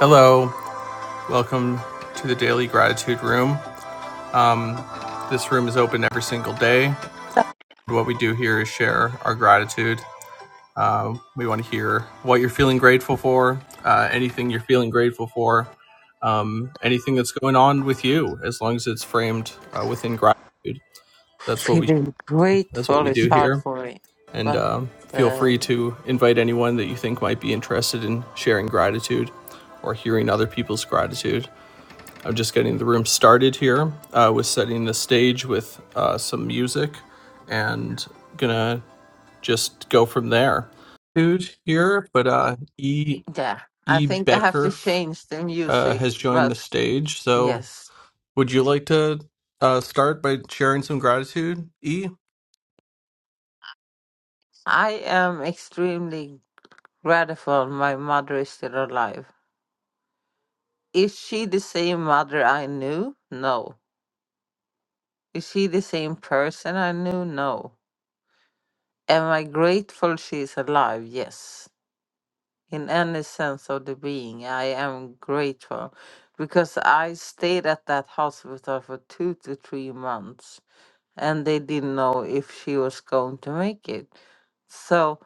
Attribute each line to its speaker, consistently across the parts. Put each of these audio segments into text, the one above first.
Speaker 1: Hello, welcome to the Daily Gratitude Room. This room is open every single day. What we do here is share our gratitude. Uh, we want to hear what you're feeling grateful for, uh, anything you're feeling grateful for, um, anything that's going on with you, as long as it's framed uh, within gratitude. That's what we
Speaker 2: Feeling
Speaker 1: that's what
Speaker 2: grateful
Speaker 1: we
Speaker 2: is
Speaker 1: do
Speaker 2: hard
Speaker 1: here.
Speaker 2: for me,
Speaker 1: And
Speaker 2: but
Speaker 1: um feel free
Speaker 2: um,
Speaker 1: to invite anyone that you think might be interested in sharing gratitude or hearing other people's gratitude. I'm just getting the room started here. I was setting the stage with uh, some music and gonna just go from there. Dude here, but uh, E.
Speaker 2: yeah, I
Speaker 1: E.
Speaker 2: think I have to
Speaker 1: Becker
Speaker 2: change the
Speaker 1: uh,
Speaker 2: music.
Speaker 1: has joined
Speaker 2: But
Speaker 1: the stage. So
Speaker 2: yes,
Speaker 1: would you like to uh, start by sharing some gratitude, E?
Speaker 2: I am extremely grateful my mother is still alive. Is she the same mother I knew? No. Is she the same person I knew? No. Am I grateful she's alive? Yes. in any sense of the being. I am grateful because I stayed at that hospital for two to three months and they didn't know if she was going to make it. So,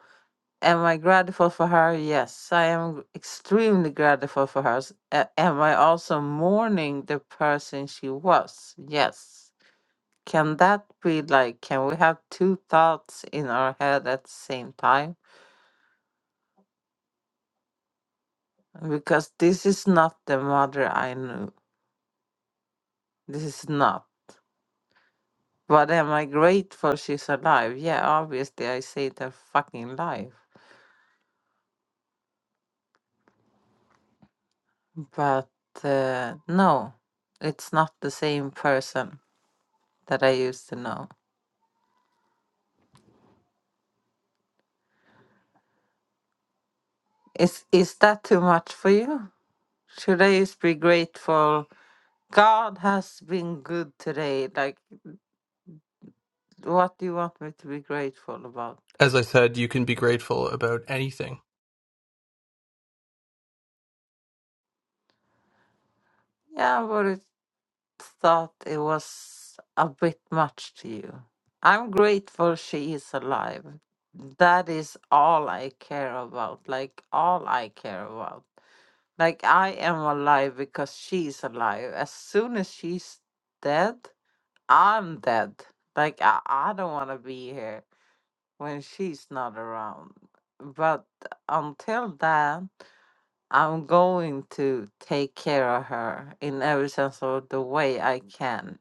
Speaker 2: am I grateful for her? Yes, I am extremely grateful for her. S- a- Am I also mourning the person she was? Yes. Can that be like, can we have two thoughts in our head at the same time? because this is not the mother I knew. This is not. But am I grateful she's alive? Yeah, obviously I saved her fucking life. But uh, no, it's not the same person that I used to know. Is is that too much for you? Should I just be grateful? God has been good today. Like, what do you want me to be grateful about?
Speaker 1: As I said, you can be grateful about anything.
Speaker 2: Yeah, but thought it was a bit much to you. I'm grateful she is alive. That is all I care about. Like, all I care about. Like, I am alive because she's alive. As soon as she's dead, I'm dead. Like, I, I don't want to be here when she's not around. But until then, I'm going to take care of her in every sense of the way I can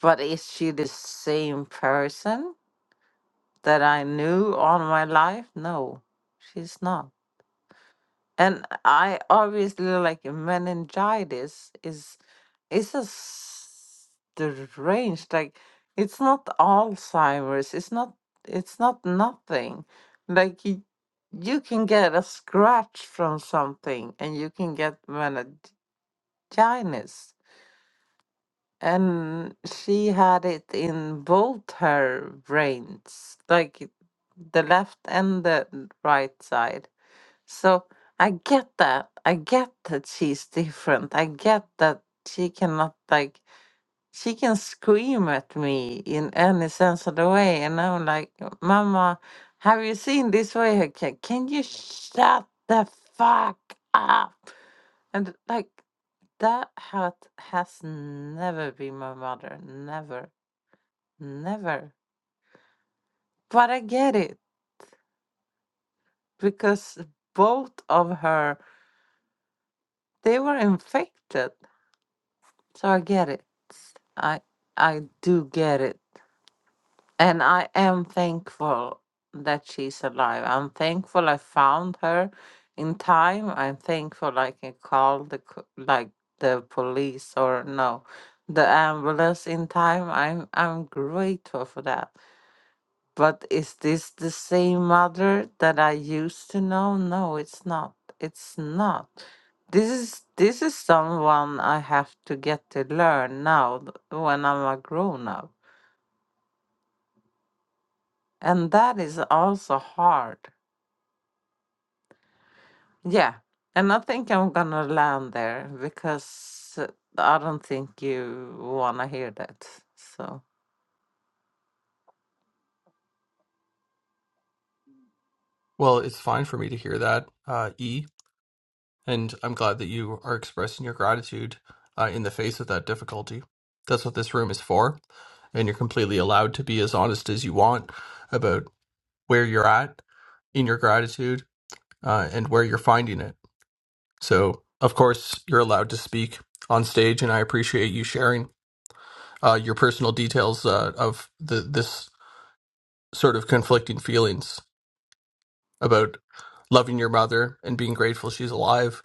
Speaker 2: But is she the same person that I knew all my life? No, she's not. And I obviously like meningitis is it's a strange like it's not Alzheimer's. It's not it's not nothing. Like you, you can get a scratch from something and you can get meningitis. and she had it in both her brains, like the left and the right side. So I get that. I get that she's different. I get that she cannot, like, she can scream at me in any sense of the way. And I'm like, Mama, have you seen this way? Can, can you shut the fuck up? And, like, that hat has never been my mother. Never. Never. But I get it because both of her they were infected. So I get it. I I do get it. And I am thankful that she's alive. I'm thankful I found her in time. I'm thankful I can call the co- like the police or no, the ambulance in time. I'm I'm grateful for that. But is this the same mother that I used to know? No, it's not. It's not. This is this is someone I have to get to learn now th- when I'm a grown up. And that is also hard. Yeah. And I think I'm gonna land there because uh, I don't think you wanna hear that. So
Speaker 1: Well, it's fine for me to hear that, uh, E. And I'm glad that you are expressing your gratitude uh, in the face of that difficulty. That's what this room is for. And you're completely allowed to be as honest as you want about where you're at in your gratitude uh, and where you're finding it. So, of course, you're allowed to speak on stage, and I appreciate you sharing uh, your personal details uh, of the, this sort of conflicting feelings about loving your mother and being grateful she's alive,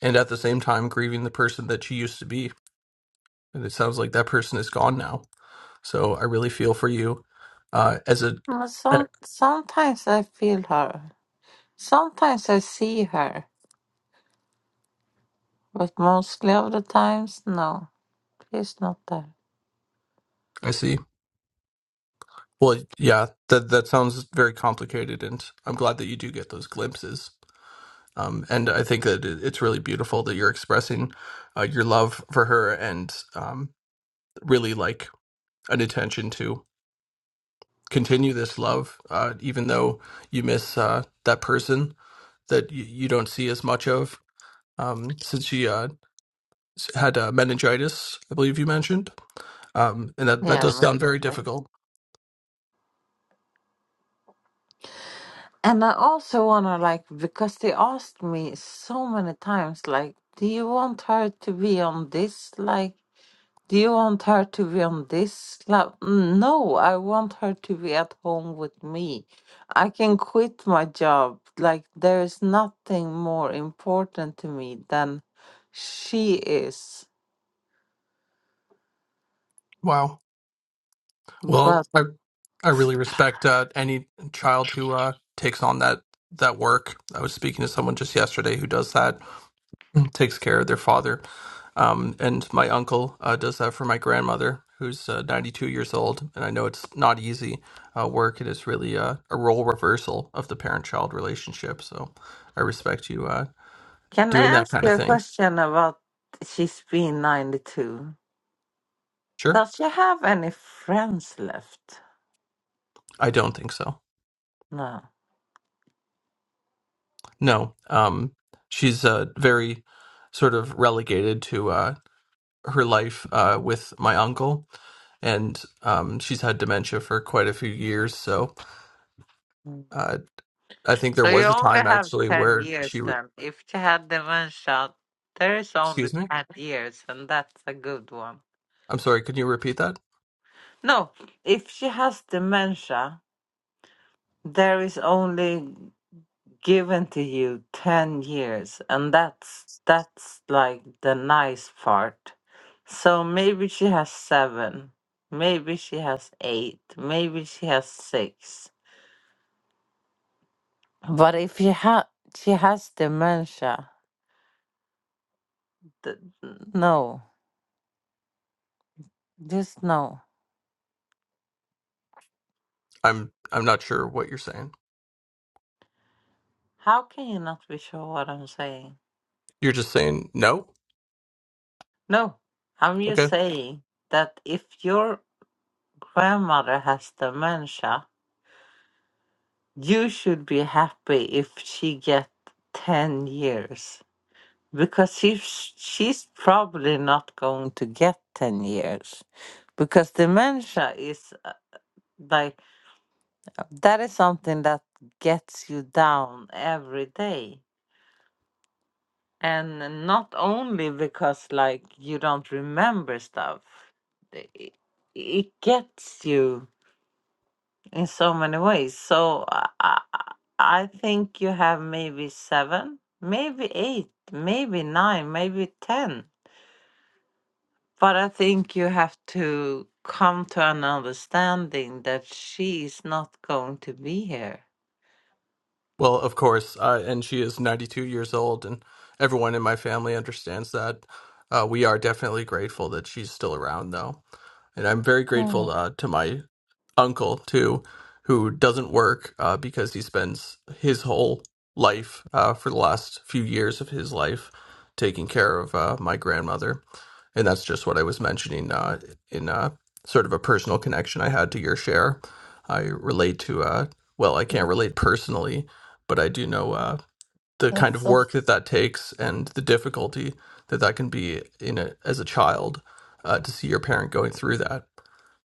Speaker 1: and at the same time grieving the person that she used to be and it sounds like that person is gone now. So I really feel for you. Uh, as a,
Speaker 2: Uh,
Speaker 1: eh,
Speaker 2: some sometimes I feel her. Sometimes I see her, but mostly of the times no. He's not there.
Speaker 1: I see. Well, yeah, that that sounds very complicated, and I'm glad that you do get those glimpses. Um, and I think that it- it's really beautiful that you're expressing uh, your love for her and um, really like an intention to continue this love, uh, even though you miss uh, that person that you, you don't see as much of um, since she uh, s- had uh, meningitis, I believe you mentioned. um, and that that does
Speaker 2: Yeah.
Speaker 1: sound very
Speaker 2: right.
Speaker 1: difficult.
Speaker 2: And I also wanna like because they asked me so many times, like, do you want her to be on this? Like, do you want her to be on this? Like, no, I want her to be at home with me. I can quit my job. Like, there is nothing more important to me than she is.
Speaker 1: Wow. Well,
Speaker 2: But
Speaker 1: I I really respect uh, any child who uh, takes on that that work. I was speaking to someone just yesterday who does that, takes care of their father, um, and my uncle uh, does that for my grandmother, who's uh, 92 years old, and I know it's not easy uh, work. It is really uh, a role reversal of the parent-child relationship. So I respect you uh,
Speaker 2: can I
Speaker 1: doing that
Speaker 2: ask
Speaker 1: kind
Speaker 2: you
Speaker 1: of
Speaker 2: a
Speaker 1: thing.
Speaker 2: question about she's been 92?
Speaker 1: Sure,
Speaker 2: Does she have any friends left?
Speaker 1: I don't think so.
Speaker 2: No.
Speaker 1: No, um, she's uh, very sort of relegated to uh, her life uh, with my uncle, and um, she's had dementia for quite a few years. So
Speaker 2: Mm.
Speaker 1: uh, I think there
Speaker 2: So you
Speaker 1: was a
Speaker 2: only
Speaker 1: time
Speaker 2: have
Speaker 1: actually
Speaker 2: 10
Speaker 1: where she.
Speaker 2: years
Speaker 1: Re-
Speaker 2: then. If she had dementia, there is only
Speaker 1: Excuse me.
Speaker 2: 10 years, and that's a good one.
Speaker 1: I'm sorry. Could you repeat that?
Speaker 2: No, if she has dementia, there is only given to you 10 years, and that's that's like the nice part. So maybe she has seven, maybe she has eight, maybe she has six. But if you have, she has dementia. Th- no, just no.
Speaker 1: I'm I'm not sure what you're saying.
Speaker 2: How can you not be sure what I'm saying?
Speaker 1: You're just saying no.
Speaker 2: No, I'm just
Speaker 1: Okay.
Speaker 2: saying that if your grandmother has dementia, you should be happy if she get ten years because she's she's probably not going to get ten years because dementia is uh, like. that is something that gets you down every day and not only because like you don't remember stuff i- it gets you in so many ways so i, I I think you have maybe seven maybe eight maybe nine maybe ten but i think you have to come to an understanding that she is not going to be here
Speaker 1: Well, of course. Uh, and she is 92 years old, and everyone in my family understands that. Uh, we are definitely grateful that she's still around, though. and I'm very
Speaker 2: Yeah.
Speaker 1: grateful uh, to my uncle too, who doesn't work uh, because he spends his whole life uh, for the last few years of his life taking care of uh, my grandmother, and that's just what I was mentioning uh, in uh, sort of a personal connection I had to your share. I relate to uh, well, I can't relate personally, but I do know uh, the kind of
Speaker 2: that's
Speaker 1: work that that takes and the difficulty that that can be in a, as a child uh, to see your parent going through that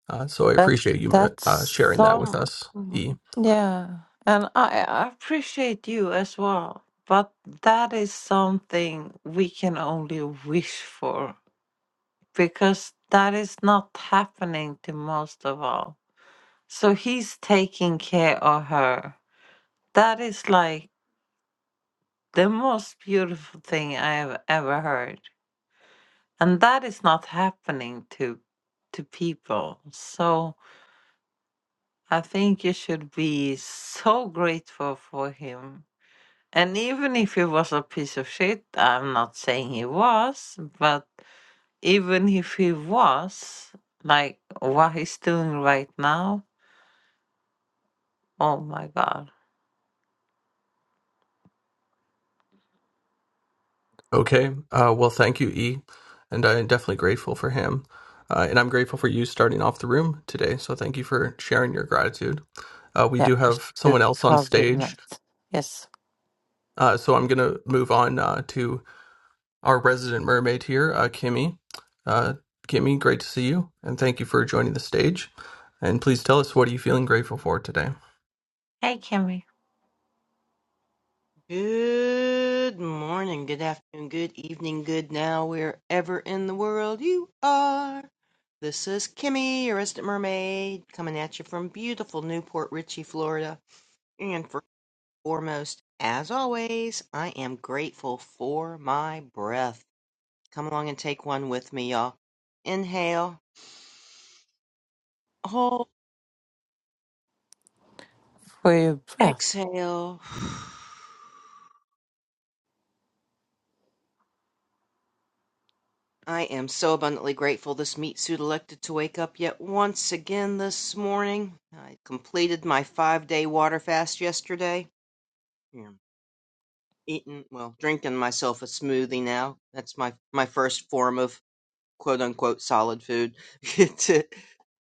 Speaker 1: uh, so I
Speaker 2: That
Speaker 1: appreciate you
Speaker 2: that's
Speaker 1: uh, sharing that with
Speaker 2: some
Speaker 1: us,
Speaker 2: Mm.
Speaker 1: E.
Speaker 2: yeah, and I, I appreciate you as well. But that is something we can only wish for because that is not happening to most of all. So he's taking care of her. That is like the most beautiful thing I have ever heard. And that is not happening to to people. So I think you should be so grateful for him. And even if he was a piece of shit, I'm not saying he was, but even if he was, like what he's doing right now, oh my god.
Speaker 1: Okay. Uh, well, thank you, E. And I'm definitely grateful for him. Uh, and I'm grateful for you starting off the room today. So thank you for sharing your gratitude. Uh, we
Speaker 2: Yeah,
Speaker 1: do
Speaker 2: you
Speaker 1: have
Speaker 2: should
Speaker 1: someone else on
Speaker 2: probably
Speaker 1: stage.
Speaker 2: not. Yes.
Speaker 1: Uh, so I'm going to move on uh, to our resident mermaid here, uh, Kimmy. Uh, Kimmy, great to see you. And thank you for joining the stage. And please tell us what are you feeling grateful for today?
Speaker 2: Hey, Kimmy.
Speaker 3: Good morning, good afternoon, good evening, good now, wherever in the world you are. This is Kimmy, your resident mermaid, coming at you from beautiful Newport Richey, Florida. And first and foremost, as always, I am grateful for my breath. Come along and take one with me, y'all. Inhale, hold,
Speaker 2: For your breath.
Speaker 3: exhale. I am so abundantly grateful this meat suit elected to wake up yet once again this morning. I completed my five day water fast yesterday. I'm eating, well, drinking myself a smoothie now. That's my, my first form of quote unquote solid food to,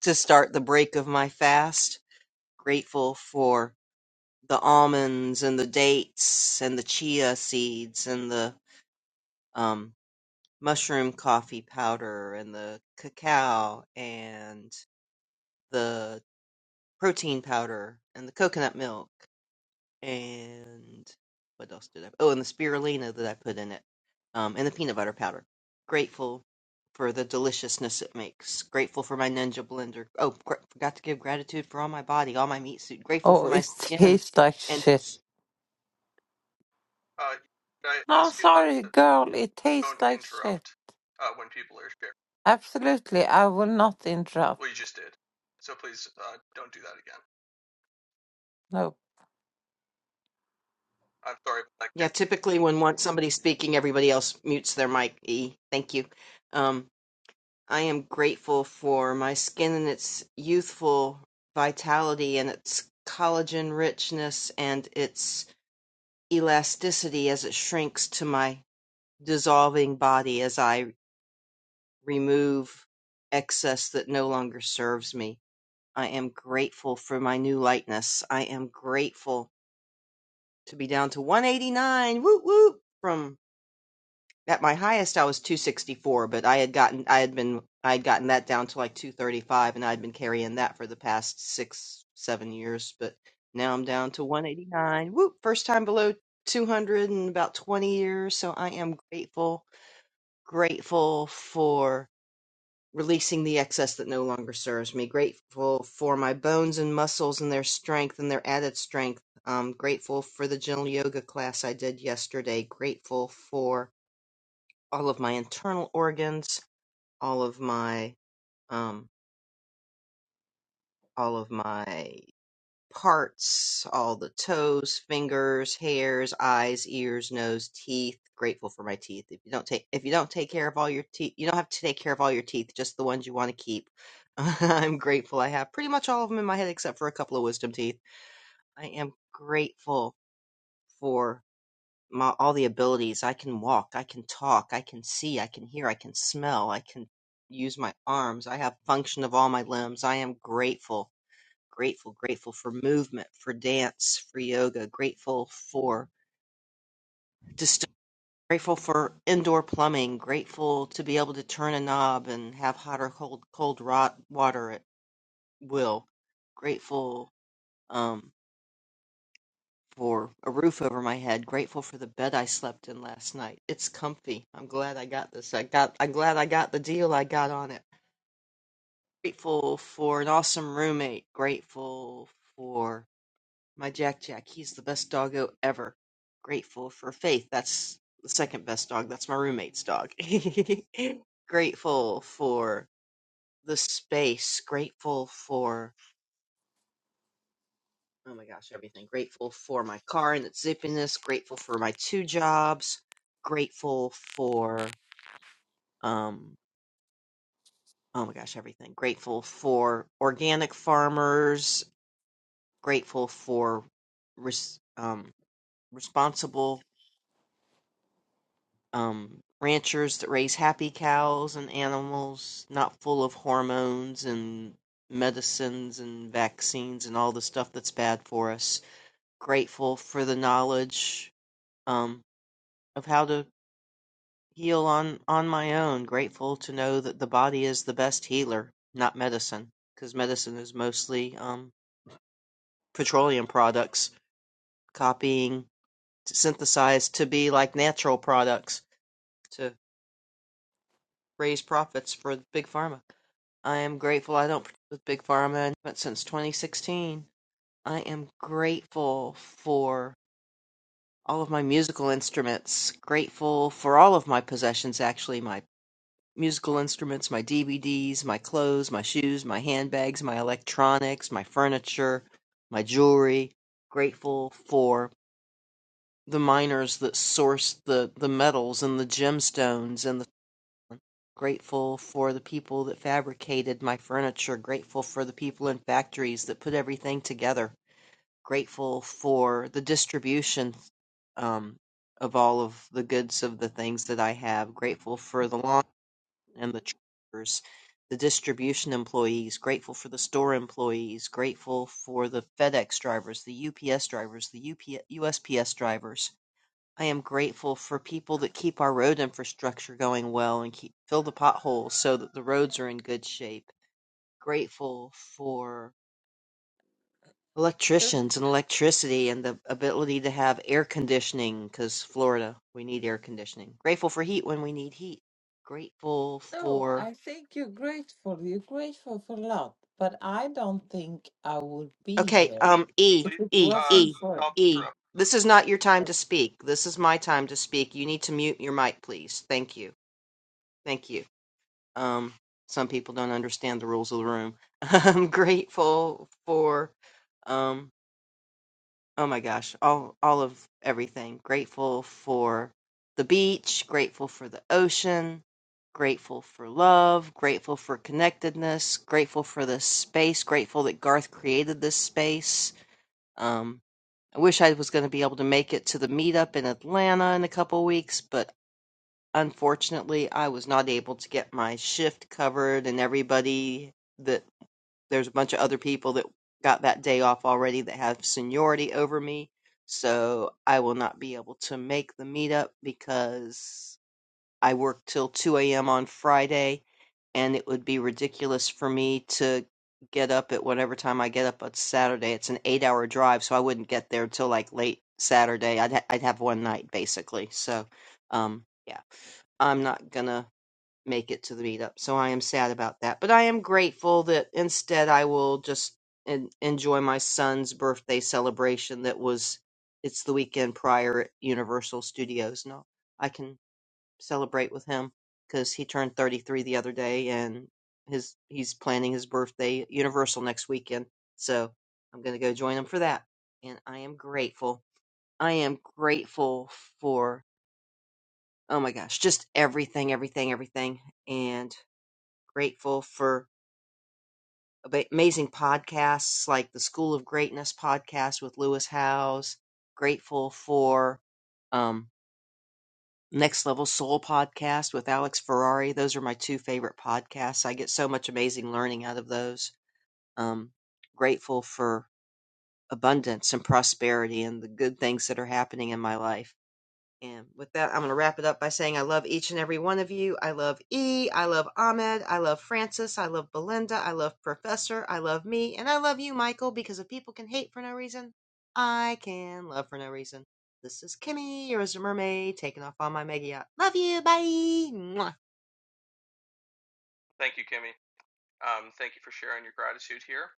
Speaker 3: to start the break of my fast. Grateful for the almonds and the dates and the chia seeds and the um, mushroom coffee powder and the cacao and the protein powder and the coconut milk and what else did I? Oh, and the spirulina that I put in it, um, and the peanut butter powder. Grateful for the deliciousness it makes. Grateful for my Ninja blender. Oh, gr- forgot to give gratitude for all my body, all my meat suit. Grateful for
Speaker 2: Oh,
Speaker 3: my
Speaker 2: it
Speaker 3: skin.
Speaker 2: tastes like
Speaker 3: And
Speaker 2: shit.
Speaker 1: Uh, I
Speaker 2: No,
Speaker 1: ask you not
Speaker 2: sorry,
Speaker 1: don't
Speaker 2: girl. It
Speaker 1: to don't
Speaker 2: tastes like shit.
Speaker 1: interrupt uh, when people are sharing?
Speaker 2: Absolutely. I will not interrupt.
Speaker 1: what you just did. So please uh, don't do that again.
Speaker 2: No.
Speaker 1: I'm sorry about
Speaker 3: yeah,
Speaker 1: that,
Speaker 3: typically when one somebody's speaking, everybody else mutes their mic. E, thank you. Um, I am grateful for my skin and its youthful vitality and its collagen richness and its elasticity as it shrinks to my dissolving body as I remove excess that no longer serves me. I am grateful for my new lightness. I am grateful to be down to 189 whoop whoop from At my highest, I was 264, but I had gotten I had been I had gotten that down to like 235, and I'd been carrying that for the past six seven years. But now I'm down to 189. Whoop! First time below 200 in about 20 years. So I am grateful, grateful for releasing the excess that no longer serves me. Grateful for my bones and muscles and their strength and their added strength. Um, grateful for the gentle yoga class I did yesterday. Grateful for all of my internal organs, all of my um all of my parts, all the toes, fingers, hairs, eyes, ears, nose, teeth. Grateful for my teeth. If you don't take if you don't take care of all your teeth, you don't have to take care of all your teeth, just the ones you want to keep. I'm grateful I have pretty much all of them in my head except for a couple of wisdom teeth. I am grateful for. my, all the abilities. I can walk, I can talk, I can see, I can hear, I can smell, I can use my arms. I have function of all my limbs. I am grateful, grateful, grateful for movement, for dance, for yoga, grateful for just grateful for indoor plumbing, grateful to be able to turn a knob and have hot or cold cold rot water at will. Grateful um for a roof over my head, grateful for the bed I slept in last night. It's comfy. I'm glad I got this. I got I'm glad I got the deal I got on it. Grateful for an awesome roommate. Grateful for my Jack Jack. He's the best doggo ever. Grateful for Faith. That's the second best dog. That's my roommate's dog. grateful for the space. Grateful for Oh my gosh, everything. Grateful for my car and its zippiness. Grateful for my two jobs. Grateful for, um, oh my gosh, everything. Grateful for organic farmers. Grateful for res- um, responsible um, ranchers that raise happy cows and animals not full of hormones and medicines and vaccines and all the stuff that's bad for us. Grateful for the knowledge um, of how to heal on on my own, grateful to know that the body is the best healer, not medicine, because medicine is mostly um, petroleum products, copying, synthesized to be like natural products to raise profits for big pharma. I am grateful I don't partake with Big Pharma and since 2016. I am grateful for all of my musical instruments, grateful for all of my possessions, actually, my musical instruments, my DVDs, my clothes, my shoes, my handbags, my electronics, my furniture, my jewelry. Grateful for the miners that sourced the, the metals and the gemstones and the grateful for the people that fabricated my furniture, grateful for the people in factories that put everything together, grateful for the distribution um, of all of the goods of the things that I have, grateful for the laundry and the truckers, the distribution employees, grateful for the store employees, grateful for the FedEx drivers, the UPS drivers, the USPS drivers. I am grateful for people that keep our road infrastructure going well and keep fill the potholes so that the roads are in good shape. Grateful for
Speaker 2: You
Speaker 3: electricians and electricity and the ability to have air conditioning because Florida, we need air conditioning. Grateful for heat when we need heat. Grateful
Speaker 2: No,
Speaker 3: for
Speaker 2: I think you're grateful. You're grateful for a lot, but I don't think I would be
Speaker 3: Okay,
Speaker 2: here
Speaker 1: Kimmy.
Speaker 3: um, E,
Speaker 2: if
Speaker 1: Please
Speaker 2: it
Speaker 3: E,
Speaker 1: uh,
Speaker 3: E,
Speaker 2: wasn't for.
Speaker 1: stop
Speaker 3: E.
Speaker 1: interrupting.
Speaker 3: This is not your
Speaker 2: uh,
Speaker 3: time to speak. This is my time to speak. You need to mute your mic, please. Thank you. Thank you. Um, some people don't understand the rules of the room. I'm grateful for, um, oh my gosh, all, all of everything. Grateful for the beach, grateful for the ocean, grateful for love, grateful for connectedness, grateful for this space, grateful that Garth created this space. Um, I wish I was going to be able to make it to the meetup in Atlanta in a couple weeks, but unfortunately, I was not able to get my shift covered and everybody that there's a bunch of other people that got that day off already that have seniority over me. So I will not be able to make the meetup because I work till 2 a.m. on Friday, and it would be ridiculous for me to get up at whatever time I get up on Saturday. It's an eight hour drive, so I wouldn't get there till like late Saturday. I'd, ha- I'd have one night basically. So, um, yeah, I'm not gonna make it to the meetup, so I am sad about that. But I am grateful that instead I will just en- enjoy my son's birthday celebration that was it's the weekend prior at Universal Studios. No, I can celebrate with him because he turned 33 the other day and his he's planning his birthday at Universal next weekend. So I'm going to go join him for that. And I am grateful. I am grateful for oh my gosh, just everything, everything, everything and grateful for ab- amazing podcasts like the School of Greatness podcast with Lewis Howes, grateful for um. Next Level Soul podcast with Alex Ferrari. Those are my two favorite podcasts. I get so much amazing learning out of those. Um, grateful for abundance and prosperity and the good things that are happening in my life. And with that, I'm going to wrap it up by saying I love each and every one of you. I love E. I love Ahmed. I love Francis. I love Belinda. I love Professor. I love me. And I love you, Michael, because if people can hate for no reason, I can love for no reason. This is Kimmy, your Azure Mermaid, taking off on my mega yacht. Love you. Bye. Mwah.
Speaker 1: Thank you, Kimmy. Um, thank you for sharing your gratitude here,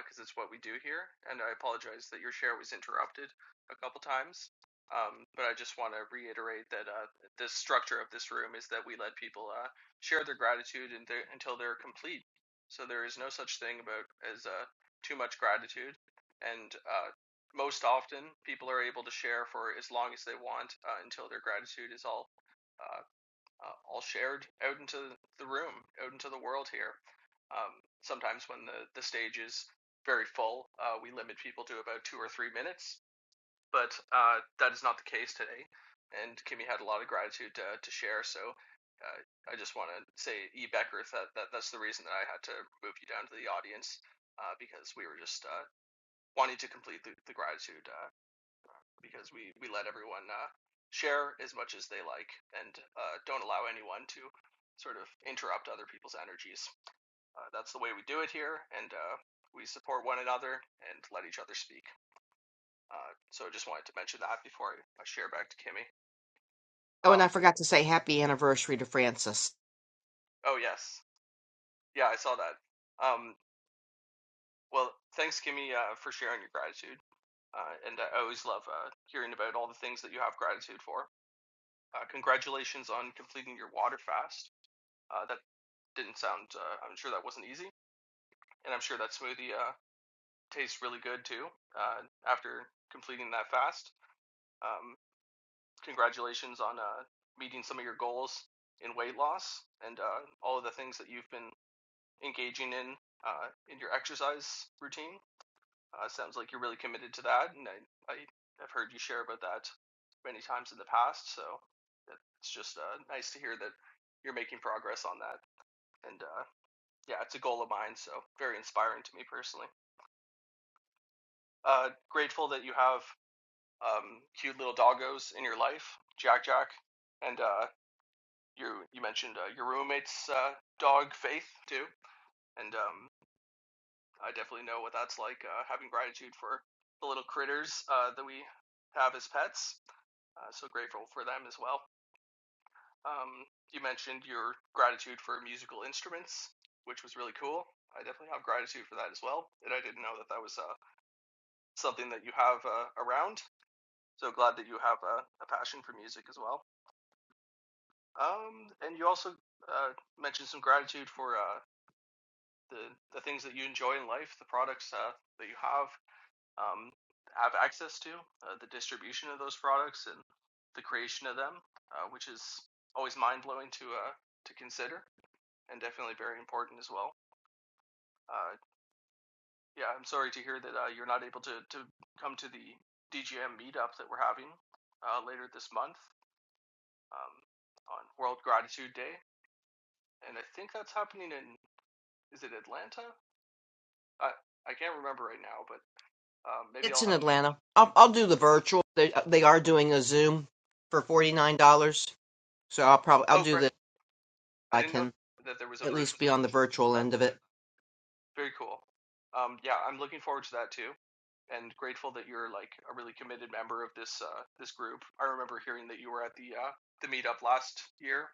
Speaker 1: because uh, it's what we do here. And I apologize that your share was interrupted a couple times. Um, but I just want to reiterate that uh, the structure of this room is that we let people uh, share their gratitude and they're- until they're complete. So there is no such thing about as uh, too much gratitude. And uh, most often, people are able to share for as long as they want uh, until their gratitude is all. uh, uh, all shared out into the room, out into the world here. Um, sometimes when the, the stage is very full, uh, we limit people to about two or three minutes, but uh, that is not the case today. And Kimmy had a lot of gratitude to, to share, so uh, I just want to say, E. Becker, that, that that's the reason that I had to move you down to the audience uh, because we were just uh, wanting to complete the, the gratitude uh, because we we let everyone uh, share as much as they like and uh, don't allow anyone to sort of interrupt other people's energies. Uh, that's the way we do it here, and uh, we support one another and let each other speak. Uh, so I just wanted to mention that before I, share back to Kimmy.
Speaker 3: Oh, and I
Speaker 1: Um,
Speaker 3: forgot to say happy anniversary to Francis.
Speaker 1: oh yes, yeah, I saw that. Um, well, thanks, Kimmy, uh, for sharing your gratitude. Uh, and I always love uh, hearing about all the things that you have gratitude for. Uh, congratulations on completing your water fast. Uh, that's didn't sound. Uh, I'm sure that wasn't easy, and I'm sure that smoothie uh, tastes really good too. Uh, after completing that fast, um, congratulations on uh, meeting some of your goals in weight loss and uh, all of the things that you've been engaging in uh, in your exercise routine. Uh, sounds like you're really committed to that, and I, I have heard you share about that many times in the past. So it's just uh, nice to hear that you're making progress on that, and uh, yeah, it's a goal of mine, so very inspiring to me personally. Uh, grateful that you have um, cute little doggos in your life, Jack Jack, and uh, you you mentioned uh, your roommate's uh, dog Faith too, and um, I definitely know what that's like uh, having gratitude for the little critters uh, that we have as pets. Uh, so grateful for them as well. Um, you mentioned your gratitude for musical instruments, which was really cool. I definitely have gratitude for that as well, and I didn't know that that was uh, something that you have uh, around. So glad that you have a, a passion for music as well. Um, and you also uh, mentioned some gratitude for uh, the the things that you enjoy in life, the products uh, that you have um, have access to, uh, the distribution of those products, and the creation of them, uh, which is always mind blowing to uh, to consider, and definitely very important as well. Uh, yeah, I'm sorry to hear that uh, you're not able to to come to the DGM meetup that we're having uh, later this month. um, on World Gratitude Day, and I think that's happening in is it Atlanta? I I can't remember right now, but um, maybe
Speaker 3: It's
Speaker 1: I'll
Speaker 3: in
Speaker 1: have.
Speaker 3: Atlanta. I'll, I'll do the virtual. They, uh, they are doing a Zoom for $49. So I'll probably, I'll
Speaker 1: Oh,
Speaker 3: do the,
Speaker 1: great! I
Speaker 3: I
Speaker 1: didn't know
Speaker 3: can.
Speaker 1: that there was a
Speaker 3: At least
Speaker 1: virtual.
Speaker 3: be on the virtual
Speaker 1: That
Speaker 3: end of it.
Speaker 1: very cool. Um, yeah, I'm looking forward to that too. and grateful that you're like a really committed member of this uh, this group. I remember hearing that you were at the uh, the meetup last year,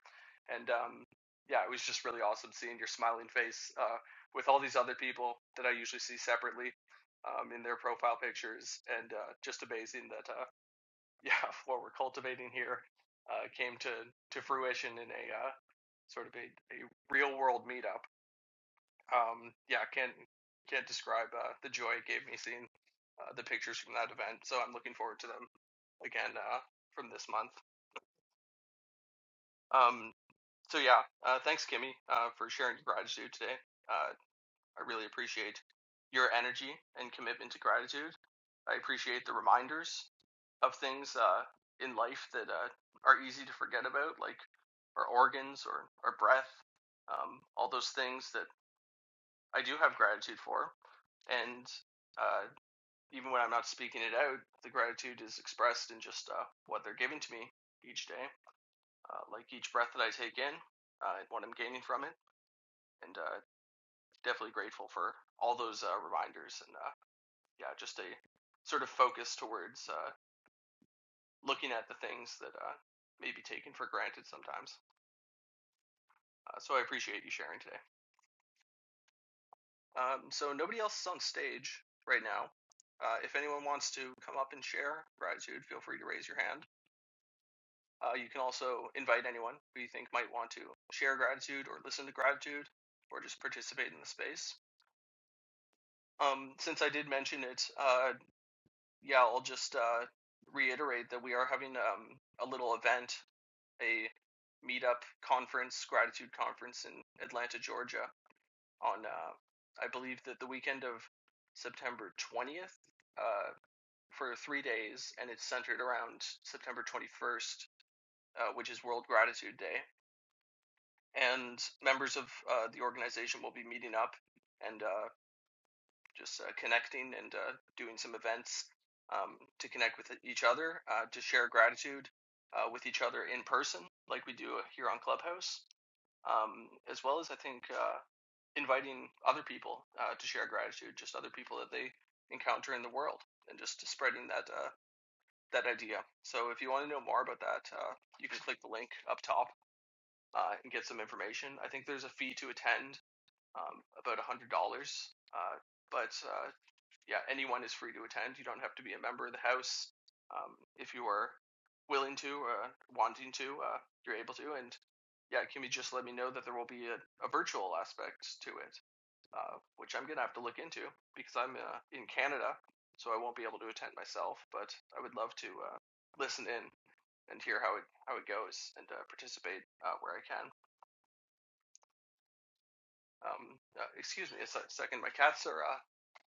Speaker 1: and um, yeah, it was just really awesome seeing your smiling face uh, with all these other people that I usually see separately um, in their profile pictures, and uh, just amazing that uh, yeah, what we're cultivating here uh, came to to fruition in a uh, sort of a, a real world meetup. Um, yeah, can't can't describe uh, the joy it gave me seeing uh, the pictures from that event. So I'm looking forward to them again uh, from this month. Um, so yeah, uh, thanks Kimmy uh, for sharing your gratitude today. Uh, I really appreciate your energy and commitment to gratitude. I appreciate the reminders of things uh, in life that uh, are easy to forget about, like our organs or our breath, um, all those things that I do have gratitude for. And uh, even when I'm not speaking it out, the gratitude is expressed in just uh, what they're giving to me each day, uh, like each breath that I take in, uh, and what I'm gaining from it. And uh, definitely grateful for all those uh, reminders and uh, yeah, just a sort of focus towards uh, looking at the things that uh, may be taken for granted sometimes. Uh, so I appreciate you sharing today. Um, so nobody else is on stage right now. Uh, if anyone wants to come up and share gratitude, feel free to raise your hand. Uh, you can also invite anyone who you think might want to share gratitude or listen to gratitude or just participate in the space. Um, since I did mention it, uh, yeah, I'll just uh, reiterate that we are having um, a little event, a meetup conference, gratitude conference in Atlanta, Georgia, on uh, I believe that the weekend of September 20th uh, for three days, and it's centered around September 21st, uh, which is World Gratitude Day and members of uh, the organization will be meeting up and uh, just uh, connecting and uh, doing some events um, to connect with each other, uh, to share gratitude uh, with each other in person, like we do here on Clubhouse, um, as well as I think uh, inviting other people uh, to share gratitude, just other people that they encounter in the world, and just spreading that. Uh, that idea. So if you want to know more about that, uh, you can click the link up top uh, and get some information. I think there's a fee to attend um, about $100. Uh, but uh, yeah, anyone is free to attend. You don't have to be a member of the House. Um, if you are willing to, uh, wanting to, uh, you're able to. And yeah, Kimmy just let me know that there will be a, a virtual aspect to it, uh, which I'm going to have to look into because I'm uh, in Canada, so I won't be able to attend myself. But I would love to uh, listen in and hear how it how it goes and uh, participate uh, where I can. Um, uh, excuse me a second. My cats are uh,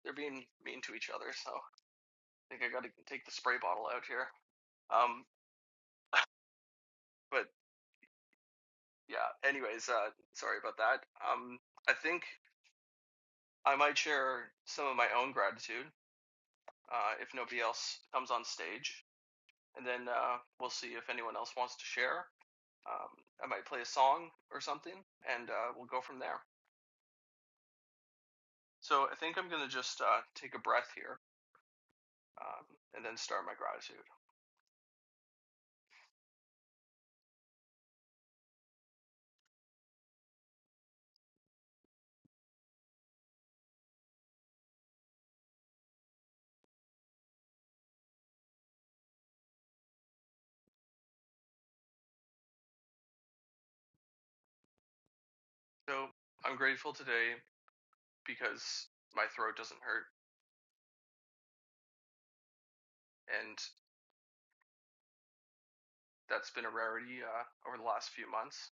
Speaker 1: they're being mean to each other, so I think I got to take the spray bottle out here. Um, but yeah. Anyways, uh, sorry about that. Um, I think I might share some of my own gratitude uh, if nobody else comes on stage, and then uh, we'll see if anyone else wants to share. Um, I might play a song or something, and uh, we'll go from there. So I think I'm gonna just uh, take a breath here um, and then start my gratitude. So I'm grateful today because my throat doesn't hurt, and that's been a rarity uh, over the last few months.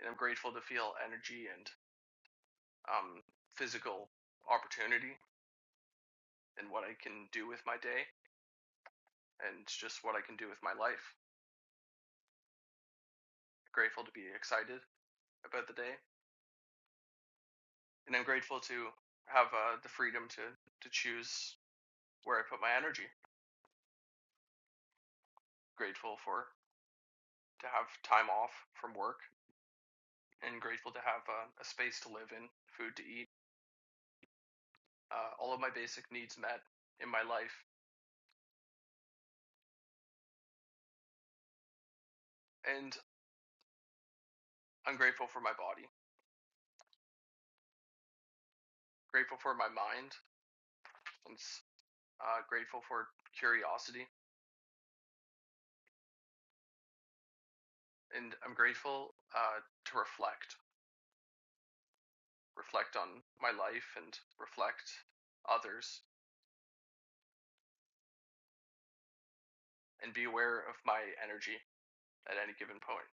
Speaker 1: And I'm grateful to feel energy and um, physical opportunity and what I can do with my day and just what I can do with my life. I'm Grateful to be excited about the day, and I'm grateful to have uh, the freedom to to choose where I put my energy. Grateful for to have time off from work, and grateful to have uh, a space to live in, food to eat, uh, all of my basic needs met in my life and I'm grateful for my body, grateful for my mind, and uh, grateful for curiosity, and I'm grateful uh, to reflect, reflect on my life, and reflect others, and be aware of my energy at any given point.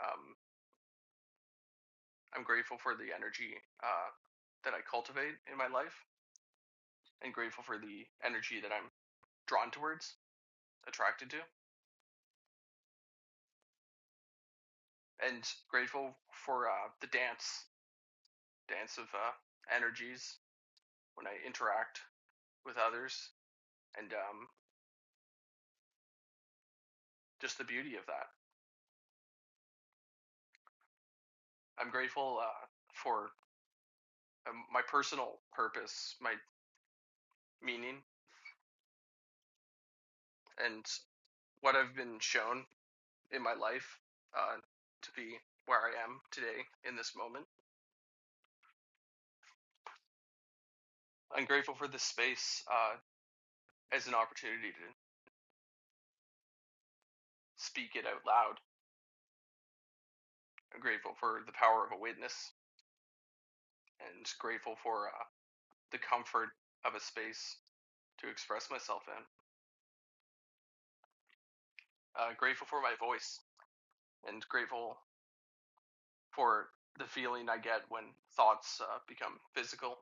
Speaker 1: Um, I'm grateful for the energy uh, that I cultivate in my life, and grateful for the energy that I'm drawn towards, attracted to, and grateful for uh, the dance, dance of uh, energies when I interact with others, and um, just the beauty of that. I'm grateful uh, for um, my personal purpose, my meaning, and what I've been shown in my life uh, to be where I am today in this moment. I'm grateful for this space uh, as an opportunity to speak it out loud. I'm grateful for the power of a witness and grateful for uh, the comfort of a space to express myself in. Uh, grateful for my voice and grateful for the feeling I get when thoughts uh, become physical.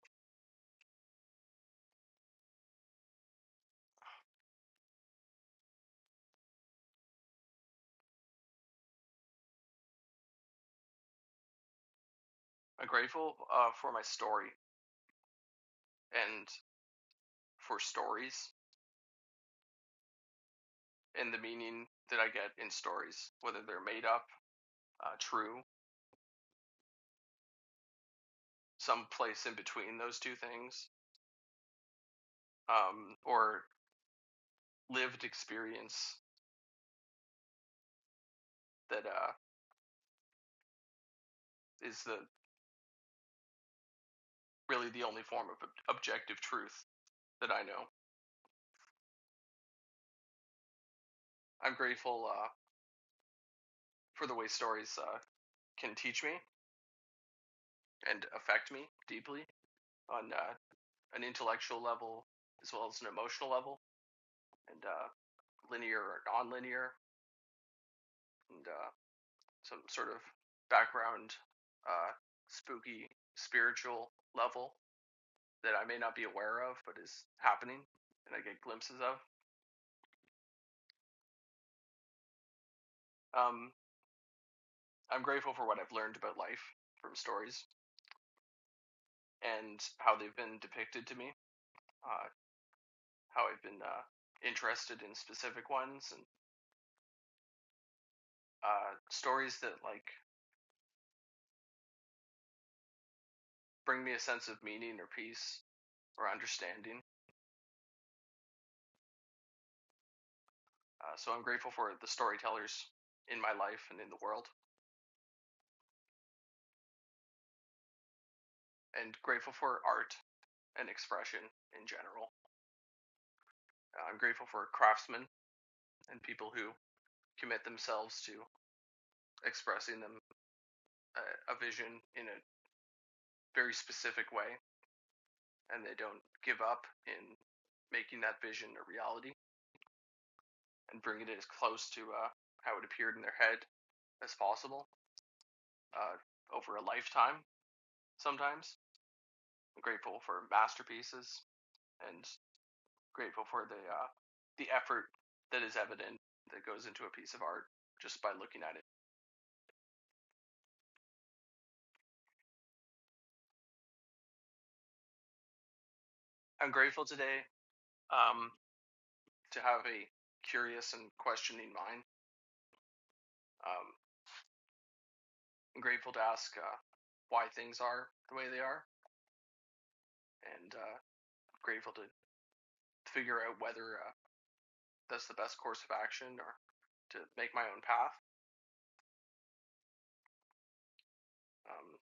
Speaker 1: I'm grateful uh, for my story and for stories and the meaning that I get in stories, whether they're made up, uh, true, someplace in between those two things, um, or lived experience that uh, is the really the only form of objective truth that I know. I'm grateful uh, for the way stories uh, can teach me and affect me deeply on uh, an intellectual level as well as an emotional level, and uh, linear or non-linear, and uh, some sort of background, uh, spooky spiritual level that I may not be aware of, but is happening, and I get glimpses of. Um, I'm grateful for what I've learned about life from stories and how they've been depicted to me, uh, how I've been uh, interested in specific ones and uh, stories that like bring me a sense of meaning or peace or understanding Uh, so I'm grateful for the storytellers in my life and in the world, and grateful for art and expression in general. Uh, I'm grateful for craftsmen and people who commit themselves to expressing them a, a vision in a very specific way, and they don't give up in making that vision a reality and bringing it as close to uh, how it appeared in their head as possible uh, over a lifetime. Sometimes I'm grateful for masterpieces and grateful for the uh, the effort that is evident that goes into a piece of art just by looking at it. I'm grateful today um, to have a curious and questioning mind. Um, I'm grateful to ask uh, why things are the way they are, and uh, grateful to figure out whether uh, that's the best course of action or to make my own path. Um,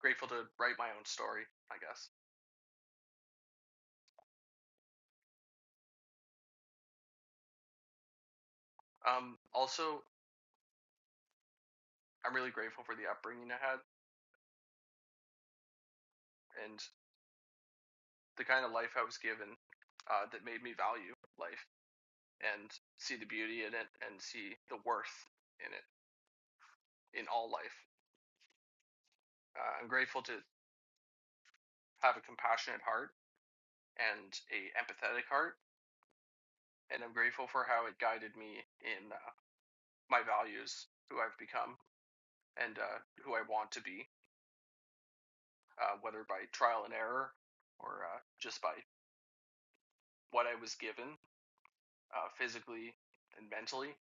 Speaker 1: grateful to write my own story, I guess. Um, also, I'm really grateful for the upbringing I had and the kind of life I was given uh, that made me value life and see the beauty in it and see the worth in it in all life. Uh, I'm grateful to have a compassionate heart and a empathetic heart, and I'm grateful for how it guided me in uh, my values, who I've become, and uh, who I want to be, uh, whether by trial and error or uh, just by what I was given uh, physically and mentally.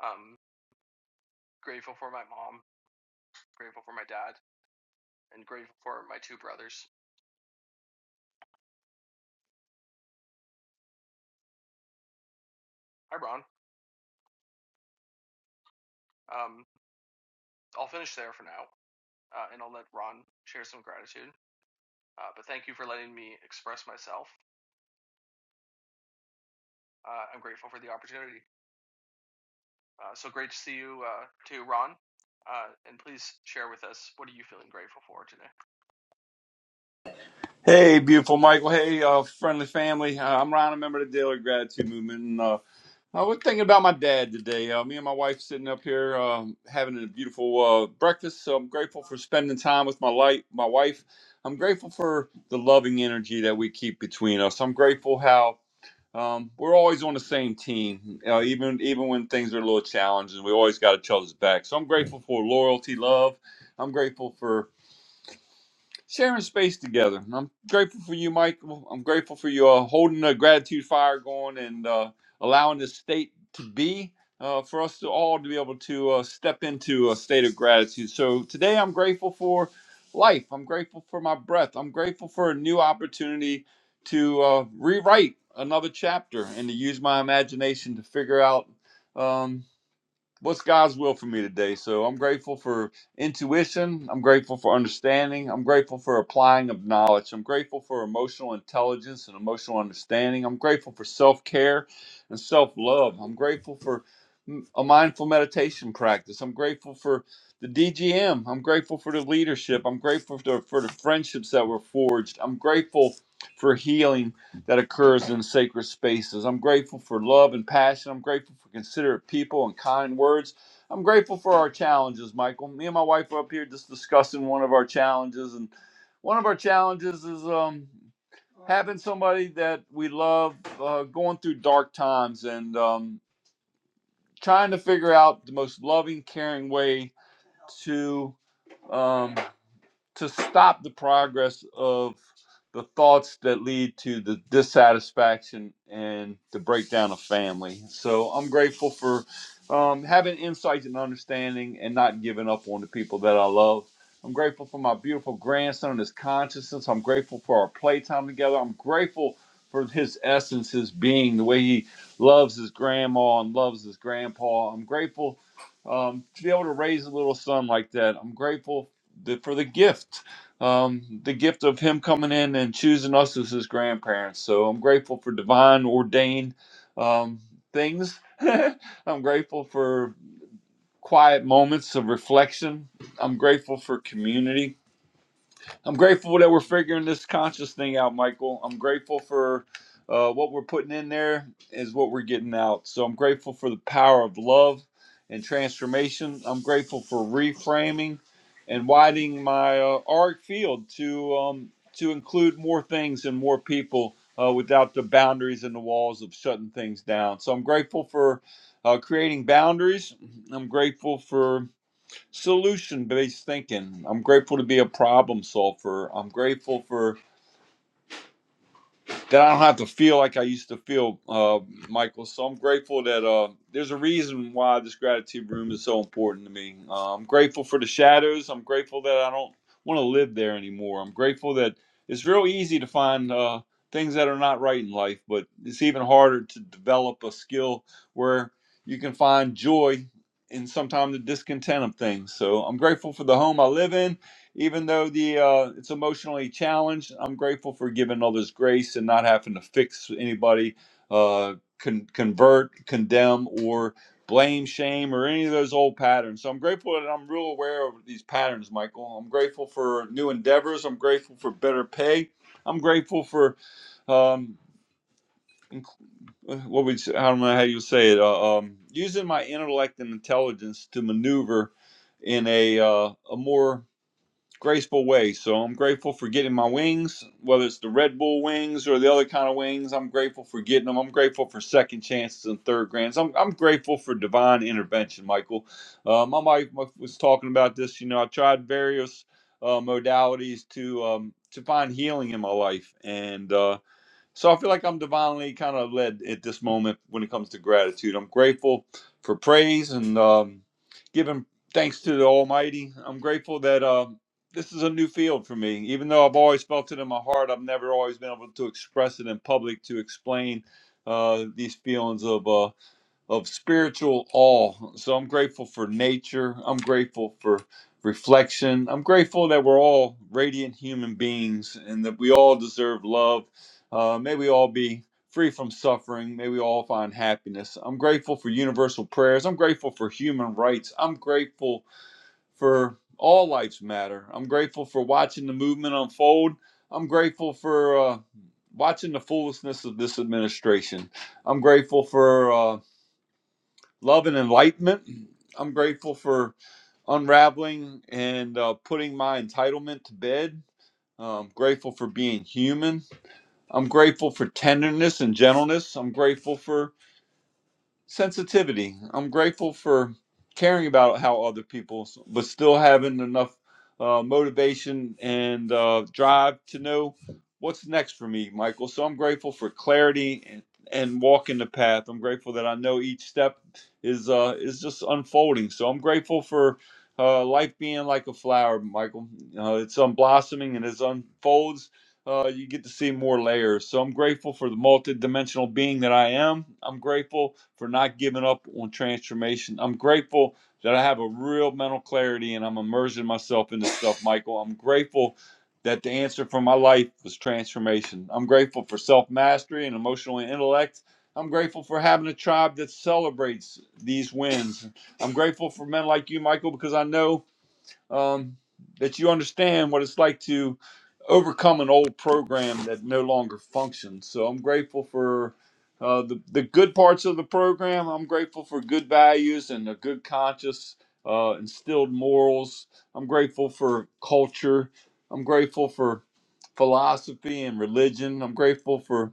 Speaker 1: Um, grateful for my mom, grateful for my dad, and grateful for my two brothers. Hi, Ron. Um, I'll finish there for now, uh, and I'll let Ron share some gratitude. Uh, but thank you for letting me express myself. Uh, I'm grateful for the opportunity. Uh, so great to see you uh, too, Ron. Uh, and please share with us what are you feeling grateful for today.
Speaker 4: Hey, beautiful Michael. Hey, uh, friendly family. Uh, I'm Ron, a member of the Daily Gratitude Movement. And uh, I was thinking about my dad today. Uh, me and my wife sitting up here um, having a beautiful uh, breakfast. So I'm grateful for spending time with my life, my wife. I'm grateful for the loving energy that we keep between us. I'm grateful how um, we're always on the same team, uh, even even when things are a little challenging. We always got each other's back. So I'm grateful for loyalty, love. I'm grateful for sharing space together. I'm grateful for you, Michael. I'm grateful for you uh, holding the gratitude fire going and uh, allowing this state to be uh, for us to all to be able to uh, step into a state of gratitude. So today I'm grateful for life. I'm grateful for my breath. I'm grateful for a new opportunity to uh, rewrite another chapter and to use my imagination to figure out. um, what's God's will for me today. So I'm grateful for intuition. I'm grateful for understanding. I'm grateful for applying of knowledge. I'm grateful for emotional intelligence and emotional understanding. I'm grateful for self care and self love. I'm grateful for mm, a mindful meditation practice. I'm grateful for the DGM. I'm grateful for the leadership. I'm grateful for the, for the friendships that were forged. I'm grateful for healing that occurs in sacred spaces. I'm grateful for love and passion. I'm grateful for considerate people and kind words. I'm grateful for our challenges, Michael. Me and my wife are up here just discussing one of our challenges, and one of our challenges is um, having somebody that we love uh, going through dark times and um, trying to figure out the most loving, caring way to. Um, to stop the progress of the thoughts that lead to the dissatisfaction and the breakdown of family. So I'm grateful for um, having insights and understanding and not giving up on the people that I love. I'm grateful for my beautiful grandson, and his consciousness. I'm grateful for our playtime together. I'm grateful for his essence, his being, the way he loves his grandma and loves his grandpa. I'm grateful um, to be able to raise a little son like that. I'm grateful the, for the gift, um, the gift of Him coming in and choosing us as His grandparents. So I'm grateful for divine ordained um, things. I'm grateful for quiet moments of reflection. I'm grateful for community. I'm grateful that we're figuring this conscious thing out, Michael. I'm grateful for uh, what we're putting in there is what we're getting out. So I'm grateful for the power of love and transformation. I'm grateful for reframing and widening my uh, arc field to um, to include more things and more people uh, without the boundaries and the walls of shutting things down. So I'm grateful for uh, creating boundaries. I'm grateful for solution based thinking. I'm grateful to be a problem solver. I'm grateful for that I don't have to feel like I used to feel, uh, Michael. So I'm grateful that uh, there's a reason why this gratitude room is so important to me. Uh, I'm grateful for the shadows. I'm grateful that I don't want to live there anymore. I'm grateful that it's real easy to find uh, things that are not right in life, but it's even harder to develop a skill where you can find joy in sometimes the discontent of things. So I'm grateful for the home I live in even though the uh, it's emotionally challenged, I'm grateful for giving others grace and not having to fix anybody, uh, con- convert, condemn, or blame, shame, or any of those old patterns. So I'm grateful that I'm real aware of these patterns, Michael. I'm grateful for new endeavors. I'm grateful for better pay. I'm grateful for um, inc- uh, what would you- I don't know how you say it. Uh, um, using my intellect and intelligence to maneuver in a uh, a more graceful way. So I'm grateful for getting my wings, whether it's the Red Bull wings or the other kind of wings. I'm grateful for getting them. I'm grateful for second chances and third grants. I'm, I'm grateful for divine intervention, Michael. Uh, my wife was talking about this. You know, I tried various uh, modalities to um, to find healing in my life, and uh, so I feel like I'm divinely kind of led at this moment when it comes to gratitude. I'm grateful for praise and um, giving thanks to the Almighty. I'm grateful that um this is a new field for me. Even though I've always felt it in my heart, I've never always been able to express it in public to explain uh, these feelings of. uh, of spiritual awe. So I'm grateful for nature. I'm grateful for reflection. I'm grateful that we're all radiant human beings and that we all deserve love. Uh, may we all be free from suffering. May we all find happiness. I'm grateful for universal prayers. I'm grateful for human rights. I'm grateful for all lives matter. I'm grateful for watching the movement unfold. I'm grateful for uh, watching the foolishness of this administration. I'm grateful for. uh, love and enlightenment. I'm grateful for unraveling and uh, putting my entitlement to bed. I'm grateful for being human. I'm grateful for tenderness and gentleness. I'm grateful for sensitivity. I'm grateful for caring about how other people, but still having enough uh, motivation and uh, drive to know what's next for me, Michael. So I'm grateful for clarity and, and walking the path. I'm grateful that I know each step is uh, is just unfolding. So I'm grateful for. Uh, life being like a flower, Michael. Uh, it's unblossoming and it unfolds uh, you get to see more layers. So I'm grateful for the multidimensional being that I am. I'm grateful for not giving up on transformation. I'm grateful that I have a real mental clarity and I'm immersing myself in this stuff, Michael. I'm grateful that the answer for my life was transformation. I'm grateful for self mastery and emotional intellect. I'm grateful for having a tribe that celebrates these wins. I'm grateful for men like you, Michael, because I know um, that you understand what it's like to overcome an old program that no longer functions. So I'm grateful for uh, the the good parts of the program. I'm grateful for good values and a good conscience, uh, instilled morals. I'm grateful for culture. I'm grateful for philosophy and religion. I'm grateful for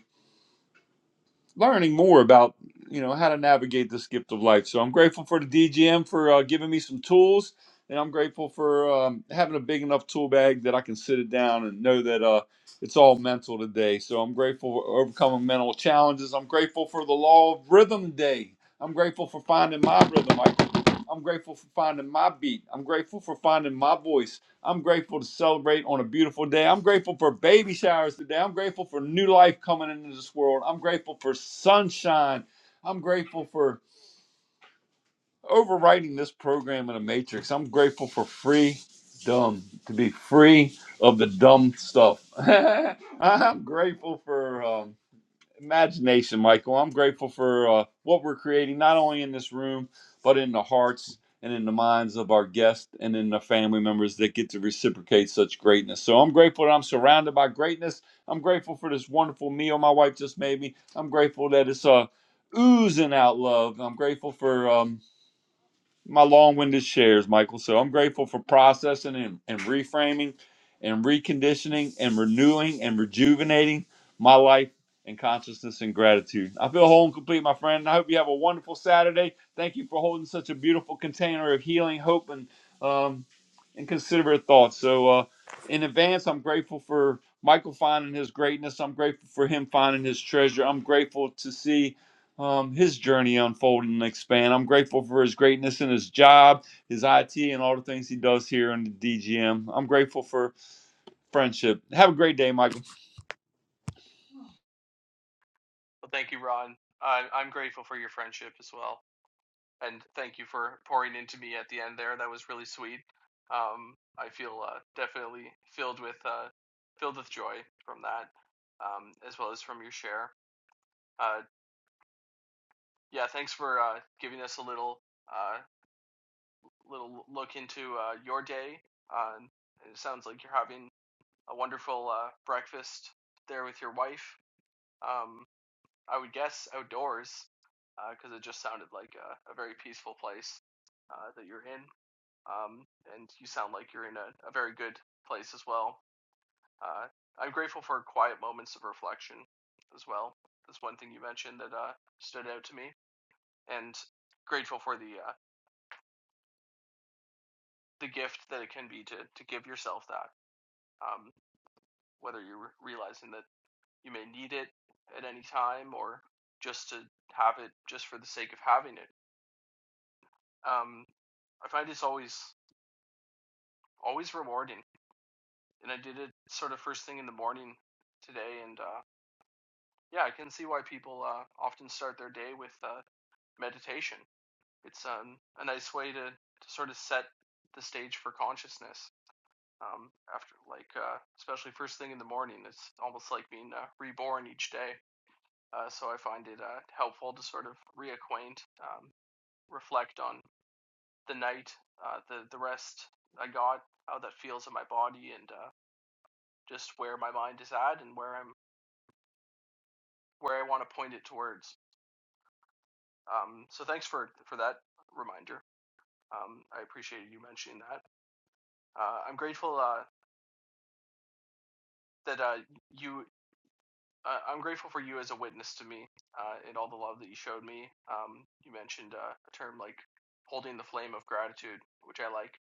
Speaker 4: learning more about you know how to navigate this gift of life. So I'm grateful for the DGM for uh, giving me some tools, and I'm grateful for um, having a big enough tool bag that I can sit it down and know that uh, it's all mental today. So I'm grateful for overcoming mental challenges. I'm grateful for the law of rhythm day. I'm grateful for finding my rhythm. I, I'm grateful for finding my beat. I'm grateful for finding my voice. I'm grateful to celebrate on a beautiful day. I'm grateful for baby showers today. I'm grateful for new life coming into this world. I'm grateful for sunshine. I'm grateful for overwriting this program in a matrix. I'm grateful for free dumb to be free of the dumb stuff. I'm grateful for um, imagination, Michael. I'm grateful for uh, what we're creating, not only in this room, but in the hearts and in the minds of our guests and in the family members that get to reciprocate such greatness. So I'm grateful that I'm surrounded by greatness. I'm grateful for this wonderful meal my wife just made me. I'm grateful that it's uh, oozing out love. I'm grateful for. Um, my long-winded shares, Michael. So I'm grateful for processing and, and reframing and reconditioning and renewing and rejuvenating my life and consciousness and gratitude. I feel whole and complete, my friend. and I hope you have a wonderful Saturday. Thank you for holding such a beautiful container of healing, hope, and um, and considerate thoughts. So uh, in advance, I'm grateful for Michael finding his greatness. I'm grateful for him finding his treasure. I'm grateful to see um, his journey unfold and expand. I'm grateful for his greatness in his job, his IT, and all the things he does here in the DGM. I'm grateful for friendship. Have a great day, Michael.
Speaker 1: Well, thank you, Ron. I I'm grateful for your friendship as well. and thank you for pouring into me at the end there. That was really sweet. Um, I feel uh, definitely filled with uh, filled with joy from that, um, as well as from your share. Uh, yeah, thanks for uh, giving us a little uh, little look into uh, your day. Uh, it sounds like you're having a wonderful uh, breakfast there with your wife. Um, I would guess outdoors, because uh, it just sounded like a, a very peaceful place uh, that you're in. Um, and you sound like you're in a, a very good place as well. Uh, I'm grateful for quiet moments of reflection as well. That's one thing you mentioned that uh, stood out to me, and grateful for the uh, the gift that it can be to to give yourself that. Um, whether you're realizing that you may need it at any time, or just to have it just for the sake of having it. Um, I find it's always always rewarding, and I did it sort of first thing in the morning today, and uh, yeah, I can see why people uh, often start their day with uh, meditation. It's um, a nice way to, to sort of set the stage for consciousness. Um, after like uh, especially first thing in the morning, it's almost like being uh, reborn each day. Uh, so I find it uh, helpful to sort of reacquaint, um, reflect on the night, uh, the the rest I got, how that feels in my body, and uh, just where my mind is at and where I'm where I want to point it towards. Um, so thanks for for that reminder. Um, I appreciated you mentioning that. Uh, I'm grateful uh, that uh, you. Uh, I'm grateful for you as a witness to me uh, and all the love that you showed me. Um, you mentioned uh, a term like holding the flame of gratitude, which I like,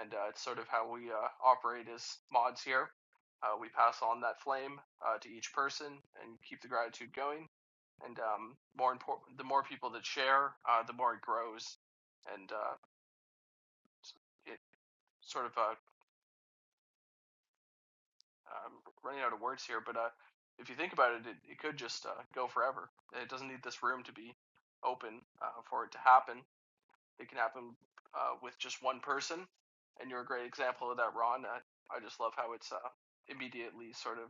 Speaker 1: and uh, it's sort of how we uh, operate as mods here. Uh, we pass on that flame uh, to each person and keep the gratitude going. And um, more important, the more people that share, uh, the more it grows, and uh, it sort of uh, I'm running out of words here, but uh, if you think about it, it, it could just uh, go forever. It doesn't need this room to be open uh, for it to happen. It can happen uh, with just one person, and you're a great example of that, Ron. I, I just love how it's uh, immediately sort of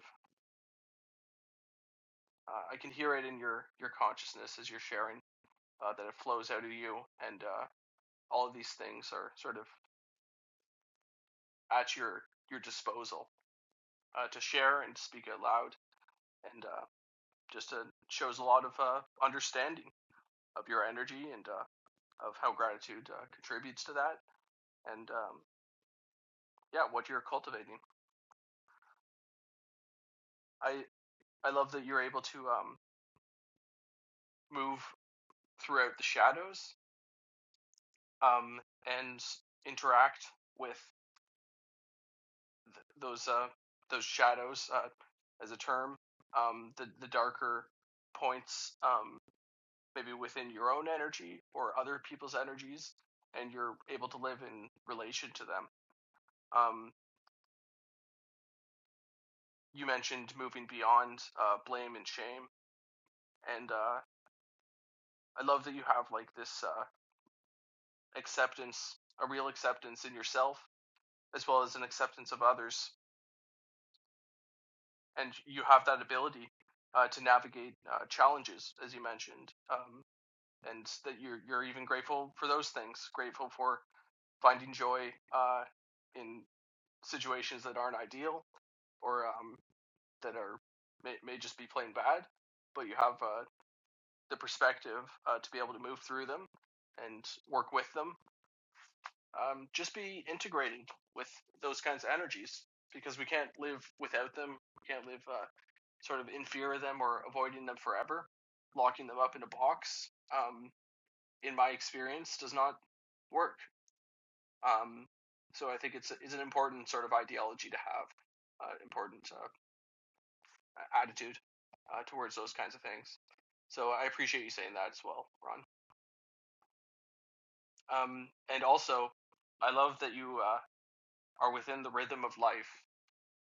Speaker 1: uh, I can hear it in your your consciousness as you're sharing uh, that it flows out of you, and uh, all of these things are sort of at your your disposal uh, to share and to speak out loud, and uh, just uh, shows a lot of uh, understanding of your energy and uh, of how gratitude uh, contributes to that, and um, yeah, what you're cultivating. I I love that you're able to um, move throughout the shadows um, and interact with th- those uh, those shadows uh, as a term. Um, the the darker points, um, maybe within your own energy or other people's energies, and you're able to live in relation to them. Um, you mentioned moving beyond uh, blame and shame, and uh, I love that you have like this uh, acceptance, a real acceptance in yourself as well as an acceptance of others, and you have that ability uh, to navigate uh, challenges, as you mentioned, um, and that you're you're even grateful for those things, grateful for finding joy uh, in situations that aren't ideal or um, that are may, may just be plain bad, but you have uh, the perspective uh, to be able to move through them and work with them. Um, just be integrated with those kinds of energies because we can't live without them. We can't live uh, sort of in fear of them or avoiding them forever. Locking them up in a box, um, in my experience, does not work. Um, so I think it's it's an important sort of ideology to have, uh, important uh, attitude uh, towards those kinds of things. So I appreciate you saying that as well, Ron. Um, and also, I love that you uh, are within the rhythm of life.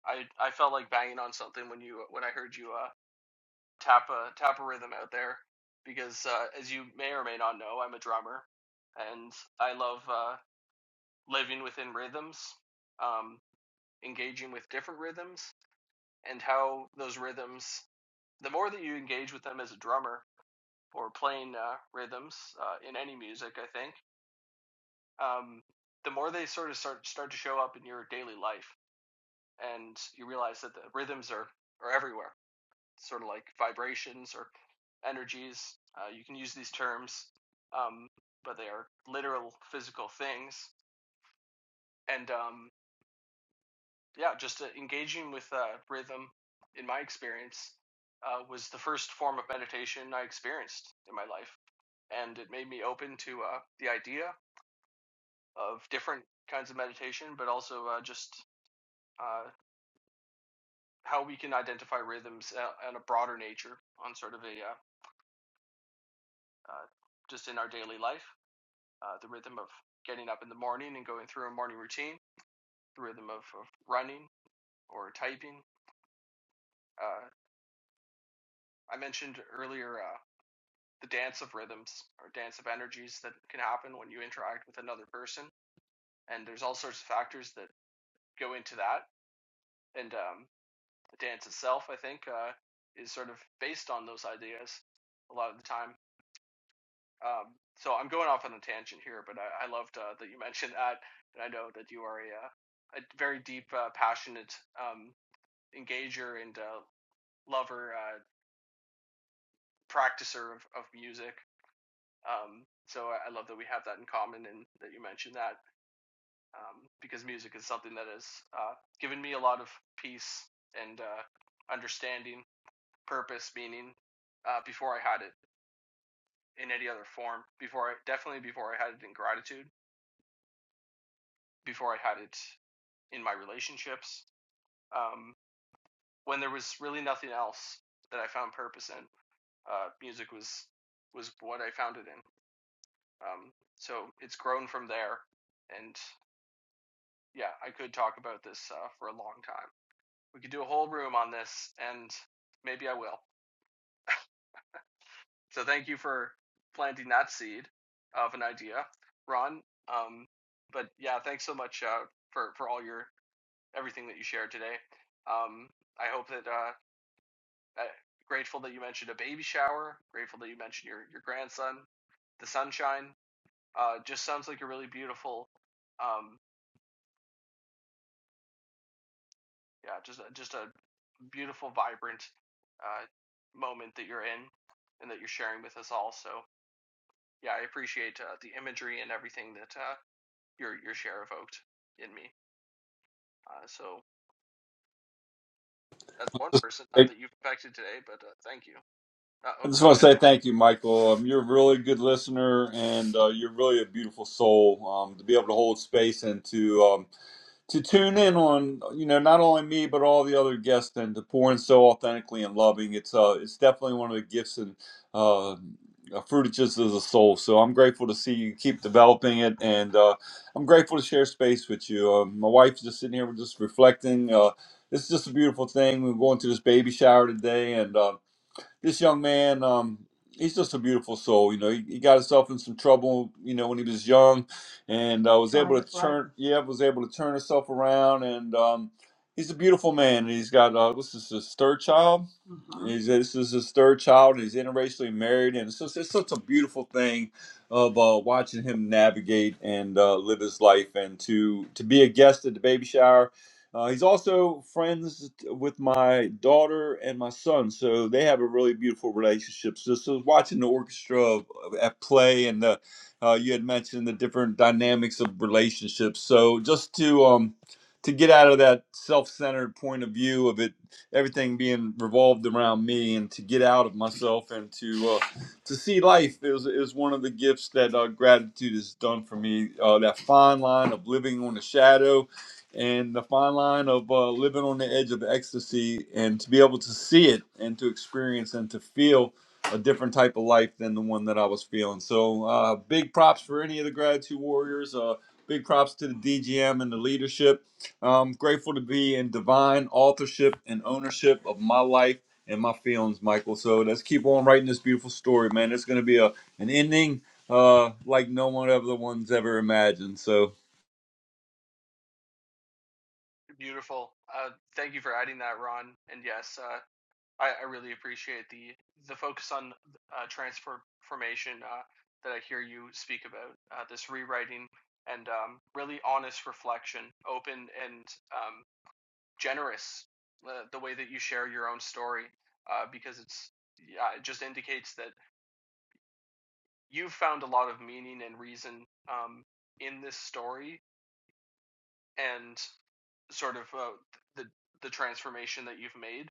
Speaker 1: I I felt like banging on something when you when I heard you uh, tap a tap a rhythm out there, because uh, as you may or may not know, I'm a drummer, and I love uh, living within rhythms, um, engaging with different rhythms, and how those rhythms. The more that you engage with them as a drummer or playing uh, rhythms uh, in any music, I think, um, the more they sort of start start to show up in your daily life and you realize that the rhythms are are everywhere, sort of like vibrations or energies. Uh, you can use these terms, um, but they are literal physical things. And um, yeah, just uh, engaging with uh, rhythm, in my experience, uh, was the first form of meditation I experienced in my life, and it made me open to uh, the idea of different kinds of meditation, but also uh, just uh, how we can identify rhythms uh, on a broader nature, on sort of a uh, uh, just in our daily life, uh, the rhythm of getting up in the morning and going through a morning routine, the rhythm of, of running or typing. Uh, I mentioned earlier uh, the dance of rhythms or dance of energies that can happen when you interact with another person. And there's all sorts of factors that go into that. And um, the dance itself, I think, uh, is sort of based on those ideas a lot of the time. Um, so I'm going off on a tangent here, but I, I loved uh, that you mentioned that, and I know that you are a, uh, a very deep, uh, passionate um, engager and uh, lover, uh, practicer of, of music. Um, so I, I love that we have that in common, and that you mentioned that um, because music is something that has uh, given me a lot of peace and uh, understanding, purpose, meaning uh, before I had it in any other form. Before I definitely before I had it in gratitude, before I had it in my relationships um, when there was really nothing else that I found purpose in. Uh, music was was what I found it in. Um, so it's grown from there, and yeah, I could talk about this uh, for a long time. We could do a whole room on this, and maybe I will. So thank you for planting that seed of an idea, Ron. Um, but yeah, thanks so much uh, for for all your everything that you shared today. Um, I hope that uh, uh, grateful that you mentioned a baby shower. Grateful that you mentioned your your grandson, the sunshine. Uh, just sounds like a really beautiful, um, yeah, just just a beautiful, vibrant uh, moment that you're in and that you're sharing with us all. So yeah, I appreciate uh, the imagery and everything that uh, your your share evoked in me. Uh, so that's one person not that
Speaker 4: I
Speaker 1: you've affected today, but uh, thank you. Uh, oh,
Speaker 4: just
Speaker 1: go
Speaker 4: want to
Speaker 1: ahead,
Speaker 4: say
Speaker 1: Ron.
Speaker 4: thank you, Michael. Um, you're a really good listener, and uh, you're really a beautiful soul. Um, to be able to hold space and to um, to tune in on you know not only me but all the other guests and to pour in so authentically and loving it's uh it's definitely one of the gifts and uh fruitages of the soul so i'm grateful to see you keep developing it and uh i'm grateful to share space with you uh, my wife's just sitting here we're just reflecting uh it's just a beautiful thing we're going to this baby shower today and uh, this young man, um, he's just a beautiful soul. You know, he, he got himself in some trouble, you know, when he was young, and uh, was able to Sounds turn, yeah, was able to turn himself around, and um, he's a beautiful man. And he's got uh, what's this, his third child? uh He's, this is his third child. And He's interracially married, and it's just, it's such a beautiful thing of uh, watching him navigate and uh, live his life, and to to be a guest at the baby shower uh, he's also friends with my daughter and my son, so they have a really beautiful relationship. So, so watching the orchestra of- of- at play, and the, uh, you had mentioned the different dynamics of relationships. So just to um, to get out of that self-centered point of view of it, everything being revolved around me, and to get out of myself and to uh, to see life is is one of the gifts that uh, gratitude has done for me. Uh, that fine line of living on the shadow and the fine line of uh, living on the edge of ecstasy and to be able to see it and to experience and to feel a different type of life than the one that I was feeling. So, uh, big props for any of the Gratitude Warriors. Uh, big props to the DGM and the leadership. I'm grateful to be in divine authorship and ownership of my life and my feelings, Michael. So, let's keep on writing this beautiful story, man. It's going to be a, an ending uh, like no one ever one's ever imagined. So,
Speaker 1: Beautiful. Uh, thank you for adding that, Ron. And yes, uh, I, I really appreciate the the focus on uh, transformation uh, that I hear you speak about. Uh, this rewriting and um, really honest reflection, open and um, generous. Uh, the way that you share your own story, uh, because it's yeah, it just indicates that you've found a lot of meaning and reason um, in this story and sort of uh, the the transformation that you've made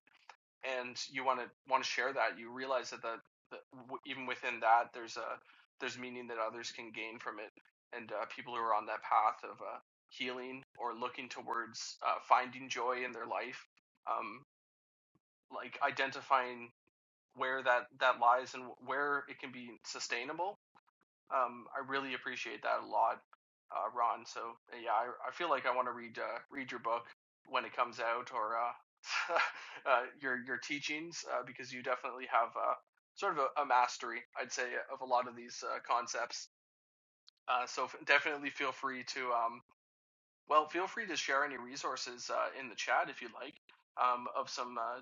Speaker 1: and you want to want to share that, you realize that the, the w- even within that, there's a there's meaning that others can gain from it, and uh, people who are on that path of uh, healing or looking towards uh, finding joy in their life, um, like identifying where that that lies and where it can be sustainable um, I really appreciate that a lot, uh, Ron. So uh, yeah, I, I feel like I want to read uh, read your book when it comes out, or uh, uh, your your teachings, uh, because you definitely have uh, sort of a, a mastery, I'd say, of a lot of these uh, concepts. Uh, so f- definitely feel free to um, well, feel free to share any resources uh, in the chat if you'd like um, of some uh,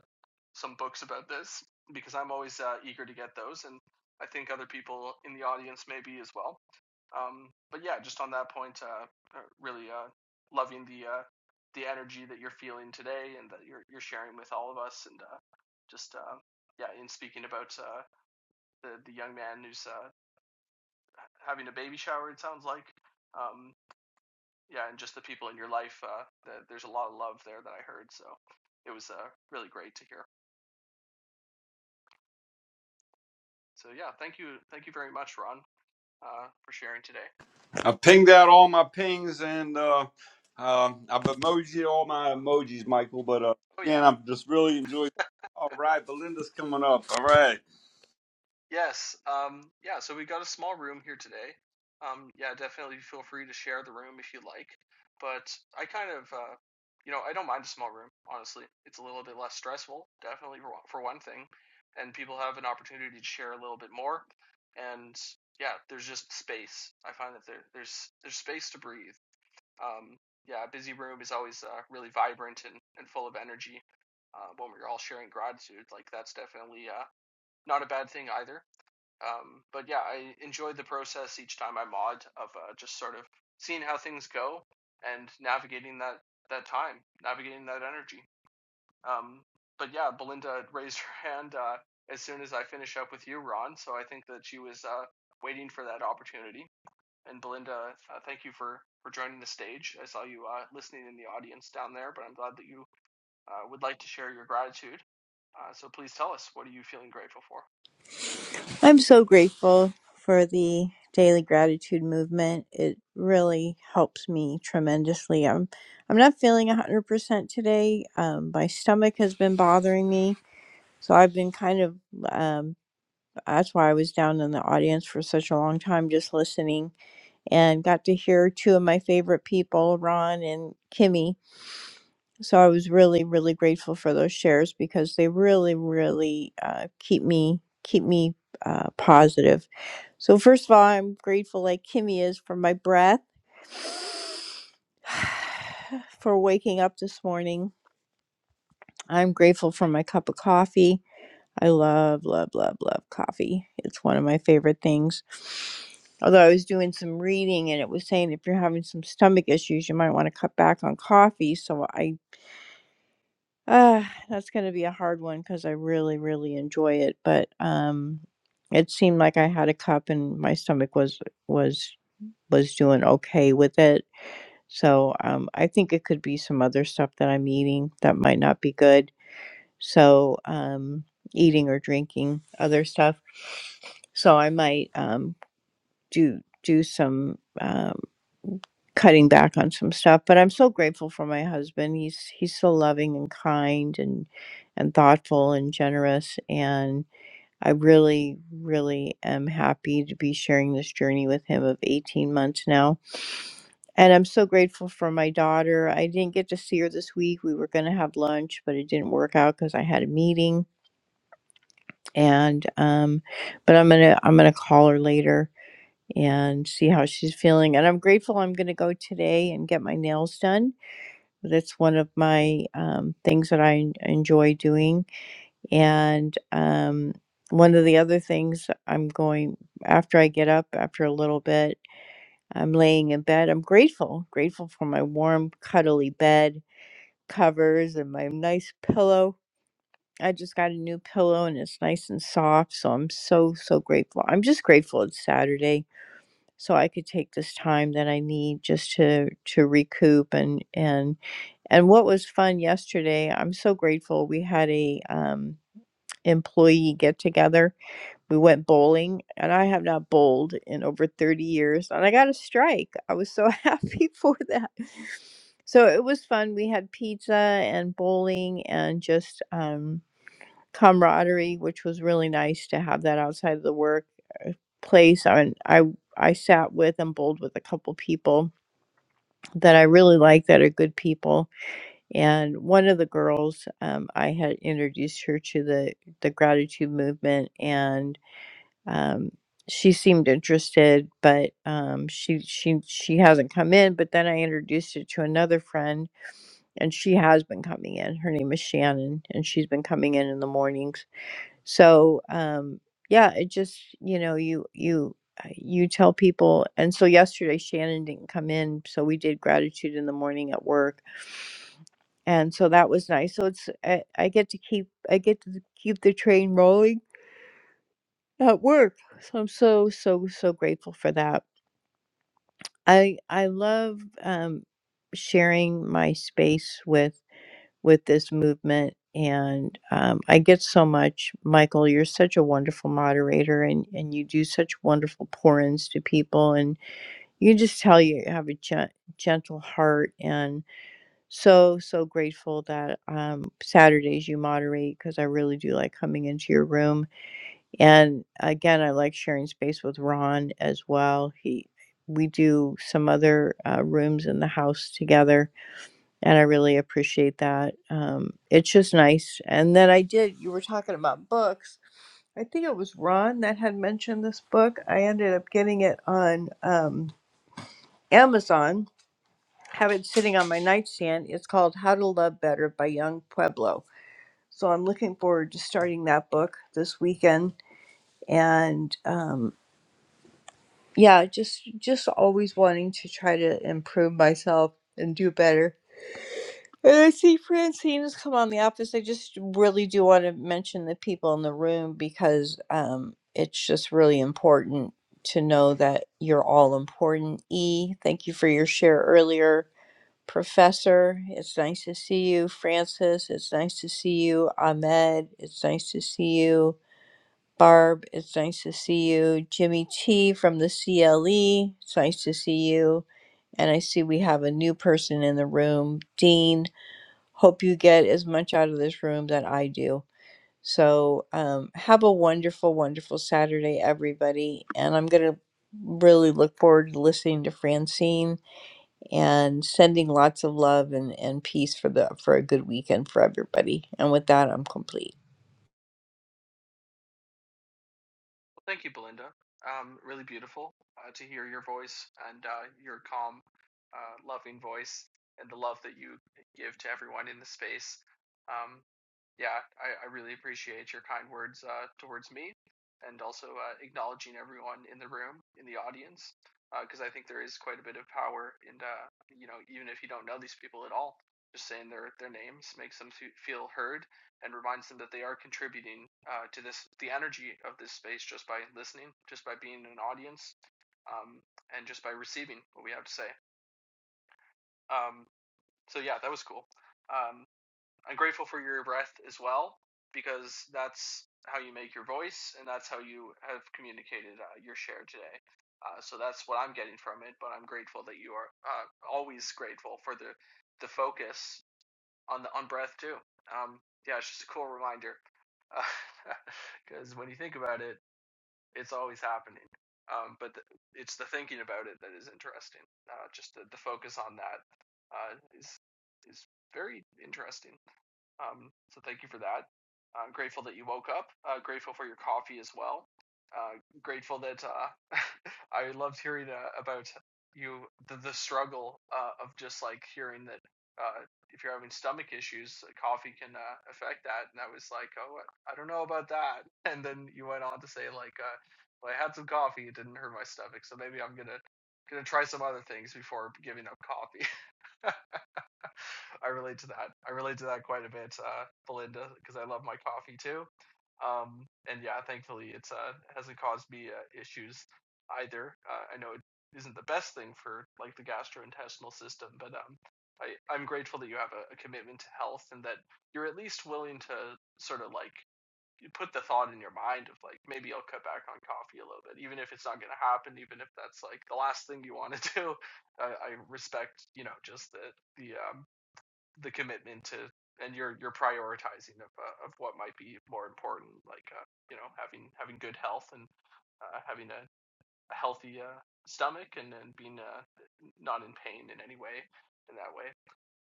Speaker 1: some books about this because I'm always uh, eager to get those, and I think other people in the audience may be as well. Um, but yeah, just on that point, uh, uh, really uh, loving the uh, the energy that you're feeling today and that you're you're sharing with all of us, and uh, just uh, yeah, in speaking about uh, the the young man who's uh, having a baby shower, it sounds like. Um, yeah, and just the people in your life. Uh, that there's a lot of love there that I heard, so it was uh, really great to hear. So yeah, thank you, thank you very much, Ron, uh, for sharing today.
Speaker 4: I've pinged out all my pings and uh, um I've emojied all my emojis, Michael. But uh,
Speaker 1: Oh yeah,
Speaker 4: again, I'm just really enjoying. All right, Belinda's coming up. All right.
Speaker 1: Yes. Um, yeah, so we got a small room here today. Um, yeah, definitely feel free to share the room if you like. But I kind of, uh, you know, I don't mind a small room, honestly. It's a little bit less stressful, definitely for, one- for one thing. And people have an opportunity to share a little bit more. And yeah, there's just space. I find that there, there's there's space to breathe. Um, yeah, a busy room is always uh, really vibrant and, and full of energy. Uh, when we're all sharing gratitude, like that's definitely uh, not a bad thing either um, but yeah, I enjoyed the process each time I mod of uh, just sort of seeing how things go and navigating that that time, navigating that energy. Um, but yeah, Belinda raised her hand uh, as soon as I finish up with you, Ron. So I think that she was uh, waiting for that opportunity. And Belinda, uh, thank you for for joining the stage. I saw you uh, listening in the audience down there, but I'm glad that you uh, would like to share your gratitude. Uh, so please tell us, what are you feeling grateful for?
Speaker 5: I'm so grateful for the daily gratitude movement. It really helps me tremendously. I'm I'm not feeling 100% today. Um, my stomach has been bothering me, so I've been kind of um, that's why I was down in the audience for such a long time just listening and got to hear two of my favorite people, Ron and Kimmy. So I was really really grateful for those shares because they really really uh, keep me keep me uh, positive so first of all, I'm grateful like Kimmy is for my breath, for waking up this morning. I'm grateful for my cup of coffee. I love, love, love, love coffee. It's one of my favorite things. Although I was doing some reading and it was saying if you're having some stomach issues, you might want to cut back on coffee. So I, uh, that's going to be a hard one because I really, really enjoy it. But um, it seemed like I had a cup and my stomach was was was doing okay with it. So um, I think it could be some other stuff that I'm eating that might not be good. So um, eating or drinking other stuff. So I might um, do do some um, cutting back on some stuff. But I'm so grateful for my husband. He's he's so loving and kind and and thoughtful and generous. And I really really am happy to be sharing this journey with him of 18 months now And I'm so grateful for my daughter. I didn't get to see her this week. We were going to have lunch, but it didn't work out because I had a meeting. And um, but I'm gonna I'm gonna call her later and see how she's feeling. And I'm grateful. I'm gonna go today and get my nails done. That's one of my um, things that I en- enjoy doing. And um, one of the other things I'm going after I get up after a little bit. I'm laying in bed. I'm grateful, grateful for my warm, cuddly bed covers and my nice pillow. I just got a new pillow and it's nice and soft. So I'm so, so grateful. I'm just grateful it's Saturday. So I could take this time that I need just to to recoup and and and what was fun yesterday. I'm so grateful we had a um, employee get together we went bowling, and I have not bowled in over 30 years, and I got a strike. I was so happy for that. So it was fun. We had pizza and bowling and just um, camaraderie, which was really nice to have that outside of the work uh, place. I mean, I I sat with and bowled with a couple people that I really like that are good people. And one of the girls, um, I had introduced her to the the gratitude movement, and um, she seemed interested, but um, she she she hasn't come in. But then I introduced her to another friend, and she has been coming in. Her name is Shannon, and she's been coming in in the mornings. So um, yeah, it just you know you you uh, you tell people. And so yesterday Shannon didn't come in, so we did gratitude in the morning at work, and so that was nice. So it's I, I get to keep I get to keep the train rolling at work. So I'm so so so grateful for that I I love um, sharing my space with with this movement, and um, I get so much. Michael, you're such a wonderful moderator, and and you do such wonderful pour-ins to people, and you just tell you have a gen- gentle heart, and so so grateful that um, Saturdays you moderate because I really do like coming into your room and again, I like sharing space with Ron as well. He we do some other uh, rooms in the house together, and I really appreciate that. Um, it's just nice. And then I did. You were talking about books. I think it was Ron that had mentioned this book. I ended up getting it on um, Amazon. Have it sitting on my nightstand. It's called How to Love Better by Young Pueblo. So I'm looking forward to starting that book this weekend and um, yeah, just just always wanting to try to improve myself and do better. And I see Francine has come on the office. I just really do want to mention the people in the room because um, it's just really important to know that you're all important. E, thank you for your share earlier. Professor, it's nice to see you. Francis, it's nice to see you. Ahmed, it's nice to see you. Barb, it's nice to see you. Jimmy T from the CLE, it's nice to see you. And I see we have a new person in the room. Dean, hope you get as much out of this room that I do. So um, have a wonderful, wonderful Saturday, everybody. And I'm going to really look forward to listening to Francine and sending lots of love and, and peace for the for a good weekend for everybody. And with that, I'm complete.
Speaker 1: Well, thank you, Belinda. Um, really beautiful uh, to hear your voice and uh, your calm, uh, loving voice and the love that you give to everyone in the space. Um, yeah, I, I really appreciate your kind words uh, towards me and also uh, acknowledging everyone in the room, in the audience, because uh, I think there is quite a bit of power in, uh, you know, even if you don't know these people at all, just saying their, their names makes them feel heard and reminds them that they are contributing uh, to this, the energy of this space just by listening, just by being in an audience, um, and just by receiving what we have to say. Um, so yeah, that was cool. Um, I'm grateful for your breath as well, because that's how you make your voice, and that's how you have communicated uh, your share today. Uh, so that's what I'm getting from it. But I'm grateful that you are uh, always grateful for the the focus on the on breath too. Um, yeah, it's just a cool reminder because uh, when you think about it, it's always happening. Um, but the, it's the thinking about it that is interesting. Uh, just the, the focus on that uh, is is very interesting. Um, so thank you for that. I'm grateful that you woke up. Uh, grateful for your coffee as well. Uh, grateful that uh, I loved hearing uh, about you the, the struggle uh, of just like hearing that uh, if you're having stomach issues, coffee can uh, affect that. And I was like, oh, I don't know about that. And then you went on to say like, uh, well, I had some coffee, it didn't hurt my stomach, so maybe I'm gonna gonna try some other things before giving up coffee. I relate to that. I relate to that quite a bit, uh, Belinda, because I love my coffee too. Um, and yeah, thankfully, it's uh, hasn't caused me uh, issues either. Uh, I know it isn't the best thing for like the gastrointestinal system, but um, I, I'm grateful that you have a, a commitment to health and that you're at least willing to sort of like put the thought in your mind of like maybe I'll cut back on coffee a little bit, even if it's not going to happen, even if that's like the last thing you want to do. I, I respect, you know, just the the um, the commitment to and you're you're prioritizing of uh, of what might be more important, like uh, you know having having good health and uh, having a, a healthy uh, stomach and, then being uh, not in pain in any way in that way.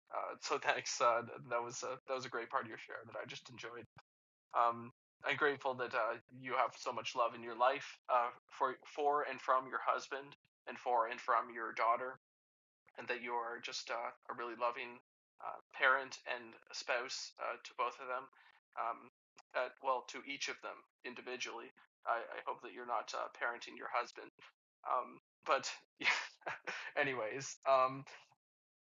Speaker 1: Uh, so thanks. Uh, that was a, that was a great part of your share that I just enjoyed. Um, I'm grateful that uh, you have so much love in your life uh, for for and from your husband and for and from your daughter and that you are just uh, a really loving uh, parent and a spouse uh, to both of them. Um, uh, well, to each of them individually. I, I hope that you're not uh, parenting your husband. Um, but yeah, anyways, um,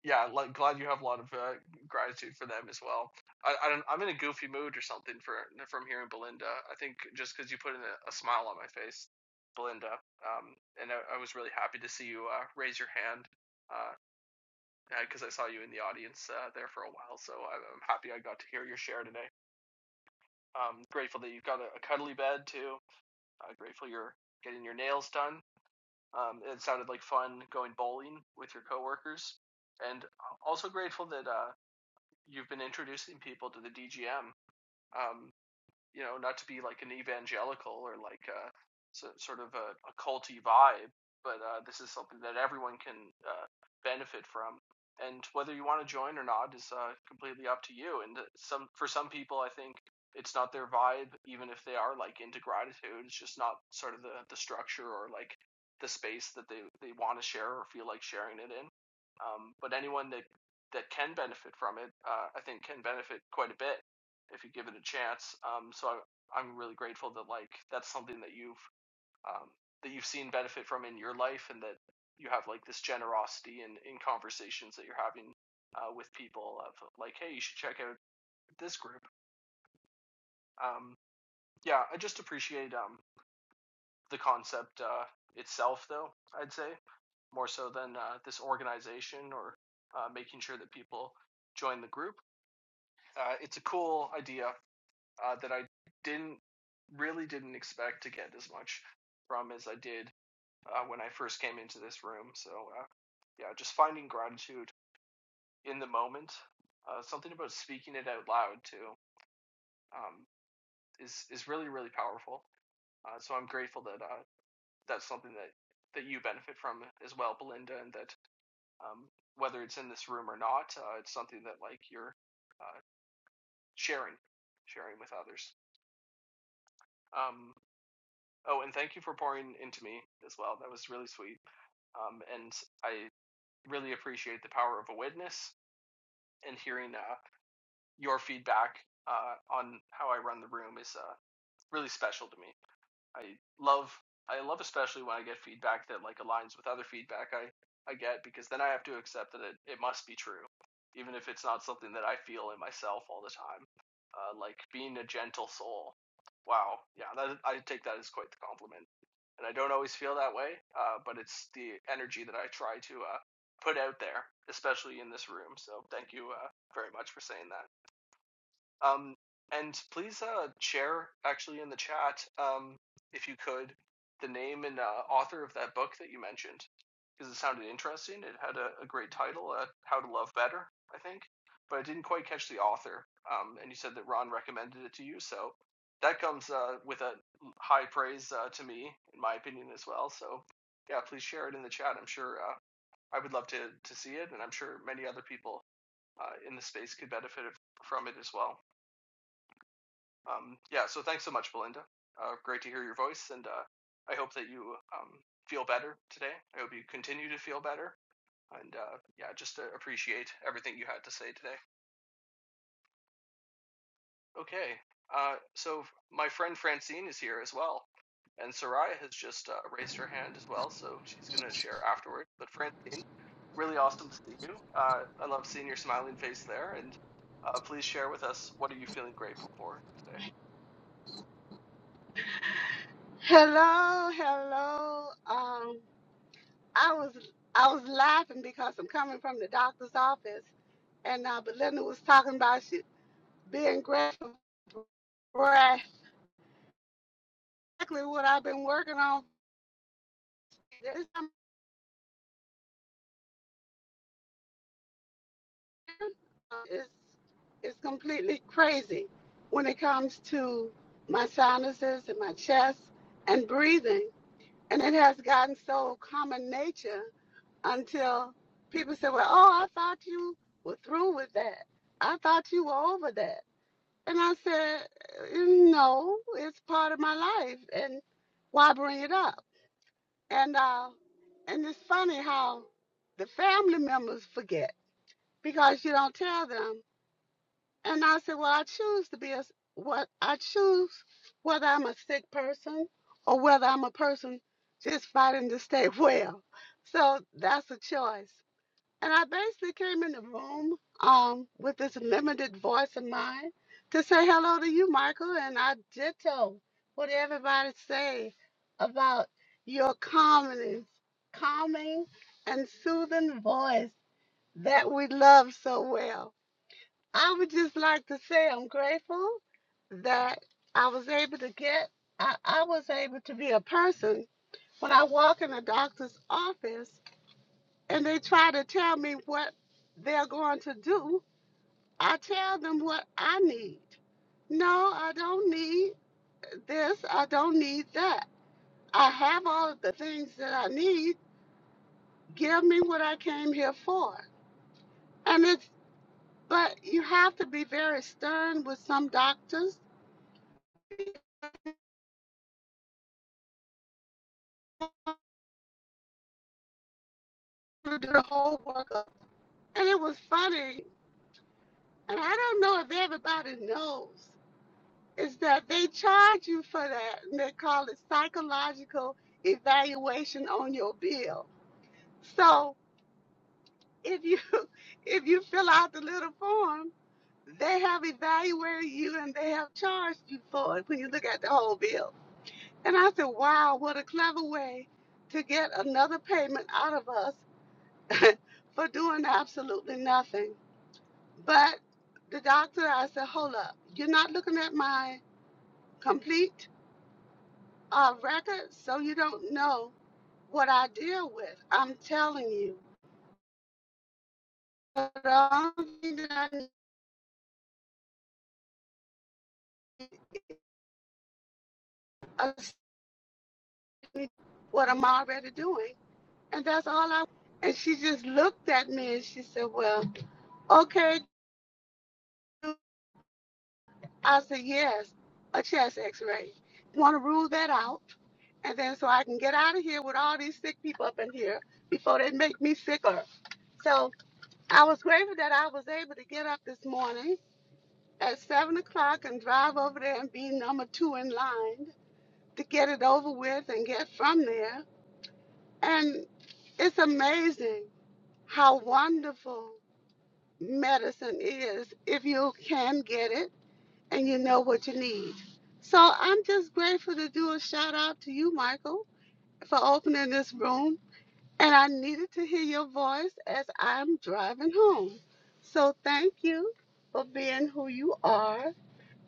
Speaker 1: yeah, like, glad you have a lot of uh, gratitude for them as well. I, I don't, I'm in a goofy mood or something for from hearing Belinda. I think just because you put in a, a smile on my face, Belinda, um, and I, I was really happy to see you uh, raise your hand uh, because I saw you in the audience uh, there for a while, so I'm, happy I got to hear your share today. Um, grateful that you've got a, a cuddly bed too. Uh, grateful you're getting your nails done. Um, it sounded like fun going bowling with your coworkers, and uh, also grateful that uh, you've been introducing people to the DGM. Um, you know, not to be like an evangelical or like a, so- sort of a, a culty vibe, but uh, this is something that everyone can uh, benefit from. And whether you want to join or not is uh, completely up to you. And uh, some for some people, I think it's not their vibe, even if they are like into gratitude. It's just not sort of the, the structure or like the space that they, they want to share or feel like sharing it in. Um, but anyone that that can benefit from it, uh, I think, can benefit quite a bit if you give it a chance. Um, so I, I'm really grateful that like that's something that you've um, that you've seen benefit from in your life, and that you have like this generosity in in conversations that you're having uh, with people of like, hey, you should check out this group. Um, yeah, I just appreciate um, the concept uh, itself, though. I'd say more so than uh, this organization or uh, making sure that people join the group. Uh, it's a cool idea. uh, that I didn't really didn't expect to get as much from as I did uh, when I first came into this room. So uh, yeah, just finding gratitude in the moment, uh, something about speaking it out loud too, um, is is really really powerful. Uh, so I'm grateful that uh, that's something that that you benefit from as well, Belinda, and that um, whether it's in this room or not, uh, it's something that like you're uh, sharing sharing with others. Um, Oh, and thank you for pouring into me as well. That was really sweet. Um, and I really appreciate the power of a witness and hearing uh, your feedback uh, on how I run the room is uh, really special to me. I love I love especially when I get feedback that like aligns with other feedback I I get because then I have to accept that it, it must be true, even if it's not something that I feel in myself all the time. Uh, like being a gentle soul. Wow, yeah, that, I take that as quite the compliment, and I don't always feel that way, uh, but it's the energy that I try to uh, put out there, especially in this room. So thank you uh, very much for saying that. Um, and please uh, share, actually, in the chat, um, if you could, the name and uh, author of that book that you mentioned, because it sounded interesting. It had a, a great title, uh, How to Love Better, I think, but I didn't quite catch the author. Um, and you said that Ron recommended it to you, so that comes uh, with a high praise uh, to me, in my opinion, as well. So, yeah, please share it in the chat. I'm sure uh, I would love to, to see it, and I'm sure many other people uh, in the space could benefit from it as well. Um, yeah, so thanks so much, Belinda. Uh, great to hear your voice, and uh, I hope that you um, feel better today. I hope you continue to feel better, and uh, yeah, just to appreciate everything you had to say today. Okay, uh, so my friend Francine is here as well, and Soraya has just uh, raised her hand as well, so she's going to share afterward. But Francine, really awesome to see you. Uh, I love seeing your smiling face there, and uh, please share with us what are you feeling grateful for today.
Speaker 6: Hello, hello. Um, I was I was laughing because I'm coming from the doctor's office, and uh, Belinda was talking about she being grateful for exactly what I've been working on. This time around, uh, It's it's completely crazy when it comes to my sinuses and my chest and breathing, and it has gotten so common nature until people said, Well, oh, I thought you were through with that. I thought you were over that. And I said, No, it's part of my life. And why bring it up? And, uh, and it's funny how the family members forget because you don't tell them. And I said, Well, I choose to be a what I choose whether I'm a sick person or whether I'm a person just fighting to stay well. So that's a choice. And I basically came in the room um, with this limited voice of mine to say hello to you, Michael. And I ditto what everybody say about your calmness, calming and soothing voice that we love so well. I would just like to say I'm grateful that I was able to get, I, I was able to be a person when I walk in a doctor's office and they try to tell me what they're going to do, I tell them what I need. No, I don't need this. I don't need that. I have all of the things that I need. Give me what I came here for. And it's, but you have to be very stern with some doctors who do the whole workup. And it was funny. And I don't know if everybody knows. is that they charge you for that and they call it psychological evaluation on your bill so if you if you fill out the little form they have evaluated you and they have charged you for it when you look at the whole bill and i said wow what a clever way to get another payment out of us for doing absolutely nothing but the doctor i said hold up you're not looking at my complete a record so you don't know what I deal with. I'm telling you. But the only thing that I knew what I'm already doing. And that's all I and she just looked at me and she said, Well, okay. I said, Yes, a chest x ray. Wanna rule that out? And then so I can get out of here with all these sick people up in here before they make me sicker. So I was grateful that I was able to get up this morning at seven o'clock and drive over there and be number two in line to get it over with and get from there. And it's amazing how wonderful medicine is if you can get it and you know what you need. So I'm just grateful to do a shout out to you, Michael, for opening this room. And I needed to hear your voice as I'm driving home. So thank you for being who you are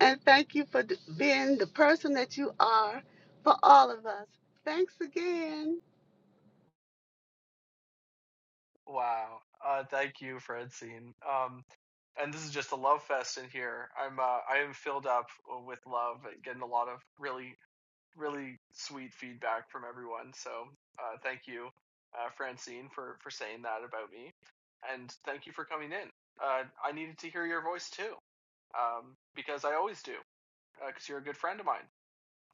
Speaker 6: And thank you for d- being the person that you are for all of us. Thanks again.
Speaker 1: Wow. Uh, thank you, Francine. Um, and this is just a love fest in here. I'm uh, I am filled up with love and getting a lot of really really sweet feedback from everyone. So uh, thank you, uh, Francine, for for saying that about me, and thank you for coming in. Uh, I needed to hear your voice too, um, because I always do, because you're a good friend of mine,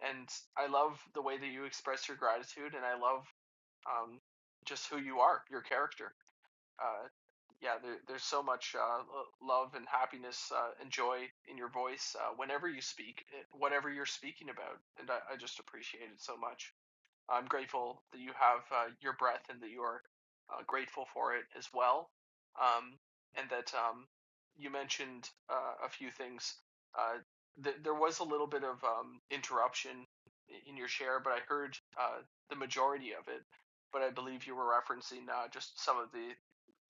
Speaker 1: and I love the way that you express your gratitude, and I love um, just who you are, your character uh, yeah, there, there's so much uh, love and happiness uh, and joy in your voice uh, whenever you speak, eh, whatever you're speaking about, and I, I just appreciate it so much. I'm grateful that you have uh, your breath and that you are uh, grateful for it as well. Um, and that um, you mentioned uh, a few things. Uh, th- there was a little bit of um, interruption in your share, but I heard uh, the majority of it. But I believe you were referencing uh, just some of the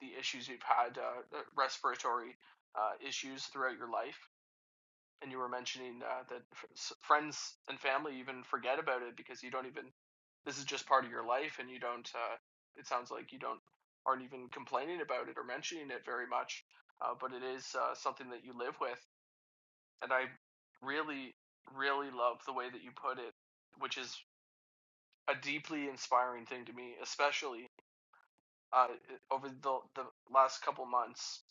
Speaker 1: the issues you've had, uh, respiratory uh, issues throughout your life and you were mentioning uh, that f- friends and family even forget about it because you don't even this is just part of your life and you don't uh, it sounds like you don't aren't even complaining about it or mentioning it very much uh, but it is uh, something that you live with and i really really love the way that you put it which is a deeply inspiring thing to me especially uh, over the the last couple months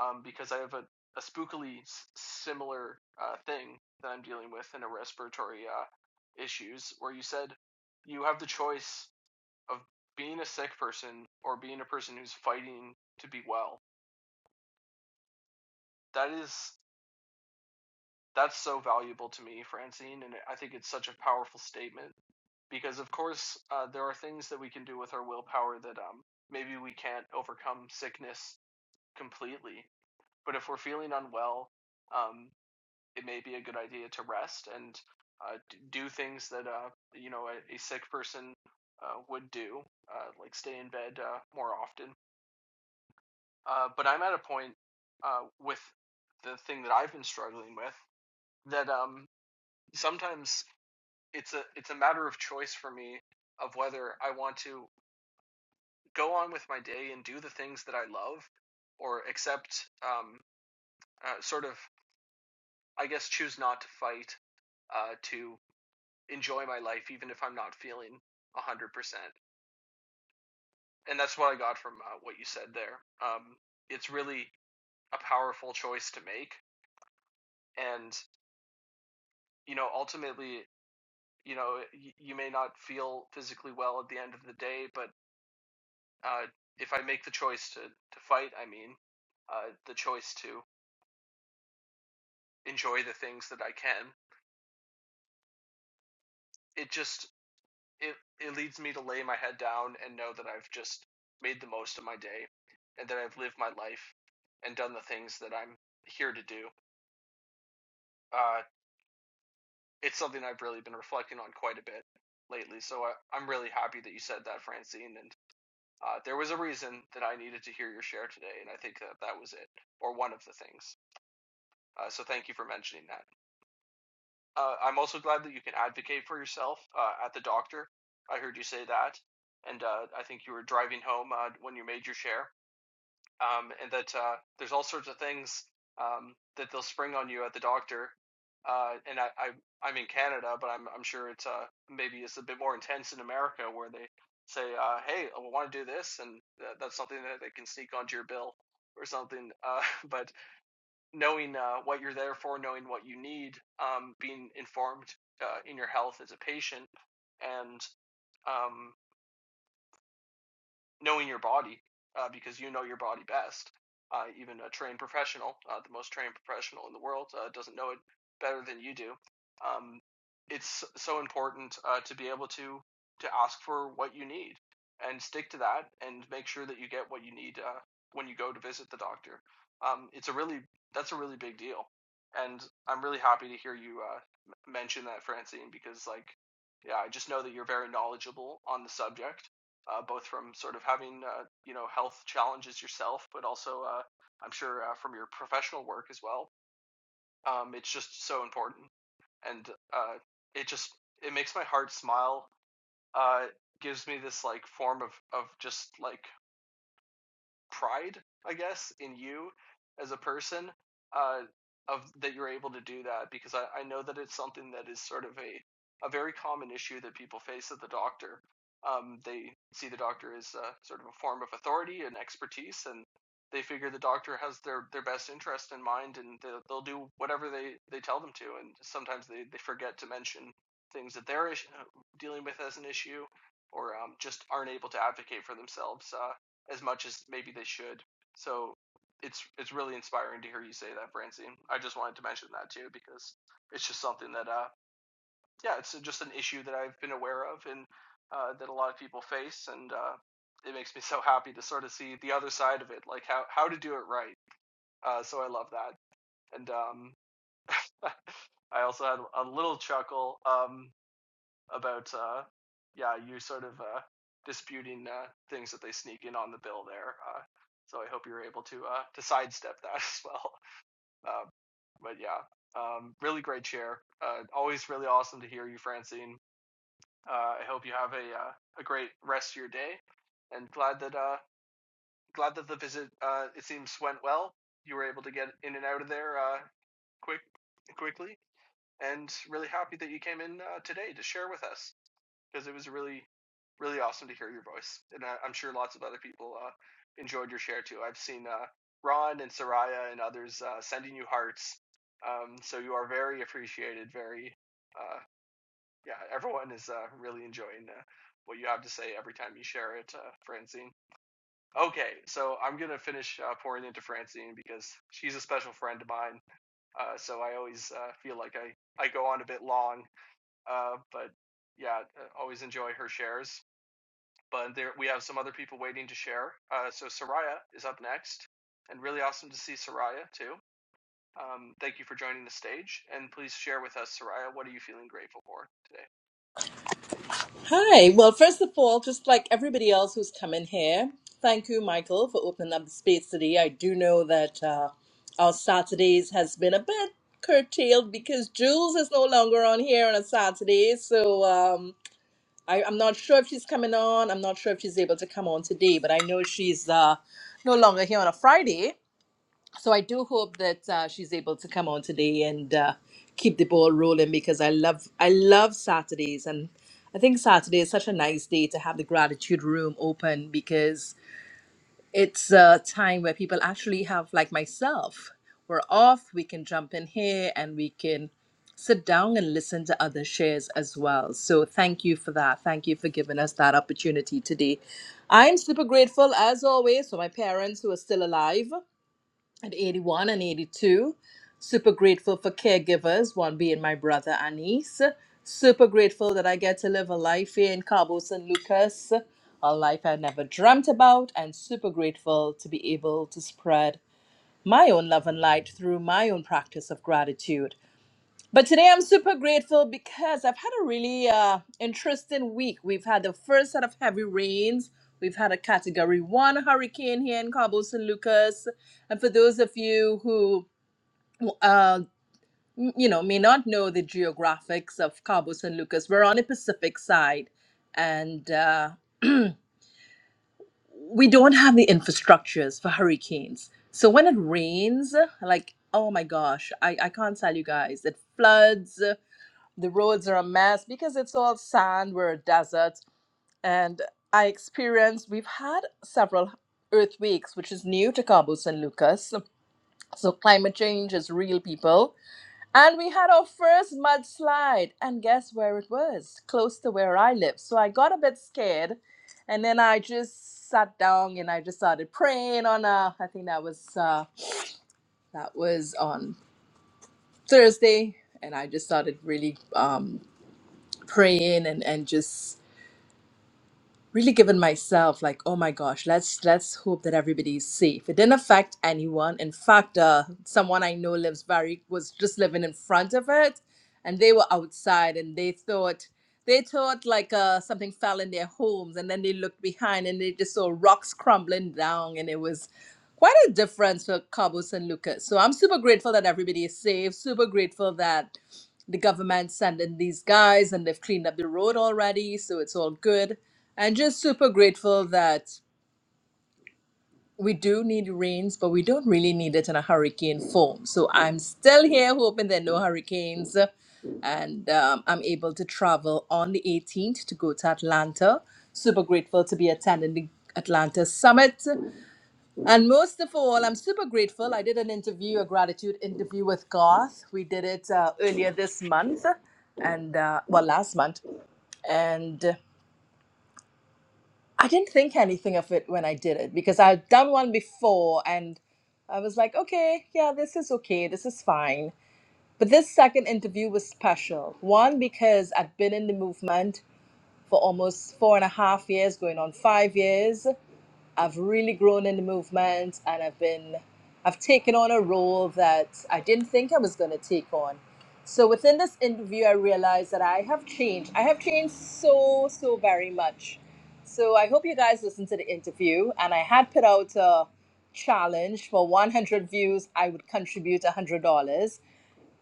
Speaker 1: um, because I have a, a spookily s- similar uh, thing that I'm dealing with in a respiratory uh, issues where you said you have the choice of being a sick person or being a person who's fighting to be well. That is that's so valuable to me, Francine, and I think it's such a powerful statement because of course uh, there are things that we can do with our willpower that um, maybe we can't overcome sickness completely But if we're feeling unwell, um, it may be a good idea to rest and uh, do things that uh, you know a, a sick person uh, would do, uh, like stay in bed uh, more often. Uh, but I'm at a point uh, with the thing that I've been struggling with that um, sometimes it's a it's a matter of choice for me of whether I want to go on with my day and do the things that I love or accept um, uh, sort of I guess, choose not to fight uh, to enjoy my life, even if I'm not feeling 100%. And that's what I got from uh, what you said there. Um, it's really a powerful choice to make. And, you know, ultimately, you know, y- you may not feel physically well at the end of the day, but uh, if I make the choice to, to fight, I mean, uh, the choice to enjoy the things that I can, it just it it leads me to lay my head down and know that I've just made the most of my day and that I've lived my life and done the things that I'm here to do. Uh, it's something I've really been reflecting on quite a bit lately. So I, I'm really happy that you said that, Francine. And uh, there was a reason that I needed to hear your share today, and I think that that was it, or one of the things. Uh, so thank you for mentioning that. Uh, I'm also glad that you can advocate for yourself uh, at the doctor. I heard you say that, and uh, I think you were driving home uh, when you made your share. um, and that uh, there's all sorts of things um, that they'll spring on you at the doctor. Uh, and I, I, I'm in Canada, but I'm, I'm sure it's uh, maybe it's a bit more intense in America where they say, uh, "Hey, I want to do this," and that that's something that they can sneak onto your bill or something. Uh, but knowing uh, what you're there for, knowing what you need, um, being informed uh, in your health as a patient, and um, knowing your body uh, because you know your body best. Uh, even a trained professional, uh, the most trained professional in the world, uh, doesn't know it better than you do. Um, it's so important uh, to be able to to ask for what you need and stick to that and make sure that you get what you need uh, when you go to visit the doctor. Um, it's a really that's a really big deal, and I'm really happy to hear you uh, mention that, Francine, because like yeah, I just know that you're very knowledgeable on the subject uh, both from sort of having uh, you know health challenges yourself, but also uh, I'm sure uh, from your professional work as well. Um, it's just so important, and uh, it just it makes my heart smile. Uh, gives me this like form of of just like pride, I guess, in you as a person uh, of that you're able to do that because I, I know that it's something that is sort of a a very common issue that people face at the doctor. Um, they see the doctor as uh, sort of a form of authority and expertise, and they figure the doctor has their, their best interest in mind, and they'll, they'll do whatever they, they tell them to. And sometimes they, they forget to mention things that they're dealing with as an issue, or um, just aren't able to advocate for themselves. Uh, as much as maybe they should. So it's it's really inspiring to hear you say that, Francine. I just wanted to mention that too because it's just something that uh yeah, it's just an issue that I've been aware of and uh, that a lot of people face, and uh, it makes me so happy to sort of see the other side of it, like how how to do it right. Uh, so I love that, and um, I also had a little chuckle um, about uh, yeah, you sort of uh, disputing uh, things that they sneak in on the bill there. Uh, so I hope you're able to uh, to sidestep that as well. Um, but yeah, um, really great chair. Uh, always really awesome to hear you, Francine. Uh, I hope you have a uh, a great rest of your day, and glad that uh, glad that the visit uh, it seems went well. You were able to get in and out of there uh, quick quickly, and really happy that you came in uh, today to share with us because it was really, really awesome to hear your voice, and I, I'm sure lots of other people uh, enjoyed your share too. I've seen uh, Ron and Soraya and others uh, sending you hearts, um, so you are very appreciated. Very, uh, yeah, everyone is uh, really enjoying uh, what you have to say every time you share it, uh, Francine. Okay, so I'm gonna finish uh, pouring into Francine because she's a special friend of mine. Uh, so I always uh, feel like I I go on a bit long, uh, but yeah, uh, always enjoy her shares but there we have some other people waiting to share. Uh, so Soraya is up next, and really awesome to see Soraya too. Um, thank you for joining the stage, and please share with us, Soraya, what are you feeling grateful for today?
Speaker 7: Hi. Well, first of all, just like everybody else who's come in here, thank you, Michael, for opening up the space today. I do know that uh, our Saturdays has been a bit curtailed because Jules is no longer on here on a Saturday. So um, I, I'm not sure if she's coming on. I'm not sure if she's able to come on today, but I know she's uh, no longer here on a Friday so I do hope that uh, she's able to come on today and uh, keep the ball rolling because I love I love Saturdays and I think Saturday is such a nice day to have the gratitude room open because it's a time where people actually have like myself we're off we can jump in here and we can sit down and listen to other shares as well so thank you for that thank you for giving us that opportunity today i'm super grateful as always for my parents who are still alive at 81 and 82. Super grateful for caregivers, one being my brother Anis. Super grateful that I get to live a life here in Cabo San Lucas, a life I never dreamt about, and super grateful to be able to spread my own love and light through my own practice of gratitude. But today I'm super grateful because I've had a really uh, interesting week. We've had the first set of heavy rains. We've had a category one hurricane here in Cabo San Lucas. And for those of you who, uh, m- you know, may not know the geographics of Cabo San Lucas, we're on the Pacific side. And uh, we don't have the infrastructures for hurricanes. So when it rains, like, oh my gosh, I, I can't tell you guys, it floods the roads are a mess because it's all sand we're a desert and i experienced we've had several earth weeks which is new to cabo san lucas so climate change is real people and we had our first mudslide and guess where it was close to where i live so i got a bit scared and then i just sat down and i just started praying on a, I think that was uh that was on thursday and i just started really um praying and and just really given myself like oh my gosh let's let's hope that everybody's safe it didn't affect anyone in fact uh, someone i know lives very was just living in front of it and they were outside and they thought they thought like uh, something fell in their homes and then they looked behind and they just saw rocks crumbling down and it was quite a difference for Cabo San Lucas. So I'm super grateful that everybody is safe, super grateful that the government sent in these guys and they've cleaned up the road already, so it's all good. And just super grateful that we do need rains, but we don't really need it in a hurricane form. So I'm still here hoping there are no hurricanes. And um, I'm able to travel on the 18th to go to Atlanta. Super grateful to be attending the Atlanta Summit. And most of all, I'm super grateful. I did an interview, a gratitude interview with Garth. We did it uh, earlier this month and, uh, well, last month. And I didn't think anything of it when I did it because I'd done one before and I was like, okay, yeah, this is okay, this is fine. But this second interview was special. One, because I'd been in the movement for almost four and a half years, going on five years. I've really grown in the movement and I've been I've taken on a role that I didn't think I was going to take on. So within this interview I realized that I have changed. I have changed so so very much. So I hope you guys listened to the interview and I had put out a challenge for 100 views I would contribute $100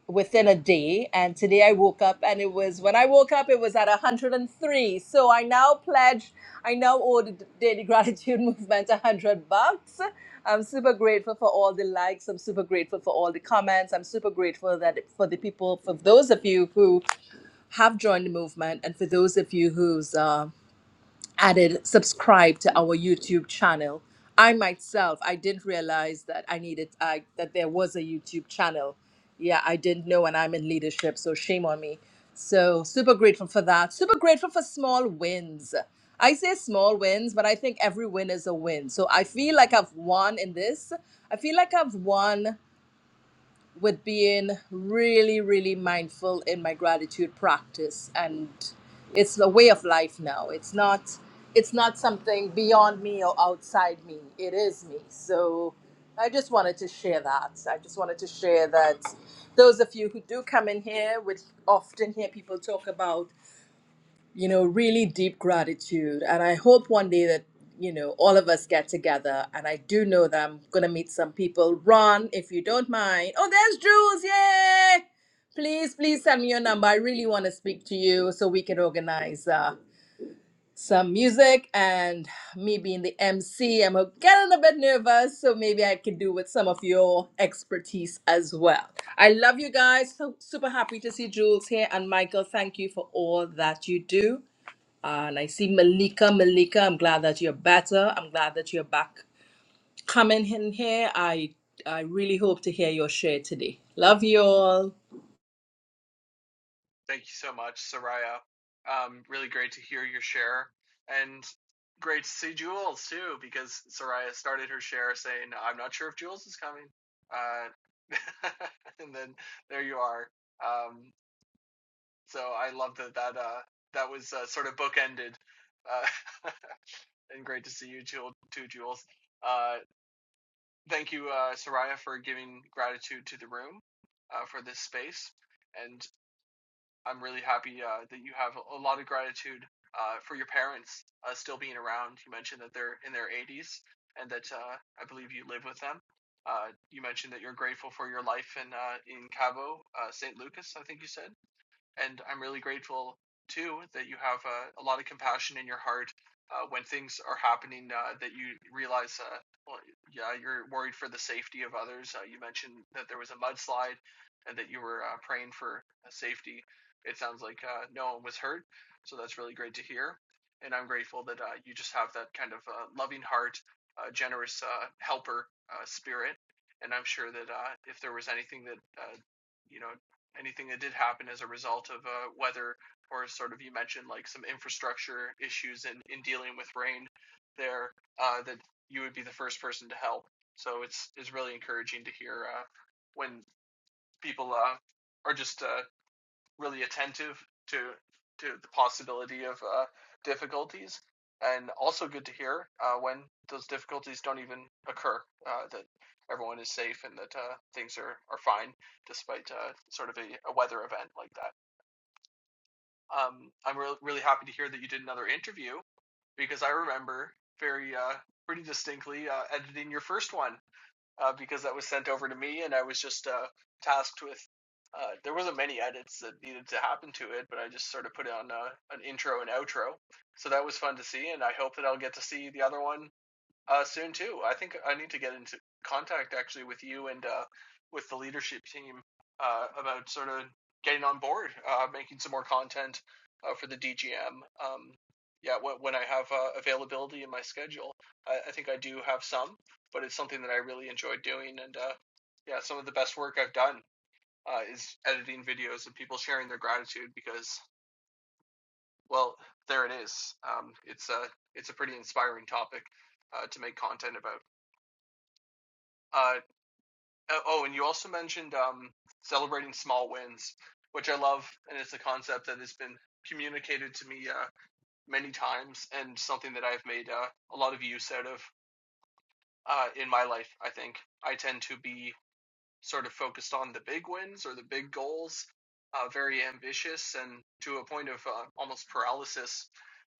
Speaker 7: within a day. And today I woke up and it was, when I woke up, it was at 103. So I now pledge, I now owe the Daily Gratitude Movement 100 bucks. I'm super grateful for all the likes. I'm super grateful for all the comments. I'm super grateful that for the people, for those of you who have joined the movement, and for those of you who's uh, added subscribe to our YouTube channel. I myself, I didn't realize that I needed I, that there was a YouTube channel. Yeah, I didn't know, and I'm in leadership, so shame on me. So super grateful for that. Super grateful for small wins. I say small wins, but I think every win is a win. So I feel like I've won in this. I feel like I've won with being really, really mindful in my gratitude practice. And it's a way of life now. It's not it's not something beyond me or outside me. It is me. So I just wanted to share that. I just wanted to share that those of you who do come in here would often hear people talk about you know, really deep gratitude. And I hope one day that, you know, all of us get together. And I do know that I'm going to meet some people. Ron, if you don't mind. Oh, there's Jules. Yay! Please, please send me your number. I really want to speak to you so we can organize uh, some music and me being the MC. I'm getting a bit nervous, so maybe I could do with some of your expertise as well. I love you guys. So super happy to see Jules here. And Michael, thank you for all that you do. Uh, And I see Malika. Malika, I'm glad that you're better. I'm glad that you're back coming in here. I I really hope to hear your share today. Love you all.
Speaker 1: Thank you so much, Soraya. Um, really great to hear your share, and great to see Jules too, because Soraya started her share saying, "I'm not sure if Jules is coming," uh, and then there you are. Um, So I love that that uh, that was uh, sort of bookended. Uh, and great to see you Jewel- too, Jules. Uh, thank you, uh, Soraya, for giving gratitude to the room uh, for this space. And I'm really happy uh, that you have a lot of gratitude uh, for your parents uh, still being around. You mentioned that they're in their 80s and that uh, I believe you live with them. Uh, you mentioned that you're grateful for your life in uh, in Cabo, uh, St. Lucas, I think you said and I'm really grateful too that you have uh, a lot of compassion in your heart uh, when things are happening uh, that you realize, uh, well, yeah, you're worried for the safety of others. Uh, you mentioned that there was a mudslide and that you were uh, praying for uh, safety. It sounds like uh, no one was hurt, so that's really great to hear. And I'm grateful that uh, you just have that kind of uh, loving heart, uh, generous uh, helper uh, spirit. And I'm sure that uh, if there was anything that uh, you know anything that did happen as a result of uh, weather or sort of you mentioned like some infrastructure issues in, in dealing with rain there uh, that you would be the first person to help. So it's it's really encouraging to hear uh, when people uh, are just uh, really attentive to to the possibility of uh, difficulties, and also good to hear uh, when those difficulties don't even occur. Uh, that everyone is safe and that uh, things are, are fine despite uh, sort of a, a weather event like that. Um, I'm re- really happy to hear that you did another interview because I remember very uh, pretty distinctly uh, editing your first one uh, because that was sent over to me, and I was just uh, tasked with. Uh, there wasn't many edits that needed to happen to it, but I just sort of put on uh, an intro and outro, so that was fun to see, and I hope that I'll get to see the other one uh, soon too. I think I need to get into contact actually with you and uh, with the leadership team uh, about sort of getting on board, uh, making some more content uh, for the DGM. Um, yeah, when, when I have uh, availability in my schedule, I, I think I do have some, but it's something that I really enjoy doing. And uh, yeah, some of the best work I've done uh, is editing videos and people sharing their gratitude because, well, there it is. Um, it's a it's a pretty inspiring topic uh, to make content about. Uh, Uh, oh, and you also mentioned um, celebrating small wins, which I love, and it's a concept that has been communicated to me uh, many times, and something that I've made uh, a lot of use out of uh, in my life. I think I tend to be sort of focused on the big wins or the big goals, uh, very ambitious and to a point of uh, almost paralysis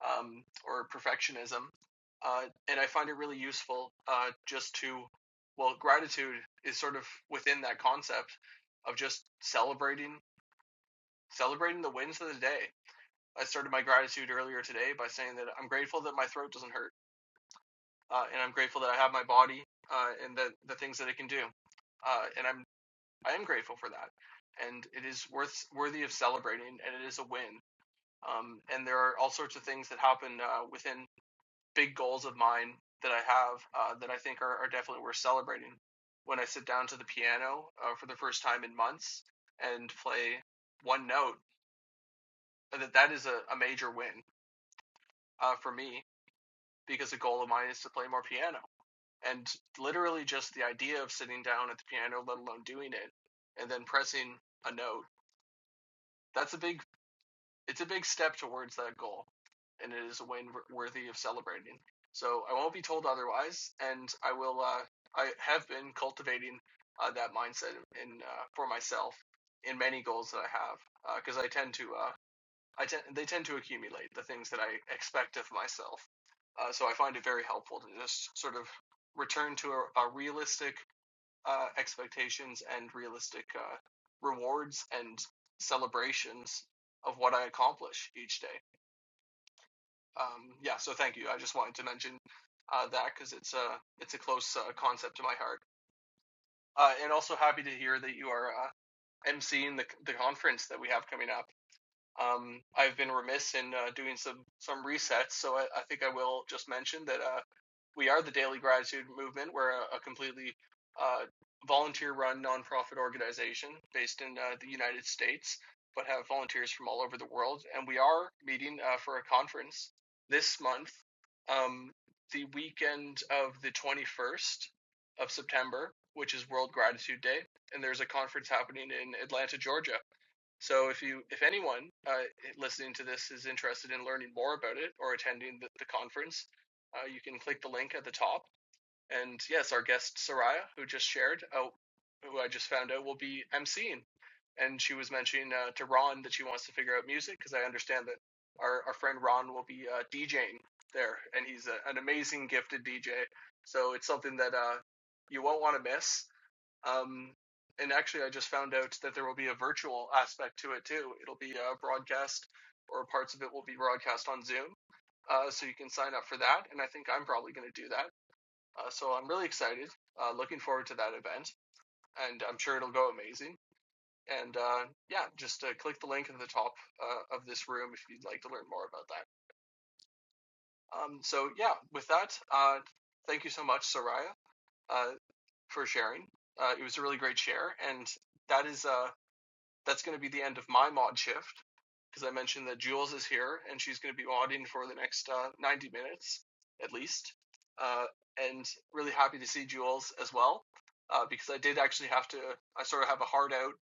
Speaker 1: um, or perfectionism. Uh, and I find it really useful uh, just to, well, gratitude is sort of within that concept of just celebrating celebrating the wins of the day. I started my gratitude earlier today by saying that I'm grateful that my throat doesn't hurt, uh, and I'm grateful that I have my body uh, and that the things that it can do. Uh, and I'm I am grateful for that, and it is worth worthy of celebrating, and it is a win. Um, and there are all sorts of things that happen uh, within big goals of mine that I have uh, that I think are, are definitely worth celebrating. When I sit down to the piano uh, for the first time in months and play one note, that that is a, a major win uh, for me because a goal of mine is to play more piano. And literally just the idea of sitting down at the piano, let alone doing it, and then pressing a note that's a big it's a big step towards that goal, and it is a win worthy of celebrating. So I won't be told otherwise, and I will. Uh, I have been cultivating uh, that mindset in uh, for myself in many goals that I have, because uh, I tend to. Uh, I tend they tend to accumulate the things that I expect of myself. Uh, so I find it very helpful to just sort of return to a, a realistic uh, expectations and realistic uh, rewards and celebrations of what I accomplish each day. Um, yeah, so thank you. I just wanted to mention uh, that because it's a uh, it's a close uh, concept to my heart, uh, and also happy to hear that you are uh, emceeing the the conference that we have coming up. Um, I've been remiss in uh, doing some some resets, so I, I think I will just mention that uh, we are the Daily Gratitude Movement. We're a, a completely uh, volunteer-run nonprofit organization based in uh, the United States, but have volunteers from all over the world. And we are meeting uh, for a conference this month, um, the weekend of the 21st of September, which is World Gratitude Day. And there's a conference happening in Atlanta, Georgia. So if you, if anyone uh, listening to this is interested in learning more about it or attending the, the conference, uh, you can click the link at the top. And yes, our guest Soraya, who just shared, uh, who I just found out will be emceeing, and she was mentioning uh, to Ron that she wants to figure out music because I understand that our our friend Ron will be uh, DJing there, and he's a, an amazing gifted DJ. So it's something that uh, you won't want to miss. Um, and actually, I just found out that there will be a virtual aspect to it too. It'll be a broadcast, or parts of it will be broadcast on Zoom. Uh, so you can sign up for that, and I think I'm probably going to do that. Uh, so I'm really excited, uh, looking forward to that event, and I'm sure it'll go amazing. And uh, yeah, just uh, click the link at the top uh, of this room if you'd like to learn more about that. Um, so yeah, with that, uh, thank you so much, Soraya, uh, for sharing. Uh, it was a really great share, and that is. Uh, that's going to be the end of my mod shift because I mentioned that Jules is here and she's going to be modding for the next uh, 90 minutes at least. Uh, and really happy to see Jules as well uh, because I did actually have to, I sort of have a hard out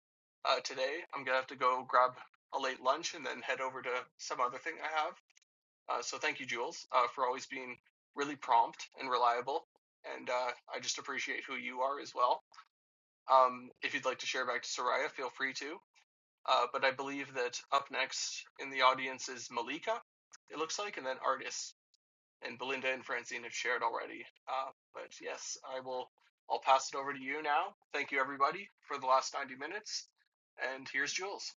Speaker 1: uh, today. I'm going to have to go grab a late lunch and then head over to some other thing I have. Uh, so thank you, Jules, uh, for always being really prompt and reliable. And uh, I just appreciate who you are as well. Um, if you'd like to share back to Soraya, feel free to. Uh, but I believe that up next in the audience is Malika, it looks like, and then Artis. And Belinda and Francine have shared already. Uh, but yes, I will. I'll pass it over to you now. Thank you, everybody, for the last 90 minutes. And here's Jules.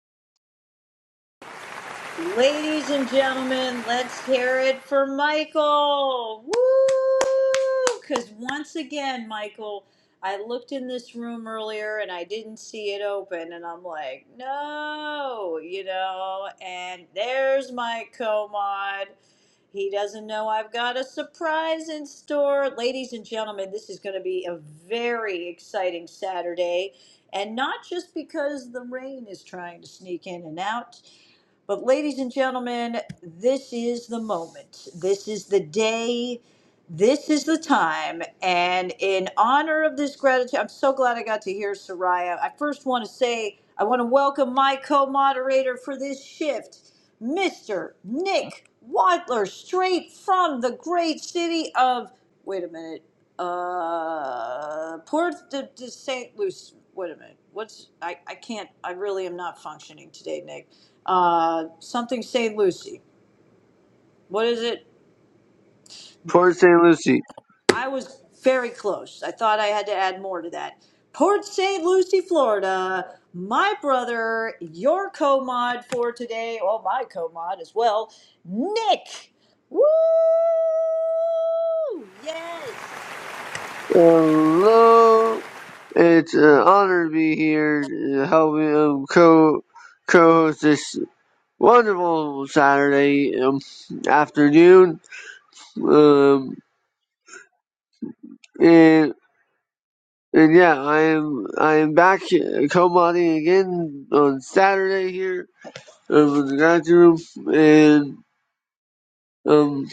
Speaker 8: Ladies and gentlemen, let's hear it for Michael. Woo! Because once again, Michael, I looked in this room earlier and I didn't see it open, and I'm like, no, you know. And there's my co-mod. He doesn't know I've got a surprise in store. Ladies and gentlemen, this is going to be a very exciting Saturday. And not just because the rain is trying to sneak in and out. But, ladies and gentlemen, this is the moment. This is the day. This is the time. And in honor of this gratitude, I'm so glad I got to hear Soraya. I first want to say I want to welcome my co moderator for this shift, Mr. Nick Wadler, straight from the great city of, wait a minute, uh, Port de, de St. Louis. Wait a minute. What's, I, I can't, I really am not functioning today, Nick uh, something St. Lucie. What is it?
Speaker 9: Port St. Lucie.
Speaker 8: I was very close. I thought I had to add more to that. Port St. Lucie, Florida. My brother, your co mod for today, oh, my co mod as well, Nick. Woo! Yes!
Speaker 9: Hello, it's an honor to be here uh, helping um, co co host this wonderful Saturday um, afternoon. Um, and and yeah, I am I am back co modding again on Saturday here um, in the guys room and um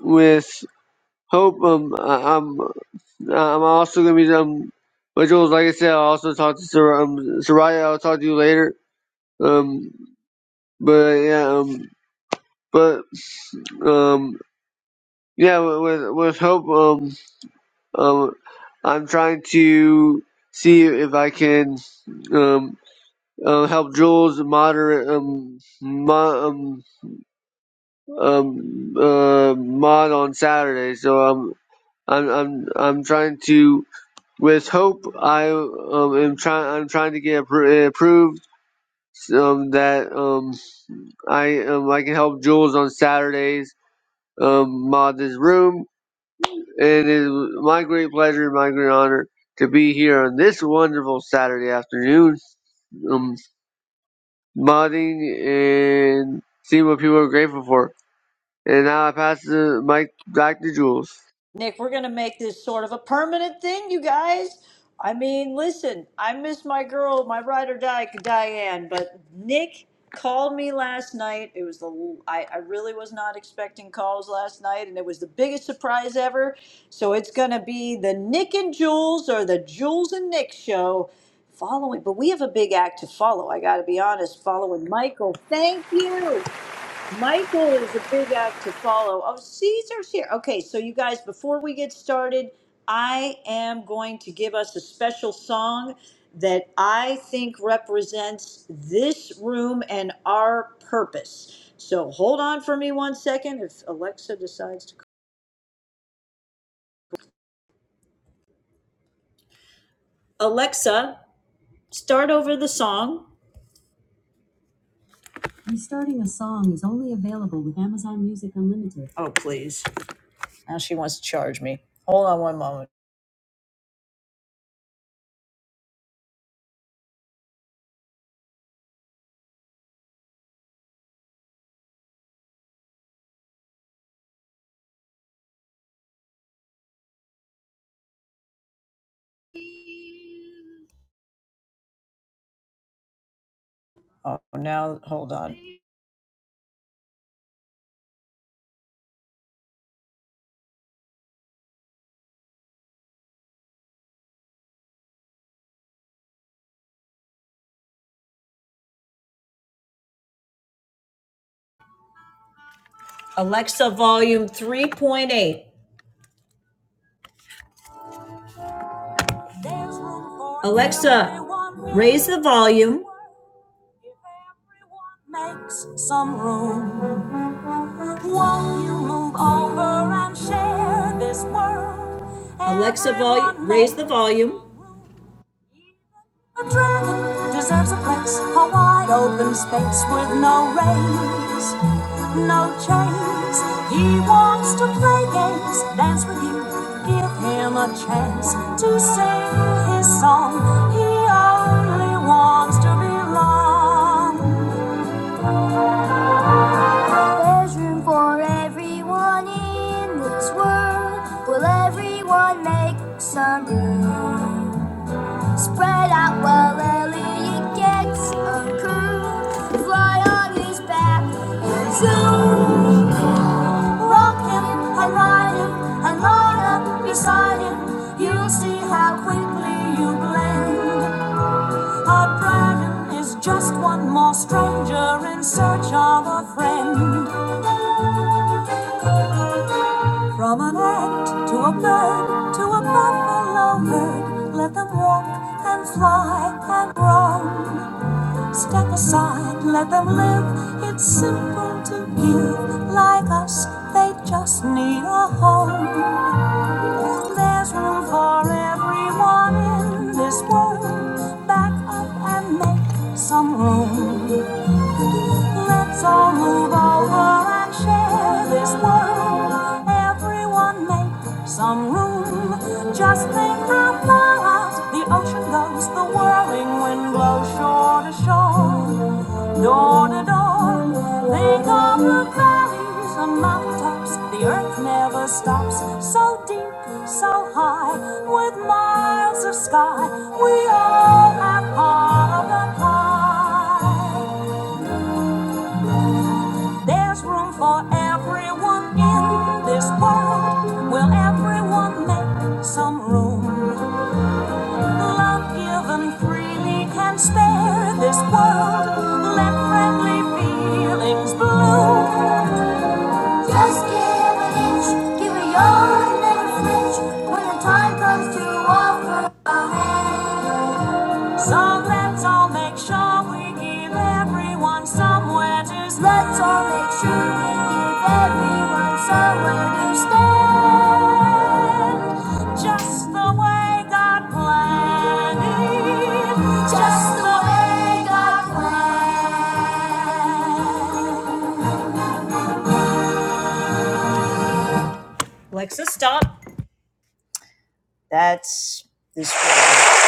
Speaker 9: with hope um I- I'm Uh, I'm also gonna be um rituals. Like I said, I also talk to Sor- um, Soraya. I'll talk to you later. Um, but yeah, um, but um, yeah, with with with hope, um, um, I'm trying to see if I can um. Uh, help Jules moderate um, mod um, um uh, mod on Saturday, so um, I'm I'm I'm trying to with hope I um, am trying I'm trying to get appro- approved um, that um, I um, I can help Jules on Saturdays um, mod this room, and it was my great pleasure and my great honor to be here on this wonderful Saturday afternoon, um, modding and seeing what people are grateful for. And now I pass the mic back to Jules.
Speaker 8: Nick, we're going to make this sort of a permanent thing, you guys. I mean, listen, I miss my girl, my ride or die, Diane, but Nick called me last night. It was the I, I really was not expecting calls last night, and it was the biggest surprise ever. So it's going to be the Nick and Jules or the Jules and Nick show following. But we have a big act to follow. I got to be honest, following Michael. Thank you. Michael is a big act to follow. Oh, Caesar's here. Okay, so you guys, before we get started, I am going to give us a special song that I think represents this room and our purpose. So hold on for me one second if Alexa decides to. Alexa, start over the song. Restarting a song is only available with Amazon Music Unlimited. Oh, please. Now she wants to charge me. Hold on. Oh, now hold on. Alexa, volume 3.8. Alexa, raise the volume. Makes some room. Won't you move over and share this world? Alexa, volume, raise the volume. A dragon deserves a place, a wide open space with no reins, no chains. He wants to play games, dance with you, give him a chance to sing his song. He only wants to belong. There's room for everyone in this world. Will everyone make some room? Spread out while Ellie gets a curl. Fly on his back and zoom. Rock him and ride him and line up beside him. You'll see how quickly you blend. A dragon is just one more stranger in search of a friend. From an ant to a bird to a buffalo herd, let them walk and fly and roam. Step aside, let them live. It's simple to give. Like us, they just need a home. There's room for everyone in this world. Back up and make some room. Let's all move over and share this world. Everyone make some room. Just think how far out the ocean goes. The whirling wind blows shore to shore. Door to door, they come the valleys and mountaintops. The earth never stops. So deep, so high, with miles of sky, we all have part of the pie. There's room for everyone in this world. Will everyone make some room? Love given freely can spare this world. Let friendly feelings bloom. Just give an inch, give a yard, and never flinch when the time comes to offer a hand. So let's all make sure we give everyone somewhere to stand. Let's all make sure we give everyone somewhere to stand. Just the way God planned it. Just the way God planned. That's this world.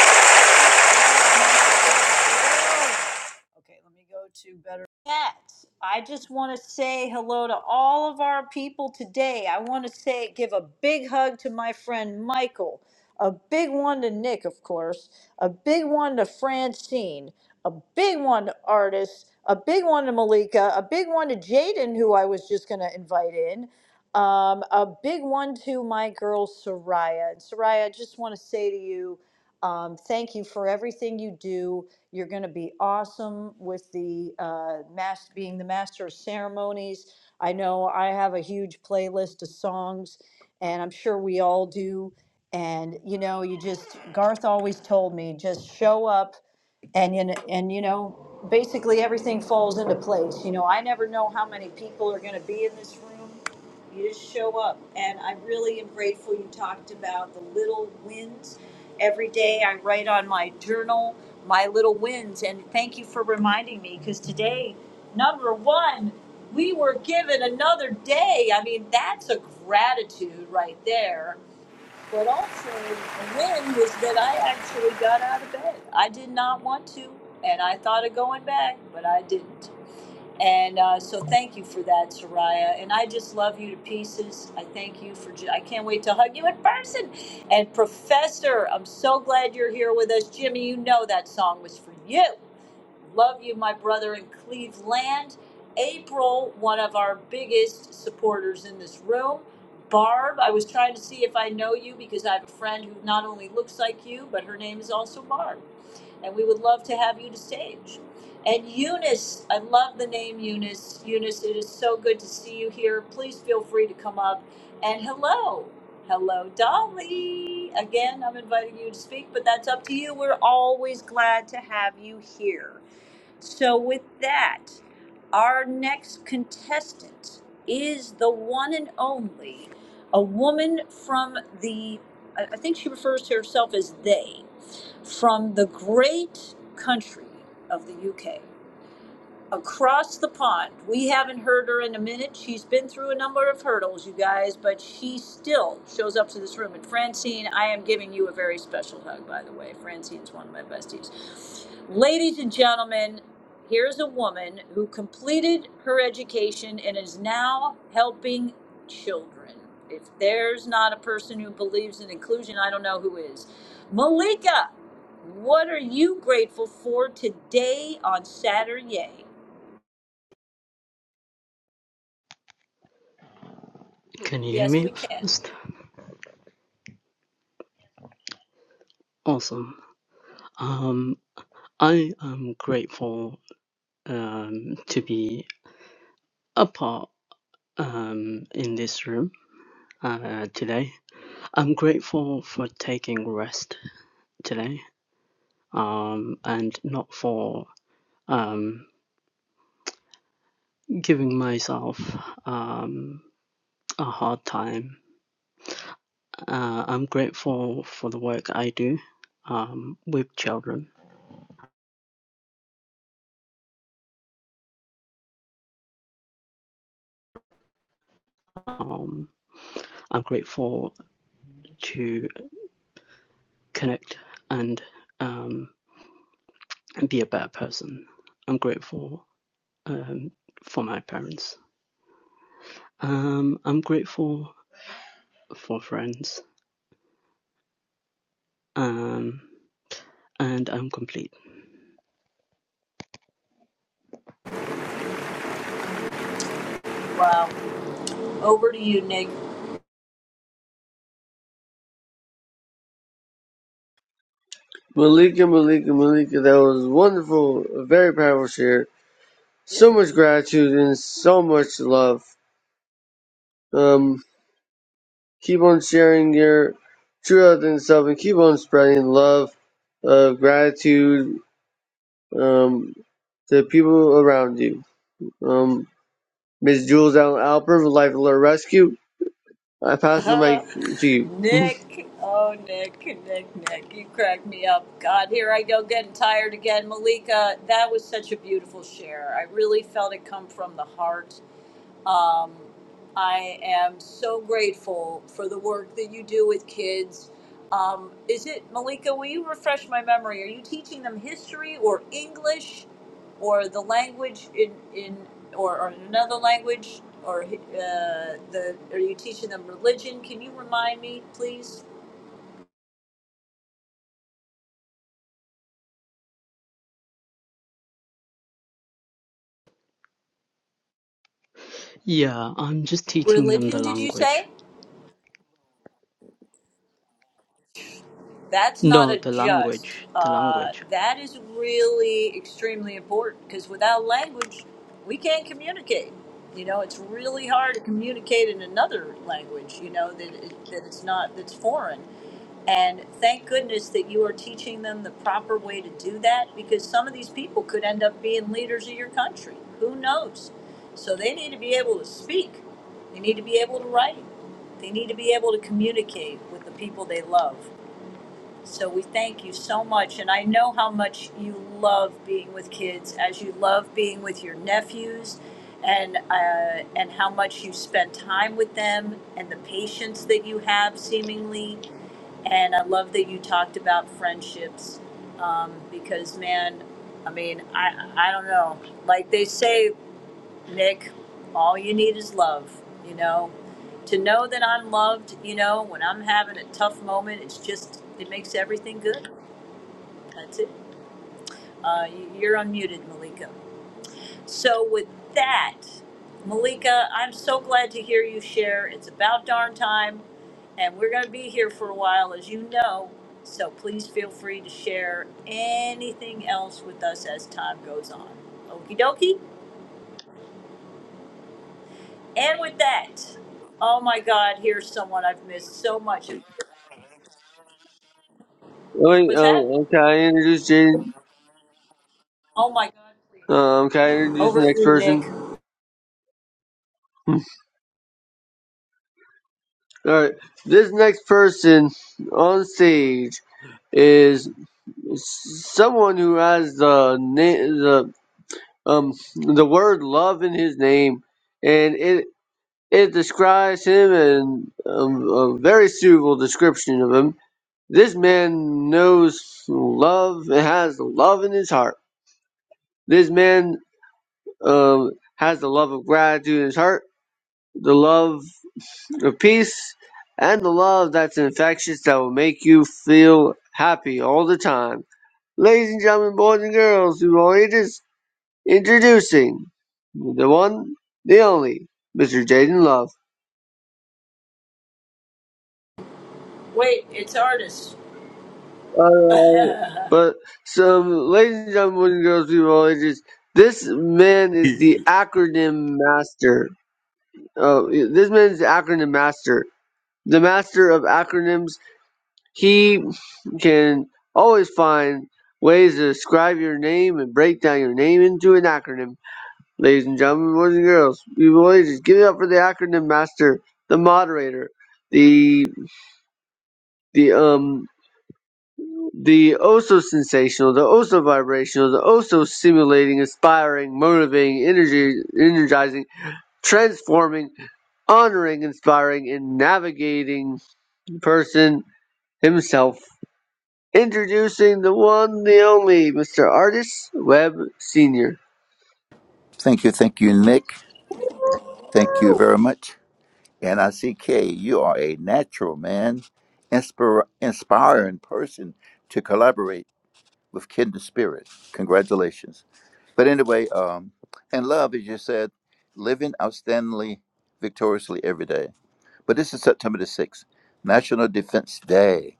Speaker 8: Okay, let me go to better cats. I just want to say hello to all of our people today. I want to say give a big hug to my friend Michael, a big one to Nick, of course, a big one to Francine, a big one to Artis, a big one to Malika, a big one to Jaden, who I was just going to invite in. Um, a big one to my girl Soraya. And Soraya, I just want to say to you, um, thank you for everything you do you're going to be awesome with the uh, mas- being the master of ceremonies. I know I have a huge playlist of songs, and I'm sure we all do. And you know, you just Garth always told me just show up, and you kn- and you know, basically everything falls into place. You know, I never know how many people are going to be in this room. You just show up, and I really am grateful you talked about the little wins every day I write on my journal my little wins. And thank you for reminding me because today, number one, we were given another day. I mean, that's a gratitude right there. But also, a win was that I actually got out of bed. I did not want to, and I thought of going back, but I didn't. And uh, so thank you for that, Soraya. And I just love you to pieces. I thank you for, ju- I can't wait to hug you in person. And Professor, I'm so glad you're here with us. Jimmy, you know that song was for you. Love you, my brother in Cleveland. April, one of our biggest supporters in this room. Barb, I was trying to see if I know you because I have a friend who not only looks like you, but her name is also Barb. And we would love to have you to stage. And Eunice, I love the name Eunice. Eunice, it is so good to see you here. Please feel free to come up. And hello, hello, Dolly. Again, I'm inviting you to speak, but that's up to you. We're always glad to have you here. So, with that, our next contestant is the one and only, a woman from the, I I think she refers to herself as they, from the great country of the UK across the pond. We haven't heard her in a minute. She's been through a number of hurdles, you guys, but she still shows up to this room. And Francine, I am giving you a very special hug, by the way. Francine's one of my besties. Ladies and gentlemen, here's a woman who completed her education and is now helping children. If there's not a person who believes in inclusion, I don't know who is. Malika, what are you grateful for today on Saturday?
Speaker 10: Can you hear
Speaker 8: Yes,
Speaker 10: me
Speaker 8: we can.
Speaker 10: first? Awesome. Um, I am grateful um, to be a part um, in this room uh, today. I'm grateful for taking rest today um, and not for um, giving myself um, a hard time. Uh, I'm grateful for the work I do um, with children. Um, I'm grateful to connect and um, be a better person. I'm grateful um, for my parents. Um, I'm grateful for friends. Um, and I'm complete.
Speaker 9: Malika, Malika, Malika, that was wonderful, a very powerful share. So much gratitude and so much love. Um, Keep on sharing your true authentic self and keep on spreading love, uh, gratitude um, to people around you. Um, Ms. Jules Allen Alper with Life Alert Rescue. I pass the mic to you.
Speaker 8: Nick, oh Nick, yep. God, here I go getting tired again. Malika, that was such a beautiful share. I really felt it come from the heart. Um, I am so grateful for the work that you do with kids. Um, is it Malika? Will you refresh my memory? Are you teaching them history or English, or the language in in or, or another language, or uh, the? Are you teaching them religion? Can you remind me, please?
Speaker 10: Yeah, I'm just teaching them
Speaker 8: religion
Speaker 10: the
Speaker 8: did you
Speaker 10: language.
Speaker 8: say that's not
Speaker 10: No,
Speaker 8: a
Speaker 10: the
Speaker 8: must
Speaker 10: language, the
Speaker 8: uh,
Speaker 10: language.
Speaker 8: that is really extremely important because without language we can't communicate you know it's really hard to communicate in another language you know that, it, that it's not that's foreign and thank goodness that you are teaching them the proper way to do that because some of these people could end up being leaders of your country. Who knows? So they need to be able to speak, they need to be able to write, they need to be able to communicate with the people they love. So we thank you so much. And I know how much you love being with kids, as you love being with your nephews, and, uh, and how much you spend time with them, and the patience that you have, seemingly. And I love that you talked about friendships um, because, man, I mean, I, I don't know. Like they say, Nick, all you need is love, you know? to know that I'm loved, you know, when I'm having a tough moment, it's just it makes everything good. That's it. Uh, you- are unmuted, Malika. So with that, Malika, I'm so glad to hear you share. It's about darn time, and we're going to be here for a while, as you know. So please feel free to share anything else with us as time goes on. Okie dokie. And with that, oh my God, here's someone I've missed so much.
Speaker 9: Wait,
Speaker 8: What's
Speaker 9: um,
Speaker 8: that?
Speaker 9: can I introduce Jaden?
Speaker 8: Oh my, God.
Speaker 9: Um, can I introduce the
Speaker 8: over to
Speaker 9: next
Speaker 8: you, Nick.
Speaker 9: person? All right, this next person on stage is someone who has the na- the um the word love in his name, and it It describes him in a, a very suitable description of him. This man knows love and has love in his heart. This man um, has the love of gratitude in his heart, the love of peace, and the love that's infectious that will make you feel happy all the time. Ladies and gentlemen, boys and girls, who are ages, introducing the one, the only, Mr. Jaden Love.
Speaker 8: Wait, it's artists.
Speaker 9: Alright. But so, ladies and gentlemen, girls, people of all ages, this man is the
Speaker 11: Yeah.
Speaker 9: acronym master. Uh, this man is the acronym master, the master of acronyms. He can always find ways to describe your name and break down your name into an acronym. Ladies and gentlemen, boys and girls, people of all ages, give it up for the acronym master, the moderator, the the um the oh so sensational, the oh so vibrational, the oh so stimulating, inspiring, motivating, energy, energizing, transforming, honoring, inspiring, and navigating person himself. Introducing the one, the only, Mr. Artist Webb Sr.
Speaker 12: Thank you, thank you, Nick. Thank you very much. And I see Kay, you are a natural man, inspir- inspiring person to collaborate with kindred spirit. Congratulations. But anyway, um, and love, as you said, living outstandingly, victoriously every day. But this is September the 6th, National Defense Day,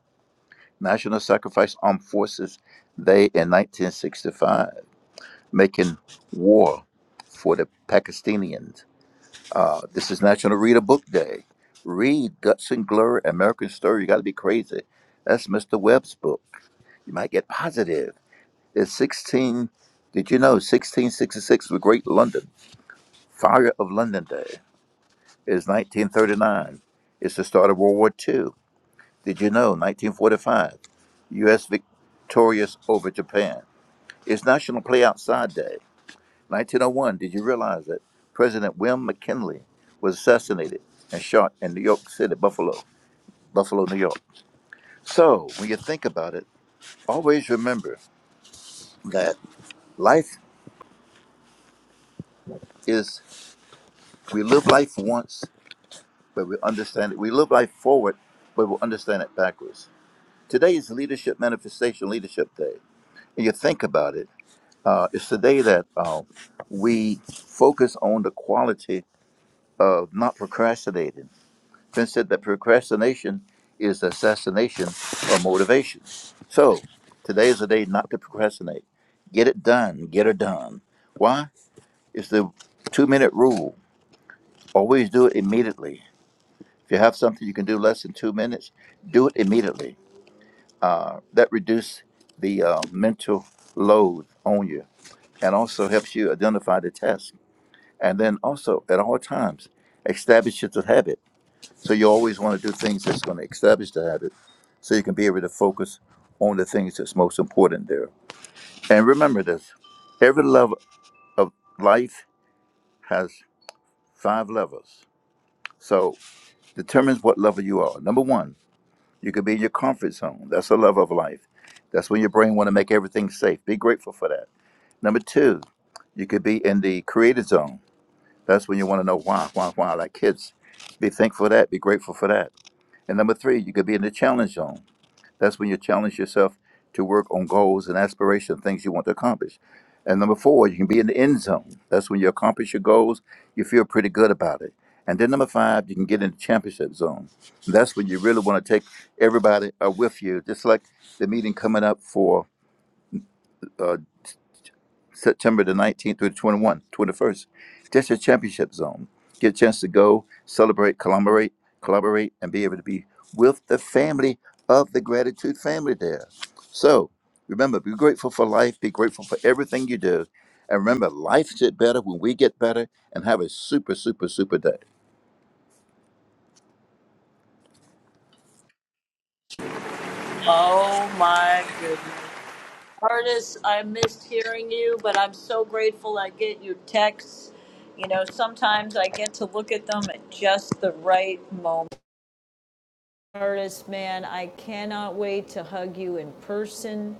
Speaker 12: National Sacrifice Armed Forces Day in 1965, making war for the Pakistanians. Uh, this is National Read a Book Day. Read Judson Glover, American Story. You got to be crazy. That's Mr. Webb's book. You might get positive. It's 16, did you know, 1666 was Great London. Fire of London Day is 1939. It's the start of World War Two. Did you know, 1945, U.S. victorious over Japan. It's National Play Outside Day. 1901, did you realize that President William McKinley was assassinated and shot in New York City, Buffalo, Buffalo, New York? So, when you think about it, always remember that life is, we live life once, but we understand it. We live life forward, but we understand it backwards. Today is Leadership Manifestation Leadership Day. And you think about it, uh, it's the day that uh, we focus on the quality of not procrastinating Finn said that procrastination is assassination of motivation. So today is the day not to procrastinate. Get it done. Get it done. Why? It's the two minute rule. Always do it immediately. If you have something you can do less than two minutes, do it immediately. Uh, that reduces the uh, mental load on you and also helps you identify the task. And then also at all times, establish your habit. So you always want to do things that's going to establish the habit so you can be able to focus on the things that's most important there. And remember this every level of life has five levels. So determines what level you are. Number one, you could be in your comfort zone. That's a level of life. That's when your brain want to make everything safe. Be grateful for that. Number two, you could be in the creative zone. That's when you want to know why, why, why, like kids. Be thankful for that. Be grateful for that. And number three, you could be in the challenge zone. That's when you challenge yourself to work on goals and aspirations, things you want to accomplish. And number four, you can be in the end zone. That's when you accomplish your goals, you feel pretty good about it. And then number five, you can get in the championship zone. And that's when you really want to take everybody uh, with you. Just like the meeting coming up for uh, September the 19th through the 21th, 21st. That's your championship zone. Get a chance to go, celebrate, collaborate, collaborate, and be able to be with the family of the gratitude family there. So remember, be grateful for life, be grateful for everything you do. And remember, life gets better when we get better and have a super, super, super day.
Speaker 8: Oh my goodness. Artis, I missed hearing you, but I'm so grateful I get your texts. You know, sometimes I get to look at them at the right moment. Artist, man, I cannot wait to hug you in person,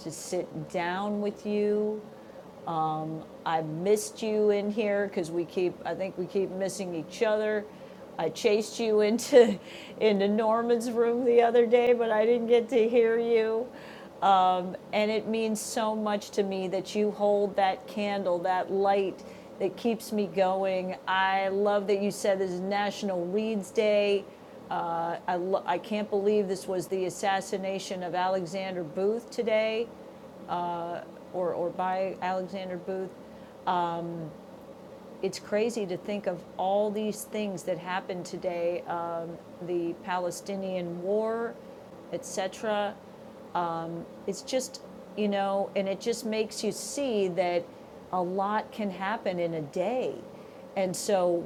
Speaker 8: to sit down with you. Um, I missed you in here because we keep, I think we keep missing each other. I chased you into into Norman's room the other day, but I didn't get to hear you. Um, and it means so much to me that you hold that candle, that light that keeps me going. I love that you said this is National Leads Day. Uh, I, lo- I can't believe this was the assassination of Alexander Booth today, or, or by Alexander Booth. It's crazy to think of um, the power, etc.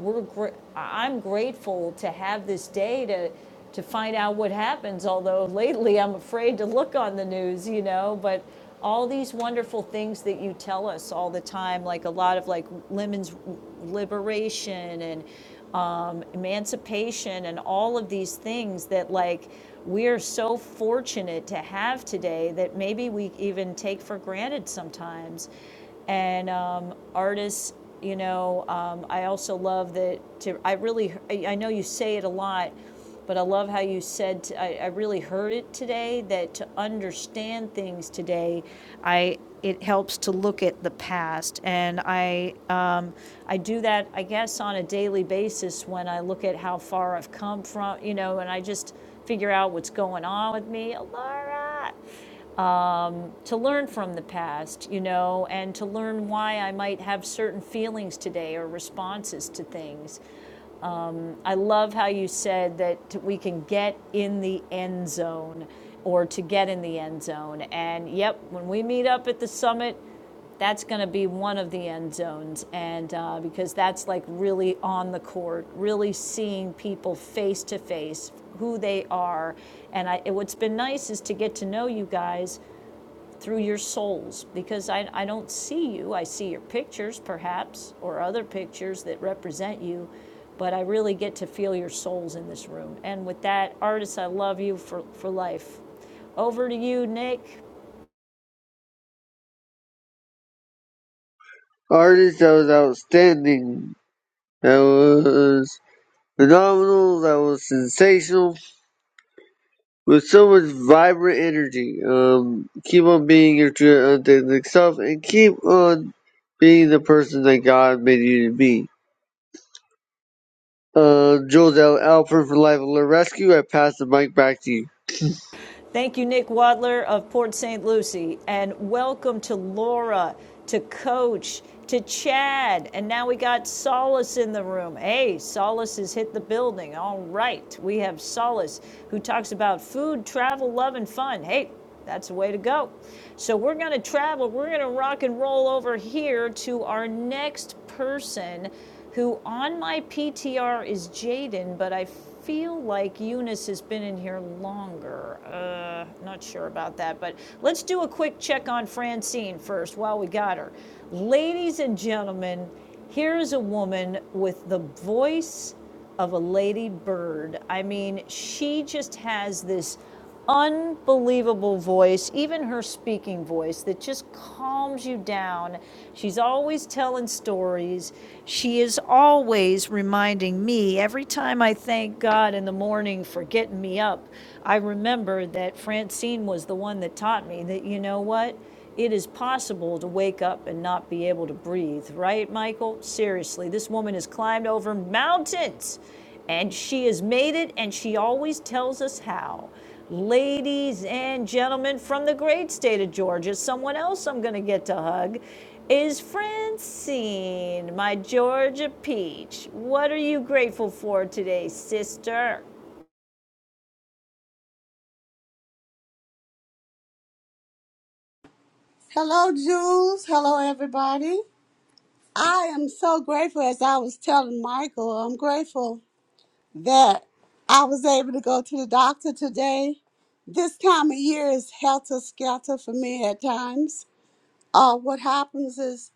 Speaker 8: We're gr- I'm grateful to have this day to to find out what happens. Although lately I'm afraid to look on the news, you know. But all these wonderful things that you tell us all the time, like a lot of like women's liberation and um, emancipation and all of these things that like we are so f- and take for granted and um, artists you know um, i also love that to i really I, I know you say it a lot but i love how you said t I I I really heard it today that to understand things today i it helps to look at the past and i um, i do that i guess on a daily basis when i look at how far i've come from you know and i just figure out what's going on with me Laura to learn from the past, you know, and to learn why I might have certain feelings today or responses to things. I love how you said that we can get in the end zone or to get in the end zone. And yep, when we meet up at the summit, that's going to be one of the end zones. And uh, because that's like really on the court, really seeing people face to face, who they are. And I, what's been nice is to get to know you guys through your souls because I, I don't see you. I see your pictures, perhaps, or other pictures that represent you, but I really get to feel your souls in this room. And with that, artists, I love you for, for life. Over to you, Nick.
Speaker 9: Artist that was outstanding, that was phenomenal, that was sensational, with so much vibrant energy. Um, keep on being your true authentic self, and keep on being the person that God made you to be. Uh, Jules L. Alford for Life Alert Rescue. I pass the mic back to you.
Speaker 8: Thank you, Nick Wadler of Port St. Lucie, and welcome to Laura, to Coach, to Chad, and now we got Solace in the room. Hey, Solace has hit the building. All right, we have Solace who talks about food, travel, love, and fun. Hey, that's the way to go. So we're going to travel. We're going to rock and roll over here to our next person who on my PTR is Jaden, but I feel like Eunice has been in here longer. Uh, not sure about that, but let's do a quick check on Francine first while we got her. Ladies and gentlemen, here is a woman with the voice of a lady bird. I mean, she just has this unbelievable voice, even her speaking voice, that just calms you down. She's always telling stories. She is always reminding me every time I thank God up, it taught what up, be able to breathe, right, Michael? Seriously, this woman has climbed over mountains and she has made it and she always tells us how. ladies and gentlemen from the great state of Georgia, someone else I'm going to get to hug is Francine, my Georgia peach. What are you grateful for today, sister?
Speaker 6: Hello, Jules. Hello, everybody. I am so grateful, as I was telling Michael, I'm grateful that I was able to go to the doctor today. This time of year is helter skelter for me at times. Uh, what happens is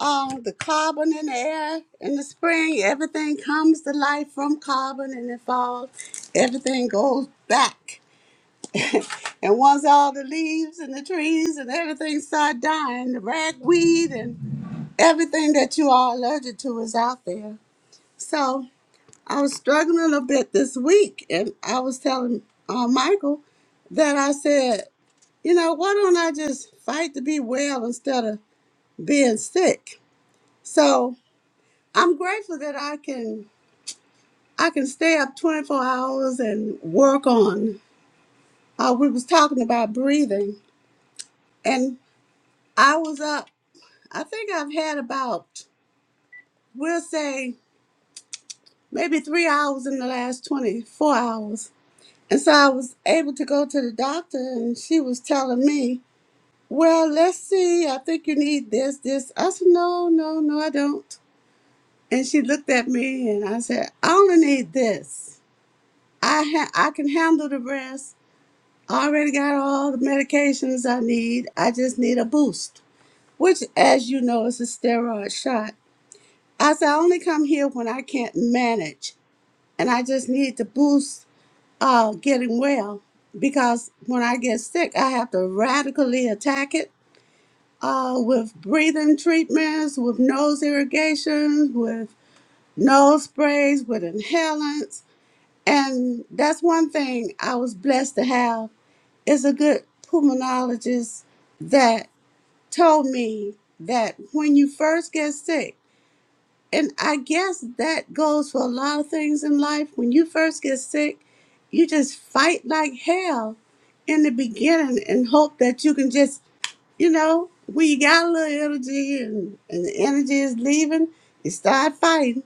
Speaker 6: um, the carbon in the air in the spring, everything comes to life from carbon and in fall, everything goes back And once all the leaves and the trees and everything start dying, the ragweed and everything that you are allergic to is out there. So I was struggling a little bit this week, and I was telling uh, Michael that I said, you know, why don't I just fight to be well instead of being sick? So I'm grateful that I can I can stay up 24 hours and work on. Uh, we was talking about breathing, and I was up. I think I've had about, we'll say, maybe three hours in the last 24 hours. And so I was able to go to the doctor, and she was telling me, Well, let's see, I think you need this, this. I said, No, no, no, I don't. And she looked at me, and I said, I only need this. I, ha- I can handle the rest. I already got all the medications I need. I just need a boost, which, as you know, is a steroid shot. I said, I only come here when I can't manage. and I just need to boost uh, getting well because when I get sick, I have to radically attack it uh, with breathing treatments, with nose irrigations, with nose sprays, with inhalants. And that's one thing I was blessed to have is a good pulmonologist that told me that when you first get sick, and I guess that goes for a lot of things in life. When you first get sick, you just fight like hell in the beginning and hope that you can just, you know, when you got a little energy and, and the energy is leaving, you start fighting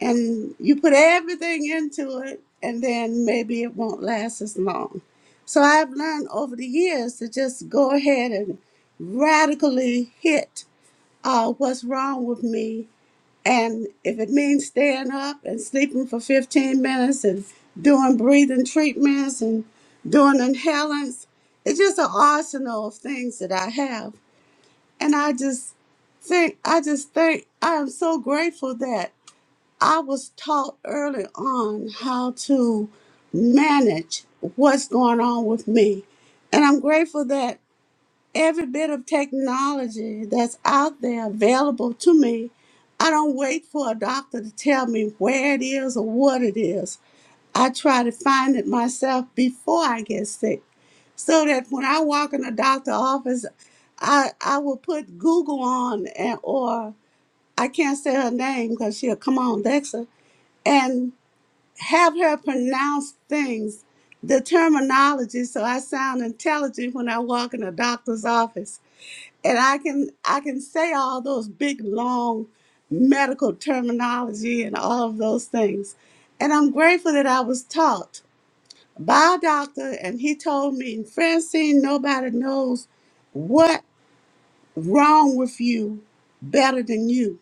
Speaker 6: and you put everything into it, and then maybe it won't last as long. So I've learned over the years to just go ahead and radically hit uh, what's wrong with me and if it means staying up and sleeping for 15 minutes and doing breathing treatments and doing inhalants, it's just an arsenal of things that I have. And I just think, I just think, I am so grateful that I was taught early on how to manage what's going on with me. And I'm grateful that every bit of technology that's out there available to me. I don't wait for a doctor to tell me where it is or what it is. I try to find it myself before I get sick so that when I walk in a doctor's office, I, I will put Google on and, or I can't say her name because she'll come on Dexa and have her pronounce things, the terminology, so I sound intelligent when I walk in a doctor's office and I can I can say all those big long medical terminology and all of those things. And I'm grateful that I was taught by a doctor and he told me, Francine, nobody knows what wrong with you better than you.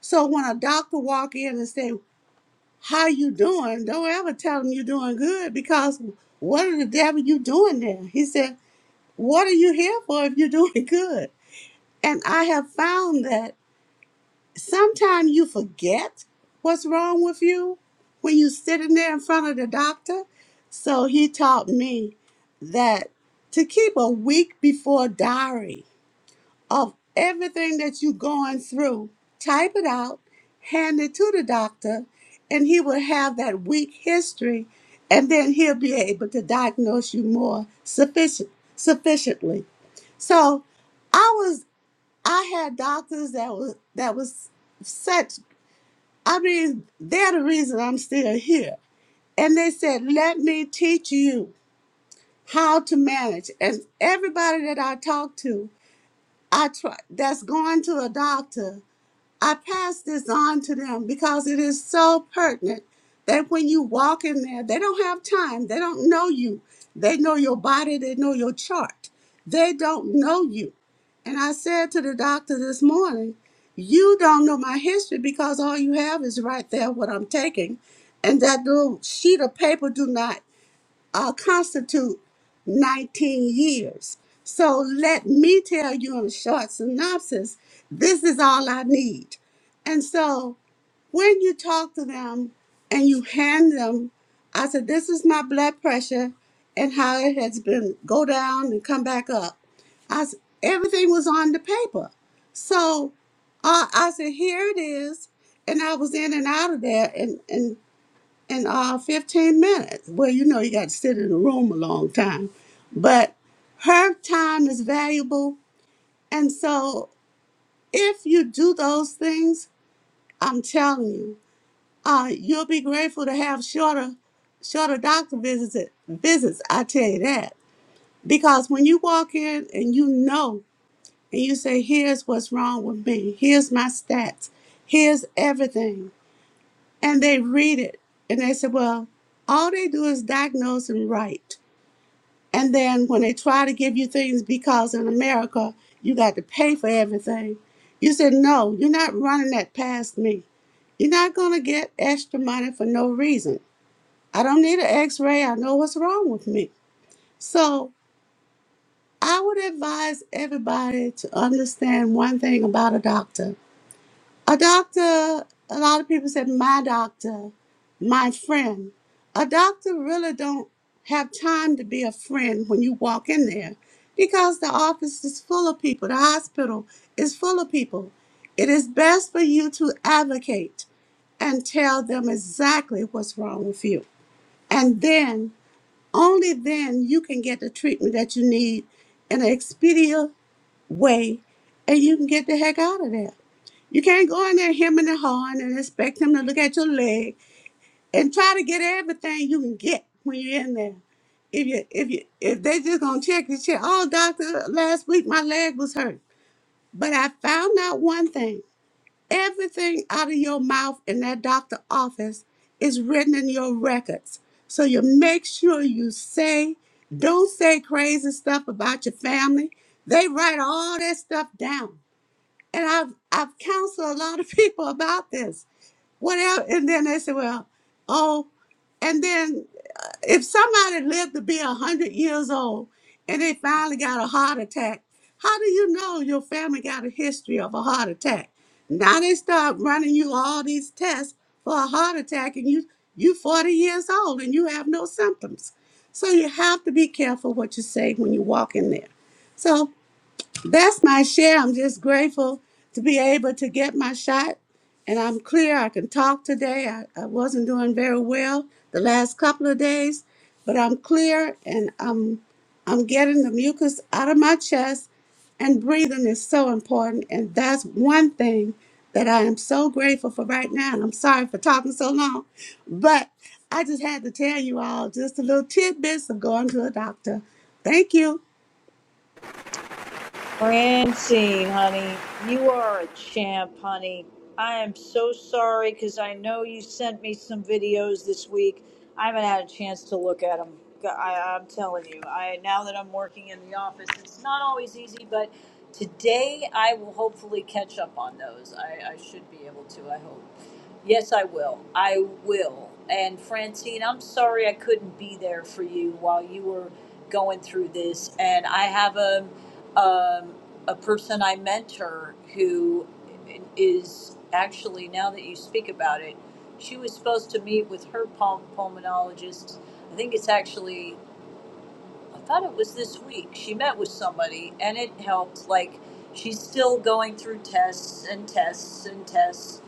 Speaker 6: So when a doctor walk in and say, How you doing? Don't ever tell him you're doing good because what in the devil you doing there? He said, What are you here for if you're doing good? And I have found that sometimes you forget what's wrong with you when you are sitting there in front of the doctor. So he taught me that to keep a week before diary of everything that you're going through, type it out, hand it to the doctor, and he will have that week history, and then he'll be able to diagnose you more sufficient sufficiently. So I was I had doctors that was that was such I mean, they're the reason I'm still here. And they said, let me teach you how to manage. And everybody that I talk to, I try that's going to a doctor. I pass this on to them because it is so pertinent that when you walk in there, they don't have time. They don't know you. They know your body. They know your chart. They don't know you. And I said to the doctor this morning, You don't know my history because all you have is right there what I'm taking. And that little sheet of paper do not uh, constitute 19 years. So let me tell you in a short synopsis this is all I need. And so when you talk to them and you hand them, I said, This is my blood pressure and how it has been go down and come back up. I s- everything was on the paper. So uh, I said, Here it is. And I was in and out of there. And, and in uh, 15 minutes. Well, you know, you got to sit in a room a long time, but her time is valuable. And so, if you do those things, I'm telling you, uh, you'll be grateful to have shorter, shorter doctor visits. Visits, I tell you that, because when you walk in and you know, and you say, "Here's what's wrong with me. Here's my stats. Here's everything," and they read it, and they say, "Well, all they do is diagnose and write." And then when they try to give you things because in America you got to pay for everything, you said, No, you're not running that past me. You're not going to get extra money for no reason. I don't need an x ray. I know what's wrong with me. So I would advise everybody to understand one thing about a doctor a doctor, a lot of people said my doctor, my friend. A doctor really don't have time to be a friend when you walk in there because the office is full of people, the hospital is full of people. It is best for you to advocate and tell them exactly what's wrong with you. And then, only then, you can get the treatment that you need in an expedient way and you can get the heck out of there. You can't go in there hemming and hawing and expect him to look at your leg and try to get everything you can get when you're in there. If you if you if they just gonna check the shit, oh doctor, last week my leg was hurt. But I found out one thing. Everything out of your mouth in that doctor office is written in your records. So you make sure you say, don't say crazy stuff about your family. They write all that stuff down. And I've I've counseled a lot of people about this. Whatever, and then they say, well, oh, and then uh, if somebody lived to be a hundred years old and they finally got a heart attack, how do you know your family got a history of a heart attack? Now they start running you all these tests for a heart attack, and you you forty years old and you have no symptoms. So you have to be careful what you say when you walk in there. So that's my share. I'm just grateful to be able to get my shot. And I'm clear. I can talk today. I, I wasn't doing very well the last couple of days, but I'm clear and I'm I'm getting the mucus out of my chest. And breathing is so important. And that's one thing that I am so grateful for right now. And I'm sorry for talking so long. But I just had to tell you all just a little tidbits of going to a doctor. Thank you.
Speaker 8: Francine, honey, you are a champ, honey. I am so sorry because I know you sent me some videos this week. I haven't had a chance to look at them. I, I'm telling you, I now that I'm working in the office, it's not always easy, but today I will hopefully catch up on those. I, I should be able to. I hope. Yes, I will. I will. And Francine, I'm sorry I couldn't be there for you while you were going through this. And I have a um, a person I mentor who is actually now that you speak about it, she was supposed to meet with her pul- pulmonologist. I think it's actually I thought it was this week. She met with somebody and it helped. Like, she's still going through tests and tests and tests.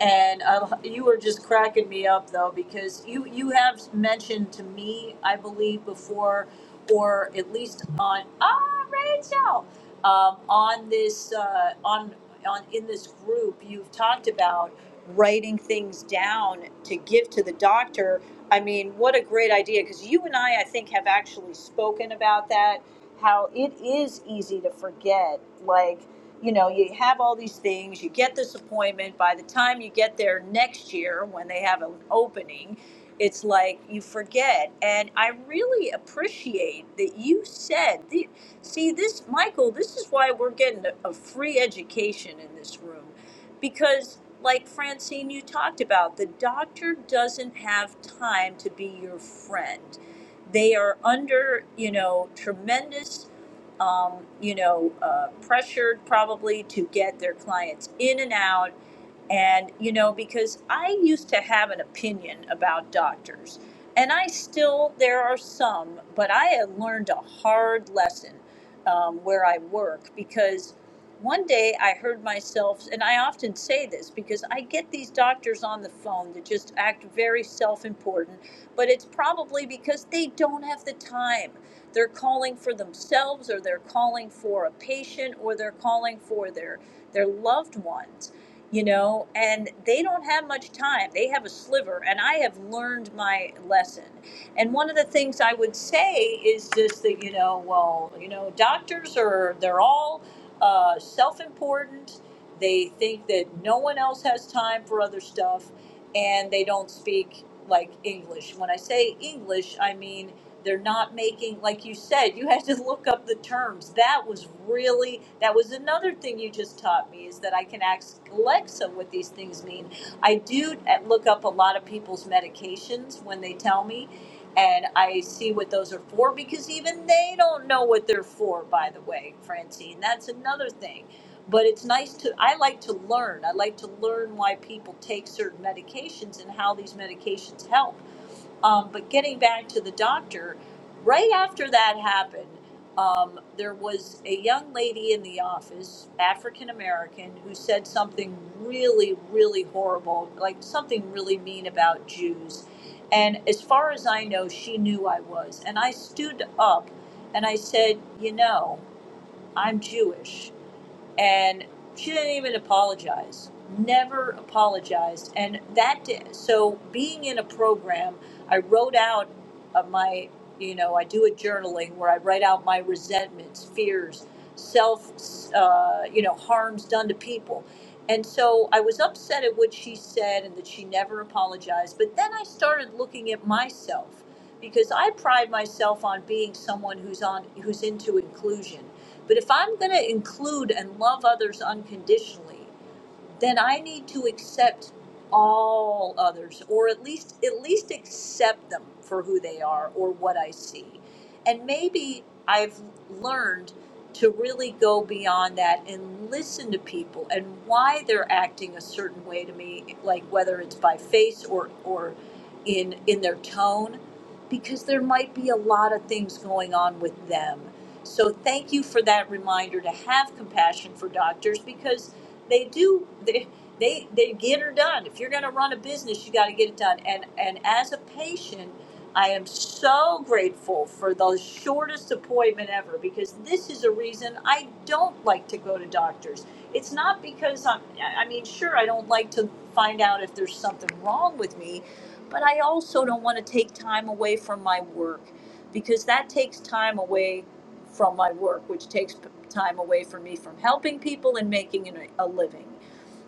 Speaker 8: And I, you were just cracking me up though, because you, you have mentioned to me, I believe, before, or at least on, ah, Rachel, um, on this, uh, on, on, in this group, you've talked about writing things down to give to the doctor. I mean, what a great idea because you and I, I think, have actually spoken about that. How it is easy to forget. Like, you know, you have all these things, you get this appointment. By the time you get there next year when they have an opening, it's like you forget. And I really appreciate that you said, the, see, this, Michael, this is why we're getting a, a free education in this room because like francine you talked about the doctor doesn't have time to be your friend they are under you know tremendous um, you know uh, pressured probably to get their clients in and out and, you know, because I used to have an opinion about doctors, and I still, there are some, but I had learned a hard lesson um, where I work because one day I heard myself, and I often say this because I get these doctors on the phone that just act very self important, but it's probably because they don't have the time. They're calling for themselves or they're calling for a patient or they're calling for their their loved ones, you know, and they don't have much time. They have a sliver and I have learned my lesson. And one of the things I would say is just that, you know, well, you know, doctors are they're all uh, self-important. They think that no one else has time for other stuff and they don't speak like English. When I say English, I mean they're not making like you said, you had to look up the terms. That was really that was another thing you just taught me is that I can ask Alexa what these things mean. I do uh, look up a lot of people's medications when they tell me and I see what those are for because even they don't know what they're for by the way, Francine. That's another thing but it's nice to i like to learn i like to learn why people take certain medications and how these medications help um, but getting back to the doctor right after that happened um, there was a young lady in the office african american who said something really really horrible like something really mean about jews and as far as i know she knew i was and i stood up and i said you know i'm jewish and she didn't even apologize never apologized and that did, so being in a program i wrote out of my you know i do a journaling where i write out my resentments fears self uh, you know harms done to people and so i was upset at what she said and that she never apologized but then i started looking at myself because i pride myself on being someone who's on who's into inclusion but if I'm going to include and love others unconditionally, then I need to accept all others, or at least at least accept them for who they are or what I see. And maybe I've learned to really go beyond that and listen to people and why they're acting a certain way to me, like whether it's by face or or in in their tone, because there might be a lot of things going on with them. So thank you for that reminder to have compassion for doctors because they do they they, they get her done. If you're going to run a business, you got to get it done. And and as a patient, I am so grateful for the shortest appointment ever because this is a reason I don't like to go to doctors. It's not because I'm I I mean, sure I don't like to find out if there's something wrong with me, but I also don't want to take time away from my work because that takes time away from my work, which takes time away from me from helping people and making a living.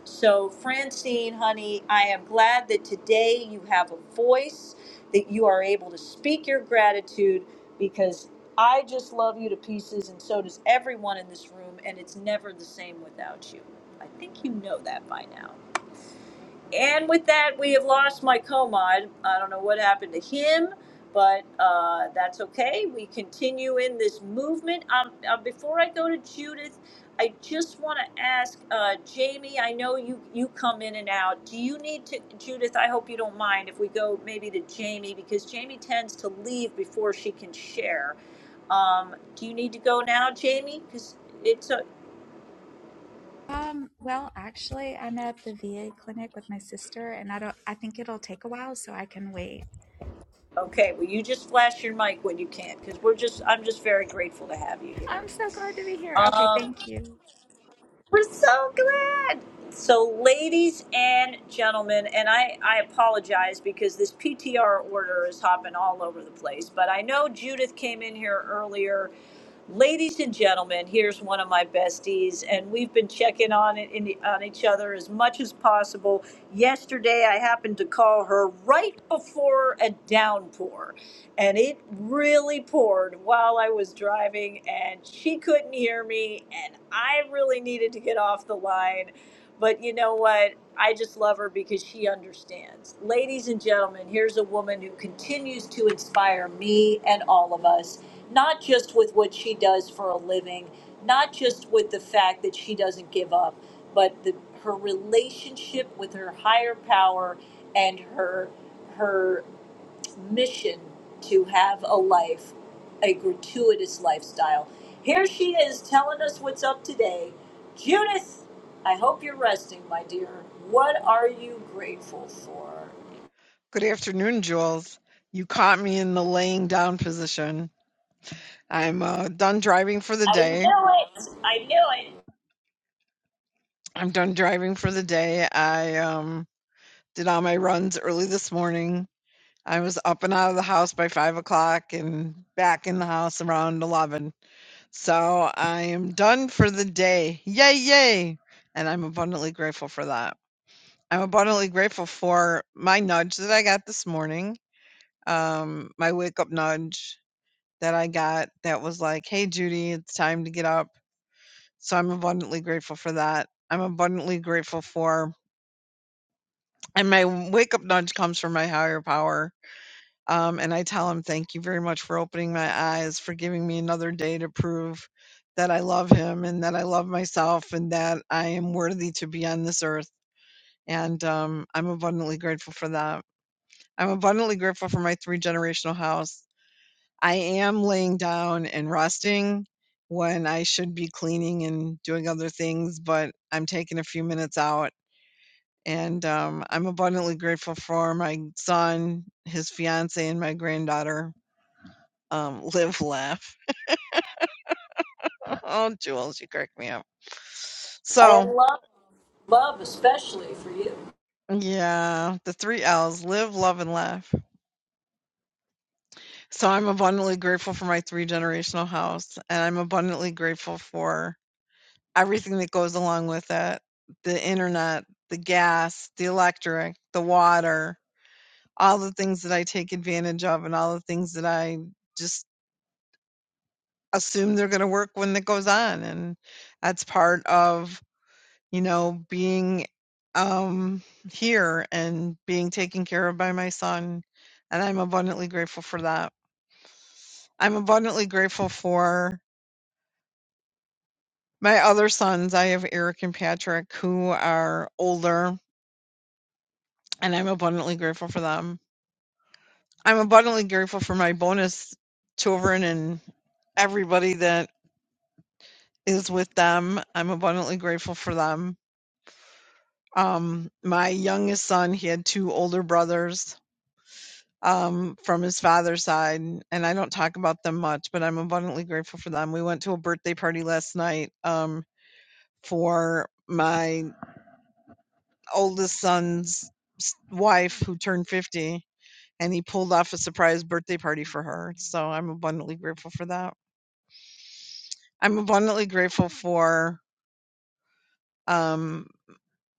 Speaker 8: So, Francine, honey, I am glad that today you have a voice, that you are able to speak your gratitude because I just love you to pieces and so does everyone in this room, and it's never the same without you. I think you know that by now. And with that, we have lost Mike Comod. I don't know what happened to him, but uh, that's okay. We continue in this movement. Um, uh, before I go to Judith, I just want to ask uh, Jamie. I know you you come in and out. Do you need to, Judith? I hope you don't mind if we go maybe to Jamie because Jamie tends to leave before she can share. Um, do you need to go now, Jamie? Because it's a,
Speaker 13: Um, well, actually, I'm at the VA clinic with my sister, and I don't. I think it'll take a while, so I can wait.
Speaker 8: okay. Well, you just flash your mic when you can, because we're just. I'm just very grateful to have you here.
Speaker 13: I'm so glad to be here. Okay,
Speaker 8: Um,
Speaker 13: thank you.
Speaker 8: we're so glad. So, ladies and gentlemen, and I, I apologize because this PTR order is hopping all over the place, but I know Judith came in here earlier Ladies and gentlemen, here's one of my besties, and we've been checking on it in, on each other as much as possible. Yesterday, I happened to call her right before a downpour, and it really poured while I was driving, and she couldn't hear me, and I really needed to get off the line, but you know what? I just love her because she understands. Ladies and gentlemen, here's a woman who continues to inspire me and all of us, not just with what she does for a living, not just with the fact that she doesn't give up, but the, her relationship with her higher power and her her mission to have a life, a gratuitous lifestyle. Here she is telling us what's up today. Judith, I hope you're resting, my dear. What are you grateful for?
Speaker 14: Good afternoon, Jules. You caught me in the laying down position. I'm uh, done driving for the
Speaker 8: I knew
Speaker 14: day.
Speaker 8: it. I knew it.
Speaker 14: I'm done driving for the day. I um, did all my runs early this morning. I was up and out of the house by five o'clock and back in the house around 11. So I am done for the day. Yay, yay. And I'm abundantly grateful for that. I'm abundantly grateful for my nudge that I got this morning, um, my wake up nudge that I got that was like, "Hey, Judy, it's time to get up." So I'm abundantly grateful for that. I'm abundantly grateful for and my wake up nudge comes from my higher power. Um, and I tell him, thank you very much for opening my eyes, for giving me another day to prove that I love him and that I love myself and that I am worthy to be on this earth. And um, I'm abundantly grateful for that. I'm abundantly grateful for my three generational house. I am laying down and resting when I should be cleaning and doing other things, but I'm taking a few minutes out. And um, I'm abundantly grateful for my son, his fiance, and my granddaughter. Um, live, laugh. Oh, Jules, you crack me up. So,
Speaker 8: And love, love especially for you.
Speaker 14: yeah, the three L's live, love, and laugh. So, I'm abundantly grateful for my three generational house, and I'm abundantly grateful for everything that goes along with it the internet, the gas, the electric, the water, all the things that I take advantage of, and all the things that I just assume they're going to work when it goes on. And that's part of, you know, being um, here and being taken care of by my son. And I'm abundantly grateful for that. I'm abundantly grateful for my other sons. I have Eric and Patrick who are older and I'm abundantly grateful for them. I'm abundantly grateful for my bonus children and everybody that is with them. I'm abundantly grateful for them. Um, my youngest son, he had two older brothers um, from his father's side, and I don't talk about them much, but I'm abundantly grateful for them. We went to a birthday party last night um, for my oldest son's wife who turned 50 and he pulled off a surprise birthday party for her. So I'm abundantly grateful for that. I'm abundantly grateful for um,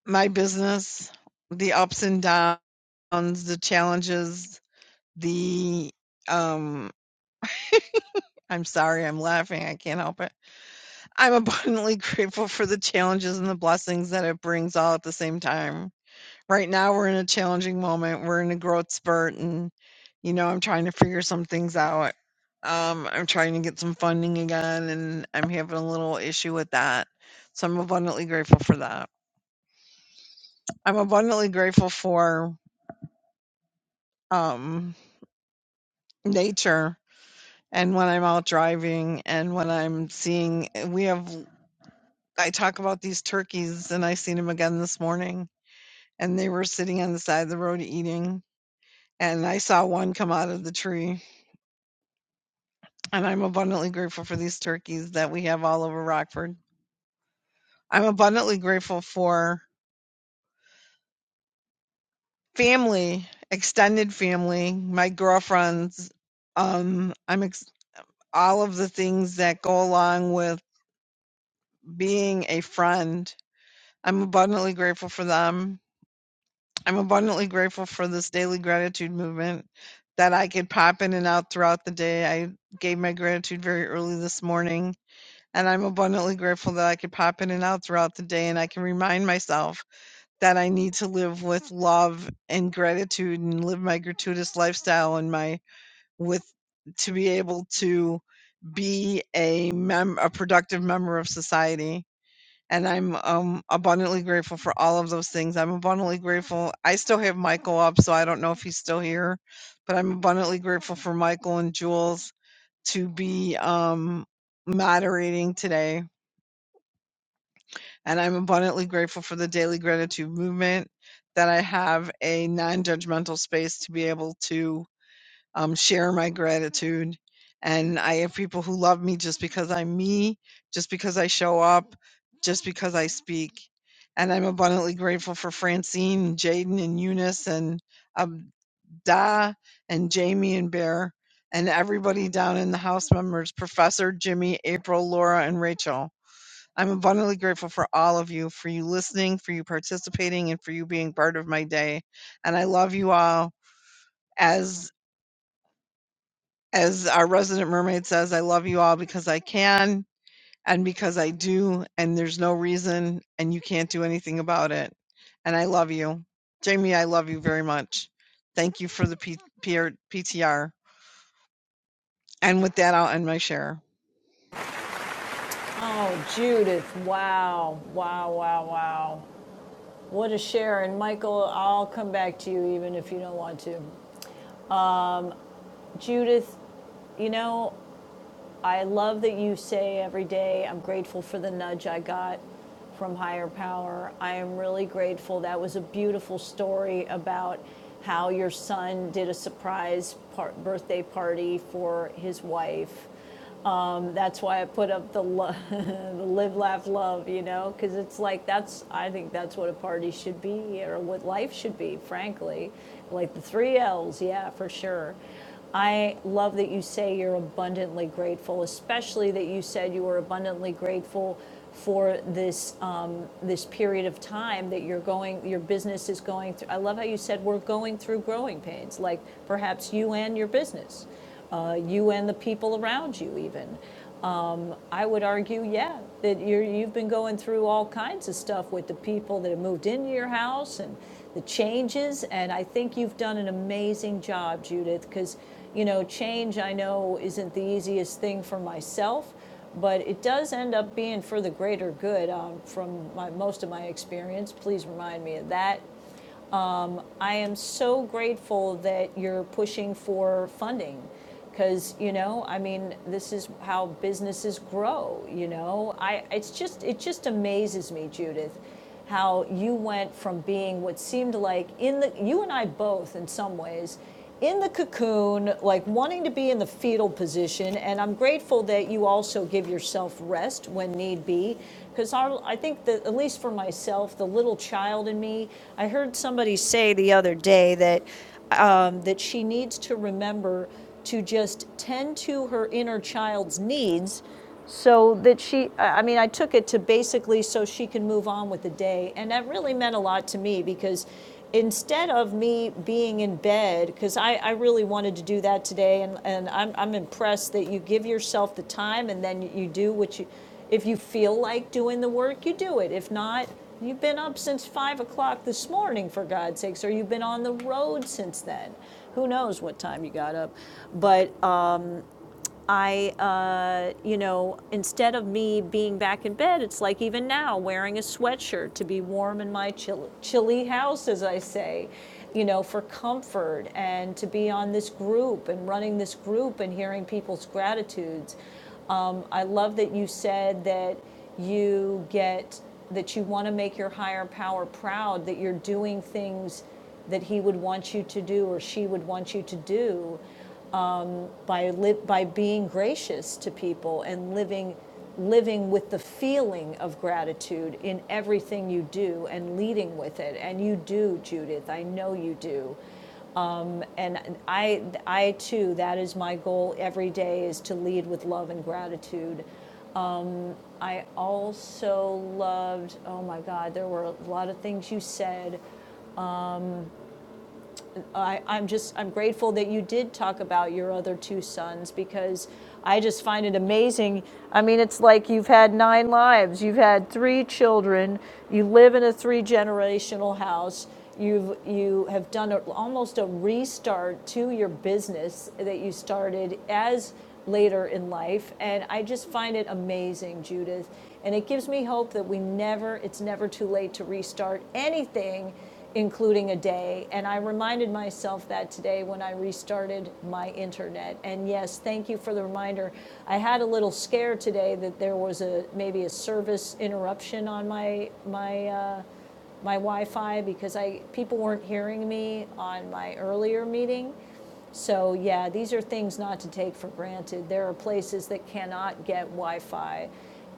Speaker 14: my business, the ups and downs, the challenges, the um, I'm sorry, I'm laughing. I can't help it. I'm abundantly grateful for the challenges and the blessings that it brings all at the same time. Right now, we're in a challenging moment. We're in a growth spurt, and you know, I'm trying to figure some things out. Um, I'm trying to get some funding again, and I'm having a little issue with that. So I'm abundantly grateful for that. I'm abundantly grateful for um, nature and when I'm out driving and when I'm seeing. eh, We have, I talk about these turkeys, and I seen them again this morning, and they were sitting on the side of the road eating. And I saw one come out of the tree And I'm abundantly grateful for these turkeys that we have all over Rockford. I'm abundantly grateful for family, extended family, my girlfriends. Um, I'm ex- all of the things that go along with being a friend. I'm abundantly grateful for them. I'm abundantly grateful for this daily gratitude movement that I could pop in and out throughout the day. I gave my gratitude very early this morning And I'm abundantly grateful that I could pop in and out throughout the day and I can remind myself that I need to live with love and gratitude and live my gratuitous lifestyle and my with to be able to be a mem- a productive member of society. And I'm um, abundantly grateful for all of those things. I'm abundantly grateful. I still have Michael up, so I don't know if he's still here, but I'm abundantly grateful for Michael and Jules to be um, moderating today and I'm abundantly grateful for the daily gratitude movement that I have a non judgmental space to be able to um, share my gratitude. And I have people who love me just because I'm me, just because I show up, just because I speak. And I'm abundantly grateful for Francine, and Jaden, and Eunice, and Abda, and Jamie, and Bear, and everybody down in the house members Professor, Jimmy, April, Laura, and Rachel. I'm abundantly grateful for all of you, for you listening, for you participating, and for you being part of my day. And I love you all. As as our resident mermaid says, I love you all because I can and because I do, and there's no reason and you can't do anything about it. And I love you. Jamie, I love you very much. Thank you for the P- PTR. And with that, I'll end my share.
Speaker 8: Oh, Judith, wow, wow, wow, wow. What a share. And Michael, I'll come back to you even if you don't want to. Um, Judith, you know, I love that you say every day, I'm grateful for the nudge I got from higher power. I am really grateful. That was a beautiful story about how your son did a surprise par- birthday party for his wife. Um, that's why I put up the, lo- the live, laugh, love, you know, because it's like that's, I think that's what a party should be or what life should be, frankly. Like the three L's, yeah, for sure. I love that you say you're abundantly grateful, especially that you said you were abundantly grateful for this um, this period of time that you're going, your business is going through. I love how you said we're going through growing pains, like perhaps you and your business, uh, you and the people around you, even. Um, I would argue, yeah, that you're, you've been going through all kinds of stuff with the people that have moved into your house and the changes. And I think you've done an amazing job, Judith, because, you know, change I know isn't the easiest thing for myself, but it does end up being for the greater good um, from my, most of my experience. Please remind me of that. I am so grateful that you're pushing for funding. Because you know, I mean, this is how businesses grow. Oh, I it's just it just amazes me, Judith, how from being what seemed like in the you and I both in some ways in the cocoon like wanting to be in the fetal position and I'm grateful that you also give yourself rest when need be because I think that at least for myself the little child in me I heard somebody say the other day that um, that she to just tend to her inner child because instead of me being in bed, because I, I really wanted to do that today, and, and I'm, I'm impressed that you give yourself the time and then you do what you, if you feel like doing the work, you do it. If not, you've been up since five o'clock this morning, for God's sakes, or you've been on the road since then. Who knows what time you got up? But um, I, uh, you know, instead of me being back in bed, it's like even now wearing a sweatshirt to be warm in my chill- chilly house, as I say, you know, for comfort and to be on this group and running this group and hearing people's gratitudes. Um, I love that you said that you get that you want to make your higher power proud, that you're doing things that he would want you to do or she would want you to do um, by li- by being gracious to people and living living with the feeling of gratitude in everything you do and leading with it and you do Judith I know you do um, and I I too that is my goal every day is to lead with love and gratitude I also loved oh my god there were a lot of things you said I, I'm just, I'm grateful that you did talk about your other two sons because I just find it amazing. I mean, it's like you've had nine lives, you've had three children, you live in a three generational house. You've, you have done a, almost a restart to your business that you started as later in life and i just find it amazing judith and it gives me hope that we never it's never too late to restart anything including a day. And I reminded myself that today when I restarted my internet. And yes, thank you for the reminder. I had a little scare today that there was a maybe a service interruption on my my uh, my Wi-Fi because I people weren't hearing me on my earlier meeting. So yeah, these are things not to take for granted. There are places that cannot get Wi-Fi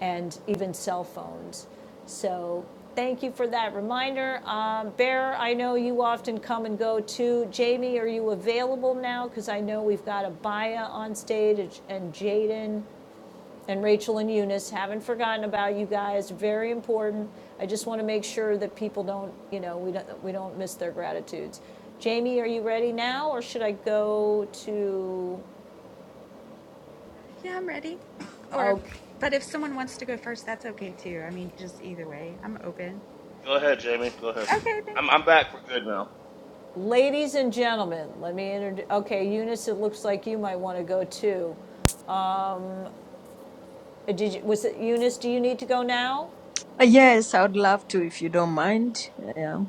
Speaker 8: and even cell phones. So thank you for that reminder. Um, Bear, I know you often come and go too. Jamie, are you available now? Because I know we've got Abaya on stage and Jaden and Rachel and Eunice, haven't forgotten about you guys, very important. I just want to make sure that people don't, you know, we don't, we don't miss their gratitudes. Jamie, are you ready now, or should I go to,
Speaker 13: Yeah, I'm ready. Or,
Speaker 8: okay,
Speaker 13: but if someone wants to go first, that's okay too. I mean, just either way, I'm open.
Speaker 15: Go ahead, Jamie. Go ahead.
Speaker 13: Okay, thank.
Speaker 15: I'm I'm back for good now.
Speaker 8: ladies and gentlemen, let me introduce, okay, Eunice, it looks like you might want to go too. Uh, Did you, was it, Eunice, do you need to go now?
Speaker 16: Uh, Yes, I would love to if you don't mind. Yeah.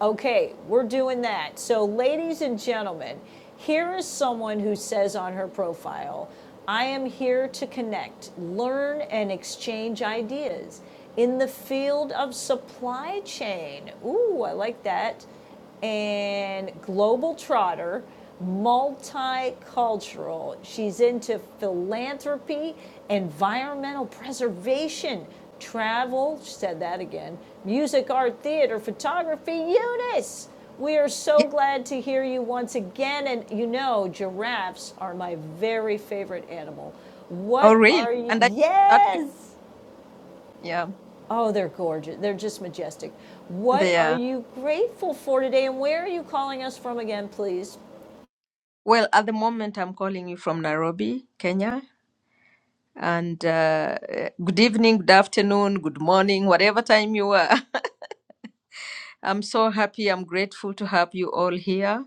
Speaker 8: Okay, we're doing that. So, ladies and gentlemen, here is someone who says on her profile, I am here to connect, learn, and exchange ideas in the field of supply chain. Ooh, I like that and global trotter, multicultural. She's into philanthropy, environmental preservation, travel, she said that again, music, art, theater, photography. Eunice, we are
Speaker 16: Yeah.
Speaker 8: so glad to hear you once again. And you know, giraffes are my very favorite animal.
Speaker 16: Oh,
Speaker 8: What
Speaker 16: really?
Speaker 8: are you?
Speaker 16: And I that pic-
Speaker 8: Yes,
Speaker 16: yeah,
Speaker 8: Oh, they're gorgeous. They're just majestic. What are
Speaker 16: there.
Speaker 8: you grateful for today, and where are you calling us from again, please?
Speaker 16: Well, at the moment, I'm calling you from Nairobi, Kenya. And uh, eh, good evening, good afternoon, good morning, whatever time you are. I'm so happy. I'm grateful to have you all here.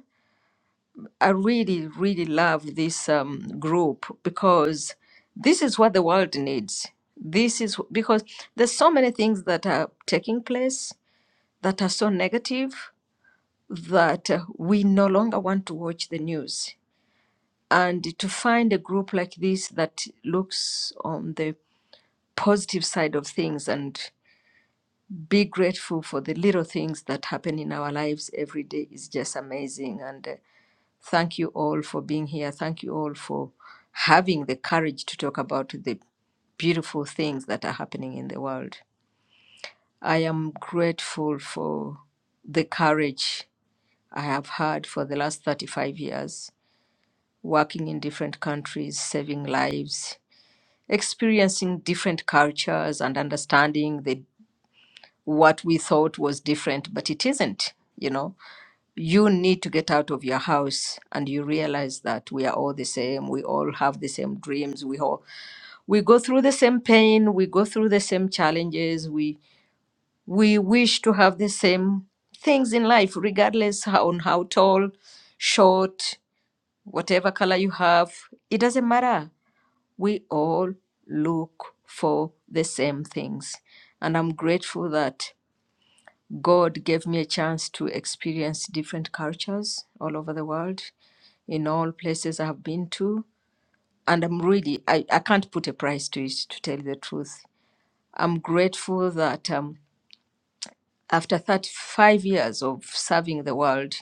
Speaker 16: I really, really love this um, group because this is what the world needs. This is because there's so many things that are taking place that are so negative that uh, we no longer want to watch the news. And to find a group like this that looks on the positive side of things and be grateful for the little things that happen in our lives every day is just amazing. And uh, thank you all for being here. Thank you all for having the courage to talk about the beautiful things that are happening in the world. I am grateful for the courage I have had for the last 35 years working in different countries, saving lives, experiencing different cultures and understanding the what we thought was different, but it isn't, you know. You need to get out of your house and you realize that we are all the same, we all have the same dreams, we all we go through the same pain, we go through the same challenges, we we wish to have the same things in life, regardless how, on how tall, short, whatever color you have, it doesn't matter we all look for the same things. And I'm grateful that God gave me a chance to experience different cultures all over the world, in all places I've been to. And I'm really, I, I can't put a price to it, to tell you the truth. I'm grateful that um, after 35 years of serving the world,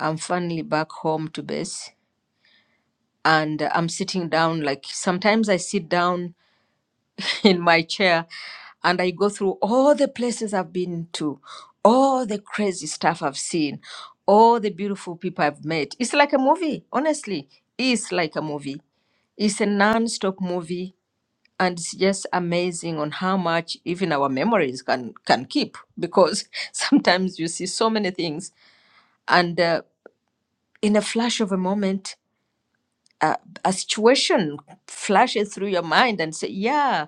Speaker 16: I'm finally back home to base. And I'm sitting down, like sometimes I sit down in my chair and I go through all the places I've been to, all the crazy stuff I've seen, all the beautiful people I've met. It's like a movie, honestly. It's like a movie. It's a non stop movie. And it's just amazing on how much even our memories can, can keep because sometimes you see so many things and uh, in a flash of a moment, uh, a situation flashes through your mind and say, yeah,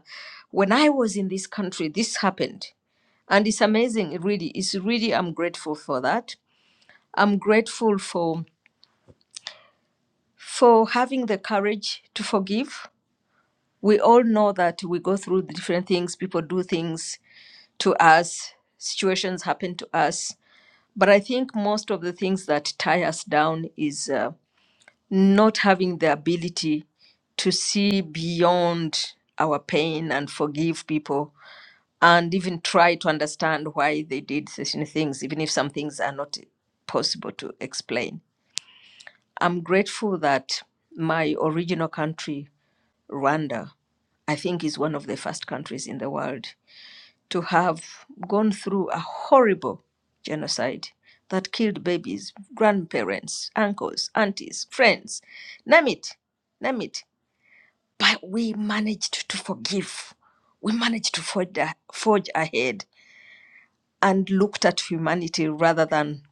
Speaker 16: when I was in this country, this happened and it's amazing it really it's really i'm grateful for that i'm grateful for for having the courage to forgive we all know that we go through the different things people do things to us situations happen to us but i think most of the things that tie us down is uh, not having the ability to see beyond our pain and forgive people and even try to understand why they did certain things, even if some things are not possible to explain. I'm grateful that my original country, Rwanda, I think is one of the first countries in the world to have gone through a horrible genocide that killed babies, grandparents, uncles, aunties, friends, name it, name it. But we managed to forgive. We managed to forge, a- forge ahead and looked at humanity rather than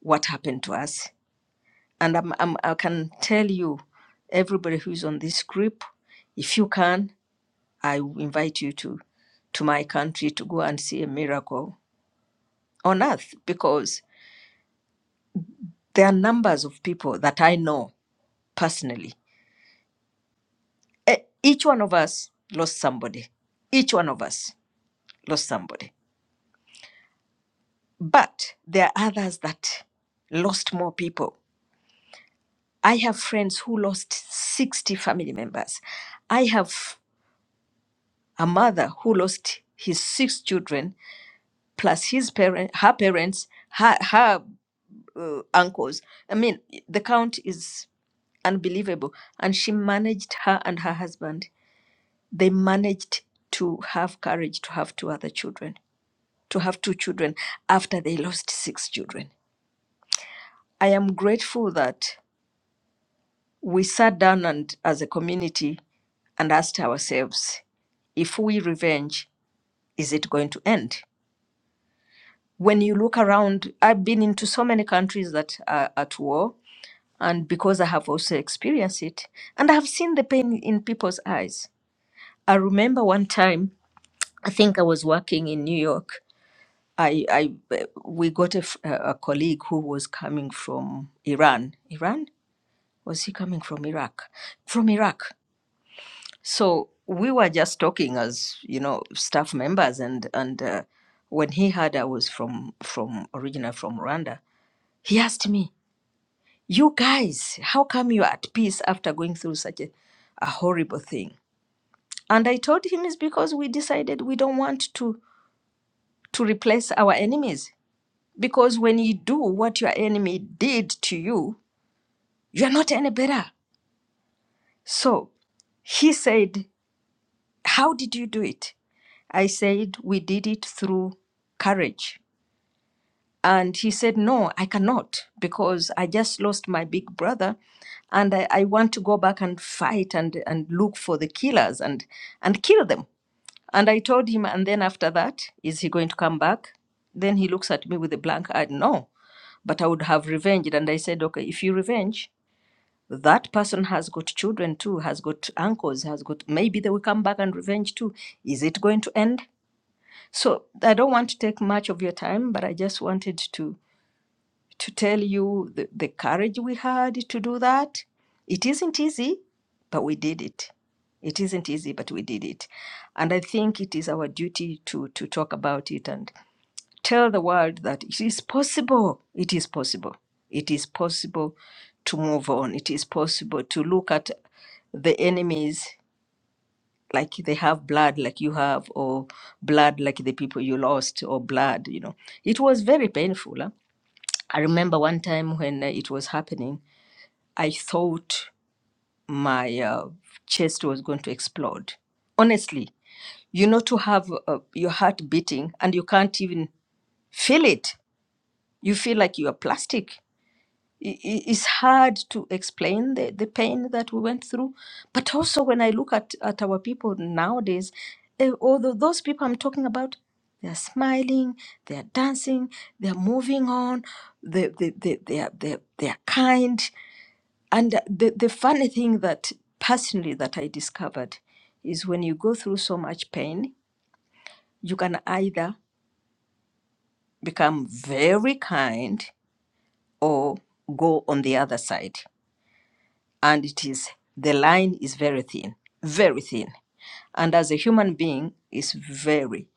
Speaker 16: what happened to us. And I'm, I'm, I can tell you, everybody who's on this group, if you can, I invite you to, to my country to go and see a miracle on earth because there are numbers of people that I know personally. E- Each one of us lost somebody. Each one of us lost somebody. But there are others that lost more people I have friends who lost 60 family members. I have a mother who lost his six children plus his parent, her parents, her, her uh, uncles. I mean, the count is unbelievable. And she managed her and her husband. They managed to have courage to have two other children, to have two children after they lost six children. I am grateful that we sat down and as a community and asked ourselves if we revenge, is it going to end? When you look around, I've been into so many countries that are at war, and because I have also experienced it, and I have seen the pain in people's eyes. I remember one time, I think I was working in New York. I, I we got a, f- a colleague who was coming from Iran. Iran was he coming from Iraq? From Iraq So we were just talking as you know staff members, and and uh, when he heard I was from from original from Rwanda, he asked me, "You guys, how come you are at peace after going through such a, a horrible thing?" And I told him it's because we decided we don't want to to replace our enemies because when you do what your enemy did to you, you are not any better. So he said, "How did you do it?" I said, We did it through courage. And he said, No, I cannot because I just lost my big brother and I, I want to go back and fight and, and look for the killers and, and kill them. And I told him, And then after that, is he going to come back? Then he looks at me with a blank eye, No, but I would have revenged. And I said, Okay, if you revenge, that person has got children too, has got uncles, has got maybe they will come back and revenge too. Is it going to end? So I don't want to take much of your time, but I just wanted to to tell you the, the courage we had to do that. It isn't easy, but we did it. It isn't easy, but we did it. And I think it is our duty to to talk about it and tell the world that it is possible. It is possible. It is possible to move on. It is possible to look at the enemies like they have blood like you have or blood like the people you lost or blood you know it was very painful huh? i remember one time when uh, it was happening i thought my uh, chest was going to explode honestly you know to have uh, your heart beating and you can't even feel it you feel like you are plastic i- i- it's hard to explain the, the pain that we went through. But also, when I look at, at our people nowadays, eh, although those people I'm talking about, they are smiling, they are dancing, they are moving on, they, they, they, they, are, they, they are kind. And uh, the, the funny thing that personally that I discovered is when you go through so much pain, you can either become very kind or go on the other side and it is the line is very thin very thin and as a human being it's very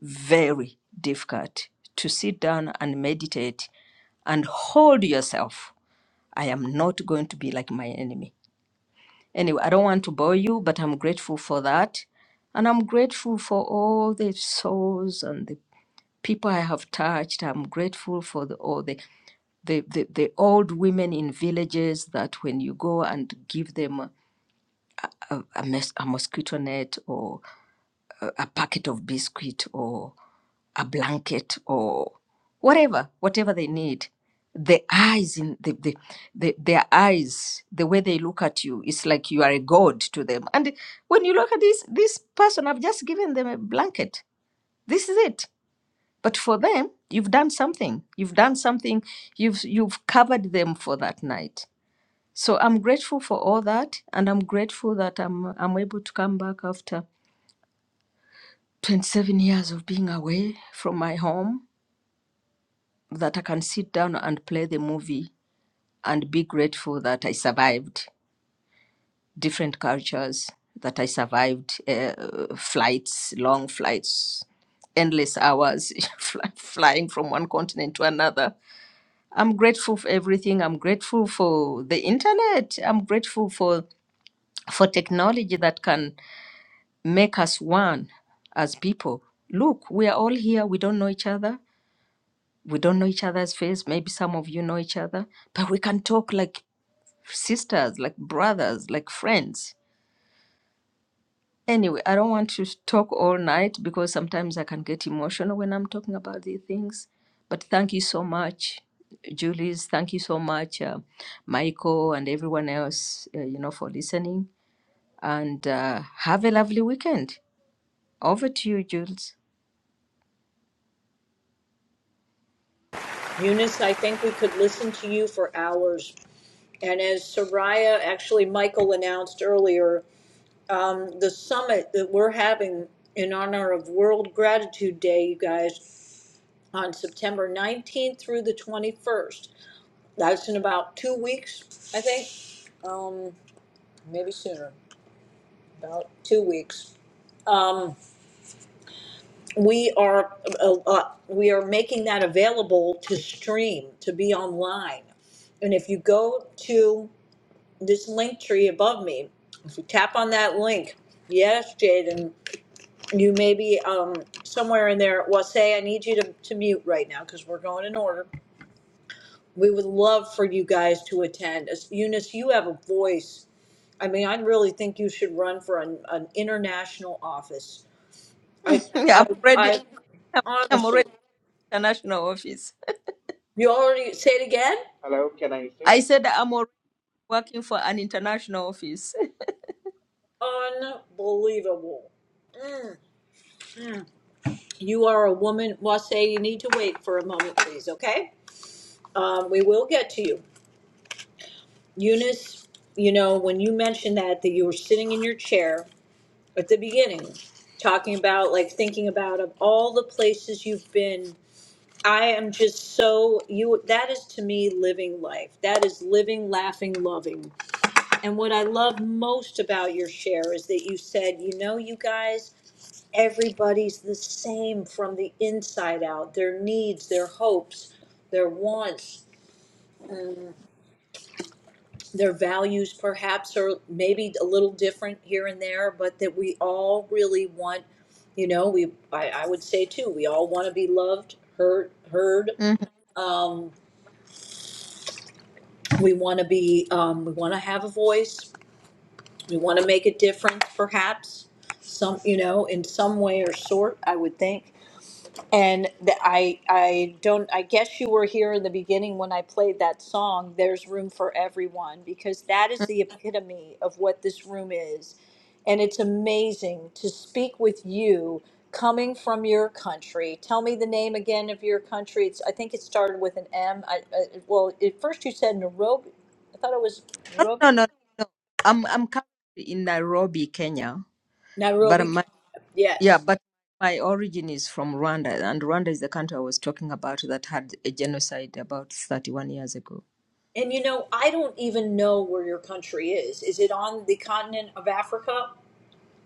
Speaker 16: very difficult to sit down and meditate and hold yourself i am not going to be like my enemy anyway i don't want to bore you but i'm grateful for that and i'm grateful for all the souls and the people i have touched i'm grateful for the, all the the, the the old women in villages that when you go and give them a, a, mes- a mosquito net or a, a packet of biscuit or a blanket or whatever, whatever they need. The eyes in the, the, the their eyes, the way they look at you, it's like you are a god to them. And when you look at this this person, I've just given them a blanket. This is it. But for them, you've done something. You've done something. You've you've covered them for that night. So I'm grateful for all that, and I'm grateful that I'm I'm able to come back after 27 years of being away from my home that I can sit down and play the movie and be grateful that I survived different cultures, that I survived uh, flights, long flights, endless hours fly, flying from one continent to another. I'm grateful for everything. I'm grateful for the internet. I'm grateful for for technology that can make us one as people. Look, we are all here. We don't know each other we don't know each other's face maybe some of you know each other but we can talk like sisters like brothers like friends anyway i don't want to talk all night because sometimes i can get emotional when i'm talking about these things but thank you so much julius thank you so much uh, michael and everyone else uh, you know for listening and uh, have a lovely weekend over to you jules
Speaker 8: Eunice, I think we could listen to you for hours. And as Soraya, actually, Michael announced earlier, um, the summit that we're having in honor of World Gratitude Day, you guys, on September 19th through the 21st. That's in about two weeks, I think. Um, maybe sooner, about two weeks. Um, we are uh, uh, we are making that available to stream to be online and if you go to this link tree above me if you tap on that link yes jaden you may be um, somewhere in there well say i need you to, to mute right now because we're going in order we would love for you guys to attend As, eunice you have a voice i mean i really think you should run for an, an international office i i
Speaker 16: i'm already
Speaker 8: i
Speaker 16: i'm
Speaker 8: honestly
Speaker 16: already in international office
Speaker 8: You already say it again?
Speaker 17: Hello, can I say?
Speaker 16: i said i'm already working for an international office.
Speaker 8: Unbelievable. Mm. You are a woman. Well, I say you need to wait for a moment, please, okay? Um, we will get to you. Eunice, you know, when you mentioned that, that you were sitting in your chair at the beginning, talking about, like, thinking about of all the places you've been. I am just so, you, that is to me living life. That is living, laughing, loving. And what I love most about your share is that you said, you know, you guys, everybody's the same from the inside out. Their needs, their hopes, their wants, their values perhaps are maybe a little different here and there, but that we all really want, you know, we I, I would say too, we all want to be loved, heard, heard.
Speaker 16: Mhm.
Speaker 8: Um, we want to be, um, we want to have a voice. We want to make a difference, perhaps, some, you know, in some way or sort. I would think. And the, I I don't I guess you were here in the beginning when I played that song there's room for everyone because that is
Speaker 16: No,
Speaker 8: the epitome of what this room is. And it's amazing to speak with you coming from your country. Tell me the name again of your country. It's I think it started with an M. I, I, well, at first you said Nairobi. I thought it was
Speaker 16: no,
Speaker 8: Nairobi.
Speaker 16: no, no. I'm I'm currently in Nairobi, Kenya, but
Speaker 8: Nairobi.
Speaker 16: my yeah,
Speaker 8: Yes.
Speaker 16: but my origin is from Rwanda, and Rwanda is the country I was talking about that had a genocide about 31 years ago.
Speaker 8: And you know, I don't even know where your country is. Is it on the continent of Africa?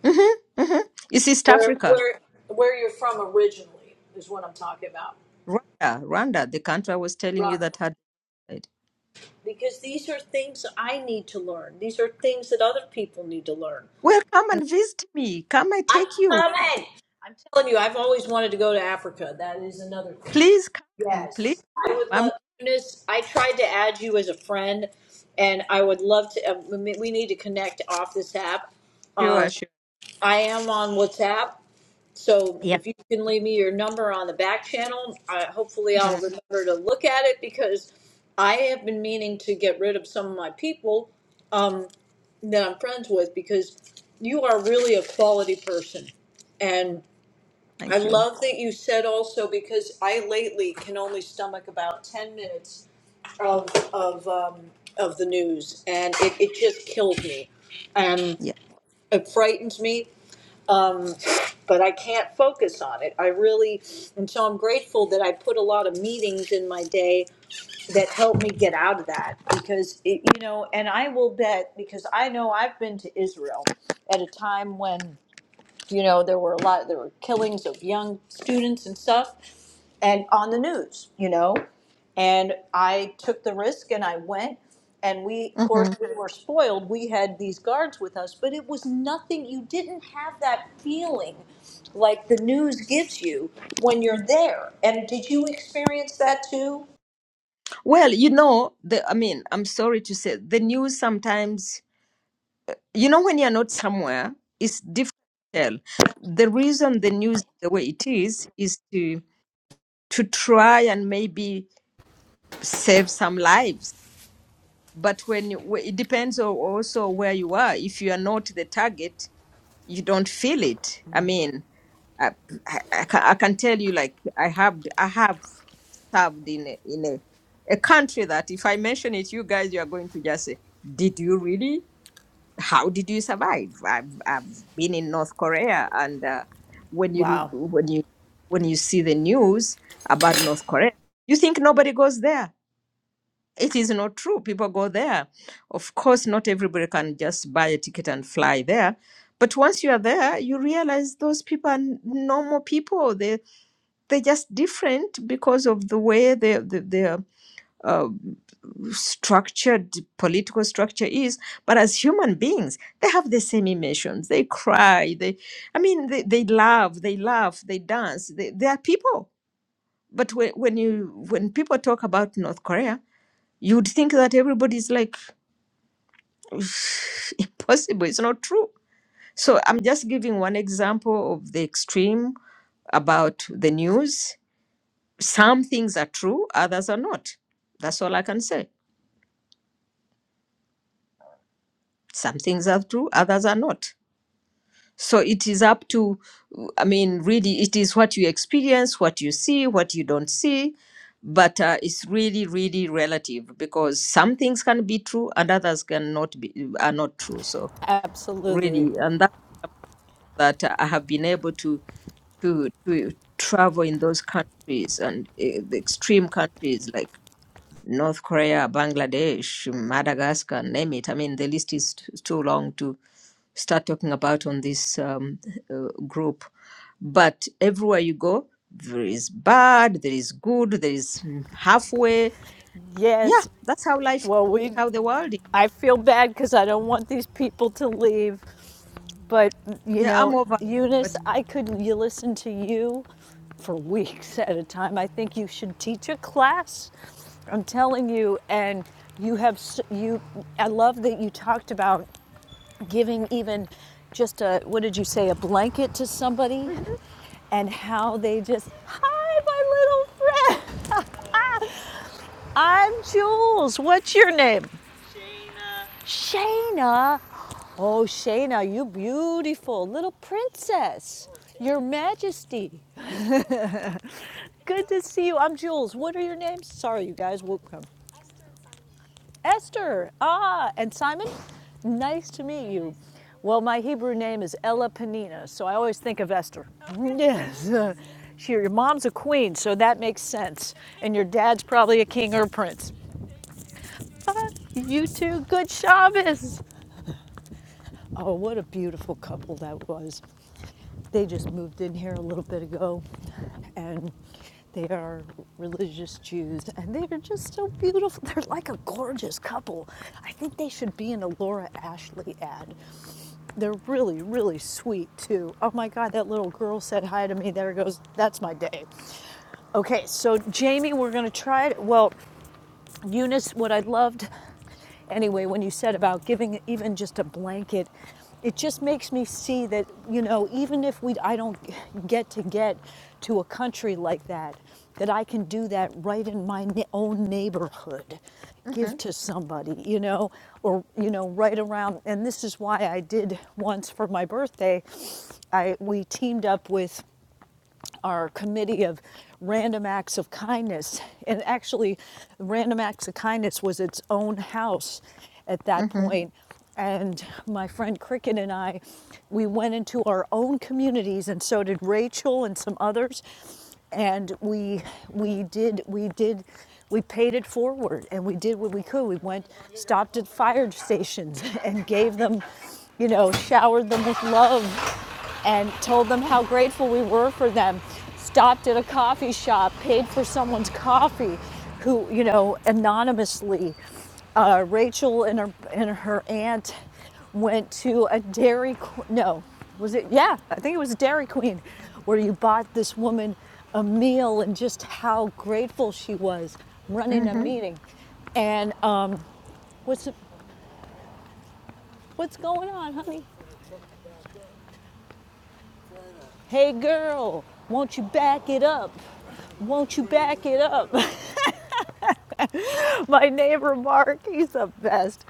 Speaker 16: hmm hmm It's East
Speaker 8: where
Speaker 16: Africa,
Speaker 8: where where you're from originally is what I'm talking about,
Speaker 16: Rwanda, Rwanda, the country I was telling you
Speaker 8: Robin.
Speaker 16: that had. genocide.
Speaker 8: Because these are things I need to learn. These are things that other people need to learn.
Speaker 16: Well, come and visit me. Come, I
Speaker 8: I'm
Speaker 16: take you.
Speaker 8: coming. I'm telling you, I've always wanted to go to Africa. That is another thing.
Speaker 16: Please come, please.
Speaker 8: Yes, I would
Speaker 16: I'm
Speaker 8: love. Eunice, I tried to add you as a friend, and I would love to. uh, We we need to connect off this app. Um,
Speaker 16: sure, sure.
Speaker 8: I am on WhatsApp, So
Speaker 16: Yeah.
Speaker 8: if you can leave me your number on the back channel, I, hopefully I'll
Speaker 16: Mhm.
Speaker 8: remember to look at it because I have been meaning to get rid of some of my people um, that I'm friends with because you are really a quality person. And I
Speaker 16: Thank you.
Speaker 8: love that you said also because I lately can only stomach about 10 minutes of, of, um, of the news and it, it just kills me. And
Speaker 16: Yeah.
Speaker 8: it frightens me um, but I can't focus on it. I really, and so I'm grateful that I put a lot of meetings in my day that help me get out of that because it, you know, and I will bet because I know I've been to Israel at a time when you know there were a lot there were killings of young students and stuff and on the news you know and i took the risk and i went and we of
Speaker 16: Mhm.
Speaker 8: course we were spoiled we had these guards with us but it was nothing you didn't have that feeling like the news gives you when you're there and did you experience that too
Speaker 16: Well, you know, the I mean, I'm sorry to say, the news sometimes, you know, when you're not somewhere, it's difficult to tell. The reason the news the way it is is to to try and maybe save some lives. But when you, wh- it depends on also where you are. If you are not the target, you don't feel it i mean i i, I can, I can tell you like i have i have served in a, in a, a country that if i mention it you guys you are going to just say did you really how did you survive i've i've been in north korea and uh, when you
Speaker 8: Wow,
Speaker 16: when you when you see the news about north korea you think nobody goes there it is not true. People go there. Of course, not everybody can just buy a ticket and fly there. But once you are there, you realize those people are n- normal people. They they're just different because of the way they they their uh, structured political structure is. But as human beings, they have the same emotions. They cry. They, I mean, they, they love. They laugh. They dance. They they are people. But when, when you when people talk about North Korea, You'd think that everybody's like, impossible. It's not true. So I'm just giving one example of the extreme about the news. Some things are true, others are not. That's all I can say. Some things are true, others are not. So it is up to, I mean, really, it is what you experience, what you see, what you don't see. But uh, it's really, really relative because some things can be true and others can not be are not true. So
Speaker 8: absolutely.
Speaker 16: really, and that. that I have been able to to to travel in those countries and uh, the extreme countries like North Korea, Bangladesh, Madagascar, name it. I mean, the list is t- too long to start talking about on this um, uh, group. But everywhere you go, there is bad, there is good, there is mm, halfway. Yeah,
Speaker 8: Yes.
Speaker 16: that's how life, is,
Speaker 8: Well, we
Speaker 16: how the world is.
Speaker 8: I feel bad cuz I don't want these people to leave. But you
Speaker 16: Yeah, I'm
Speaker 8: know,
Speaker 16: over.
Speaker 8: Eunice,
Speaker 16: But
Speaker 8: I could listen to you for weeks at a time. I think you should teach a class. I'm telling you, and you have you. I love that you talked about giving even just a what did you say a blanket to somebody and how they just hi my little friend. Ah, I'm Jules. What's your name? Shayna. Oh, Shayna, you beautiful little princess. Your Majesty. Good to see you. I'm Jules. What are your names? Sorry, you guys. Welcome. Esther. Ah, and Simon. Nice to meet you. Well, my Hebrew name is Ella Panina, so I always think of Esther. Okay. Yes. She, your mom's a queen, so that makes sense. And your dad's probably a king or a prince. Ah, you two, good Shabbos. Oh, what a beautiful couple that was. They just moved in here a little bit ago and they are religious Jews and they are just so beautiful. They're like a gorgeous couple. I think they should be in a Laura Ashley ad. They're really, really sweet too. Oh my God, that little girl said hi to me. There goes, that's my day. Okay, so Jamie, we're going to try it. Well, Eunice, what I loved anyway when you said about giving even just a blanket it just makes me see that you know even if we i don't get to get to a country like that that i can do that right in my own neighborhood
Speaker 16: hmm
Speaker 8: give to somebody you know or you know right around and this is why i did once for my birthday i we teamed up with our committee of random acts of kindness. And actually, random acts of kindness was its own house at that
Speaker 16: hmm
Speaker 8: point. And my friend Cricket and I, we went into our own communities, and so did Rachel and some others. And we we did we did we paid it forward, and we did what we could. We went stopped at fire stations and gave them, you know, showered them with love and told them how grateful we were for them. Stopped at a coffee shop, paid for someone's coffee, who you know anonymously. Uh, Rachel and her and her aunt went to a Dairy Qu- no, was it? Yeah, I think it was Dairy Queen, where you bought this woman a meal and just how grateful she was running
Speaker 16: hmm
Speaker 8: a meeting. And um, what's what's going on, honey? Hey girl, won't you back it up? Won't you back it up? My neighbor Mark, he's the best.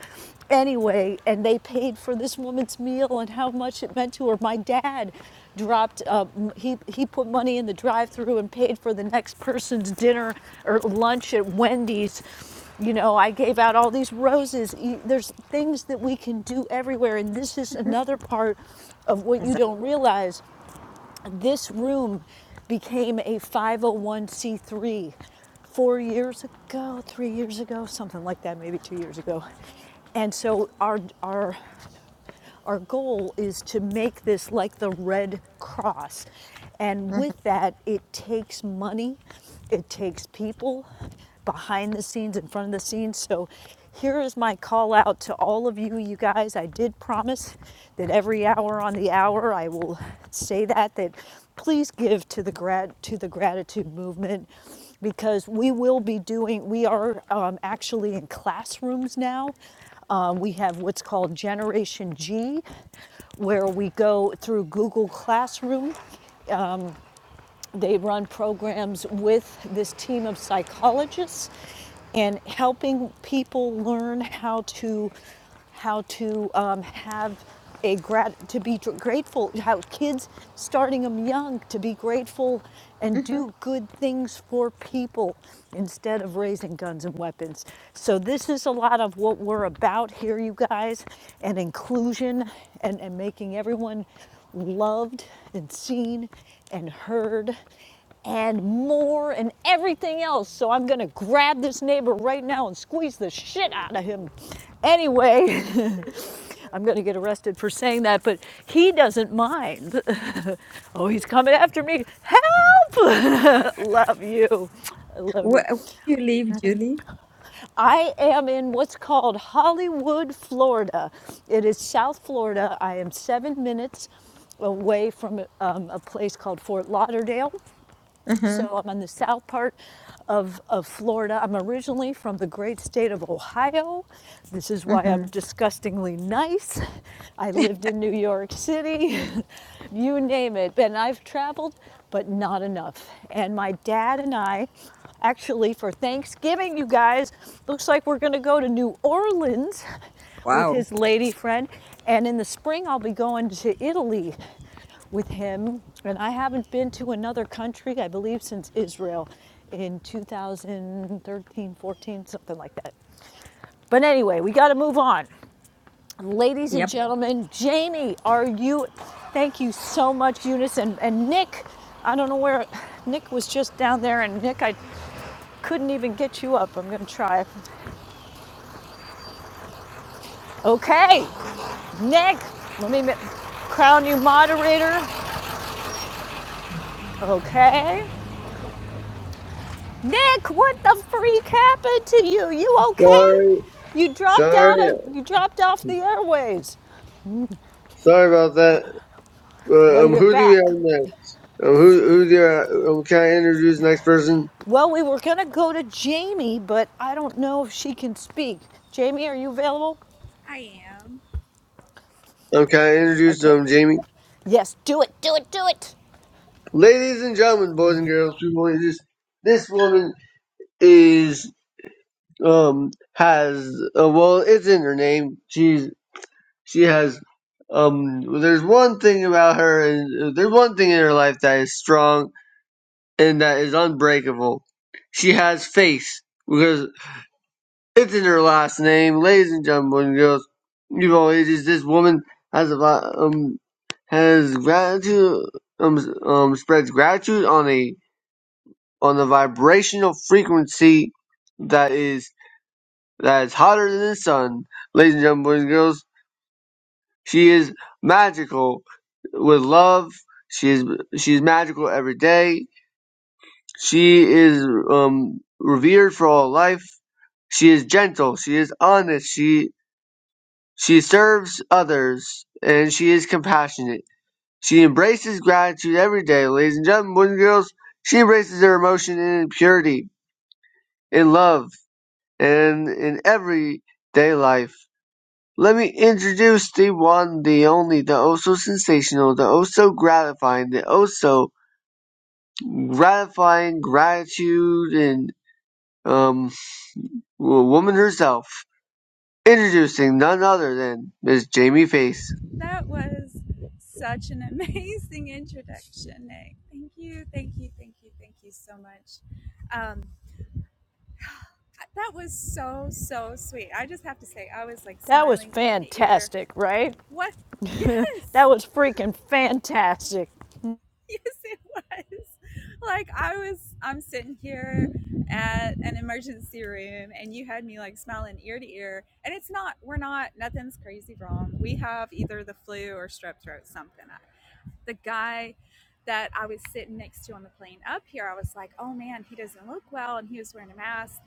Speaker 8: Anyway, and they paid for this woman's meal and how much it meant to her. My dad dropped, uh, he, he put money in the drive through and paid for the next person's dinner or lunch at Wendy's. You know, I gave out all these roses. E- There's things that we can do everywhere, and this is
Speaker 16: Mhm.
Speaker 8: another part of what you
Speaker 16: Exactly.
Speaker 8: don't realize this room became a 501c3 four years ago, three years ago, something like that, maybe two years ago. And so our, our our goal is to make this like the Red Cross. And
Speaker 16: Mhm.
Speaker 8: with that, it takes money, it takes people behind the scenes, in front of the scenes. So here is my call out to all of you, you guys. I did promise that every hour on the hour I will say that, that please give to the grat to the gratitude movement because we will be doing we are um, actually in classrooms now um, we have what's called Generation G, where we go through Google Classroom they run programs with this team of psychologists and helping people learn how to how to um, have a grat- to be grateful how kids starting them young to be grateful and
Speaker 16: Mhm.
Speaker 8: do good things for people instead of raising guns and weapons so this is a lot of what we're about here you guys and inclusion and, and making everyone loved and seen and heard and more and everything else. So I'm gonna grab this neighbor right now and squeeze the shit out of him. Anyway, I'm gonna get arrested for saying that, but he doesn't mind. oh, he's coming after me. Help! love you. I love
Speaker 16: Where,
Speaker 8: you.
Speaker 16: where do you live, Julie?
Speaker 8: I am in what's called Hollywood, Florida. It is South Florida. I am seven minutes away from um, a place called Fort Lauderdale.
Speaker 16: Mm-hmm.
Speaker 8: So I'm on the south part of, of Florida. I'm originally from the great state of Ohio. This is why I'm
Speaker 16: Mm-hmm.
Speaker 8: disgustingly nice. I lived in New York City, you name it. And I've traveled, but not enough. And my dad and I actually for Thanksgiving, you guys, looks like we're gonna go to New Orleans with
Speaker 16: Wow.
Speaker 8: his lady friend. And in the spring, I'll be going to Italy with him. And I haven't been to another country, I believe, since Israel in 2013, 14, something like that. But anyway, we got to move on. Ladies and
Speaker 16: Yep.
Speaker 8: gentlemen, Jamie, are you? Thank you so much, Eunice. And, and Nick, I don't know where Nick was just down there. And Nick, I couldn't even get you up. I'm going to try. Okay, Nick, let me ma- crown you moderator. Okay. Nick, what the freak happened to you? You okay?
Speaker 9: Sorry,
Speaker 8: You dropped
Speaker 9: sorry,
Speaker 8: out of you dropped off the airwaves.
Speaker 9: sorry about that.
Speaker 8: Well,
Speaker 9: Uh, um,
Speaker 8: you're
Speaker 9: who do we have
Speaker 8: back.
Speaker 9: next? Um, who who do I, um, can I introduce the next person?
Speaker 8: Well, we were gonna go to Jamie, but I don't know if she can speak. Jamie, are you available?
Speaker 13: I am.
Speaker 9: Um, can I introduce
Speaker 8: Okay.
Speaker 9: um Jamie?
Speaker 8: Yes, do it, do it, do it.
Speaker 9: Ladies and gentlemen, boys and girls, people, this this woman is. um has uh, well it's in her name she's she has um there's one thing about her and uh, there's one thing in her life that is strong and that is unbreakable she has faith because it's in her last name ladies and gentlemen and girls you know it is this woman has a vi- um has gratitude um, s- um spreads gratitude on a on a vibrational frequency that is. that is hotter than the sun. Ladies and gentlemen, boys and girls, she is magical with love. She is she is magical every day. She is um, revered for all life. She is gentle. She is honest. She she serves others and she is compassionate. She embraces gratitude every day, ladies and gentlemen, boys and girls. She embraces her emotion in purity, in love, and in everyday life. Let me introduce the one, the only, the oh-so-sensational, the oh-so-gratifying, the oh-so-gratifying gratitude and, um, woman herself. Introducing none other than Miss Jamie Face.
Speaker 13: That was such an amazing introduction, Nick. Thank you, thank you, thank you, thank you so much. Um, that was so, so sweet. I just have to say, I was like
Speaker 8: That was
Speaker 13: smiling ear to ear
Speaker 8: fantastic, right?
Speaker 13: What? Yes.
Speaker 8: that was freaking fantastic.
Speaker 13: Yes, it was. Like I was I'm sitting here at an emergency room and you had me like smiling ear to ear and it's not we're not nothing's crazy wrong. We have either the flu or strep throat something. The guy that I was sitting next to on the plane up here, I was like, "Oh man, he doesn't look well." And he was wearing a mask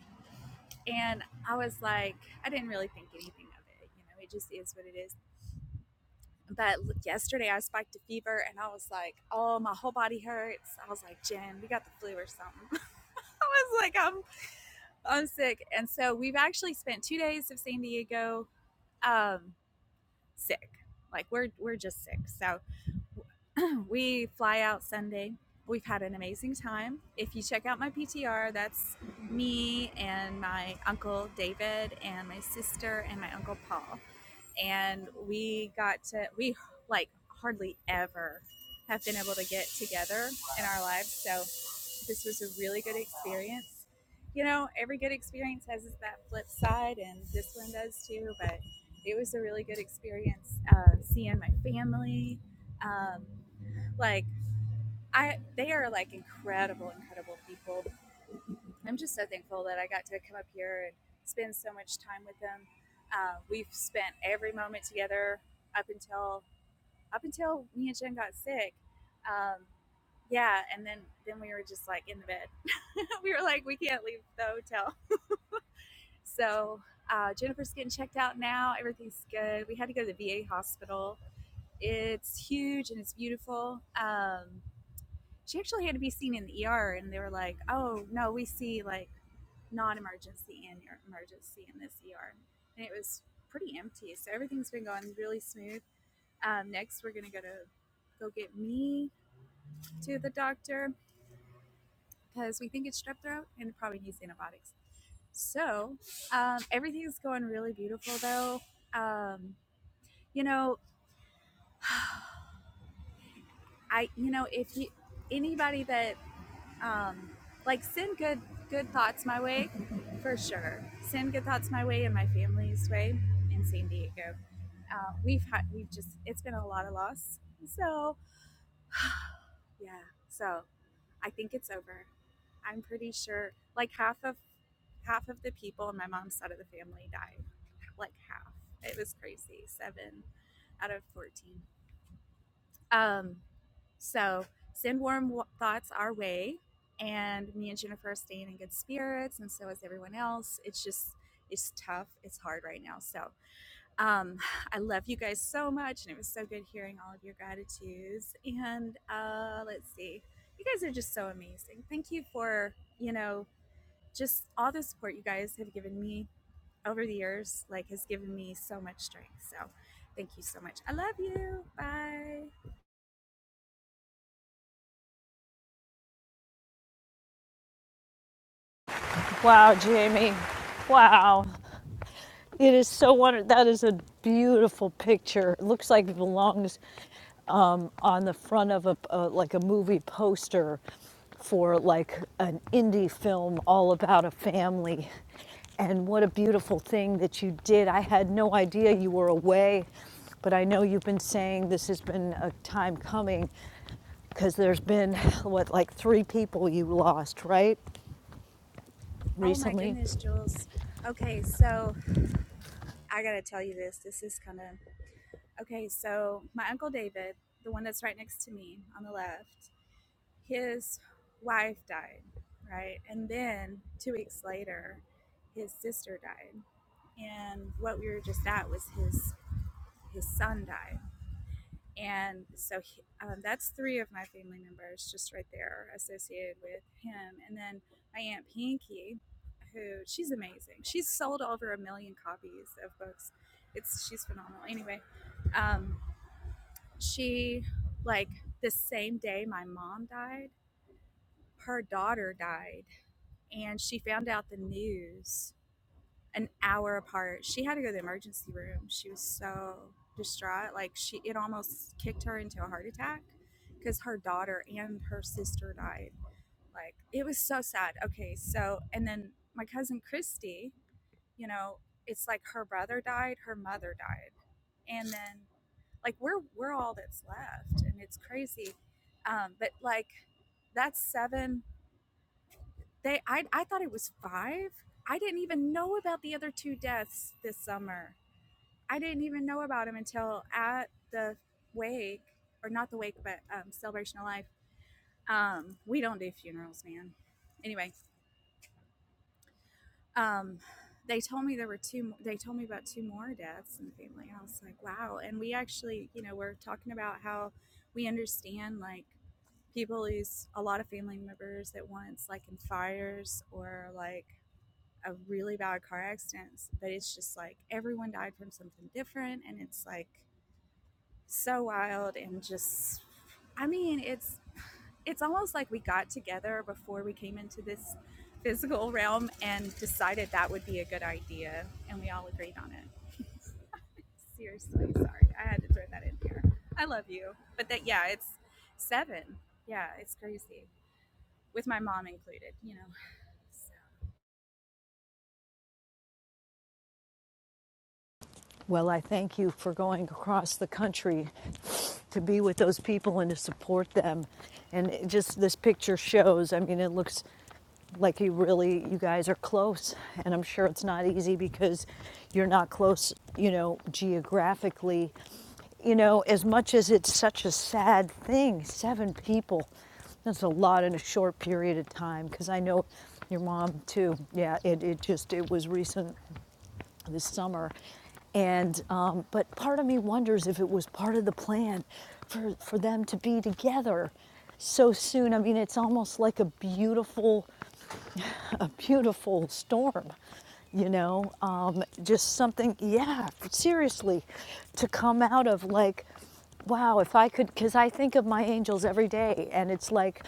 Speaker 13: and I was like, I didn't really think anything of it, you know. It just is what it is. but yesterday I spiked a fever and I was like, oh, my whole body hurts. I was like, Jen, we got the flu or something. I was like, I'm I'm sick. And so we've actually spent two days of San Diego um, sick. Like we're we're just sick. So we fly out Sunday. We've had an amazing time. If you check out my PTR, that's me and my uncle David and my sister and my uncle Paul and we got to we like hardly ever have been able to get together in our lives so this was a really good experience you know every good experience has that flip side and this one does too but it was a really good experience uh, seeing my family um, like i they are like incredible incredible people I'm just so thankful that I got to come up here and spend so much time with them. Uh, we've spent every moment together up until up until me and Jen got sick. Um, yeah, and then then we were just like in the bed. we were like, we can't leave the hotel. So uh, Jennifer's getting checked out now. Everything's good. We had to go to the VA hospital. It's huge and it's beautiful. Um, she actually had to be seen in the ER, and they were like, "Oh no, we see like." non-emergency and emergency in this ER, and it was pretty empty. So everything's been going really smooth. Um, next, we're gonna go to go get me to the doctor because we think it's strep throat and it probably needs antibiotics. So um, everything's going really beautiful though. Um, you know, I you know if you anybody that um, like send good good thoughts my way for sure send good thoughts my way and my family's way in san diego uh, we've had we've just it's been a lot of loss so yeah so i think it's over i'm pretty sure like half of half of the people on my mom's side of the family died like half it was crazy seven out of 14 um So send warm w- thoughts our way. And me and Jennifer are staying in good spirits, and so is everyone else. It's just, it's tough. It's hard right now. So um, I love you guys so much. And it was so good hearing all of your gratitudes. And uh, let's see, you guys are just so amazing. Thank you for, you know, just all the support you guys have given me over the years, like, has given me so much strength. So thank you so much. I love you. Bye.
Speaker 8: Wow, Jamie. Wow. It is so wonderful. That is a beautiful picture. It looks like it belongs um, on the front of a, uh, like a movie poster for like an indie film all about a family. And what a beautiful thing that you did. I had no idea you were away, but I know you've been saying this has been a time coming because there's been what like three people you lost, right?
Speaker 13: Oh my
Speaker 8: Recently
Speaker 13: goodness, Jules. Okay, so I gotta tell you this. This is kind of okay. So, my uncle David, the one that's right next to me on the left, his wife died, right? And then two weeks later, his sister died. And what we were just at was his his son died. And so he, um, that's three of my family members just right there associated with him. And then my Aunt Pinky, who she's amazing. She's sold over a million copies of books. It's she's phenomenal. Anyway, um, she like the same day my mom died, her daughter died, and she found out the news an hour apart. She had to go to the emergency room. She was so distraught. Like she it almost kicked her into a heart attack because her daughter and her sister died. Like it was so sad. Okay, so and then my cousin Christy, you know, it's like her brother died, her mother died. And then like we're we're all that's left and it's crazy. Um but like that's seven. They I I thought it was five. I didn't even know about the other two deaths this summer I didn't even know about him until at the wake, or not the wake, but um, celebration of life. Um, we don't do funerals, man. Anyway, um, they told me there were two. They told me about two more deaths in the family, and I was like, wow. And we actually, you know, we're talking about how we understand like people lose a lot of family members at once, like in fires or like a really bad car accident. But it's just like everyone died from something different, and it's like so wild and just I mean, it's it's almost like we got together before we came into this physical realm and decided that would be a good idea and we all agreed on it. Seriously, sorry. I had to throw that in here. I love you. But that yeah, it's 7. Yeah, it's crazy. With my mom included, you know. So-
Speaker 8: Well, I thank you for going across the country to be with those people and to support them. And it just this picture shows, I mean, it looks like you really, you guys are close. And I'm sure it's not easy because you're not close, you know, geographically. You know, as much as it's such a sad thing, seven people, that's a lot in a short period of time because I know your mom too. Yeah, it, it just, it was recent this summer. And um, but part of me wonders if it was part of the plan for for them to be together so soon. I mean, it's almost like a beautiful a beautiful storm, you know. Um, just something, yeah. Seriously, to come out of like wow, if I could, because I think of my angels every day and it's like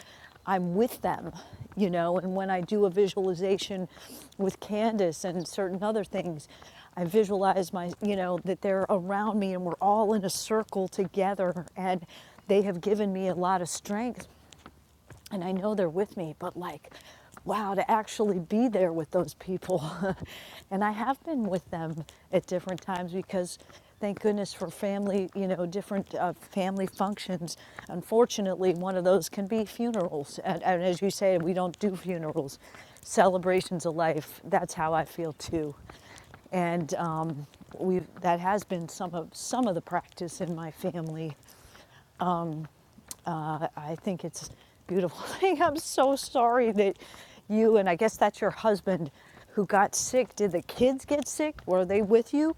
Speaker 8: I'm with them, you know. And when I do a visualization with Candace and certain other things, I visualize my, you know, that they're around me and we're all in a circle together. And they have given me a lot of strength and I know they're with me, but like, wow, to actually be there with those people. and I have been with them at different times because thank goodness for family, you know, different uh, family functions. Unfortunately, one of those can be funerals. And, and as you say, we don't do funerals, celebrations of life. That's how I feel too and um, we that has been some of some of the practice in my family uh, I think it's a beautiful thing. I'm so sorry that you and I guess that's your husband who got sick. Did the kids get sick? Were they with you?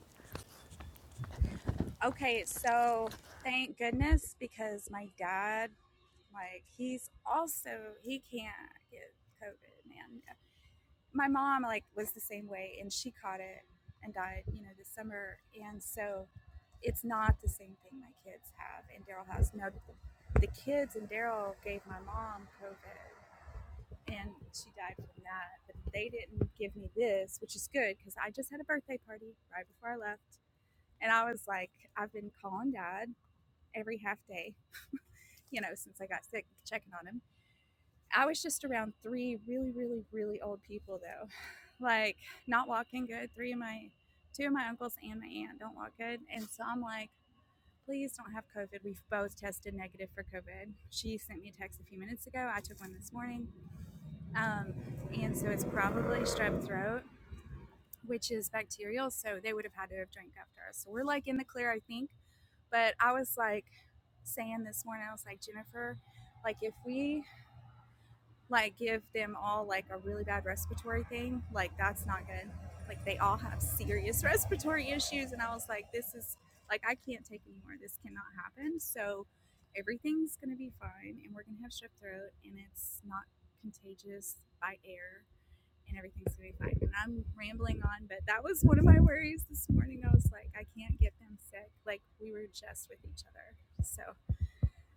Speaker 13: Okay, so thank goodness because my dad like he's also he can't get COVID, man. my mom like was the same way and she caught it and died you know this summer and so it's not the same thing my kids have and daryl has now the kids and daryl gave my mom covid and she died from that but they didn't give me this which is good because i just had a birthday party right before i left and i was like i've been calling dad every half day you know since i got sick checking on him I was just around three really, really, really old people though, like not walking good. Three of my, two of my uncles and my aunt don't walk good, and so I'm like, please don't have COVID. We've both tested negative for COVID. She sent me a text a few minutes ago. I took one this morning, um, and so it's probably strep throat, which is bacterial. So they would have had to have drank after us. So we're like in the clear, I think. But I was like saying this morning, I was like Jennifer, like if we like give them all like a really bad respiratory thing, like that's not good. Like they all have serious respiratory issues. And I was like, this is like, I can't take anymore. This cannot happen. So everything's going to be fine. And we're going to have strep throat and it's not contagious by air and everything's going to be fine. And I'm rambling on, but that was one of my worries this morning. I was like, I can't get them sick. Like we were just with each other. So,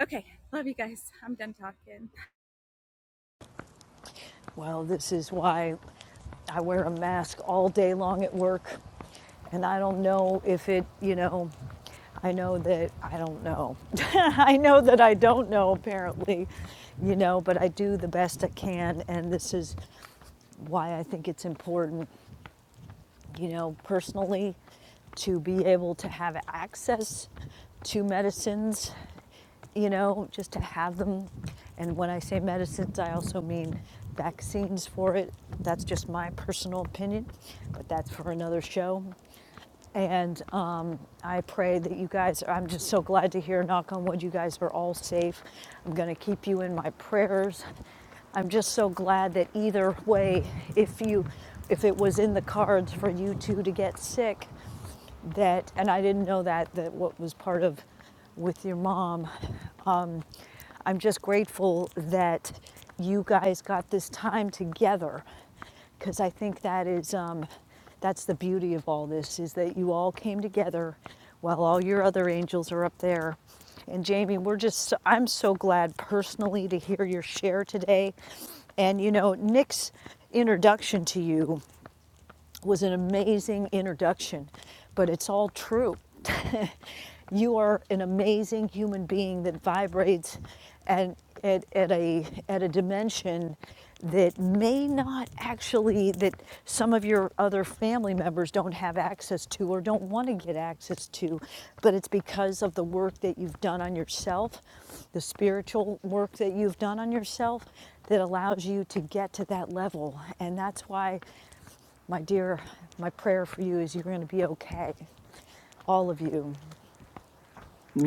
Speaker 13: okay. Love you guys. I'm done talking.
Speaker 8: Well, this is why I wear a mask all day long at work. And I don't know if it, you know, I know that I don't know. I know that I don't know, apparently, you know, but I do the best I can. And this is why I think it's important, you know, personally to be able to have access to medicines, you know, just to have them. And when I say medicines, I also mean vaccines for it. That's just my personal opinion, but that's for another show. And uh, I pray that you guys, I'm just so glad to hear, knock on wood, you guys are all safe. I'm going to keep you in my prayers. I'm just so glad that either way, if you if it was in the cards for you two to get sick, and I didn't know that, that what was part of with your mom. Um, I'm just grateful that you guys got this time together because I think that is um, that's the beauty of all this is that you all came together while all your other angels are up there. And Jamie, we're just so, I'm so glad personally to hear your share today. And you know, Nick's introduction to you was an amazing introduction, but it's all true. you are an amazing human being that vibrates and at, at a at a dimension that may not actually that some of your other family members don't have access to or don't want to get access to but it's because of the work that you've done on yourself the spiritual work that you've done on yourself that allows you to get to that level and that's why my dear my prayer for you is you're going to be okay all of you.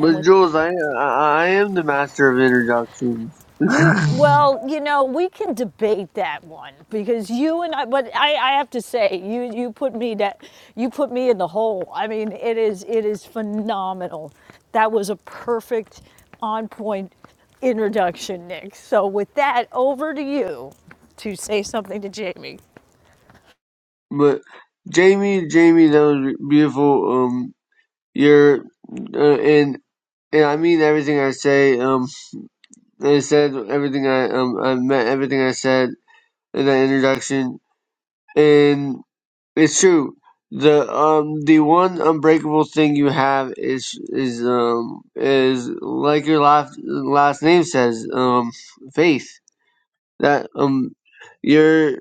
Speaker 8: And with
Speaker 9: Jules, I, I, I am the master of introductions.
Speaker 8: You well, you know, we can debate that one because you and I. But I, I have to say, you you put me that you put me in the hole. I mean, it is it is phenomenal. That was a perfect, on point introduction, Nick. So with that, over to you to say something to Jamie.
Speaker 9: but Jamie, Jamie, that was beautiful. Um, you're, uh, and, and I mean everything I say. Um, I said everything I um I meant everything I said in that introduction, and it's true. The um the one unbreakable thing you have is is um is like your last last name says um faith that um your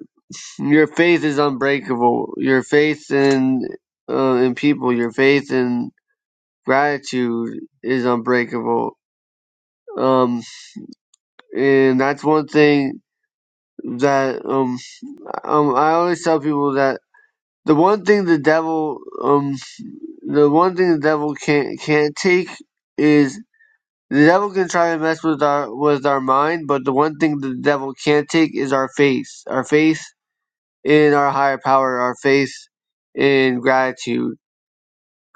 Speaker 9: your faith is unbreakable your faith in uh, in people your faith in gratitude is unbreakable um and that's one thing that um um I always tell people that The one thing the devil, um, the one thing the devil can't can't take is the devil can try to mess with our with our mind, but the one thing the devil can't take is our faith, our faith in our higher power, our faith in gratitude.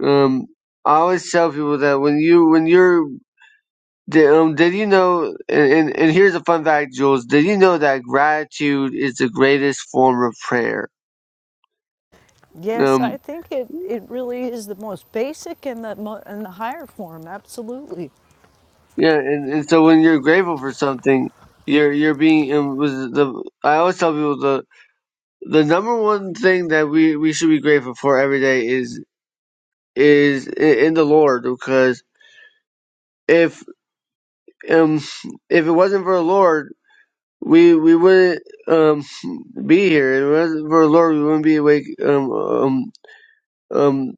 Speaker 9: Um, I always tell people that when you when you're did, um did you know and, and and here's a fun fact, Jules, did you know that gratitude is the greatest form of prayer?
Speaker 8: Yes,
Speaker 9: Um,
Speaker 8: I think it, it really is the most basic and the mo- and the higher form. Absolutely.
Speaker 9: Yeah, and, and so when you're grateful for something, you're you're being it was the I always tell people the the number one thing that we we should be grateful for every day is is i- in the Lord because if um if it wasn't for the Lord we we wouldn't um be here if it wasn't for the Lord we wouldn't be awake um um um.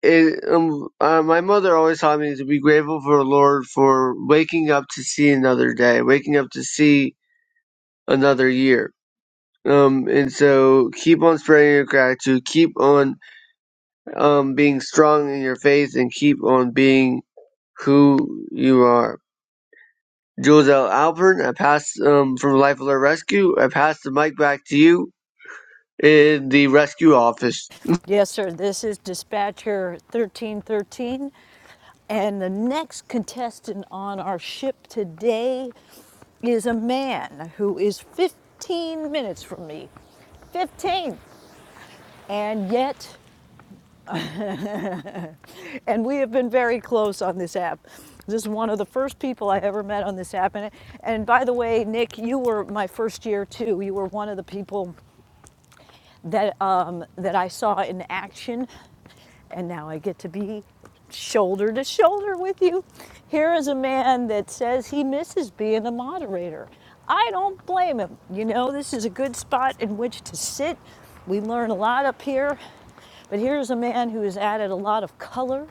Speaker 9: It, um uh, my mother always taught me to be grateful for the Lord for waking up to see another day, waking up to see another year Um, and so keep on spreading your gratitude, keep on um being strong in your faith, and keep on being who you are. Jules L. Alpern, I pass um from Life Alert Rescue. I pass the mic back to you in the rescue office.
Speaker 8: Yes, sir. This is dispatcher 1313. And the next contestant on our ship today is a man who is 15 minutes from me. 15! And yet, and we have been very close on this app. This is one of the first people I ever met on this app. And, and by the way, Nick, you were my first year too. You were one of the people that, um, that I saw in action And now I get to be shoulder to shoulder with you. Here is a man that says he misses being a moderator. I don't blame him. You know, this is a good spot in which to sit. We learn a lot up here. But here's a man who has added a lot of color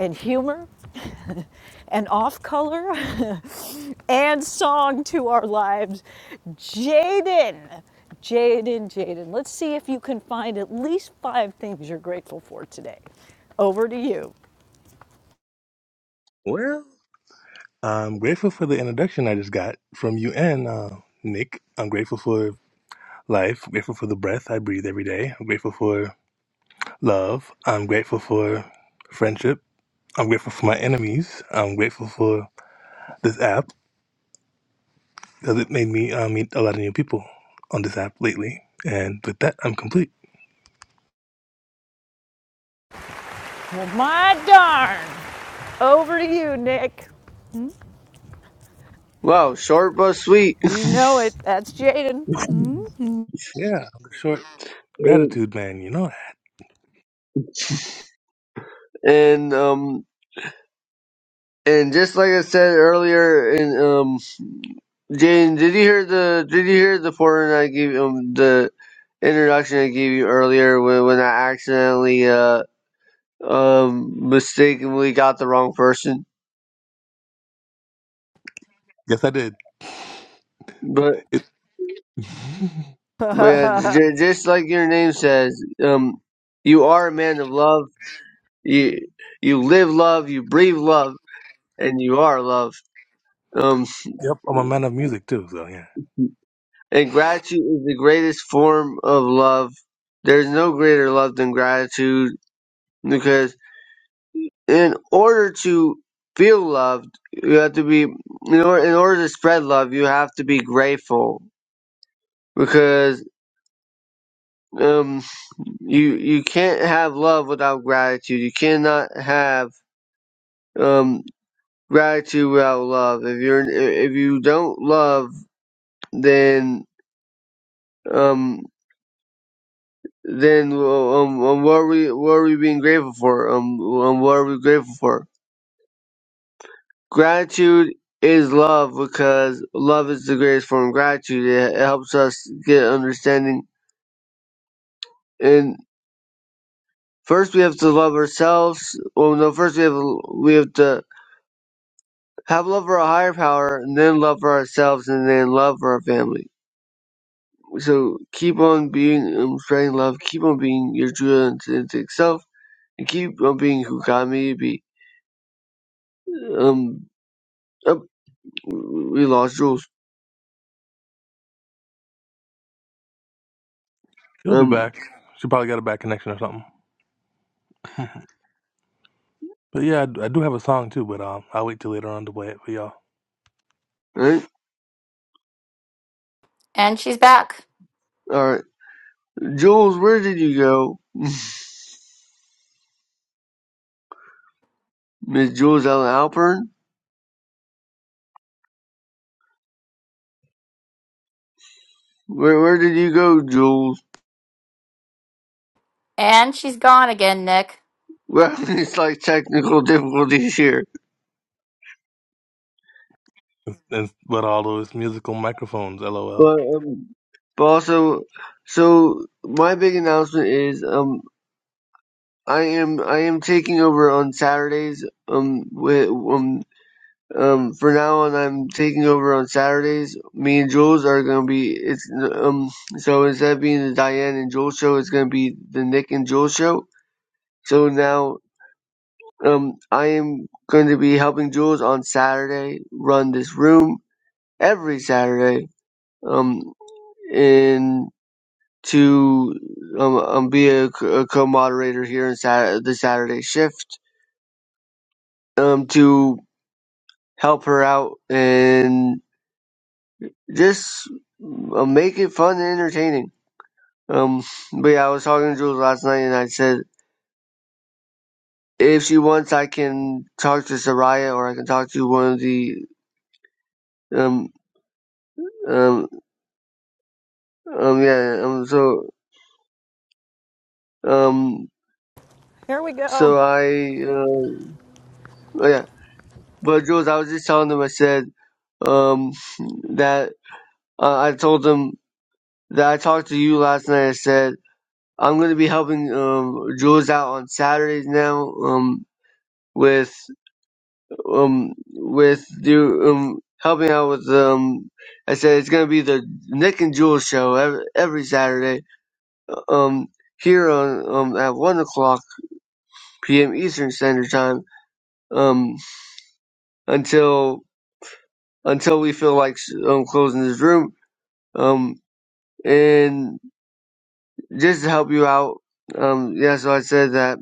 Speaker 8: and humor and off color and song to our lives. Jaden. Jaden, Jaden. Let's see if you can find at least five things you're grateful for today. Over to you.
Speaker 11: Well, I'm grateful for the introduction I just got from you and uh, Nick. I'm grateful for life, grateful for the breath I breathe every day. I'm grateful for love. I'm grateful for friendship. I'm grateful for my enemies. I'm grateful for this app because it made me uh, meet a lot of new people on this app lately. And with that, I'm complete.
Speaker 8: Well, my darn. Over to you, Nick.
Speaker 9: Wow, short but sweet.
Speaker 8: You know it. That's Jaden.
Speaker 11: Yeah, I'm a short gratitude man, you know that.
Speaker 9: and um and just like I said earlier, and um Jane, did you hear the did you hear the portion I gave um the introduction I gave you earlier when when I accidentally uh um, mistakenly got the wrong person.
Speaker 11: Yes, I did.
Speaker 9: But
Speaker 11: It- yep,
Speaker 9: but yeah, j- just like your name says, um, you are a man of love. You you live love, you breathe love, and you are love. Um,
Speaker 11: I'm a man of music too, so yeah.
Speaker 9: and gratitude is the greatest form of love. There's no greater love than gratitude because in order to feel loved, you have to be in order, in order to spread love, you have to be grateful because. um you you can't have love without gratitude. You cannot have um gratitude without love. If you're if you don't love, then um then um, um what are we what are we being grateful for? Um, um what are we grateful for? Gratitude is love because love is the greatest form of gratitude. It, it helps us get understanding and. First, we have to love ourselves. Well, no. First, we have we have to have love for a higher power, and then love for ourselves, and then love for our family. So keep on being um, spreading love. Keep on being your true and authentic self, and keep on being who God made you to be. Um, oh, we lost Jules.
Speaker 11: She'll be
Speaker 9: Um,
Speaker 11: back. She probably got a bad connection or something. Mhm. But yeah, I d- I do have a song too, but um, I'll wait till later on to play it for y'all.
Speaker 9: right,
Speaker 18: And she's back.
Speaker 9: all right, Jules, where did you go, Miss Jules Ellen Alpern? Where where did you go, Jules?
Speaker 18: And she's gone again, Nick.
Speaker 9: Well, it's like technical difficulties here,
Speaker 11: And but all those musical microphones, lol.
Speaker 9: but um, but also, so my big announcement is um I am I am taking over on Saturdays. Um, with, um, um, for now on, I'm taking over on Saturdays. Me and Jules are gonna be it's um. So instead of being the Diane and Jules show, it's gonna be the Nick and Jules show. So now, um, I am going to be helping Jules on Saturday run this room every Saturday. Um, and to um, um be a, co- a co-moderator here in Saturday, the Saturday shift um to help her out and just uh, make it fun and entertaining. Um, but yeah, I was talking to Jules last night and I said, if she wants, I can talk to Soraya or I can talk to one of the, um, um, um, yeah, um, so, um,
Speaker 8: Here we
Speaker 9: so
Speaker 8: go.
Speaker 9: I, uh, oh yeah, but Jules, I was just telling them, I said, um, that uh, I told them that I talked to you last night. I said, I'm going to be helping, um, Jules out on Saturdays now. Um, with um with the um helping out with um I said it's gonna be the Nick and Jules show every, every Saturday um here on um at one o'clock p.m. Eastern Standard Time um until until we feel like um closing this room um and just to help you out um yeah so I said that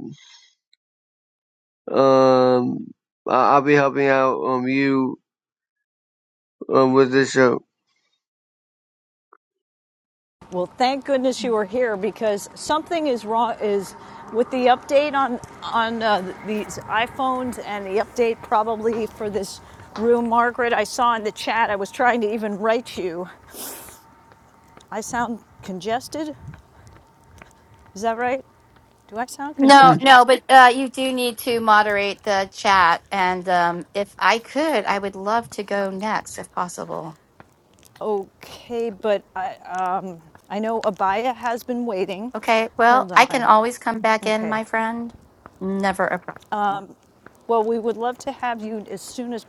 Speaker 9: um I- I'll be helping out um you um with this show.
Speaker 8: Well, thank goodness you are here because something is wrong. Is with the update on on uh, these iPhones and the update probably for this room, Margaret. I saw in the chat. I was trying to even write you. I sound congested. Is that right? Do I sound
Speaker 9: Hmm.
Speaker 18: No,
Speaker 8: congested?
Speaker 18: no, but uh, you do need to moderate the chat. And um, if I could, I would love to go next if possible.
Speaker 8: Okay, but I um, I know Abaya has been waiting.
Speaker 18: Okay, well,
Speaker 8: Hold
Speaker 18: I can
Speaker 8: on.
Speaker 18: always come back in,
Speaker 8: Okay.
Speaker 18: my friend. Never a problem.
Speaker 8: Well, we would love to have you as soon as,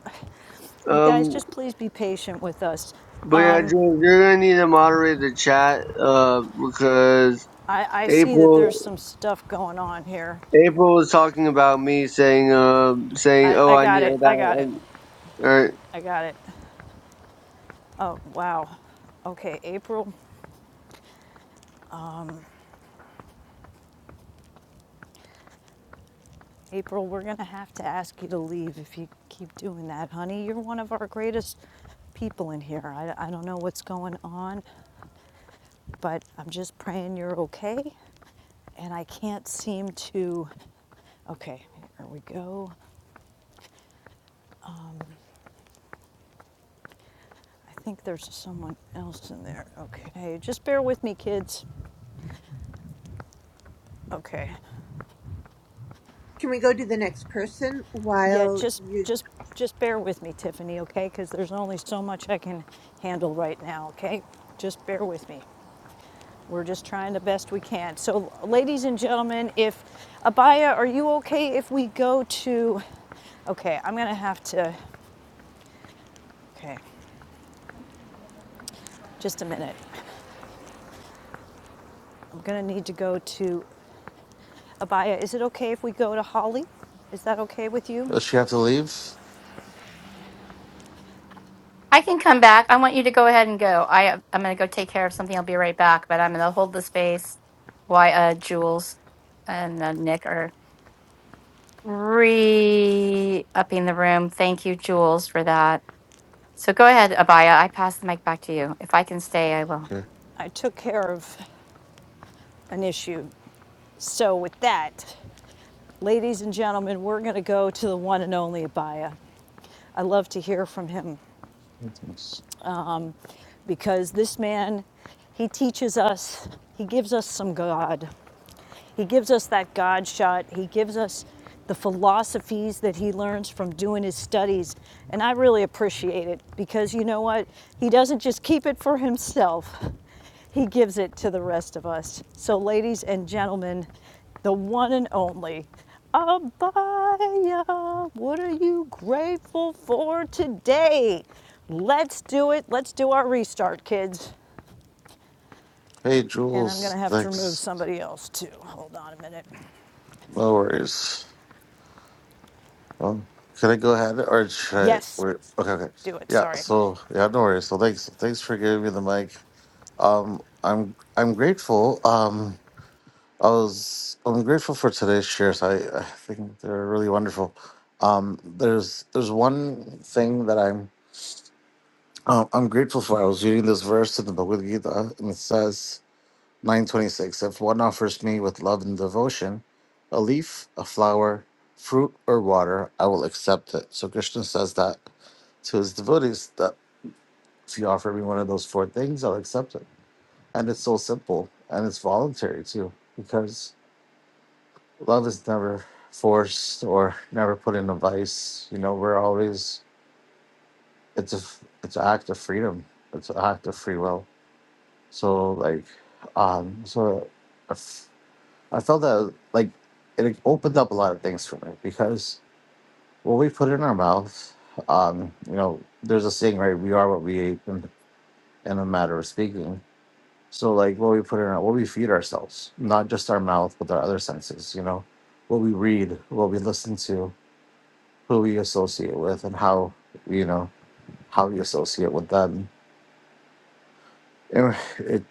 Speaker 8: you guys,
Speaker 9: Um,
Speaker 8: just please be patient with us.
Speaker 9: But yeah,
Speaker 8: Um,
Speaker 9: James, you're gonna need to moderate the chat, uh, because
Speaker 8: I, I see that there's
Speaker 9: April
Speaker 8: some stuff going on here.
Speaker 9: April was talking about me saying, uh, saying,
Speaker 8: I,
Speaker 9: oh,
Speaker 8: I
Speaker 9: I
Speaker 8: got
Speaker 9: need
Speaker 8: it, I
Speaker 9: that.
Speaker 8: got it,
Speaker 9: All
Speaker 8: I got it. Oh, wow. Okay, April, April, we're gonna have to ask you to leave if you keep doing that, honey. You're one of our greatest people in here. I, I don't know what's going on, but I'm just praying you're okay. And I can't seem to, okay, here we go. I think there's someone else in there. Okay, just bear with me, kids. Okay.
Speaker 19: Can we go to the next person
Speaker 8: Yeah,
Speaker 19: while
Speaker 8: just
Speaker 19: you.
Speaker 8: just just bear with me, Tiffany. Okay, because there's only so much I can handle right now. Okay, just bear with me. We're just trying the best we can. So, ladies and gentlemen, if Abaya, are you okay if we go to? Okay, I'm gonna have to. Okay, just a minute. I'm gonna need to go to Abaya. Is it okay if we go to Holly? Is that okay with you?
Speaker 20: Does she have to leave?
Speaker 18: I can come back. I want you to go ahead and go. I uh, I'm gonna go take care of something. I'll be right back, but I'm gonna hold the space while uh, Jules and uh, Nick are. re upping the room. Thank you, Jules, for that. So go ahead, Abaya. I pass the mic back to you. If I can stay, I will.
Speaker 20: Okay.
Speaker 8: I took care of an issue. So with that, ladies and gentlemen, we're going to go to the one and only Abaya. I love to hear from him because this man, he teaches us, he gives us some God. He gives us that God shot. He gives us the philosophies that he learns from doing his studies. And I really appreciate it because you know what? He doesn't just keep it for himself. He gives it to the rest of us. So, ladies and gentlemen, the one and only Abaya, what are you grateful for today? Let's do it. Let's do our restart, kids.
Speaker 20: Hey,
Speaker 8: And I'm going
Speaker 20: Jules.
Speaker 8: to have to remove
Speaker 20: Thanks.
Speaker 8: somebody else too. Hold on a minute.
Speaker 20: No worries. Um, can I go ahead or should I?
Speaker 8: Yes,
Speaker 20: Wait, okay, okay.
Speaker 8: do it.
Speaker 20: Yeah.
Speaker 8: Sorry.
Speaker 20: So yeah, no worries. So thanks, thanks for giving me the mic. Um, I'm I'm grateful. Um, I was I'm grateful for today's shares. I I think they're really wonderful. Um, there's there's one thing that I'm uh, I'm grateful for. I was reading this verse in the Bhagavad Gita, and it says. 926 If one offers me with love and devotion a leaf, a flower, fruit, or water, I will accept it. So Krishna says that to his devotees that if you offer me one of those four things, I'll accept it. And it's so simple and it's voluntary too, because love is never forced or never put in a vice. You know, we're always, it's a, it's an act of freedom, it's an act of free will. So, like, um, so. if I felt that like it opened up a lot of things for me because what we put in our mouth, um, you know, there's a saying, right? We are what we eat, in, in a matter of speaking. So like what we put in our, what we feed ourselves, not just our mouth, but our other senses. You know, what we read, what we listen to, who we associate with, and how you know how we associate with them You know, it,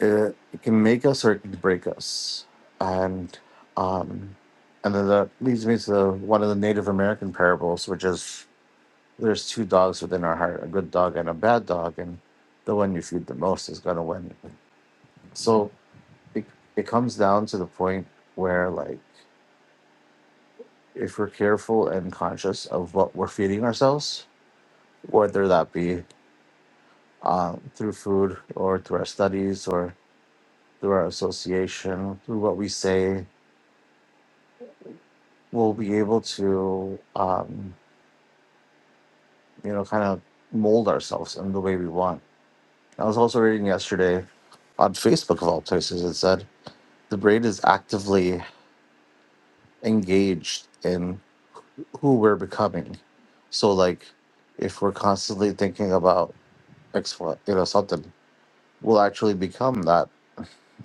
Speaker 20: it it can make us or it can break us, and um, and then that leads me to one of the Native American parables, which is there's two dogs within our heart, a good dog and a bad dog, and the one you feed the most is gonna win. So it it comes down to the point where like if we're careful and conscious of what we're feeding ourselves, whether that be um, through food or through our studies through our association, through what we say, we'll be able to, um, you know, kind of mold ourselves in the way we want. I was also reading yesterday on Facebook, of all places, it said the brain is actively engaged in who we're becoming. So, like, if we're constantly thinking about X, Y, you know, something, we'll actually become that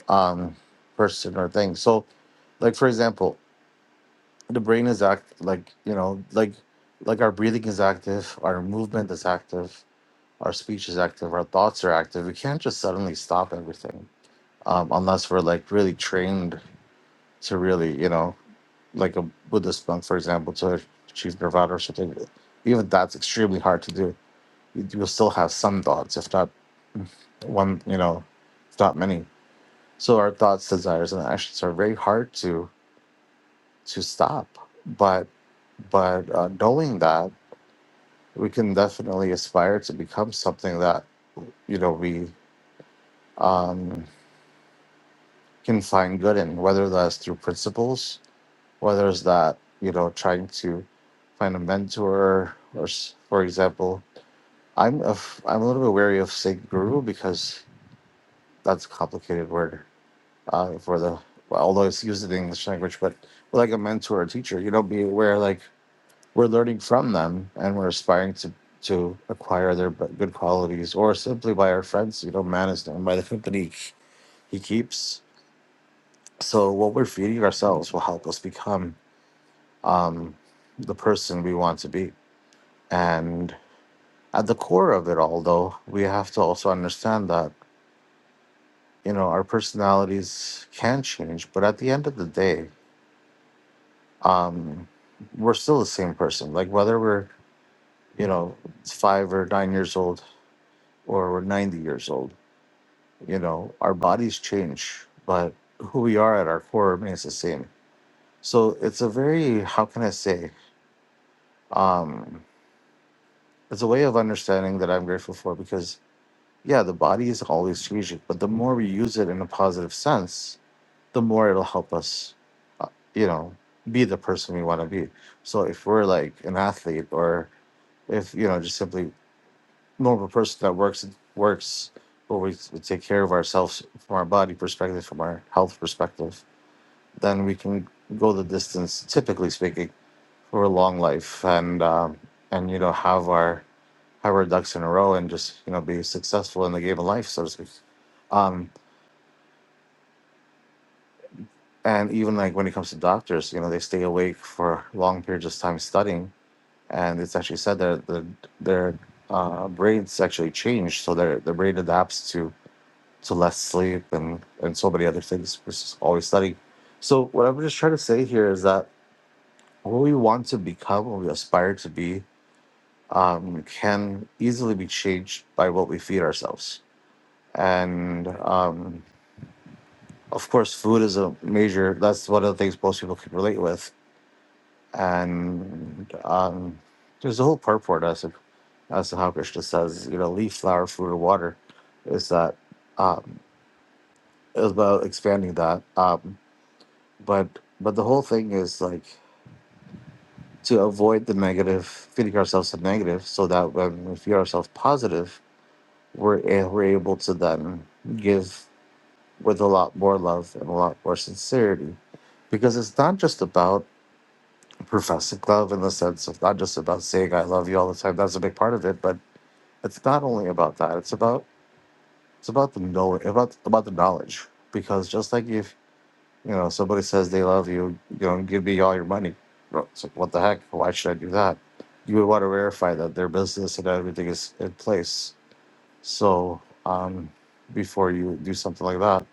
Speaker 20: um, person or thing. So, like, for example, the brain is act like you know like like our breathing is active our movement is active our speech is active our thoughts are active we can't just suddenly stop everything um, unless we're like really trained to really you know like a buddhist monk for example to achieve nirvana or something even that's extremely hard to do You- you'll still have some thoughts if not one you know if not many so our thoughts desires and actions are very hard to to stop but but uh, knowing that we can definitely aspire to become something that you know we um, can find good in, whether that's through principles, whether it's that you know trying to find a mentor, or s- for example, I'm a f- I'm a little bit wary of saying guru because that's a complicated word uh, for the well, although it's used in the English language, but like a mentor or teacher, you know, be aware like we're learning from them and we're aspiring to to acquire their b- good qualities or simply by our friends you know man is by the company he keeps so what we're feeding ourselves will help us become um, the person we want to be and at the core of it all though we have to also understand that you know our personalities can change but at the end of the day um, we're still the same person like whether we're you know five or nine years old or we're 90 years old you know our bodies change but who we are at our core remains the same so it's a very how can i say um it's a way of understanding that i'm grateful for because yeah the body is always changing but the more we use it in a positive sense the more it'll help us uh, you know be the person we want to be so if we're like an athlete or if you know just simply normal person that works works but we, we take care of ourselves from our body perspective from our health perspective then we can go the distance, typically speaking, for a long life and um, and you know have our have our ducks in a row and just you know be successful in the game of life, so to speak. Um, and even like when it comes to doctors, you know, they stay awake for long periods of time studying, and it's actually said that the, their uh, brains actually change, so their their brain adapts to to less sleep and and so many other things versus always studying. So what I'm just trying to say here is that what we want to become, what we aspire to be, um, can easily be changed by what we feed ourselves. And um, of course, food is a major, that's one of the things most people can relate with. And um, there's a whole purport as, to- as to how Krishna says, you know, leaf, flower, food, or water, is that um, is about expanding that. Um, but but the whole thing is like to avoid the negative, feeding ourselves the negative, so that when we feed ourselves positive, we're, eh, we're able to then give with a lot more love and a lot more sincerity because it's not just about professing love in the sense of not just about saying I love you all the time. That's a big part of it, but it's not only about that. It's about it's about the know about about the knowledge because just like if you know somebody says they love you, you know, give me all your money. Well, It's like what the heck? Why should I do that? You would want to verify that their business and everything is in place So um, before you do something like that,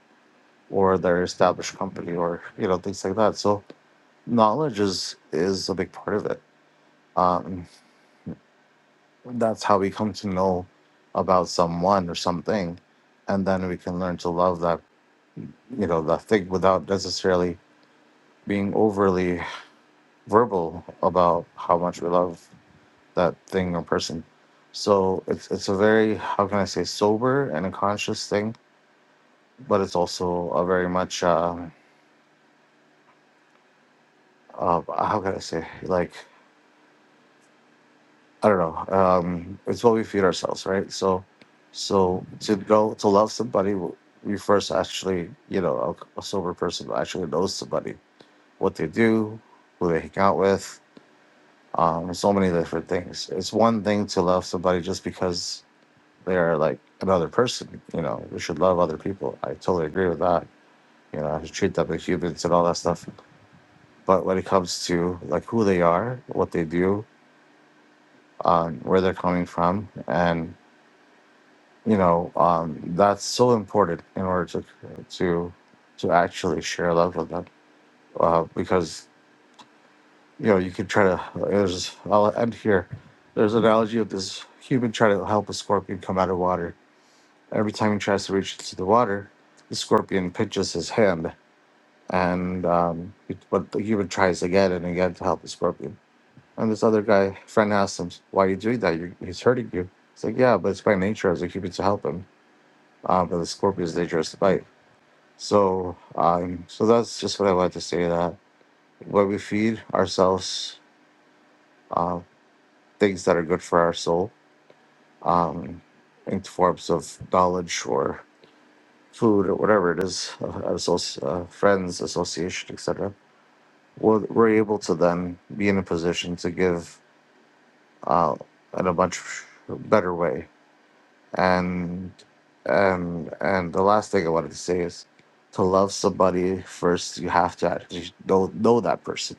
Speaker 20: or their established company, or you know things like that. So knowledge is is a big part of it. Um, that's how we come to know about someone or something, and then we can learn to love that you know that thing without necessarily being overly verbal about how much we love that thing or person. So it's it's a very how can I say sober and a conscious thing, but it's also a very much. Uh, uh, how can I say like I don't know um, it's what we feed ourselves right so so to know to love somebody we first actually you know a, a sober person actually knows somebody what they do who they hang out with um, so many different things it's one thing to love somebody just because they're like another person you know we should love other people I totally agree with that you know I should treat them as humans and all that stuff but when it comes to like who they are what they do um, where they're coming from, and you know um, that's so important in order to to to actually share love with them, uh, because you know you can try to. There's I'll end here. There's an analogy of this human trying to help a scorpion come out of water. Every time he tries to reach into the water, the scorpion pinches his hand, and um, it- but the human tries again and again to help the scorpion And this other guy, friend, asked him, "Why are you doing that? you he's hurting you." It's like, "Yeah, but it's by nature as a human to help him, uh, but the scorpion's nature is to bite." So, um, so that's just what I wanted to say. That when we feed ourselves uh, things that are good for our soul, um, in forms of knowledge or food or whatever it is, uh, associ- uh, friends, association, etc., we're, we're able to then be in a position to give uh, in a much better way And and and the last thing I wanted to say is to love somebody first you have to actually know know that person.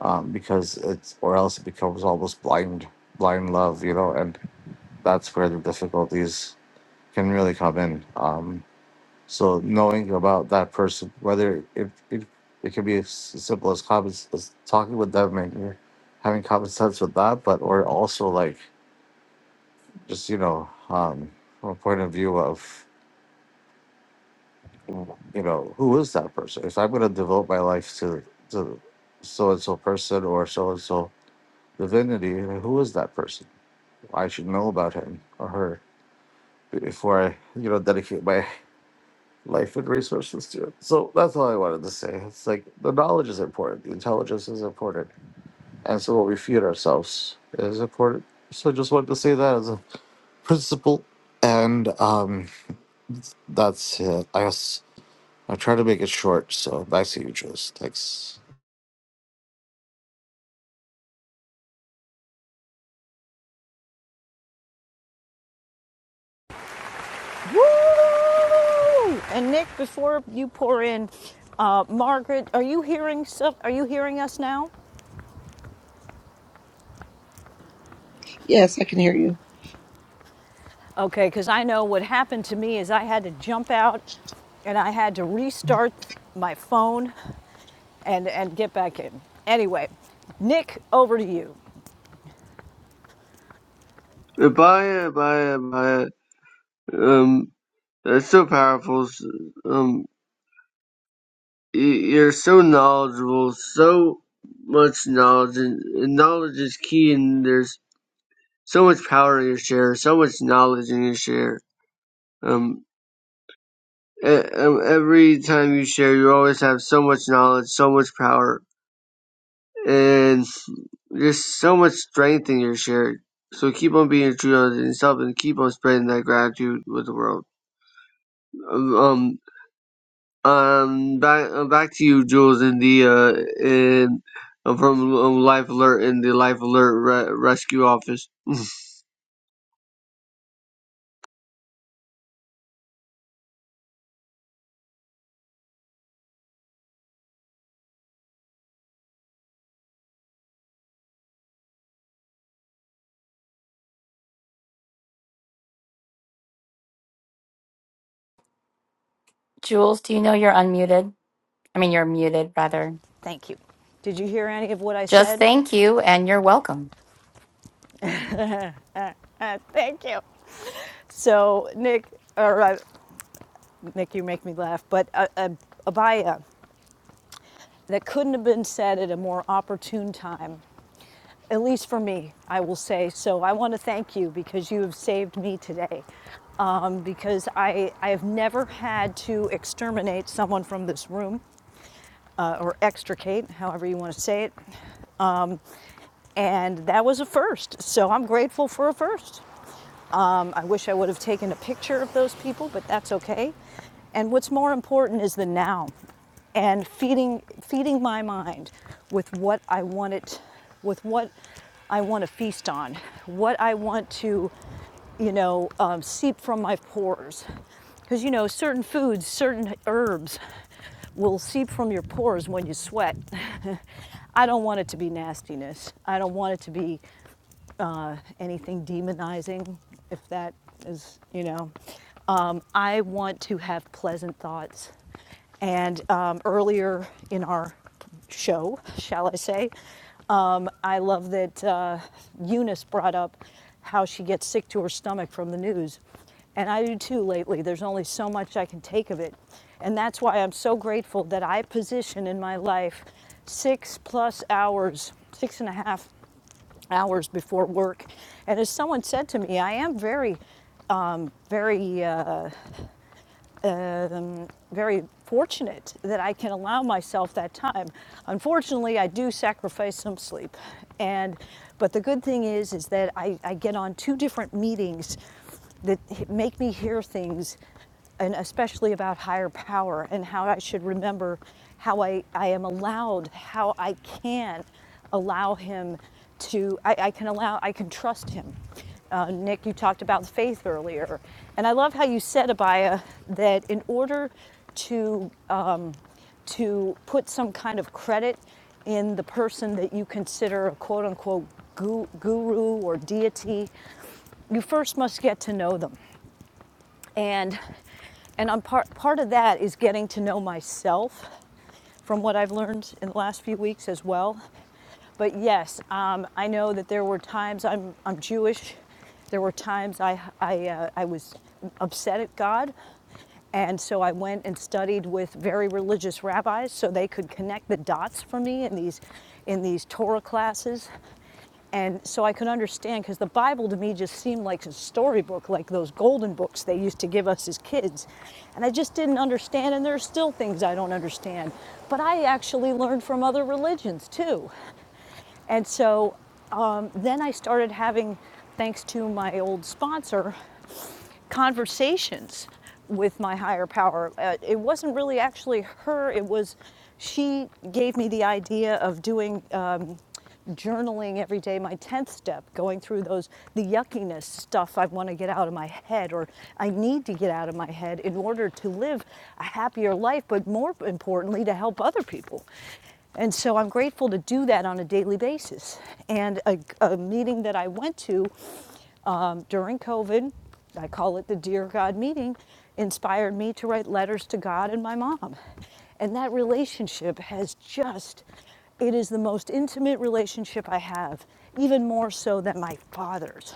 Speaker 20: Um, because it's or else it becomes almost blind blind love, you know, and that's where the difficulties can really come in. Um, so knowing about that person, whether it it, it can be as simple as common s- as talking with them and you're having common sense with that, but or also like just, you know, um from a point of view of you know, who is that person? If I'm going to devote my life to to so and so person or so and so divinity, who is that person? I should know about him or her before I, you know, dedicate my life and resources to it. So that's all I wanted to say. It's like the knowledge is important, the intelligence is important, and so what we feed ourselves is important. So I just wanted to say that as a principle, and um, that's it. I guess I try to make it short. So back to you, Jules. Thanks.
Speaker 8: Woo! And Nick, before you pour in, uh, Margaret, are you hearing stuff? Are you hearing us now?
Speaker 21: Yes, I can hear you.
Speaker 8: Okay, because I know what happened to me is I had to jump out and I had to restart my phone and, and get back in. Anyway, Nick, over to you.
Speaker 9: right, bye, bye, bye. Um, that's so powerful. S- Um, y- you're so knowledgeable, so much knowledge, and, and knowledge is key. And there's so much power in your share, so much knowledge in your share. Um, e- every time you share, you always have so much knowledge, so much power, and just so much strength in your share. So keep on being true to yourself and keep on spreading that gratitude with the world. Um, um, um, back uh, back to you, Jules, and the uh, and uh, from um, Life Alert in the Life Alert re- Rescue Office.
Speaker 18: Jules, do you know you're unmuted? I mean, you're muted, rather.
Speaker 8: Did you give what I
Speaker 18: Just
Speaker 8: said?
Speaker 18: thank you and you're welcome.
Speaker 8: Uh, thank you. So, Nick, or uh, Nick, you make me laugh, but uh, uh, Abaya, that couldn't have been said at a more opportune time at least for me, I will say. So I want to thank you because you have saved me today. Um, because I, I have never had to exterminate someone from this room uh, or extricate, however you want to say it. And that was a first. So I'm grateful for a first. Um, I wish I would have taken a picture of those people, but that's okay. And what's more important is the now and feeding, feeding my mind with what I want it, with what I want to feast on, what I want to, you know, um, seep from my pores. Because, you know, certain foods, certain herbs will seep from your pores when you sweat. I don't want it to be nastiness. I don't want it to be uh, anything demonizing, if that is, you know. Um, I want to have pleasant thoughts. And um, earlier in our show, shall I say, um, I love that uh, Eunice brought up how she gets sick to her stomach from the news. And I do too lately. There's only so much I can take of it. And that's why I'm so grateful that I position in my life six plus hours, six and a half hours before work. And as someone said to me, I am very, very, uh, um, very fortunate that I can allow myself that time. Unfortunately, I do sacrifice some sleep. And, but the good thing is, is that I, I get on two different meetings that make me hear things, and especially about higher power and how I should remember how I, I am allowed, how I can allow Him to, I, I can allow, I can trust Him. Uh, Nick, you talked about faith earlier. And I love how you said, Abaya, that in order to um, to put some kind of credit in the person that you consider a quote unquote gu- guru or deity you first must get to know them. And and I'm part part of that is getting to know myself from what I've learned in the last few weeks as well. But yes, um, I know that there were times I'm I'm Jewish. There were times I I uh, I was upset at God, and so I went and studied with very religious rabbis so they could connect the dots for me in these in these Torah classes And so I could understand because the Bible to me just seemed like a storybook, like those golden books they used to give us as kids. And I just didn't understand, and there are still things I don't understand. But I actually learned from other religions too. And so um, then I started having, thanks to my old sponsor, conversations with my higher power. Uh, it wasn't really actually her, it was she gave me the idea of doing um, journaling every day, my 10th step, going through those, the yuckiness stuff I want to get out of my head or I need to get out of my head in order to live a happier life, but more importantly, to help other people. And so I'm grateful to do that on a daily basis. And a, a meeting that I went to, um, during COVID, I call it the Dear God meeting, inspired me to write letters to God and my mom. And that relationship has just, it is the most intimate relationship I have, even more so than my father's,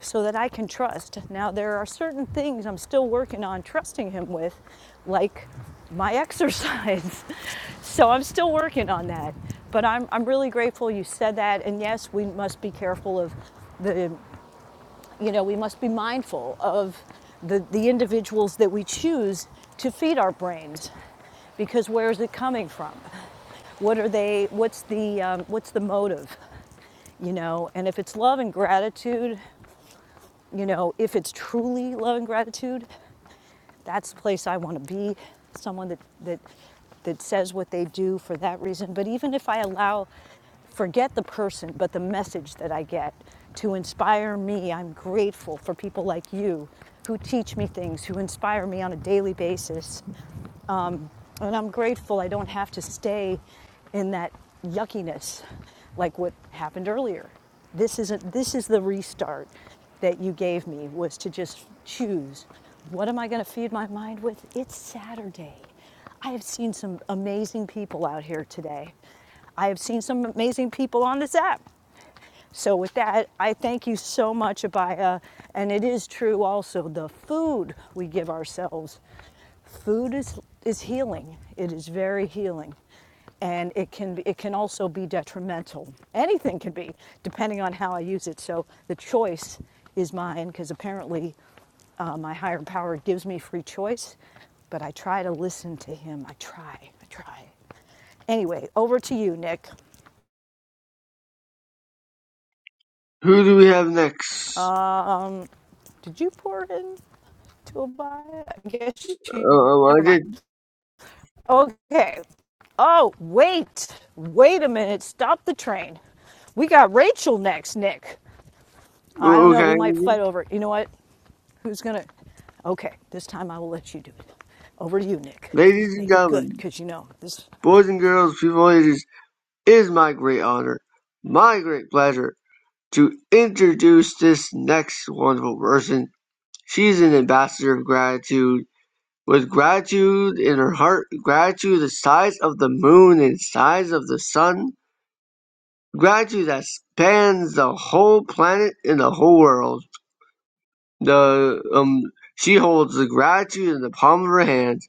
Speaker 8: so that I can trust. Now, there are certain things I'm still working on trusting him with, like my exercise. So I'm still working on that. But I'm, I'm really grateful you said that. And yes, we must be careful of the you know, we must be mindful of the, the individuals that we choose to feed our brains because where is it coming from? What are they, what's the, um, what's the motive, you know? And if it's love and gratitude, you know, if it's truly love and gratitude, that's the place I want to be. Someone that that that says what they do for that reason. But even if I allow, forget the person, but the message that I get to inspire me, I'm grateful for people like you who teach me things, who inspire me on a daily basis and I'm grateful I don't have to stay in that yuckiness like what happened earlier. This isn't this is the restart that you gave me was to just choose what am I going to feed my mind with? It's Saturday. I have seen some amazing people out here today. I have seen some amazing people on this app. So with that, I thank you so much, Abaya. And it is true also the food we give ourselves. Food is is healing. It is very healing. And it can be, it can also be detrimental. Anything can be, depending on how I use it. So the choice is mine because apparently uh, my higher power gives me free choice, but I try to listen to him. I try. I try. Anyway, over to you, Nick.
Speaker 9: Who do we have next?
Speaker 8: Um, did you pour in? to buy it? I guess
Speaker 9: Uh,
Speaker 8: you.
Speaker 9: um, I
Speaker 8: Never mind.
Speaker 9: did.
Speaker 8: Okay. Oh, wait. Wait a minute. Stop the train. We got Rachel next, Nick. I don't know.
Speaker 9: Okay,
Speaker 8: We might fight over it. You know what? Who's going to. Okay. This time I will let you do it. Over to you, Nick.
Speaker 9: ladies and
Speaker 8: Make it good
Speaker 9: gentlemen,
Speaker 8: because you know this.
Speaker 9: boys and girls, people ages It is my great honor, my great pleasure, to introduce this next wonderful person. She's an ambassador of gratitude, with gratitude in her heart, gratitude the size of the moon and size of the sun, gratitude that spans the whole planet and the whole world. The um, she holds the gratitude in the palm of her hand,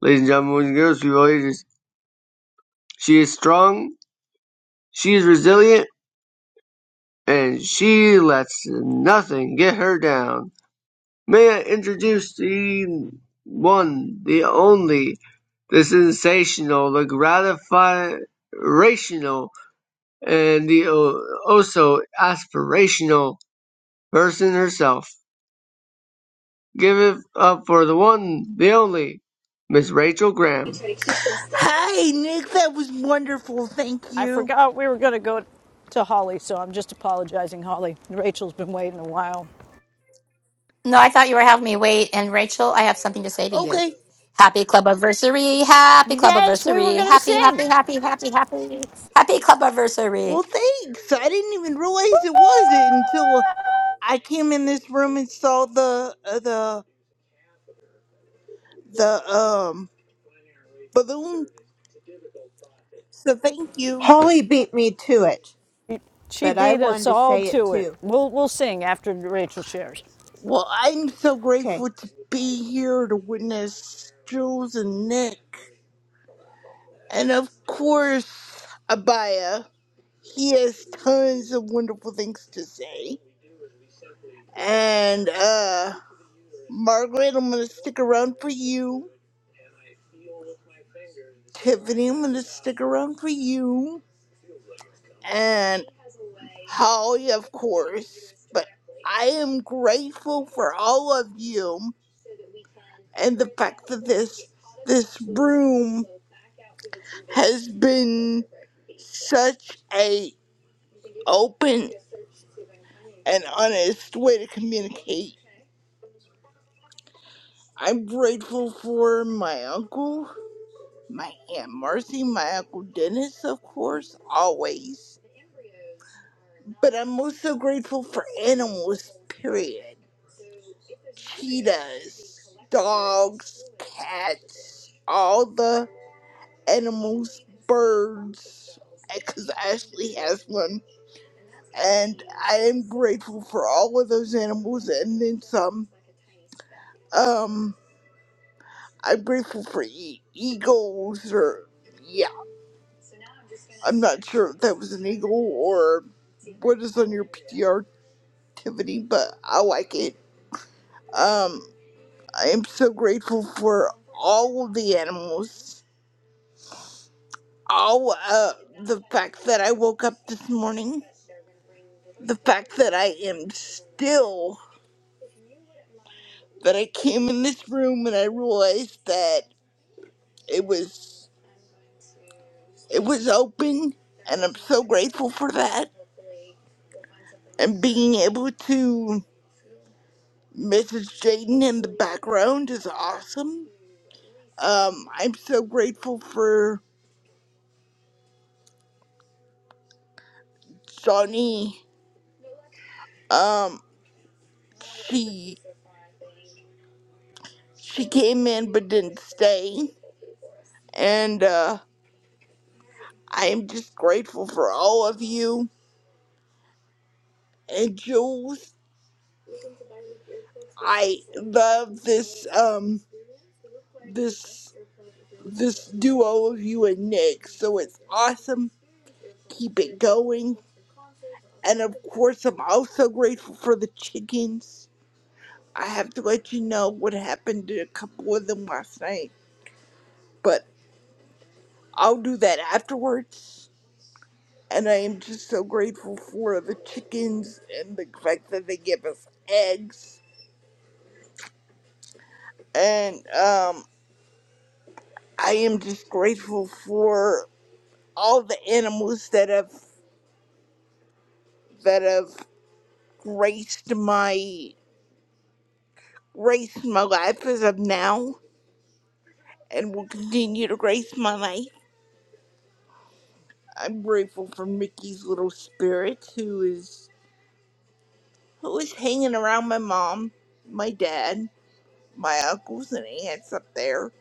Speaker 9: ladies and gentlemen, girls, people, ladies. She is strong. She is resilient And she lets nothing get her down. May I introduce the one, the only, the sensational, the gratificational, and the uh, also aspirational person herself. Give it up for the one, the only, Miss Rachel Graham.
Speaker 22: Hi, Nick. That was wonderful. Thank
Speaker 8: I
Speaker 22: you.
Speaker 8: forgot we were going to go to Holly, so I'm just apologizing, Holly. Rachel's been waiting a while.
Speaker 18: No, I thought you were having me wait. And Rachel, I have something to say to you.
Speaker 22: Okay.
Speaker 18: Happy club anniversary! Happy club
Speaker 8: Yes, we were
Speaker 18: anniversary!
Speaker 8: going to
Speaker 18: Happy, happy,
Speaker 8: sing.
Speaker 18: happy, happy, happy, happy club anniversary!
Speaker 22: Well, thanks. I didn't even realize it was it until I came in this room and saw the uh, the the um balloon. So thank you.
Speaker 19: Holly beat me to it,
Speaker 8: She
Speaker 19: but I
Speaker 8: beat us
Speaker 19: wanted to
Speaker 8: all
Speaker 19: say it
Speaker 8: to it.
Speaker 19: too.
Speaker 8: We'll, we'll sing after Rachel shares.
Speaker 22: Well, I'm so
Speaker 19: Okay.
Speaker 22: grateful to be here to witness Jules and Nick, and of course Abaya. He has tons of wonderful things to say. And uh, Margaret, I'm gonna stick around for you Tiffany, I'm going to stick around for you. And Holly, of course. But I am grateful for all of you and the fact that this this room has been such a open and honest way to communicate. I'm grateful for my uncle, my aunt Marcy, my uncle Dennis, of course, always. But I'm also grateful for animals, period. cheetahs, dogs, cats, all the animals, birds, because Ashley has one. And I am grateful for all of those animals and then some. Um, I'm grateful for e- eagles or, yeah, I'm not sure if that was an eagle or what is on your PTR activity, but I like it. Um, I am so grateful for all of the animals Oh, uh, the fact that I woke up this morning, the fact that I am still, that I came in this room and I realized that it was, it was open, and I'm so grateful for that. And being able to message Jaden in the background is awesome. Um, I'm so grateful for Johnny. Um, she she came in but didn't stay, and uh. I am just grateful for all of you and Jules. I love this um this this duo of you and Nick. So it's awesome. Keep it going. And of course, I'm also grateful for the chickens. I have to let you know what happened to a couple of them last night, but I'll do that afterwards. And I am just so grateful for the chickens and the fact that they give us eggs and um I am just grateful for all the animals that have that have graced my graced my life as of now and will continue to grace my life. I'm grateful for Mickey's little spirit who is who is hanging around my mom, my dad, my uncles and aunts up there.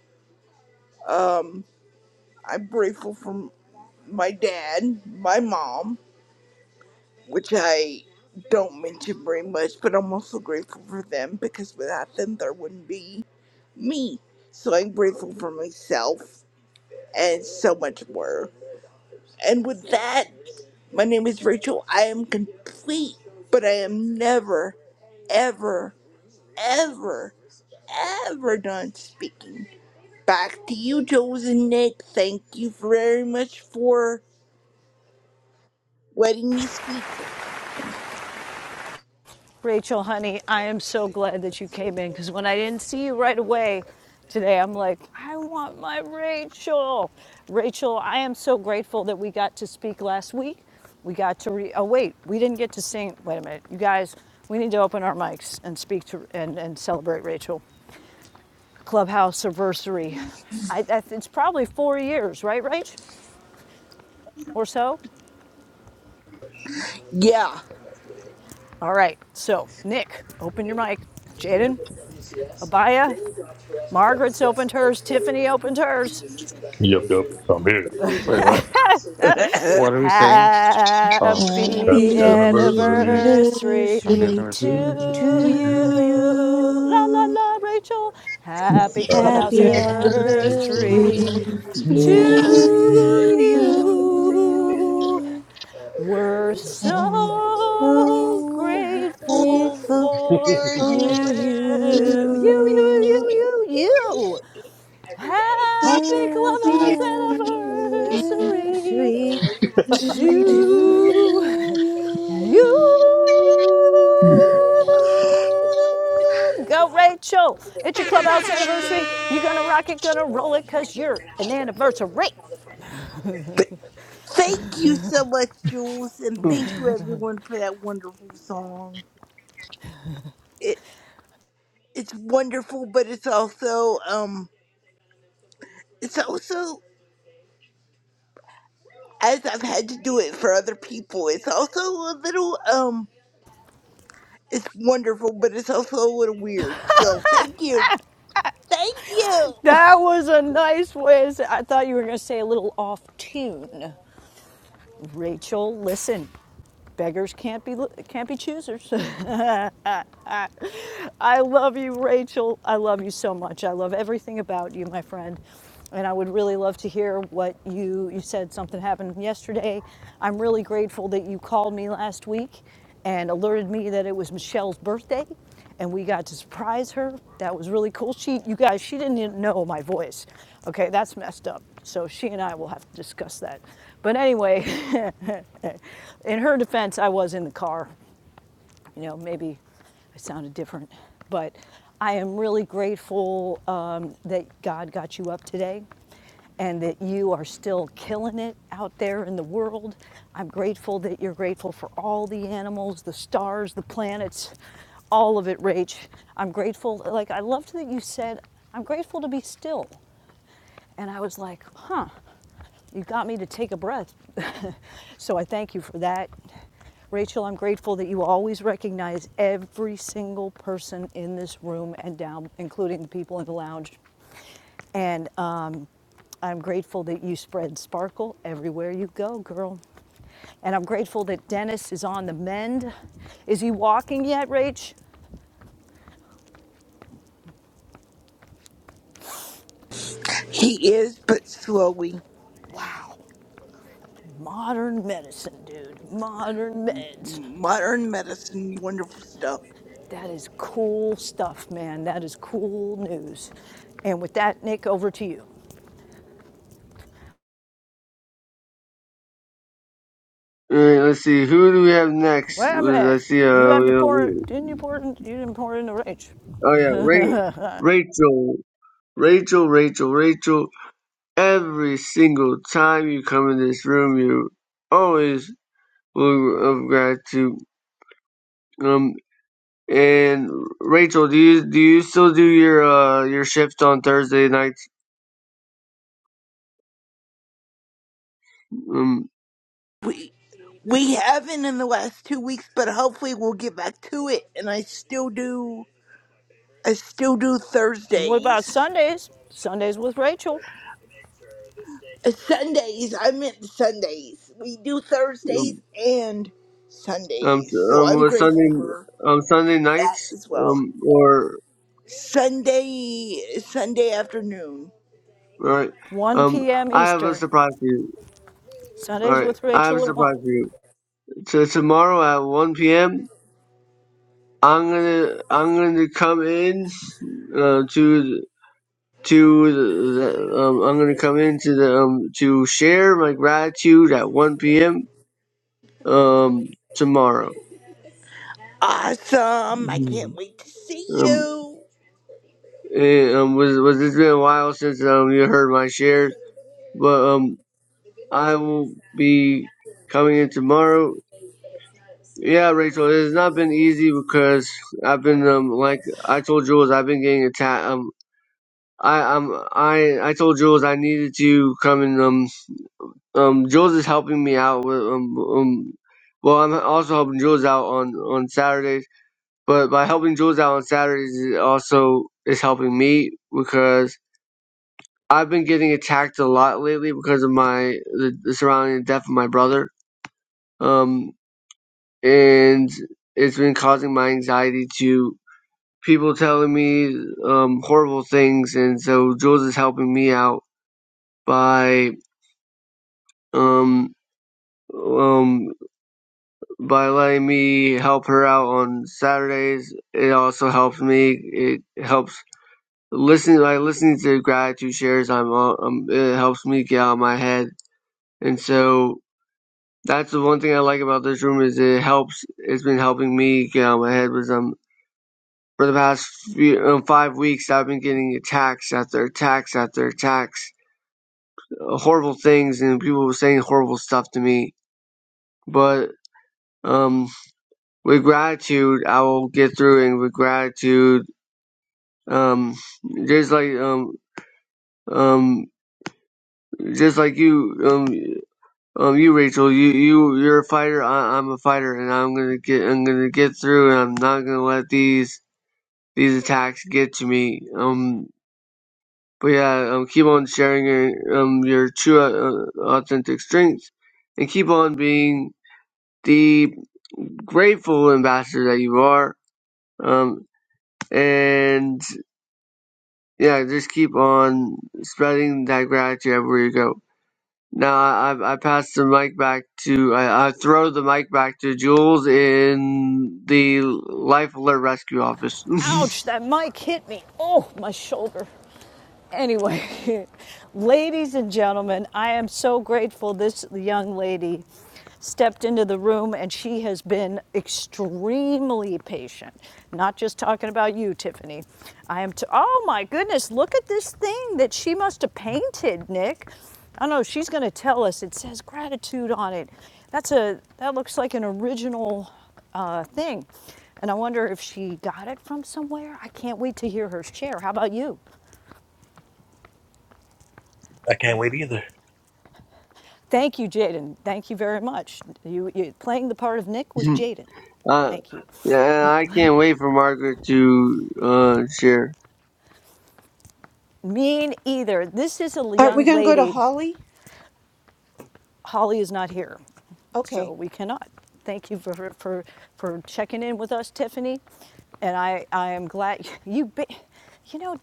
Speaker 22: Um I'm grateful for my dad, my mom, which I don't mention very much, but I'm also grateful for them because without them, there wouldn't be me. So I'm grateful for myself and so much more. And with that, my name is Rachel. I am complete, but I am never, ever, ever, ever done speaking. Back to you, Jules and Nick. Thank you very much for letting me speak.
Speaker 8: Rachel, honey, I am so glad that you came in because when I didn't see you right away today, I'm like, I want my Rachel. Rachel, I am so grateful that we got to speak last week. We got to re. Oh wait, we didn't get to sing. Wait a minute, you guys. We need to open our mics and speak to and, and celebrate Rachel. Clubhouse anniversary. I, I, it's probably four years, right, Rach, or so.
Speaker 22: Yeah.
Speaker 8: All right. So Nick, open your mic. Jaden, Abaya. Margaret's opened hers, Tiffany opened hers.
Speaker 11: Yep, yep. So I'm here.
Speaker 20: Wait, what? What are we saying? Oh,
Speaker 21: Uh,
Speaker 8: Happy
Speaker 11: Happy
Speaker 19: Happy
Speaker 11: anniversary.
Speaker 8: anniversary
Speaker 20: happy
Speaker 19: anniversary
Speaker 8: to
Speaker 20: anniversary.
Speaker 11: Happy
Speaker 8: you.
Speaker 19: to
Speaker 8: La la
Speaker 19: you.
Speaker 8: la, Rachel. Happy clubhouse
Speaker 19: Happy
Speaker 11: anniversary.
Speaker 8: anniversary
Speaker 19: anniversary
Speaker 8: to
Speaker 19: to
Speaker 8: you.
Speaker 19: you.
Speaker 8: We're
Speaker 19: And
Speaker 8: so
Speaker 19: oh, how
Speaker 8: grateful
Speaker 19: grateful
Speaker 8: for you.
Speaker 19: for
Speaker 8: You, you,
Speaker 19: you.
Speaker 8: you, you, you. Happy
Speaker 19: Happy
Speaker 8: clubhouse anniversary
Speaker 19: anniversary
Speaker 8: to
Speaker 19: To you.
Speaker 8: you. Go, Rachel. It's your clubhouse anniversary. You're going to rock it, going to roll it because you're an anniversary.
Speaker 22: forward. thank you so much, Jules, and thank you everyone for that wonderful song. It it's wonderful, but it's also um it's also as I've had to do it for other people, it's also a little um it's wonderful, but it's also a little weird. So thank you. Thank you.
Speaker 8: That was a nice way. I thought you were going to say a little off tune. Rachel, listen. Beggars can't be can't be choosers. I love you, Rachel. I love you so much. I love everything about you, my friend. And I would really love to hear what you you said something happened yesterday. I'm really grateful that you called me last week and alerted me that it was Michelle's birthday and we got to surprise her. That was really cool. She you guys, she didn't even know my voice. Okay, that's messed up. So she and I will have to discuss that. But anyway, in her defense, I was in the car you know, maybe I sounded different, but I am really grateful um, that God got you up today and that you are still killing it out there in the world. I'm grateful that you're grateful for all the animals, the stars, the planets, all of it, Rach. I'm grateful, like, I loved that you said, I'm grateful to be still. And I was like, huh, you got me to take a breath. so I thank you for that. Rachel, I'm grateful that you always recognize every single person in this room and down, including the people in the lounge. And um, I'm grateful that you spread sparkle everywhere you go, girl. And I'm grateful that Dennis is on the mend. Is he walking yet, Rach?
Speaker 22: He is but slowly.
Speaker 8: Modern medicine, dude. Modern meds.
Speaker 22: modern medicine, wonderful stuff.
Speaker 8: That is cool stuff, man. That is cool news. And with that, Nick, over to you.
Speaker 9: All right, let's see, who do we have next? I see, uh, we, oh yeah, Ra- Rachel, Rachel, Rachel, Rachel. Every single time you come in this room, you're always full of gratitude. Um, and Rachel, do you do you still do your uh your shift on Thursday nights? Um,
Speaker 22: We we haven't in the last two weeks, but hopefully we'll get back to it. And I still do. I still do
Speaker 8: And what about
Speaker 22: Thursdays.
Speaker 8: Sundays? Sundays with Rachel.
Speaker 22: Uh, Sundays. I meant Sundays. We do Thursdays
Speaker 9: um,
Speaker 22: and
Speaker 9: um,
Speaker 22: Sundays. So
Speaker 9: um
Speaker 22: I'm
Speaker 9: with
Speaker 22: grateful
Speaker 9: Sunday
Speaker 22: for
Speaker 9: um Sunday
Speaker 22: that
Speaker 9: nights?
Speaker 22: as well.
Speaker 9: Um, or
Speaker 22: Sunday. Sunday afternoon.
Speaker 9: all right.
Speaker 8: 1
Speaker 9: Um,
Speaker 8: p.m.
Speaker 9: I have a
Speaker 8: Eastern.
Speaker 9: surprise for you. All
Speaker 8: Sundays
Speaker 9: right,
Speaker 8: with
Speaker 9: I have a
Speaker 8: Rachel at 1.
Speaker 9: surprise for you. So tomorrow at one p.m. I'm gonna I'm gonna come in uh, to to the, um, I'm gonna come in to the um to share my gratitude at 1 p.m. um tomorrow.
Speaker 22: Awesome! I
Speaker 9: Mhm.
Speaker 22: can't wait to see
Speaker 9: Um,
Speaker 22: you.
Speaker 9: eh, um was was it's been a while since um you heard my shares, but um I will be coming in tomorrow. Yeah, Rachel, it has not been easy because I've been um like I told Jules I've been getting attacked. Um, I um I I told Jules I needed to come in um um Jules is helping me out with um um well I'm also helping Jules out on on Saturdays but by helping Jules out on Saturdays it also is helping me because I've been getting attacked a lot lately because of my the, the surrounding death of my brother um and it's been causing my anxiety to people telling me um horrible things and so Jules is helping me out by um um by letting me help her out on Saturdays. It also helps me. It helps listening by listening to gratitude shares. I'm uh, um, it helps me get out of my head, and so that's the one thing I like about this room is it helps. It's been helping me get out of my head Was um for the past few, um, five weeks I've been getting attacks after attacks after attacks, uh, horrible things, and people were saying horrible stuff to me, but. Um, with gratitude, I will get through, and with gratitude, Um, just like um um just like you um um you Rachel, you you you're a fighter. I, I'm a fighter, and I'm gonna get I'm gonna get through, and I'm not gonna let these these attacks get to me. Um, but yeah, um, keep on sharing your um your true uh, authentic strengths, and keep on being the grateful ambassador that you are. Um, and yeah, just keep on spreading that gratitude everywhere you go. Now I, I pass the mic back to I, I throw the mic back to Jules in the Life Alert Rescue Office.
Speaker 8: Ouch, that mic hit me. Oh, my shoulder. Anyway, ladies and gentlemen, I am so grateful this young lady stepped into the room and she has been extremely patient. Not just talking about you, Tiffany. I am, t- oh my goodness, look at this thing that she must have painted, Nick. I know she's going to tell us. It says gratitude on it. That's a, that looks like an original uh, thing. And I wonder if she got it from somewhere. I can't wait to hear her share. How about you?
Speaker 11: I can't wait either.
Speaker 8: Thank you, Jaden. Thank you very much. You, you playing the part of Nick was Jaden.
Speaker 9: uh,
Speaker 8: Thank you.
Speaker 9: yeah, I can't wait for Margaret to uh, share.
Speaker 8: Mean either. This is a
Speaker 19: Aren't we
Speaker 8: young
Speaker 19: going to go to
Speaker 8: lady.
Speaker 19: Holly?
Speaker 8: Holly is not here. So
Speaker 19: Okay.
Speaker 8: we cannot. Thank you for, for, for checking in with us, Tiffany. And I, I am glad you, be, you know, I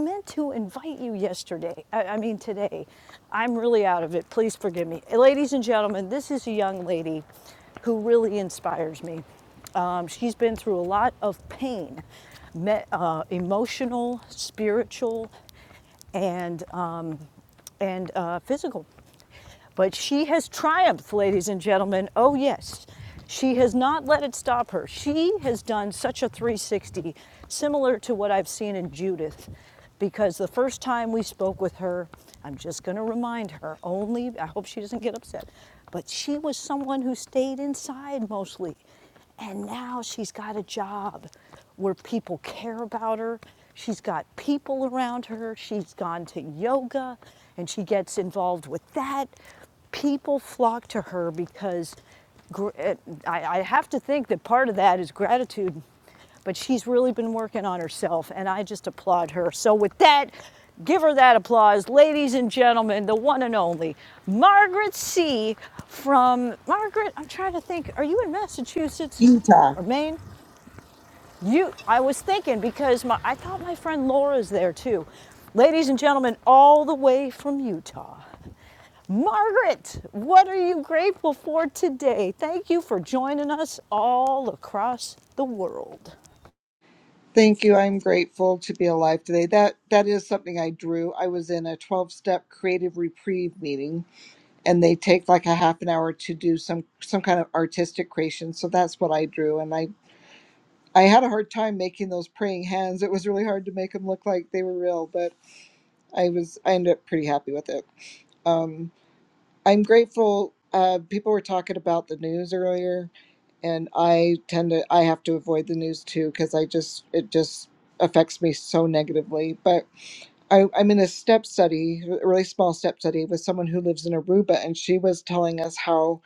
Speaker 8: meant to invite you yesterday. I, I mean, today. I'm really out of it. Please forgive me. Ladies and gentlemen, this is a young lady who really inspires me. Um, she's been through a lot of pain, me, uh, emotional, spiritual, and, uh, and uh, physical. But she has triumphed, ladies and gentlemen. Oh, yes. She has not let it stop her. She has done such a 360, similar to what I've seen in Judith, because the first time we spoke with her, I'm just going to remind her only, I hope she doesn't get upset, but she was someone who stayed inside mostly. And now she's got a job where people care about her. She's got people around her. She's gone to yoga and she gets involved with that. People flock to her because eh, I, I have to think that part of that is gratitude, but she's really been working on herself and I just applaud her. So, with that, give her that applause. Ladies and gentlemen, the one and only Margaret C. from Margaret, I'm trying to think, are you in Massachusetts
Speaker 21: Utah.
Speaker 8: or Maine? I was thinking because my, I thought my friend Laura's there too. Ladies and gentlemen, all the way from Utah. Margaret, what are you grateful for today? Thank you for joining us all across the world.
Speaker 21: Thank you. I'm grateful to be alive today. That that is something I drew. I was in a 12-step creative reprieve meeting and they take like a half an hour to do some some kind of artistic creation. So that's what I drew and I I had a hard time making those praying hands. It was really hard to make them look like they were real, but I was I ended up pretty happy with it. Um, I'm grateful. Uh, people were talking about the news earlier, and I tend to I have to avoid the news too because I just it just affects me so negatively. But I, I'm in a step study, a really small step study, with someone who lives in Aruba, and she was telling us how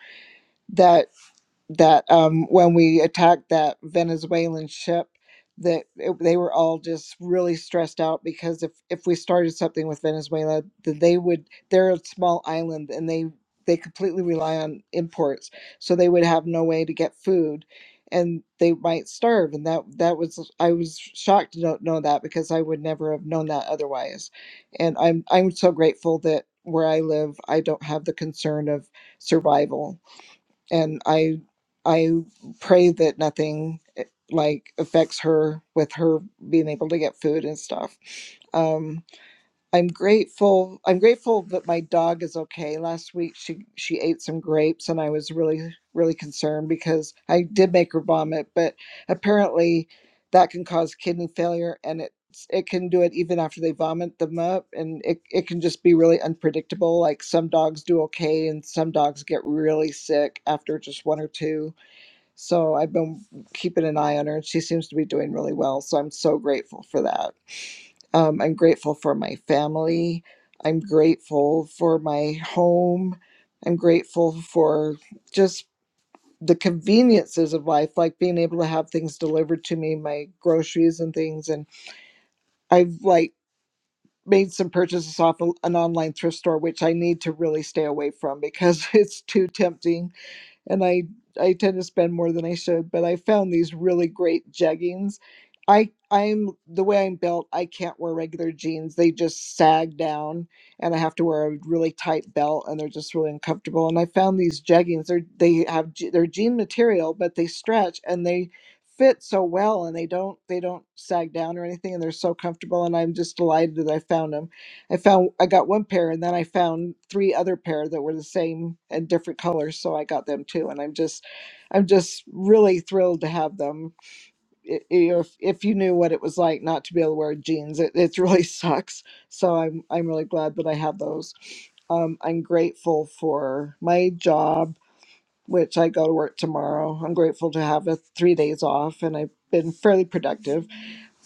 Speaker 21: that that um, when we attacked that Venezuelan ship, that it, they were all just really stressed out because if if we started something with Venezuela, that they would they're a small island and they they completely rely on imports, so they would have no way to get food, and they might starve. And that that was I was shocked to not know that because I would never have known that otherwise, and I'm I'm so grateful that where I live I don't have the concern of survival and I I pray that nothing eh, like affects her with her being able to get food and stuff. Um, I'm grateful. I'm grateful that my dog is okay. Last week she she ate some grapes and I was really really concerned because I did make her vomit, but apparently that can cause kidney failure and it it can do it even after they vomit them up and it, it can just be really unpredictable like some dogs do okay and some dogs get really sick after just one or two so i've been keeping an eye on her and she seems to be doing really well so i'm so grateful for that um, I'm grateful for my family. I'm grateful for my home. I'm grateful for just the conveniences of life, like being able to have things delivered to me, my groceries and things. And I've like made some purchases off a- an online thrift store, which I need to really stay away from because it's too tempting and I I tend to spend more than I should, but I found these really great jeggings. I I'm the way I'm built, I can't wear regular jeans. They just sag down and I have to wear a really tight belt and they're just really uncomfortable. And I found these jeggings, they're they have je- they're jean material, but they stretch and they fit so well and they don't they don't sag down or anything and they're so comfortable and I'm just delighted that I found them. I found I got one pair and then I found three other pair that were the same and different colors, so I got them too. And I'm just I'm just really thrilled to have them. I- you know, If if you knew what it was like not to be able to wear jeans, it, it really sucks. So I'm I'm really glad that I have those. Um, I'm grateful for my job, which I go to work tomorrow. I'm grateful to have a three days off, and I've been fairly productive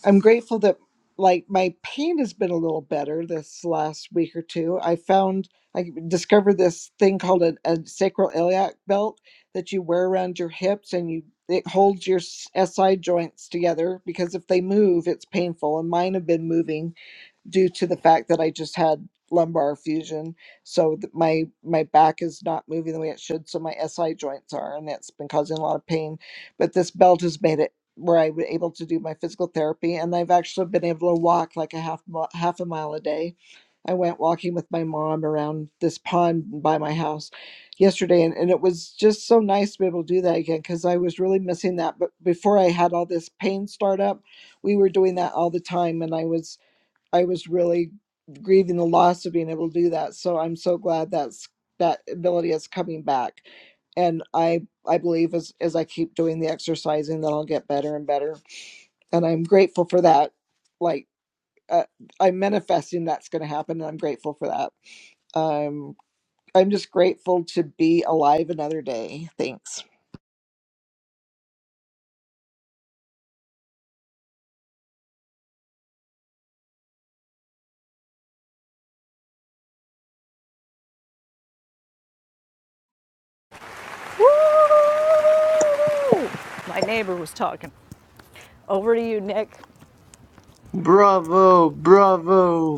Speaker 21: I'm grateful that like my pain has been a little better this last week or two. I found I discovered this thing called a, a sacral iliac belt that you wear around your hips and you it holds your s- SI joints together because if they move it's painful and mine have been moving due to the fact that I just had lumbar fusion. So th- my my back is not moving the way it should. So my SI joints are, and that's been causing a lot of pain. But this belt has made it where I was able to do my physical therapy, and I've actually been able to walk like a half mi- half a mile a day. I went walking with my mom around this pond by my house yesterday, and, and it was just so nice to be able to do that again because I was really missing that. But before I had all this pain start up, we were doing that all the time, and I was I was really grieving the loss of being able to do that. So I'm so glad that's that ability is coming back. And I I believe as as I keep doing the exercising that I'll get better and better. And I'm grateful for that. Like uh, I'm manifesting that's going to happen, and I'm grateful for that. Um, I'm just grateful to be alive another day. Thanks.
Speaker 8: My neighbor was talking. Over to you, Nick.
Speaker 9: Bravo, bravo,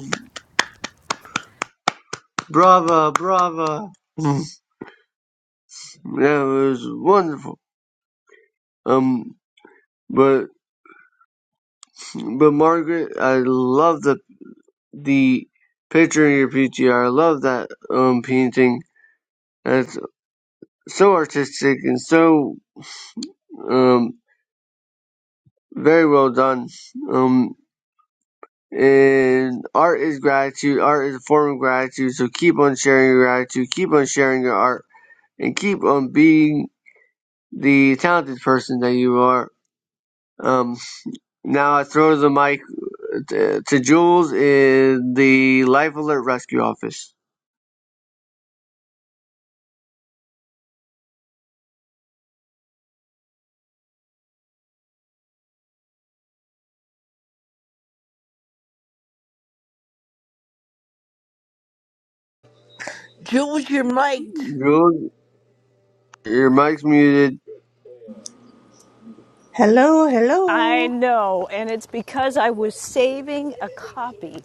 Speaker 9: brava, brava. Yeah, it was wonderful. Um, but but Margaret, I love the the picture in your PTR. I love that um painting. That's so artistic and so um, very well done. Um, and art is gratitude. Art is a form of gratitude. So keep on sharing your gratitude. Keep on sharing your art, and keep on being the talented person that you are. Um, now I throw the mic to, to Jules in the Life Alert Rescue Office.
Speaker 22: Jules, you're mic'd.
Speaker 9: Jules, your mic's muted.
Speaker 19: Hello,
Speaker 8: I
Speaker 19: hello.
Speaker 8: know, and it's because I was saving a copy.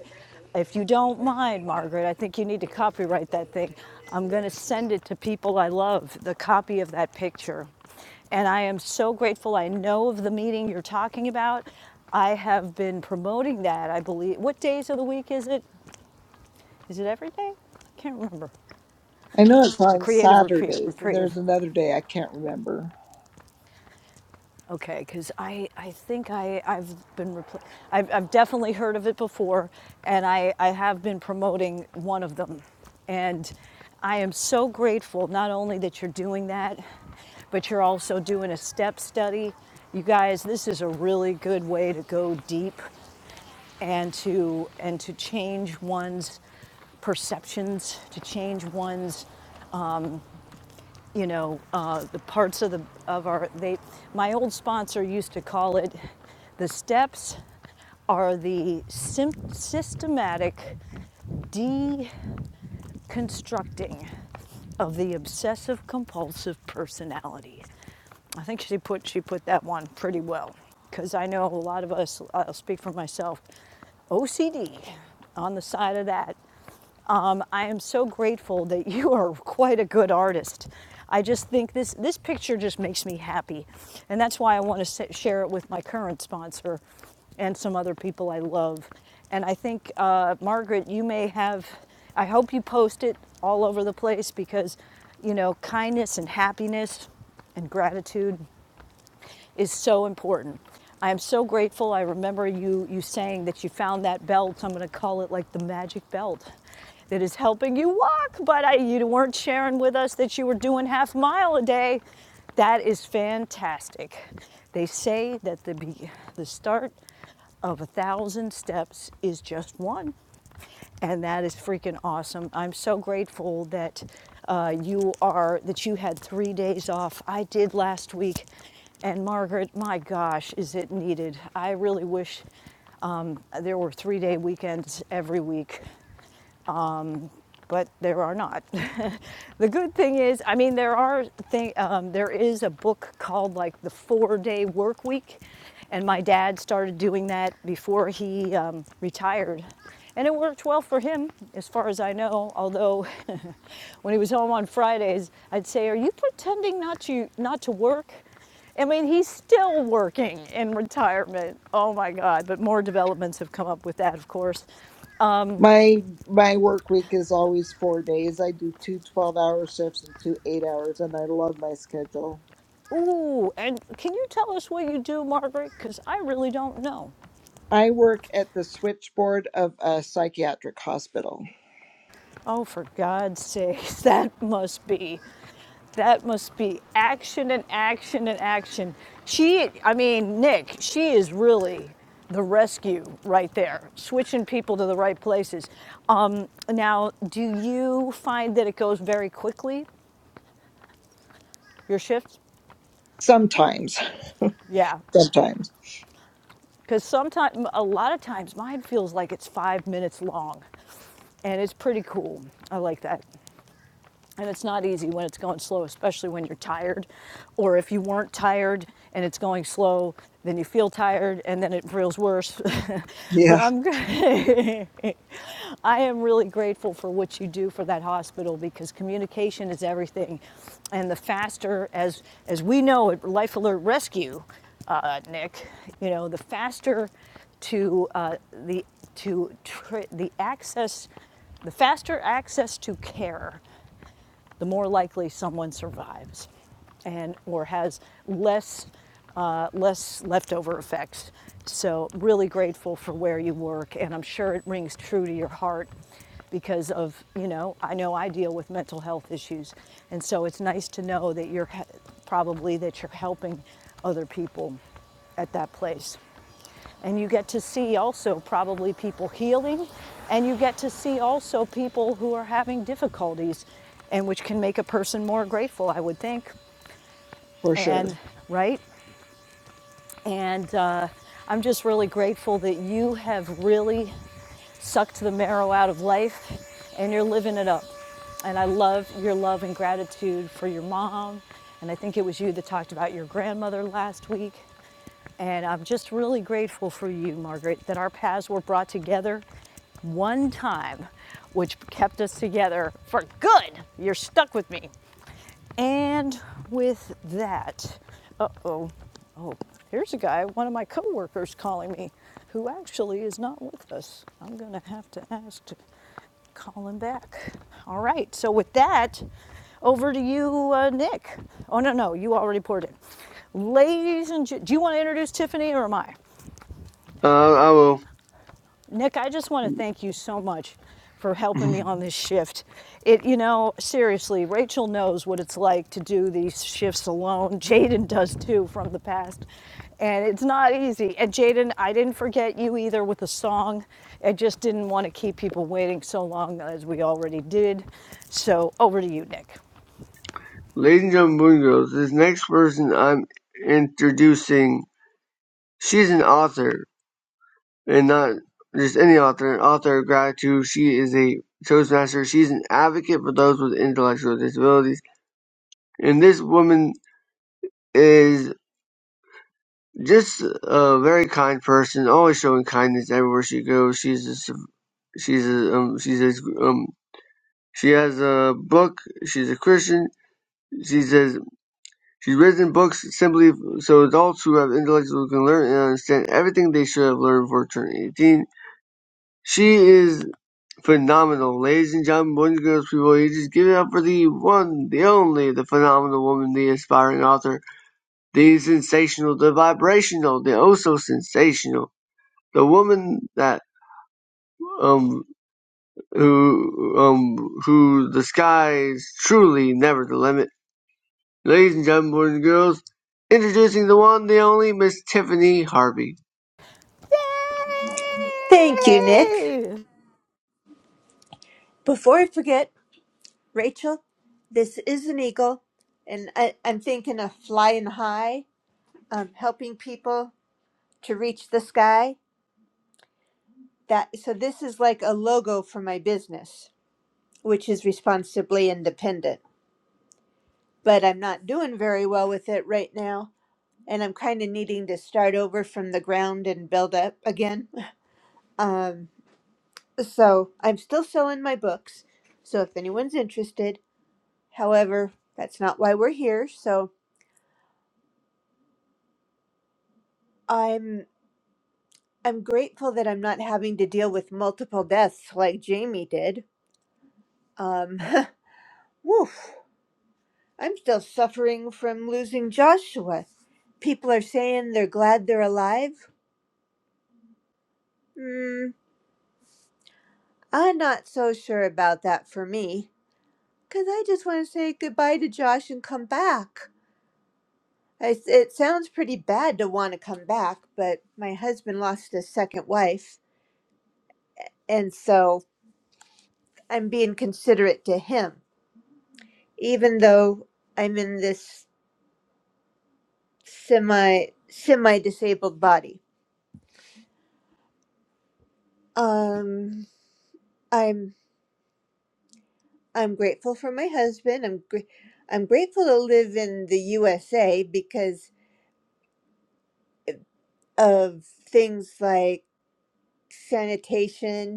Speaker 8: If you don't mind, Margaret, I think you need to copyright that thing. I'm going to send it to people I love, the copy of that picture. And I am so grateful. I know of the meeting you're talking about. I have been promoting that, I believe. What days of the week is it? Is it every day? I can't remember.
Speaker 21: I know it's
Speaker 8: The
Speaker 21: on
Speaker 8: creative reprieve.
Speaker 21: Saturdays, and
Speaker 8: reprieve.
Speaker 21: there's another day I can't remember.
Speaker 8: Okay, because I, I think I, I've been, I've, I've definitely heard of it before, and I, I have been promoting one of them. And I am so grateful not only that you're doing that, but you're also doing a step study. You guys, this is a really good way to go deep and to, and to change one's perceptions, to change one's you know, uh, the parts of the of our they. My old sponsor used to call it the steps are the sym- systematic deconstructing of the obsessive compulsive personality. I think she put she put that one pretty well because I know a lot of us. I'll speak for myself. OCD on the side of that um, I am so grateful that you are quite a good artist. I just think this this picture just makes me happy, and that's why I want to share it with my current sponsor, and some other people I love. And I think uh, Margaret, you may have. I hope you post it all over the place because, you know, kindness and happiness and gratitude is so important. I am so grateful. I remember you you saying that you found that belt. I'm going to call it like the magic belt that is helping you walk, but I, you weren't sharing with us that you were doing half a mile a day. That is fantastic. They say that the be- the start of a thousand steps is just one, and that is freaking awesome. I'm so grateful that uh, you are that you had three days off. I did last week, and Margaret, my gosh, is it needed? I really wish um, there were three day weekends every week but there are not. the good thing is, I mean, there are thing, um, there is a book called like the Four Day Work Week, and my dad started doing that before he um, retired, and it worked well for him, as far as I know. Although, when he was home on Fridays, I'd say, "Are you pretending not to not to work?" I mean, he's still working in retirement. Oh my God! But more developments have come up with that, of course. Um,
Speaker 21: My my work week is always four days. I do two twelve hour shifts and two eight hours, and I love my schedule.
Speaker 8: Ooh, and can you tell us what you do, Margaret? Because I really don't know.
Speaker 21: I work at the switchboard of a psychiatric hospital.
Speaker 8: Oh, for God's sake, that must be, that must be action and action and action. She, I mean, Nick, she is really the rescue right there, switching people to the right places. Um, now, do you find that it goes very quickly, your shift?
Speaker 21: Sometimes.
Speaker 8: Yeah,
Speaker 21: Sometimes.
Speaker 8: because sometimes, a lot of times, mine feels like it's five minutes long, and it's pretty cool. I like that. And it's not easy when it's going slow, especially when you're tired. Or if you weren't tired and it's going slow, then you feel tired and then it feels worse. but
Speaker 21: Yeah,
Speaker 8: I'm I am really grateful for what you do for that hospital because communication is everything. And the faster as as we know at Life Alert Rescue, uh, Nick, you know, the faster to uh, the to tr the access the faster access to care the more likely someone survives and or has less uh, less leftover effects. So really grateful for where you work, and I'm sure it rings true to your heart because of you know I know I deal with mental health issues, and so it's nice to know that you're probably that you're helping other people at that place. And you get to see also probably people healing, and you get to see also people who are having difficulties, and which can make a person more grateful, I would think.
Speaker 21: for sure.
Speaker 8: And right? And uh, I'm just really grateful that you have really sucked the marrow out of life and you're living it up. And I love your love and gratitude for your mom. And I think it was you that talked about your grandmother last week. And I'm just really grateful for you, Margaret, that our paths were brought together one time, which kept us together for good. You're stuck with me. And with that, uh oh, oh, here's a guy, one of my coworkers calling me, who actually is not with us. I'm going to have to ask to call him back. All right, so with that, over to you, uh, Nick. Oh, no, no, you already poured it. Ladies and gentlemen, do you want to introduce Tiffany or am I?
Speaker 9: Uh, I will.
Speaker 8: Nick, I just want to thank you so much for helping me on this shift. It, you know, seriously, Rachel knows what it's like to do these shifts alone. Jaden does too from the past. And it's not easy. And Jaden, I didn't forget you either with the song. I just didn't want to keep people waiting so long as we already did. So over to you, Nick.
Speaker 9: Ladies and gentlemen, boys and girls, this next person I'm introducing She's an author, and not just any author, an author of gratitude. She is a Toastmaster. She's an advocate for those with intellectual disabilities. And this woman is just a very kind person, always showing kindness everywhere she goes. She's a, s- she's a, um, she's a, um, she has a book. She's a Christian. She says she's written books simply so adults who have intellectuals can learn and understand everything they should have learned before turning 18. She is phenomenal. Ladies and gentlemen, boys and girls, people, you just give it up for the one, the only, the phenomenal woman, the inspiring author, the sensational, the vibrational, the oh so sensational, the woman that, um, who, um, who the skies truly never the limit. Ladies and gentlemen, boys and girls, introducing the one, the only, Miss Tiffany Harvey.
Speaker 19: Thank you, Nick.
Speaker 8: Yay!
Speaker 19: Before I forget, Rachel, this is an eagle, and I, I'm thinking of flying high, um, helping people to reach the sky. That so this is like a logo for my business, which is responsibly independent. But I'm not doing very well with it right now, and I'm kind of needing to start over from the ground and build up again. Um, so I'm still selling my books. So if anyone's interested, however, that's not why we're here. So I'm I'm grateful that I'm not having to deal with multiple deaths like Jamie did. Um, woof. I'm still suffering from losing Joshua. People are saying they're glad they're alive. Hmm, I'm not so sure about that for me. Because I just want to say goodbye to Josh and come back. I s it sounds pretty bad to want to come back, but my husband lost his second wife, and so I'm being considerate to him, even though I'm in this semi semi disabled body. Um, I'm I'm grateful for my husband. I'm gr- I'm grateful to live in the USA because of things like sanitation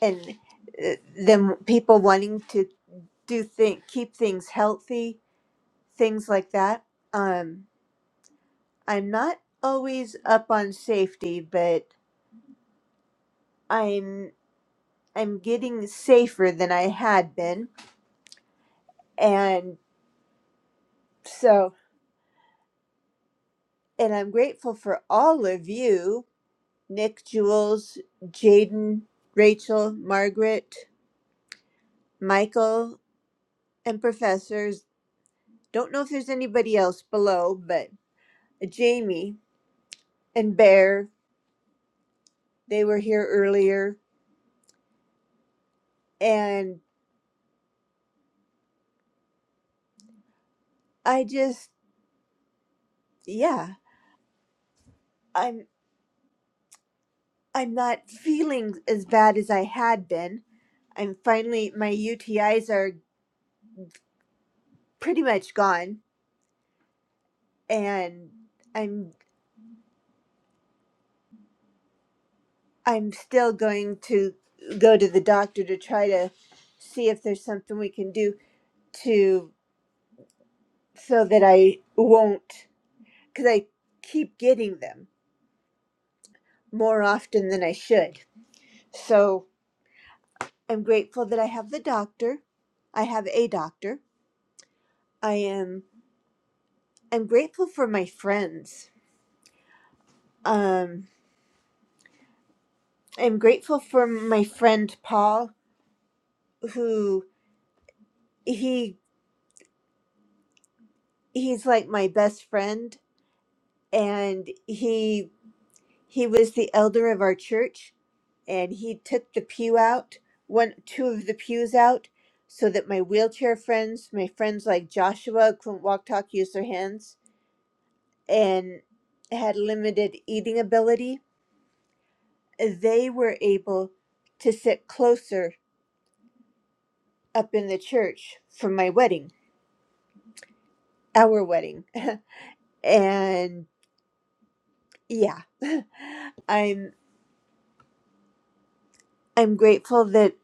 Speaker 19: and uh, then people wanting to do think keep things healthy things like that um i'm not always up on safety but i'm i'm getting safer than i had been and so and i'm grateful for all of you nick jules jaden rachel margaret michael and professors don't know if there's anybody else below but jamie and bear They were here earlier and I just yeah, I'm I'm not feeling as bad as I had been. I'm finally my UTIs are pretty much gone and I'm I'm still going to go to the doctor to try to see if there's something we can do to so that I won't cuz I keep getting them more often than I should. So I'm grateful that I have the doctor. I have a doctor. I am I'm grateful for my friends. Um I'm grateful for my friend Paul who he he's like my best friend and he he was the elder of our church and he took the pew out, one two of the pews out so that my wheelchair friends, my friends like Joshua couldn't walk talk use their hands and had limited eating ability they were able to sit closer up in the church for my wedding, our wedding. and yeah, I'm I'm grateful that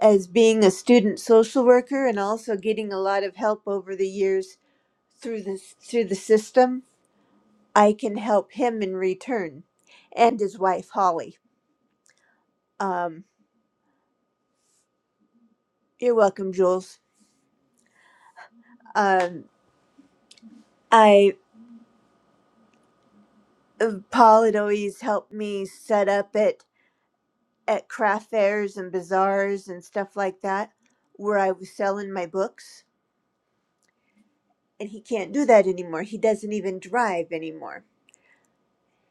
Speaker 19: as being a student social worker and also getting a lot of help over the years through this through the system, I can help him in return and his wife Holly. Um, you're welcome, Jules. Um, I Paul had always helped me set up it at craft fairs and bazaars and stuff like that where I was selling my books. And he can't do that anymore. He doesn't even drive anymore.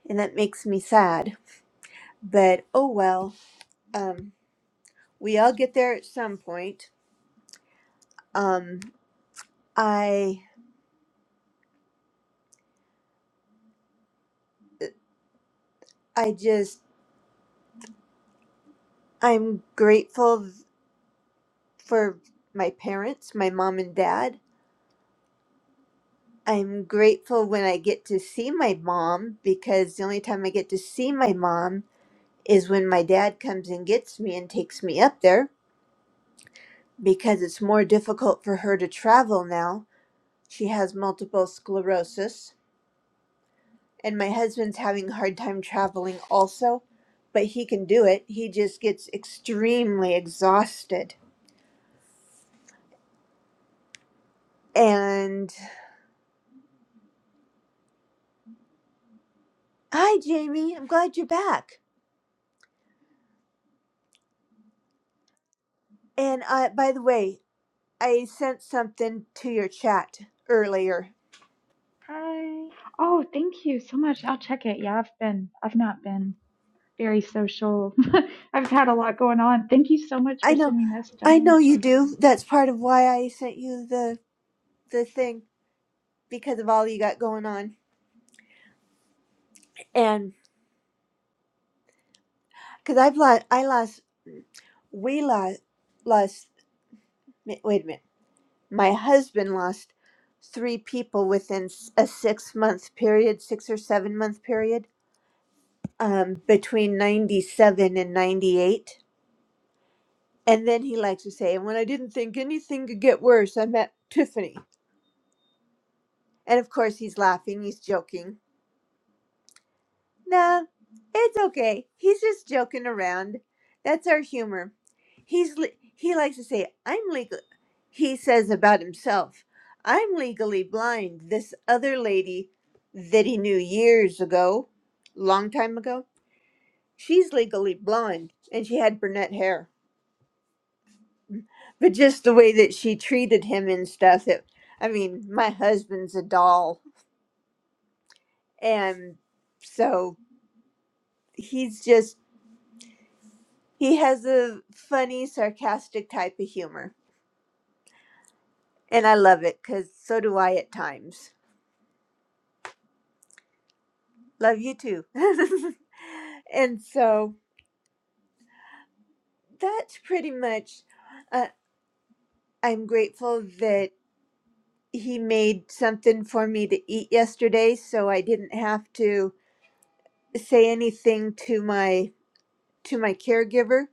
Speaker 19: And that makes me sad. But oh well, um, we all get there at some point. Um, I, I just, I'm grateful for my parents, my mom and dad. I'm grateful when I get to see my mom because the only time I get to see my mom is when my dad comes and gets me and takes me up there because it's more difficult for her to travel now. She has multiple sclerosis, and my husband's having a hard time traveling also, but he can do it. He just gets extremely exhausted. And hi, Jamie. I'm glad you're back. And uh, by the way, I sent something to your chat earlier.
Speaker 13: I oh, thank you so much. I'll check it. Yeah, I've been I've not been very social. I've had a lot going on. Thank you so much for
Speaker 19: I know,
Speaker 13: sending me a message. I'm
Speaker 19: I
Speaker 13: gonna
Speaker 19: know you
Speaker 13: check it.
Speaker 19: do. That's part of why I sent you the the thing because of all you got going on. And because I've lost, I lost, we lost, lost, mi- wait a minute. My husband lost three people within s- a six month period, six or seven month period, um, between 97 and 98. And then he likes to say, and when I didn't think anything could get worse, I met Tiffany. And of course, he's laughing, he's joking. Nah, it's okay. He's just joking around. That's our humor. He's le- he likes to say, "I'm legal." He says about himself, "I'm legally blind." This other lady that he knew years ago, long time ago, she's legally blonde, and she had brunette hair. But just the way that she treated him and stuff, it, I mean, my husband's a doll, and so he's just He has a funny, sarcastic type of humor. And I love it because so do I at times. Love you too. and so that's pretty much, uh, I'm grateful that he made something for me to eat yesterday so I didn't have to say anything to my to my caregiver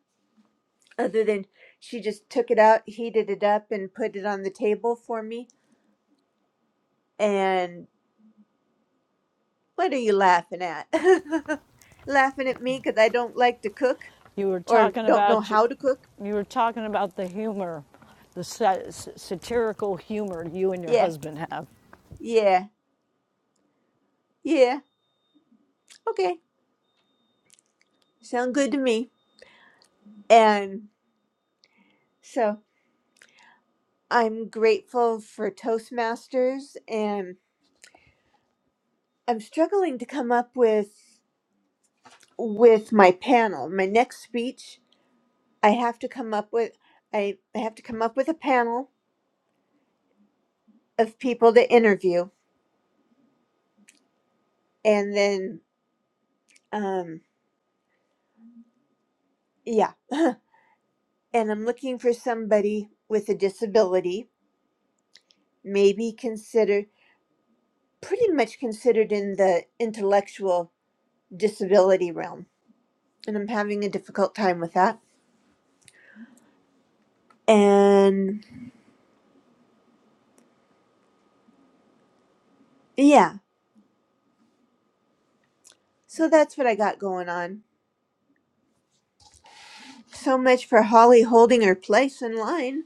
Speaker 19: other than she just took it out heated it up and put it on the table for me and. What are you laughing at? laughing at me because I don't like to cook
Speaker 8: You were
Speaker 19: or
Speaker 8: talking
Speaker 19: don't know
Speaker 8: about your,
Speaker 19: how to cook?
Speaker 8: you were talking about the humor, the satirical humor you and your
Speaker 19: Yeah,
Speaker 8: husband have.
Speaker 19: yeah, yeah. Okay, sound good to me. And so I'm grateful for Toastmasters, and I'm struggling to come up with with my panel. My next speech, I have to come up with I, I have to come up with a panel of people to interview, and then um yeah. and I'm looking for somebody with a disability, maybe considered pretty much considered in the intellectual disability realm. And I'm having a difficult time with that. And yeah, so that's what I got going on. So much for Holly holding her place in line.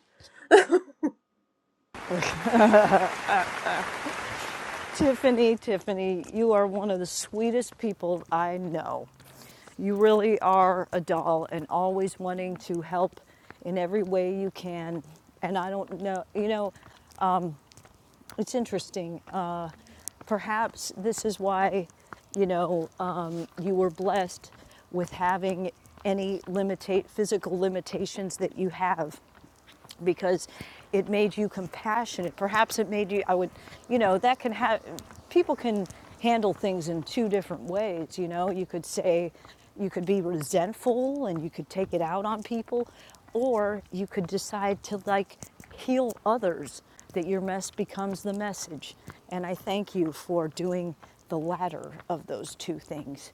Speaker 8: Tiffany, Tiffany, you are one of the sweetest people I know. You really are a doll and always wanting to help in every way you can. And I don't know, you know, it's interesting. Uh, perhaps this is why, you know, um, you were blessed with having any limitate physical limitations that you have, because it made you compassionate. Perhaps it made you, I would, you know, that can have, people can handle things in two different ways, you know. You could say, you could be resentful and you could take it out on people, or you could decide to like heal others that your mess becomes the message. And I thank you for doing the latter of those two things.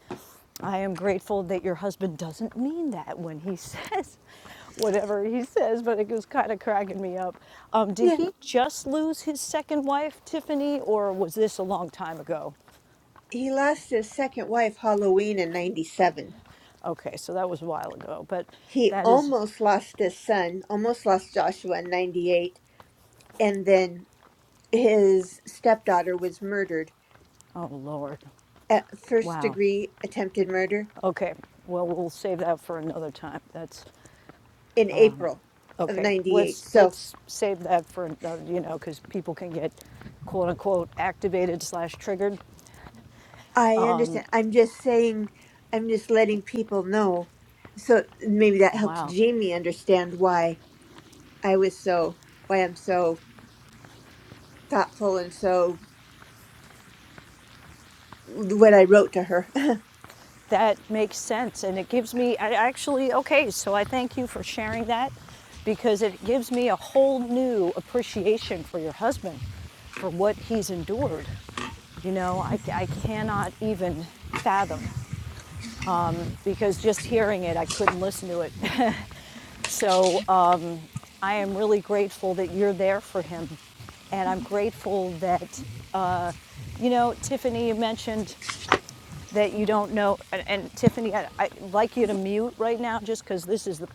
Speaker 8: I am grateful that your husband doesn't mean that when he says whatever he says, but it was kind of cracking me up. Um, did
Speaker 19: Yeah.
Speaker 8: he just lose his second wife, Tiffany, or was this a long time ago?
Speaker 19: He lost his second wife Halloween in 97.
Speaker 8: Okay, so that was a while ago, but
Speaker 19: He
Speaker 8: that is,
Speaker 19: almost lost his son, almost lost Joshua in 98. And then his stepdaughter was murdered
Speaker 8: oh Lord,
Speaker 19: uh, first
Speaker 8: wow.
Speaker 19: degree attempted murder
Speaker 8: Okay, well we'll save that for another time. That's
Speaker 19: in April of
Speaker 8: okay.
Speaker 19: 98.
Speaker 8: Let's
Speaker 19: So
Speaker 8: let's save that for another, you know, because people can get quote unquote activated slash triggered.
Speaker 19: I understand. I'm just saying, I'm just letting people know. So maybe that helps
Speaker 8: Wow.
Speaker 19: Jamie understand why I was so, why I'm so thoughtful and so what I wrote to her.
Speaker 8: that makes sense and it gives me I actually okay so i thank you for sharing that because it gives me a whole new appreciation for your husband for what he's endured you know i, I cannot even fathom because just hearing it i couldn't listen to it so um, i am really grateful that you're there for him and i'm grateful that uh, you know tiffany mentioned that you don't know. And, and Tiffany, I, I'd like you to mute right now just because this is the,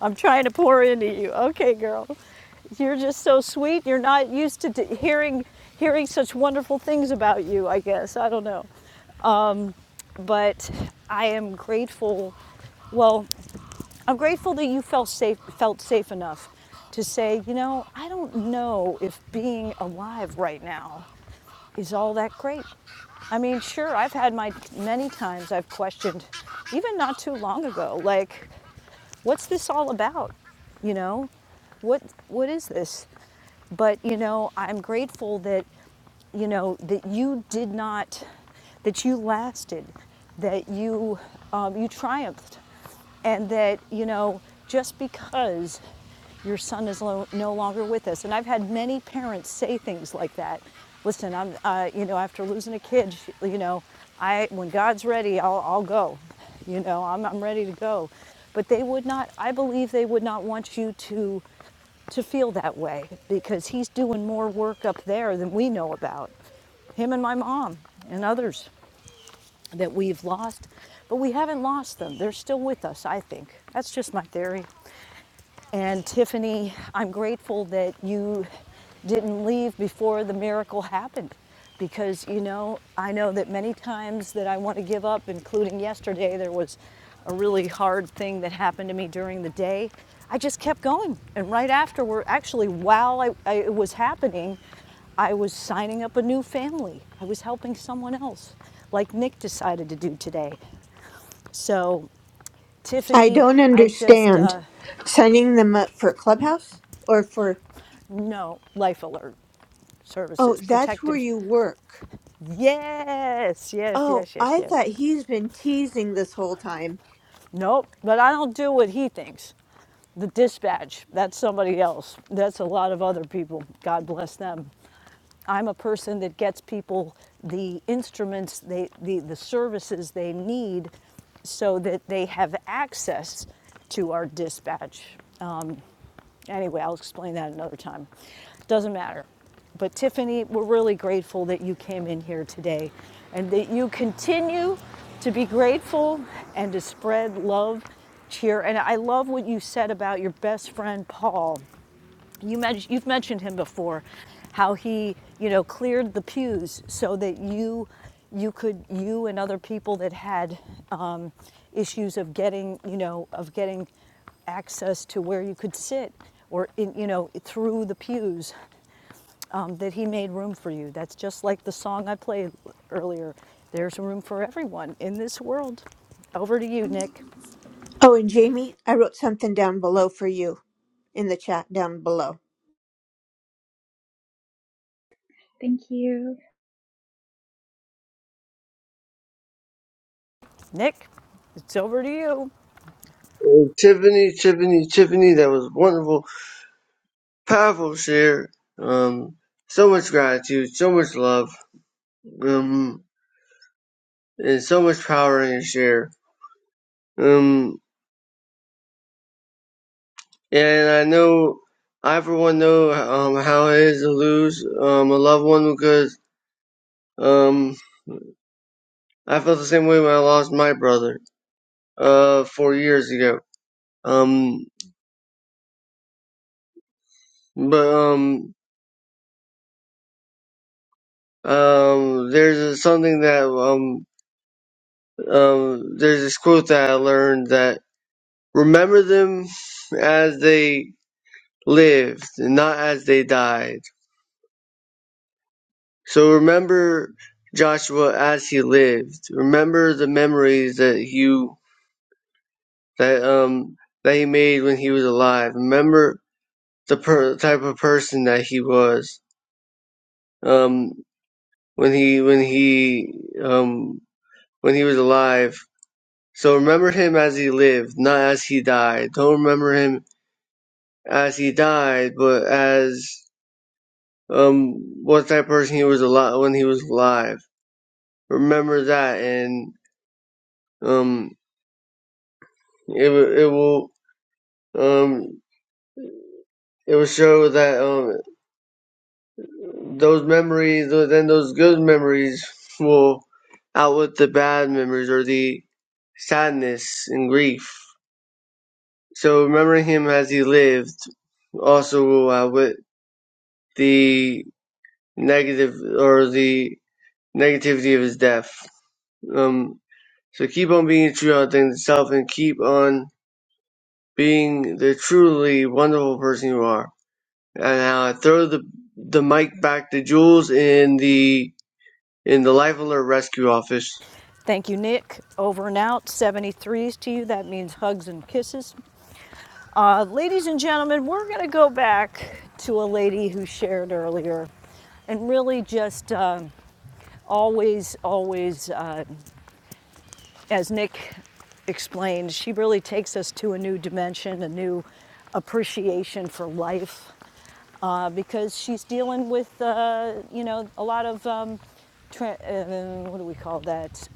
Speaker 8: I'm trying to pour into you. Okay, girl. You're just so sweet. You're not used to d- hearing, hearing such wonderful things about you, I guess. I don't know. But I am grateful. Well, I'm grateful that you felt safe, felt safe enough to say, you know, I don't know if being alive right now is all that great. I mean, sure, I've had my many times I've questioned, even not too long ago, like, what's this all about? You know, what what is this? but you know i'm grateful that you know that you did not that you lasted that you um, you triumphed and that you know just because your son is lo- no longer with us and i've had many parents say things like that listen i'm uh, you know after losing a kid you know i when god's ready i'll, I'll go you know I'm, I'm ready to go but they would not i believe they would not want you to to feel that way because he's doing more work up there than we know about. Him and my mom and others that we've lost, but we haven't lost them. They're still with us, I think. That's just my theory. And Tiffany, I'm grateful that you didn't leave before the miracle happened because you know i know that many times that i want to give up including yesterday there was a really hard thing that happened to me during the day i just kept going and right afterward actually while I, I, it was happening i was signing up a new family i was helping someone else like nick decided to do today so
Speaker 19: I
Speaker 8: tiffany
Speaker 19: don't
Speaker 8: i just
Speaker 19: understand
Speaker 8: uh,
Speaker 19: signing them up for Clubhouse or for,
Speaker 8: no life alert
Speaker 19: oh,
Speaker 8: services,
Speaker 19: that's where
Speaker 8: protective.
Speaker 19: you work.
Speaker 8: Yes, yes,
Speaker 19: Oh,
Speaker 8: yes, yes,
Speaker 19: I
Speaker 8: yes.
Speaker 19: thought he's been teasing this whole time.
Speaker 8: Nope, but I don't do what he thinks. The dispatch, that's somebody else. That's a lot of other people. God bless them. I'm a person that gets people the instruments, they, the, the services they need so that they have access to our dispatch. Anyway, I'll explain that another time. Doesn't matter. But Tiffany, we're really grateful that you came in here today and that you continue to be grateful and to spread love, cheer. And I love what you said about your best friend, Paul. You men- you've mentioned him before, how he, you know, cleared the pews so that you, you could, you and other people that had um, issues of getting, you know, of getting access to where you could sit or, in, you know, through the pews, um, that he made room for you. That's just like the song I played earlier. There's room for everyone in this world. Over to you, Nick.
Speaker 19: Oh, and Jamie, I wrote something down below for you in the chat down below.
Speaker 13: Thank you.
Speaker 8: Nick, it's over to you.
Speaker 9: Oh, Tiffany, Tiffany, Tiffany, that was wonderful, powerful share. Um, so much gratitude, so much love um, and so much power in your share. Um, and I know I for one know um how it is to lose um a loved one because um I felt the same way when I lost my brother uh four years ago. Um, but um um there's something that um um there's this quote that I learned that remember them as they lived, not as they died So remember Joshua as he lived. Remember the memories that you that um that he made when he was alive. Remember the per- type of person that he was um when he when he um when he was alive. So remember him as he lived, not as he died. Don't remember him as he died, but as um what type of person he was alive when he was alive. Remember that and um it, will- it will Um, it will show that um, those memories, or then those good memories, will outwit the bad memories or the sadness and grief. So remembering him as he lived also will outwit the negative or the negativity of his death. Um, so keep on being true unto yourself and keep on being the truly wonderful person you are. And now I throw the the mic back to Jules in the in the life alert rescue office.
Speaker 8: Thank you, Nick. Over and out, 73s to you. That means hugs and kisses. Uh, ladies and gentlemen, we're going to go back to a lady who shared earlier and really just um always, always, uh, as Nick explained, she really takes us to a new dimension, a new appreciation for life uh, because she's dealing with, uh, you know, a lot of, um, tra- uh, what do we call that?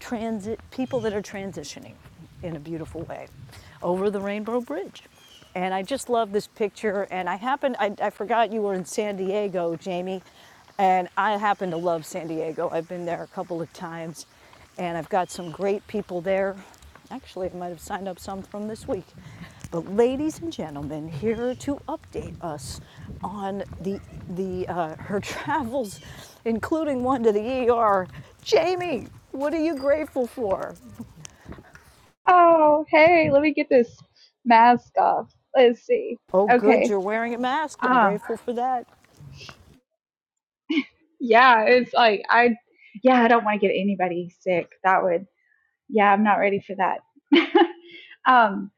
Speaker 8: transit people that are transitioning in a beautiful way over the Rainbow Bridge. And I just love this picture. And I happened, I, I forgot you were in San Diego, Jamie. And I happen to love San Diego. I've been there a couple of times and I've got some great people there Actually, I might have signed up some from this week. But ladies and gentlemen, here to update us on the the uh, her travels, including one to the ER. Jamie, what are you grateful for?
Speaker 13: Oh, hey, let me get this mask off. Let's see.
Speaker 8: Oh, good,
Speaker 13: Okay.
Speaker 8: you're wearing a mask. I'm
Speaker 13: Ah,
Speaker 8: grateful for that.
Speaker 13: Yeah, it's like I yeah, I don't want to get anybody sick. That would yeah, I'm not ready for that. um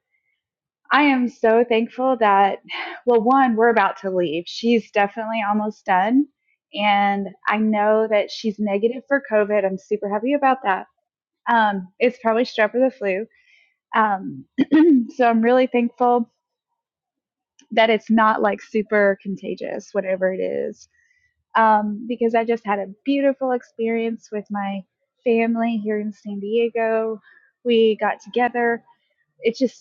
Speaker 13: I am so thankful that, well, one, we're about to leave. She's definitely almost done. And I know that she's negative for COVID. I'm super happy about that. Um, it's probably strep or the flu. Um, so I'm really thankful that it's not like super contagious, whatever it is, um, because I just had a beautiful experience with my family here in San Diego. We got together. It's just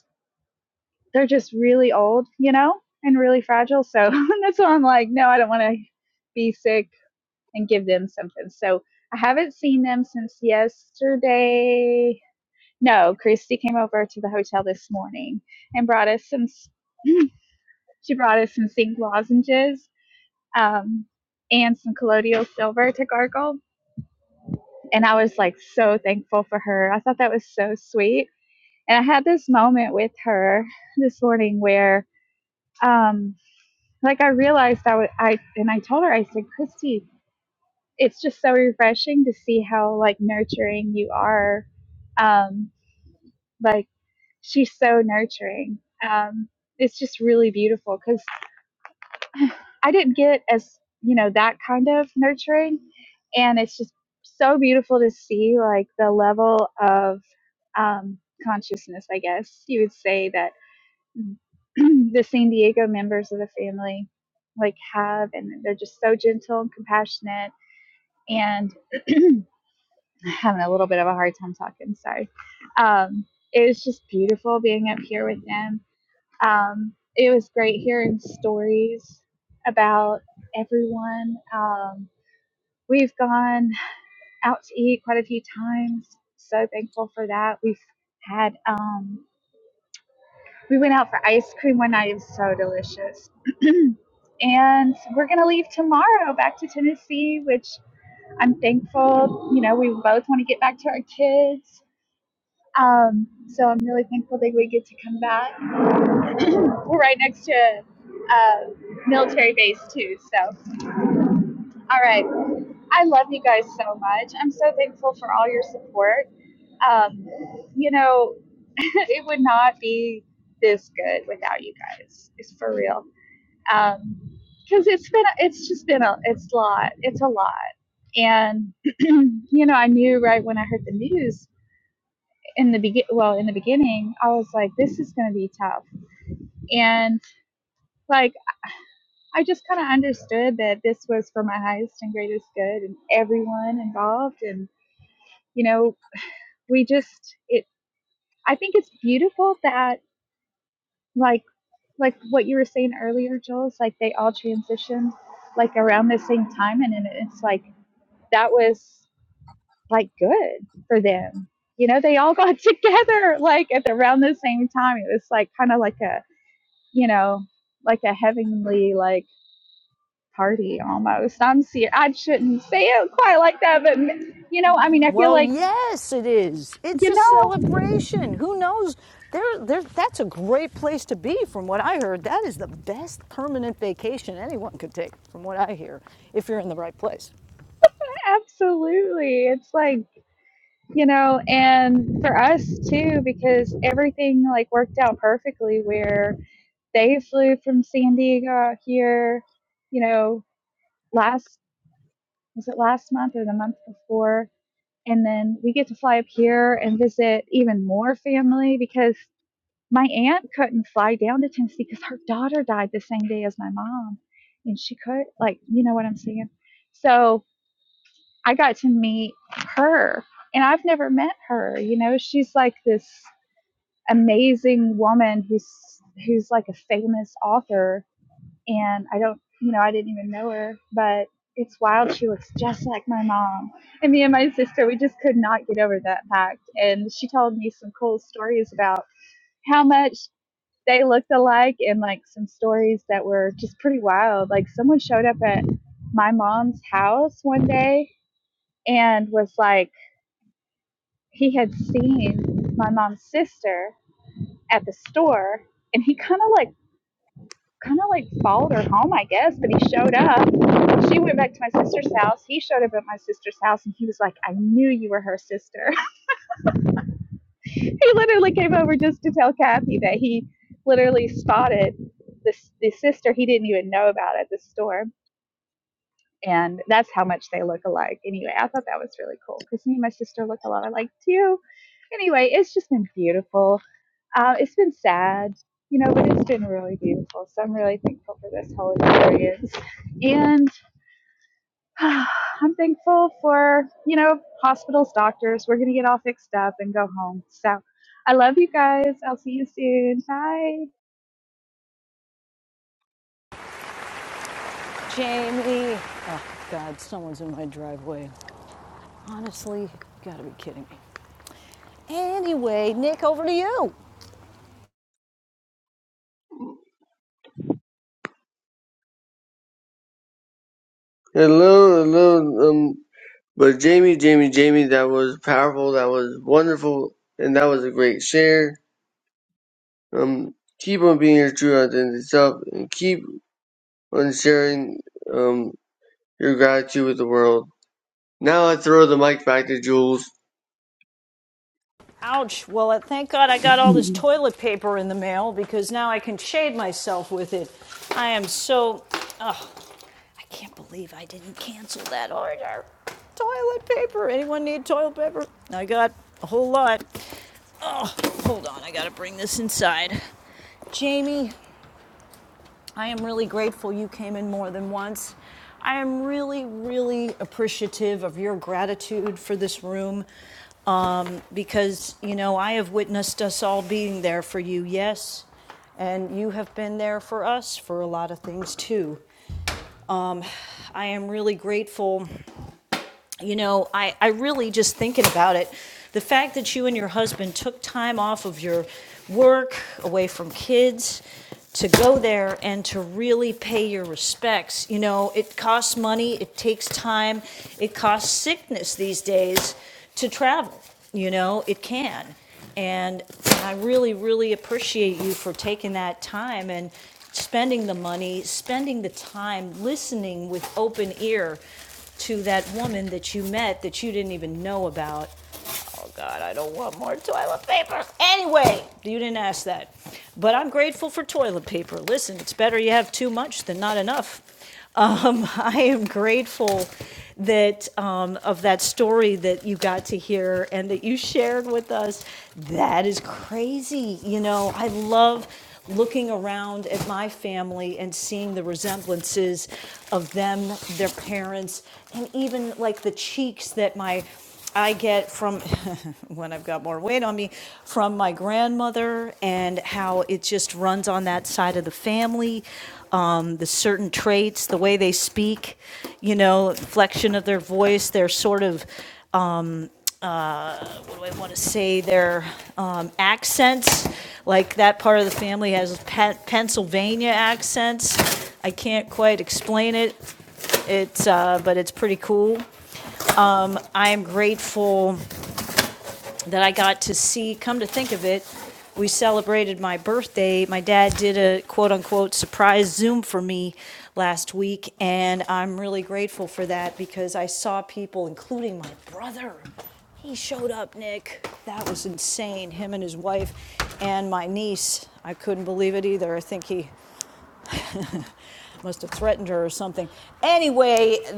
Speaker 13: they're just really old, you know, and really fragile. So that's why I'm like, no, I don't want to be sick and give them something. So I haven't seen them since yesterday. No, Christy came over to the hotel this morning and brought us some. she brought us some zinc lozenges um, and some colloidal silver to gargle, and I was like so thankful for her. I thought that was so sweet, and I had this moment with her this morning where um, like I realized I would I and I told her I said Christy, it's just so refreshing to see how like nurturing you are. Um, like she's so nurturing. Um, it's just really beautiful because I didn't get as you know that kind of nurturing, and it's just so beautiful to see like the level of um, consciousness. I guess you would say that the San Diego members of the family like have and they're just so gentle and compassionate and having a little bit of a hard time talking sorry um, it was just beautiful being up here with them um, it was great hearing stories about everyone um, we've gone out to eat quite a few times so thankful for that we've had um, We went out for ice cream one night. It was so delicious. and we're going to leave tomorrow back to Tennessee, which I'm thankful. You know, we both want to get back to our kids. Um, so I'm really thankful that we get to come back. We're right next to uh, military base, too. So, all right. I love you guys so much. I'm so thankful for all your support. Um, you know, it would not be this good without you guys. It's for real. Um, because it's been it's just been a it's a lot it's a lot and you know i knew right when i heard the news in the begin well in the beginning i was like this is going to be tough and like i just kind of understood that this was for my highest and greatest good and everyone involved and you know we just it i think it's beautiful that like like what you were saying earlier joel is like they all transitioned like around the same time and, and it's like that was like good for them. You know, they all got together like at the, around the same time. It was like kind of like a, you know, like a heavenly like party almost. I'm see I shouldn't say it quite like that, but you know, I mean, I feel
Speaker 8: Well,
Speaker 13: like
Speaker 8: yes, it is. It's
Speaker 13: you
Speaker 8: a
Speaker 13: know,
Speaker 8: celebration. Who knows? There, there. That's a great place to be, from what I heard. That is the best permanent vacation anyone could take, from what I hear, if you're in the right place.
Speaker 13: absolutely. It's like you know, and for us too, because everything like worked out perfectly. Where they flew from San Diego here, you know, last was it last month or the month before? and then we get to fly up here and visit even more family because my aunt couldn't fly down to Tennessee because her daughter died the same day as my mom, and she could like you know what I'm saying. So I got to meet her, and I've never met her. You know, she's like this amazing woman who's who's like a famous author and I don't, you know, I didn't even know her, but it's wild. She looks just like my mom. And me and my sister, we just could not get over that fact. And she told me some cool stories about how much they looked alike and like some stories that were just pretty wild. Like someone showed up at my mom's house one day and was like, he had seen my mom's sister at the store and he kind of like kind of like followed her home, I guess, but he showed up. She went back to my sister's house. He showed up at my sister's house and he was like, I knew you were her sister. he literally came over just to tell Kathy that he literally spotted this the sister he didn't even know about at the store. And that's how much they look alike. Anyway, I thought that was really cool because me and my sister look a lot alike too. Anyway, it's just been beautiful. Uh, it's been sad, you know, but it's been really beautiful. So I'm really thankful for this whole experience. And I'm thankful for, you know, hospitals, doctors. We're going to get all fixed up and go home. So I love you guys. I'll see you soon. Bye.
Speaker 8: Jamie. Oh, God, someone's in my driveway. Honestly, you gotta be kidding me. Anyway, Nick, over to you.
Speaker 9: Hello, hello. Um, but Jamie, Jamie, Jamie, that was powerful. That was wonderful, and that was a great share. Um, keep on being your true authentic self, and keep on sharing um your gratitude with the world. Now I throw the mic back to Jules.
Speaker 8: Ouch. Well, uh, thank God I got all this toilet paper in the mail because now I can shade myself with it. I am so. Oh, I can't believe I didn't cancel that order. Toilet paper. Anyone need toilet paper? I got a whole lot. Hold on, I gotta bring this inside. Jamie, I am really grateful you came in more than once. I am really, really appreciative of your gratitude for this room um, because, you know, I have witnessed us all being there for you, yes, and you have been there for us for a lot of things too. Um, I am really grateful you know, I, I really just thinking about it, the fact that you and your husband took time off of your work, away from kids, to go there and to really pay your respects. You know, it costs money, it takes time, it costs sickness these days to travel. You know, it can. And I really, really appreciate you for taking that time and spending the money, spending the time, listening with open ear to that woman that you met that you didn't even know about God, I don't want more toilet paper. Anyway, you didn't ask that. But I'm grateful for toilet paper. Listen, it's better you have too much than not enough. Um, I am grateful that um, of that story that you got to hear and that you shared with us. That is crazy. You know, I love looking around at my family and seeing the resemblances of them, their parents, and even like the cheeks that my I get from when I've got more weight on me from my grandmother and how it just runs on that side of the family. Um, the certain traits, the way they speak, you know, flexion of their voice, their sort of, what do I want to say, their um, accents. Like that part of the family has Pe- Pennsylvania accents. I can't quite explain it. It's, uh, but it's pretty cool. I am grateful that I got to see, come to think of it, we celebrated my birthday. My dad did a quote unquote surprise Zoom for me last week, and I'm really grateful for that because I saw people, including my brother. He showed up, Nick. That was insane. Him and his wife, and my niece. I couldn't believe it either. Threatened her or something.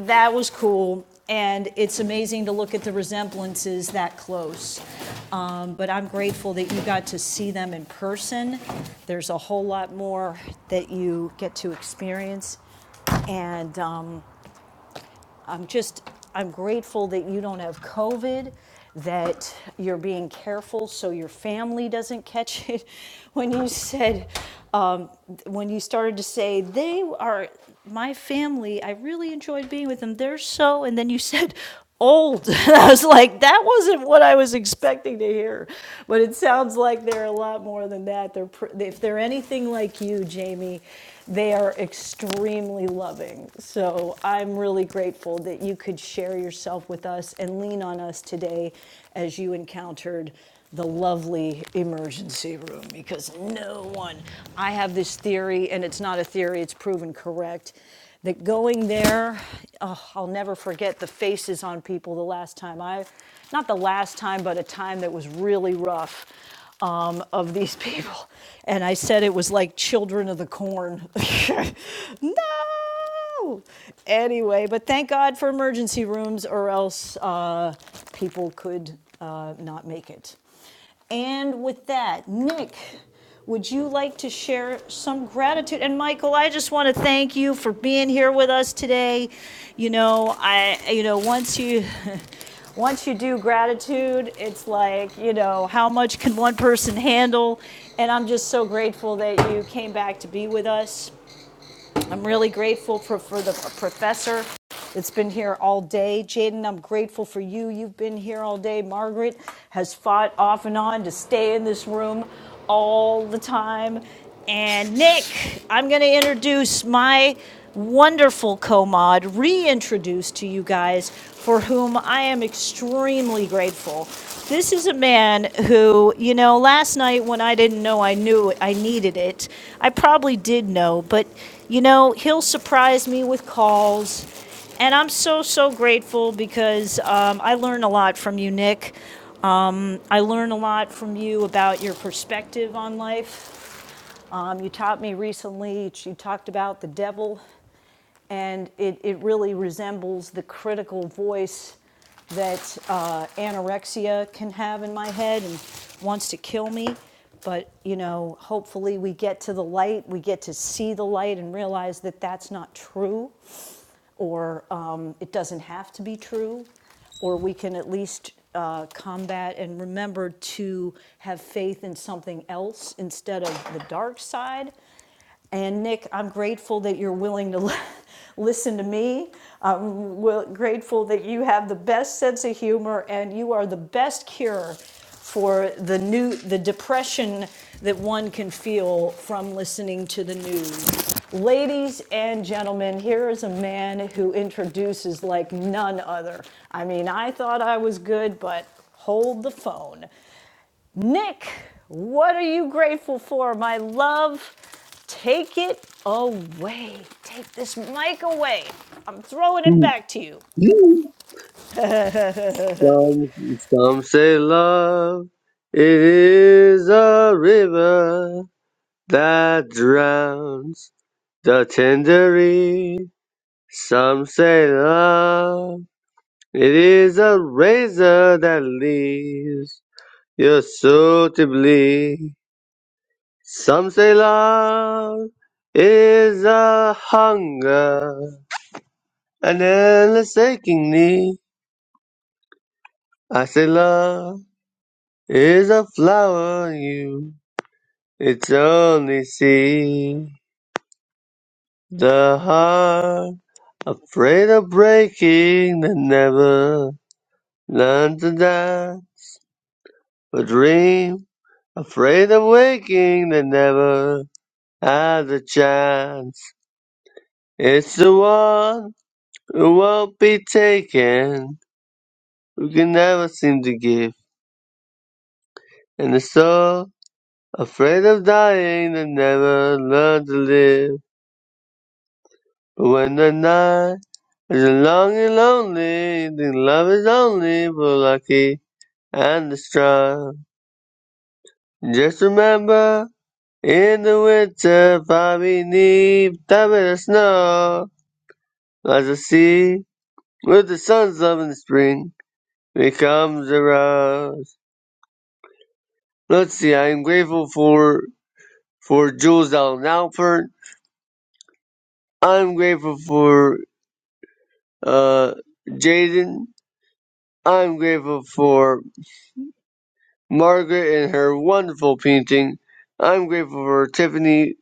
Speaker 8: That was cool, and it's amazing to look at the resemblances that close. Um, But I'm grateful that you got to see them in person. There's a whole lot more that you get to experience, and um, I'm just, I'm grateful that you don't have COVID, that you're being careful so your family doesn't catch it. When you said, um, when you started to say, they are my family, I really enjoyed being with them, they're so, and then you said, old. And I was like, that wasn't what I was expecting to hear. But it sounds like they're a lot more than that. They're if they're anything like you, Jamie, they are extremely loving. So I'm really grateful that you could share yourself with us and lean on us today as you encountered the lovely emergency room because no one, I have this theory, and it's not a theory, it's proven correct that going there, oh, I'll never forget the faces on people the last time I, not the last time, but a time that was really rough um, of these people. And I said it was like children of the corn. no! Anyway, but thank God for emergency rooms, or else uh, people could uh, not make it. And with that, Nick, would you like to share some gratitude? And Michael, I just want to thank you for being here with us today. You know, I, you know, once you. Once you do gratitude, it's like, you know, how much can one person handle? And I'm just so grateful that you came back to be with us. I'm really grateful for, for the professor that's been here all day. Jaden, I'm grateful for you. You've been here all day. Margaret has fought off and on to stay in this room all the time. And Nick, I'm going to introduce my wonderful co-mod reintroduced to you guys for whom I am extremely grateful. This is a man who, you know, last night when I didn't know I knew it, I needed it, I probably did know, but you know, he'll surprise me with calls. And I'm so, so grateful because um, I learn a lot from you, Nick. Um, I learn a lot from you about your perspective on life. Um, you taught me recently, you talked about the devil and it, it really resembles the critical voice that uh, anorexia can have in my head and wants to kill me. But, you know, hopefully we get to the light, we get to see the light and realize that that's not true, or um, it doesn't have to be true, or we can at least uh, combat and remember to have faith in something else instead of the dark side. And Nick, I'm grateful that you're willing to li- listen to me. I'm wi- grateful that you have the best sense of humor and you are the best cure for the new the depression that one can feel from listening to the news. Ladies and gentlemen, here is a man who introduces like none other. I mean, I thought I was good, but hold the phone. Nick, what are you grateful for, my love? Take it away. Take this mic away. I'm throwing it back to you.
Speaker 9: some some say love it is a river. that drowns the tangerine. Some say love, it is a razor that leaves your soul to bleed. Some say love is a hunger, an endless aching need. I say love is a flower in you, it's only see the heart. Afraid of breaking that never learned to die or dream. Afraid of waking that never has a chance. It's the one who won't be taken, who can never seem to give. And the soul afraid of dying that never learned to live. But when the night is long and lonely, the love is only for the lucky and the strong. Just remember, in the winter, Bobby need that bit of snow. As the sea, with the sun's love in the spring, becomes a rose. Let's see, I'm grateful for, for Jules Allen Alpert. I'm grateful for, uh, Jaden. I'm grateful for Margaret and her wonderful painting. I'm grateful for Tiffany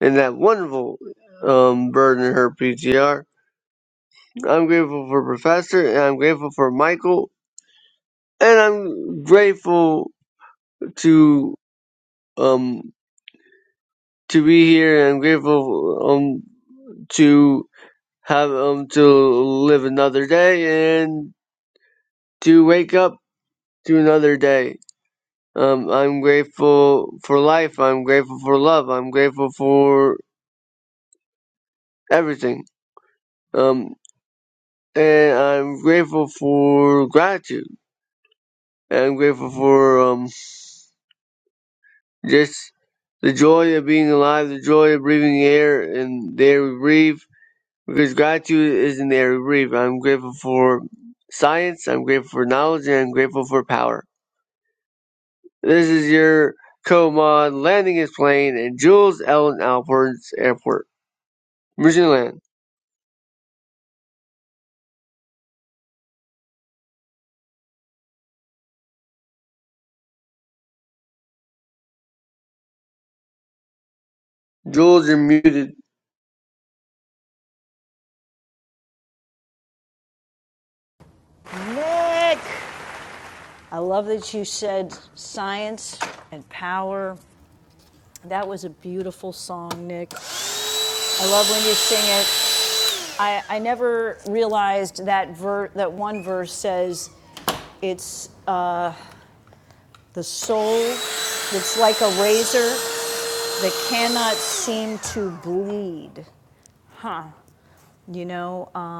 Speaker 9: and that wonderful, um, bird in her PTR. I'm grateful for Professor, and I'm grateful for Michael, and I'm grateful to um to be here, and I'm grateful um to have um to live another day and to wake up to another day. Um, I'm grateful for life. I'm grateful for love. I'm grateful for everything. Um, and I'm grateful for gratitude. And I'm grateful for um Just the joy of being alive, the joy of breathing air and the air we breathe, because gratitude is in the air we breathe. I'm grateful for science, I'm grateful for knowledge, and I'm grateful for power. This is your co-mod landing his plane in Jules Ellen Alpert's airport, Mission Land. Jules, you're muted.
Speaker 8: Nick! I love that you said science and power. That was a beautiful song, Nick. I love when you sing it. I, I never realized that ver- that one verse says it's the soul that's like a razor that cannot seem to bleed. You know, um,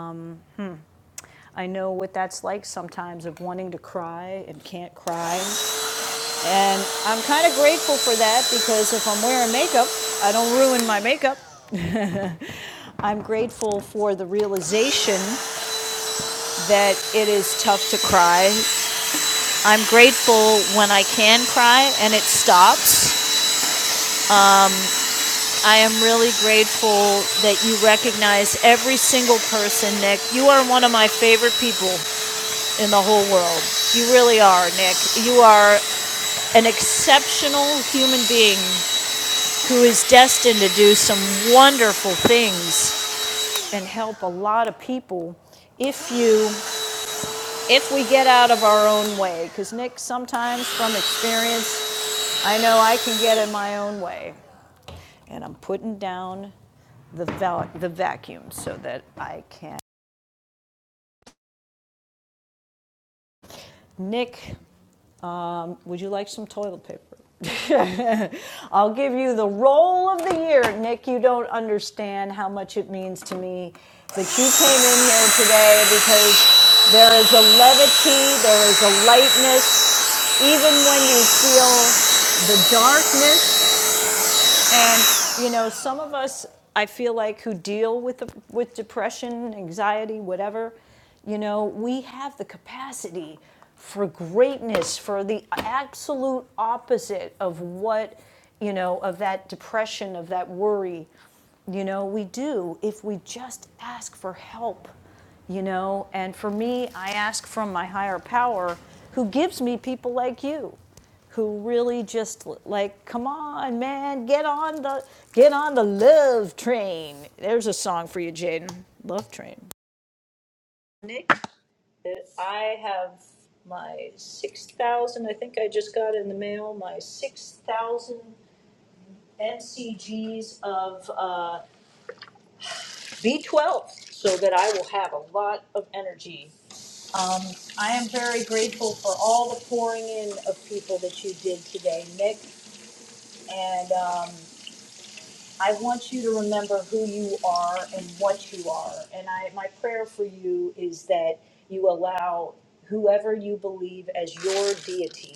Speaker 8: I know what that's like sometimes of wanting to cry and can't cry. And I'm grateful because if I'm wearing makeup, I don't ruin my makeup. I'm grateful for the realization that it is tough to cry. I'm grateful when Ops, who is destined to do some wonderful things and help a lot of people if you if we get out of our own way because nick sometimes from experience I know I can get in my own way. And I'm putting down the val, the vacuum so that I can. Nick, um, would you like some toilet paper? I'll give you the roll of the year, Nick. You don't understand how much it means to me that you came in here today because there is a levity, there is a lightness, even when you feel the darkness And you know, some of us, I feel like, who deal with the, with depression, anxiety, whatever, you know, we have the capacity for greatness, for the absolute opposite of what you know, of that depression, of that worry. You know, we do if we just ask for help. You know, and for me, I ask from my higher power, who gives me people like you who really just like, come on, man, get on the get on the love train. There's a song for you, Jaden. Love train. I have my six thousand. I think I just got in the mail my six thousand NCGs of uh, B12, so that I will have a lot of energy. Um, I am very grateful for all the pouring in of people that you did today, Nick, and um, I want you to remember who you are and what you are. And I, my prayer for you is that you allow whoever you believe as your deity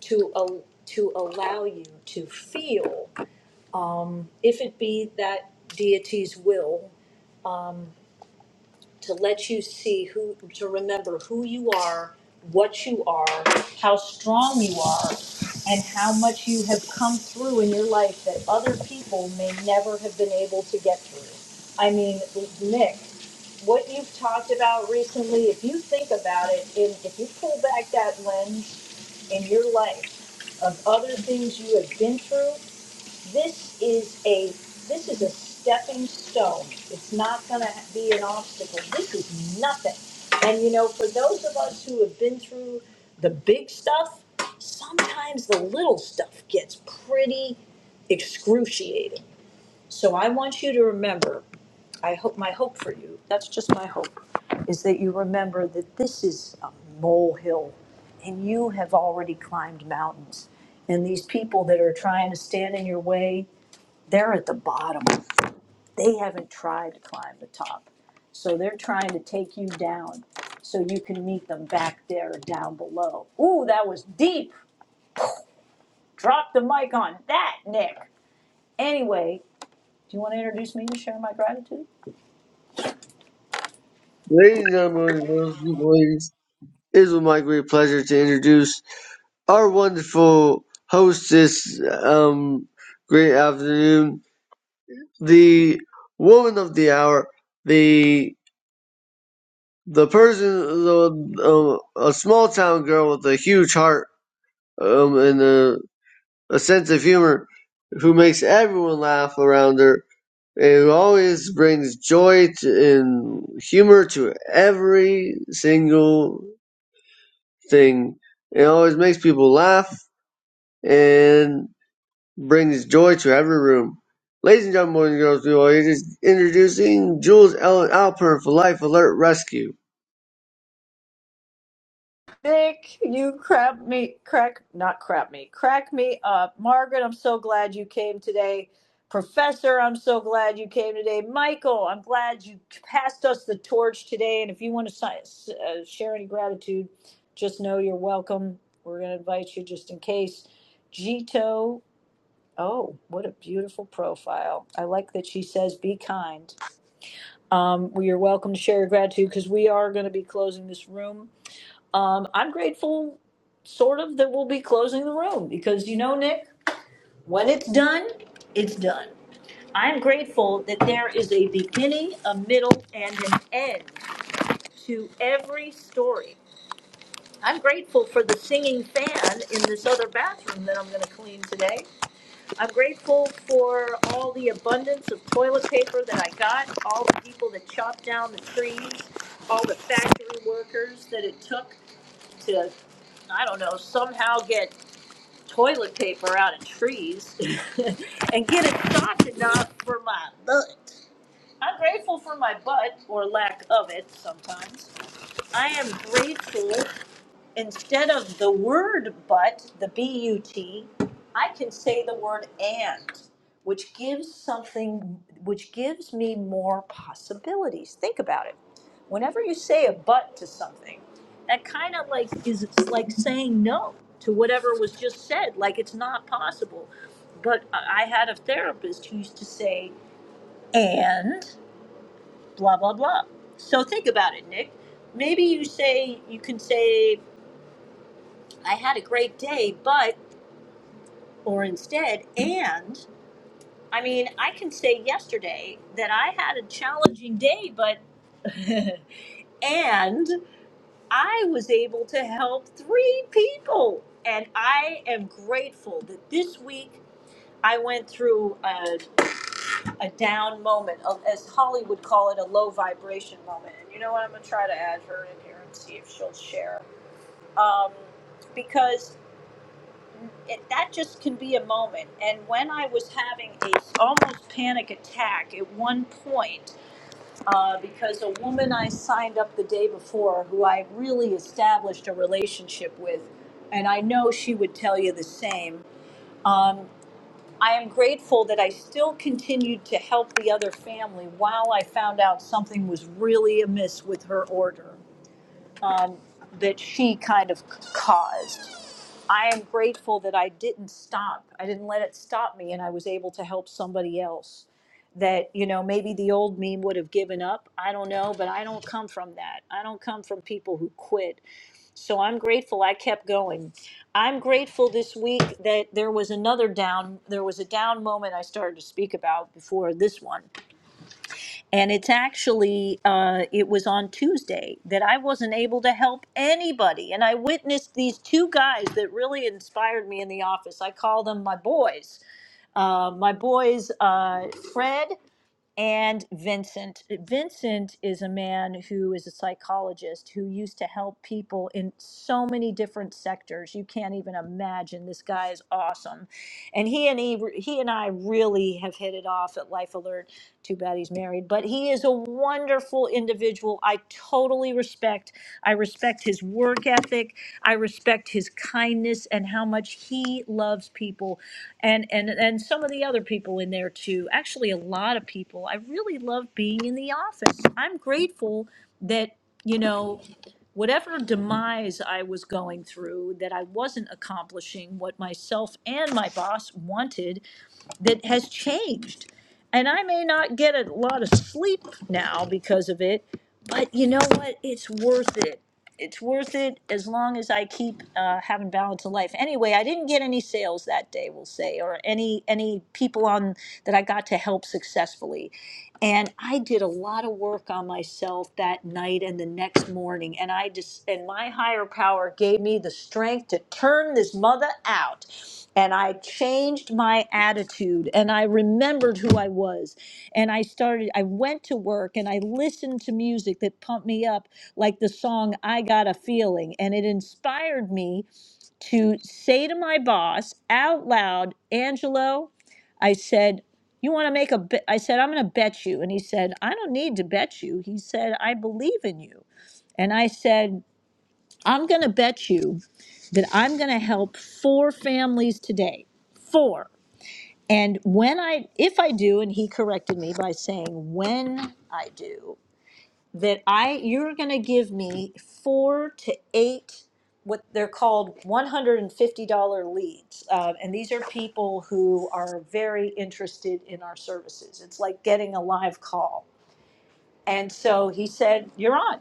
Speaker 8: to al- to allow you to feel, if it be that deity's will to let you see who, to remember who you are, what you are, how strong you are, and how much you have come through in your life that other people may never have been able to get through. I mean, Nick, what you've talked about recently, if you think about it, and if you pull back that lens in your life of other things you have been through this is a this is a stepping stone. It's not going to be an obstacle. This is nothing. And you know, for those of us who have been through the big stuff, sometimes the little stuff gets pretty excruciating. So I want you to remember, I hope my hope for you, that's just my hope, is that you remember that this is a molehill and you have already climbed mountains. And these people that are trying to stand in your way, they're at the bottom. They haven't tried to climb the top. So they're trying to take you down so you can meet them back there down below. Ooh, that was deep. Drop the mic on that, Nick. Anyway, do you want to introduce me to share my gratitude?
Speaker 9: Ladies and gentlemen, girls, people, ladies, it is with my great pleasure to introduce our wonderful hostess, um, great afternoon. the woman of the hour, the the person, the, uh, a small town girl with a huge heart um, and a, a sense of humor, who makes everyone laugh around her, and who always brings joy to, and humor to every single thing, it always makes people laugh. And brings joy to every room. Ladies and gentlemen, boys and girls, we are just introducing Jules Ellen Alpern for Life Alert Rescue.
Speaker 8: Nick, you crap me, crack, not crap me, crack me up. Margaret, I'm so glad you came today. Professor, I'm so glad you came today. Michael, I'm glad you passed us the torch today. And if you want to si- uh, share any gratitude, just know you're welcome. We're going to invite you just in case. Gito, oh, what a beautiful profile. I like that she says be kind. Um, well, you're welcome to share your gratitude because we are going to be closing this room um, I'm grateful, sort of, that we'll be closing the room because you know, Nick, when it's done, it's done. I'm grateful that there is a beginning, a middle, and an end to every story. I'm grateful for the singing fan in this other bathroom that I'm going to clean today. I'm grateful for all the abundance of toilet paper that I got, all the people that chopped down the trees, all the factory workers that it took to I don't know, somehow get toilet paper out of trees and get it soft enough for my butt. I'm grateful for my butt or lack of it sometimes. I am grateful instead of the word but, the B U T, I can say the word and, which gives something, which gives me more possibilities. Think about it. Whenever you say a but to something, that kind of like is it's like saying no to whatever was just said, like it's not possible. But I I had a therapist who used to say, and blah, blah, blah. So think about it, Nick. Maybe you say, you can say, I had a great day, but, or instead, and, I mean, I can say yesterday that I had a challenging day, but, and I was able to help three people. And I am grateful that this week I went through a, a down moment, a- as Holly would call it, a low vibration moment. And you know what? I'm going to try to add her in here and see if she'll share. Um, because it, that just can be a moment. And when I was having a almost panic attack at one point, uh, because a woman I signed up the day before, who I really established a relationship with, and I know she would tell you the same. Um, I am grateful that I still continued to help the other family while I found out something was really amiss with her order um, that she kind of caused. I am grateful that I didn't stop. I didn't let it stop me, and I was able to help somebody else. That, you know, maybe the old me would have given up. I don't know, but I don't come from that. I don't come from people who quit. So I'm grateful I kept going. I'm grateful this week that there was another down, there was a down moment I started to speak about before this one and it's actually uh, it was on tuesday that i wasn't able to help anybody and i witnessed these two guys that really inspired me in the office i call them my boys uh, my boys uh, fred and Vincent. Vincent is a man who is a psychologist who used to help people in so many different sectors. You can't even imagine. This guy is awesome, and he and he, he and I really have hit it off at Life Alert. Too bad he's married, but he is a wonderful individual. I totally respect. I respect his work ethic. I respect his kindness and how much he loves people, and and and some of the other people in there too. Actually, a lot of people. I really love being in the office. I'm grateful that you know whatever demise I was going through, that I wasn't accomplishing what myself and my boss wanted that has changed. And I may not get a lot of sleep now because of it, but you know what? It's worth it. It's worth it as long as I keep uh, having balance of life. Anyway, I didn't get any sales that day, we'll say, or any any people on that I got to help successfully and I did a lot of work on myself that night and the next morning. And I just, and my higher power gave me the strength to turn this mother out. And I changed my attitude and I remembered who I was. And I started, I went to work and I listened to music that pumped me up, like the song I Got a Feeling. And it inspired me to say to my boss out loud, Angelo, I said, you want to make a bet? I said, I'm going to bet you. And he said, I don't need to bet you. He said, I believe in you. And I said, I'm going to bet you that I'm going to help four families today. Four. And when I, if I do, and he corrected me by saying, when I do, that I you're going to give me four to eight what they're called $150 leads. Um, and these are people who are very interested in our services. It's like getting a live call. And so he said, You're on.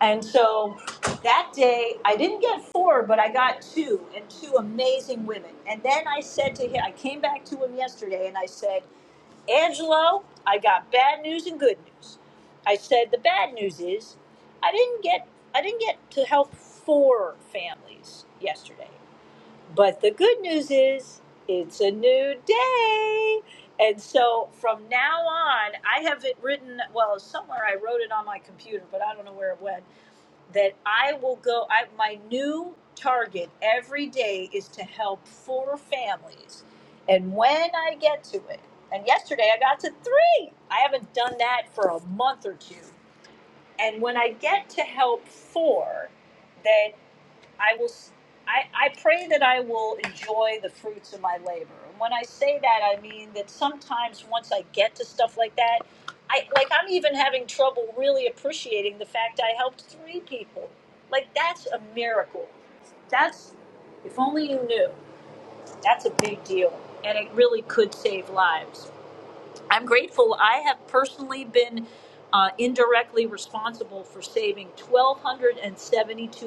Speaker 8: And so that day, I didn't get four, but I got two and two amazing women. And then I said to him, I came back to him yesterday and I said, Angelo, I got bad news and good news. I said the bad news is I didn't get I didn't get to help four families yesterday. But the good news is it's a new day. And so from now on, I have it written well, somewhere I wrote it on my computer, but I don't know where it went that I will go. I, my new target every day is to help four families. And when I get to it, and yesterday I got to three, I haven't done that for a month or two. And when I get to help four, then. I will. s- I, I pray that I will enjoy the fruits of my labor. And when I say that, I mean that sometimes once I get to stuff like that, I like I'm even having trouble really appreciating the fact I helped three people. Like that's a miracle. That's if only you knew. That's a big deal, and it really could save lives. I'm grateful. I have personally been uh, indirectly responsible for saving 1,272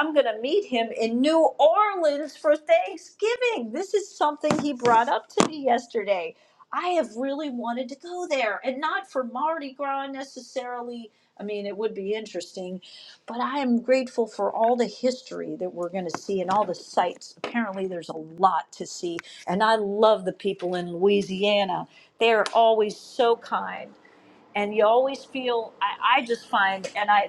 Speaker 8: I'm going to meet him in New Orleans for Thanksgiving. This is something he brought up to me yesterday. I have really wanted to go there and not for Mardi Gras necessarily. I mean, it would be interesting, but I am grateful for all the history that we're going to see and all the sights. Apparently, there's a lot to see, and I love the people in Louisiana. They are always so kind and you always feel I, I just find and I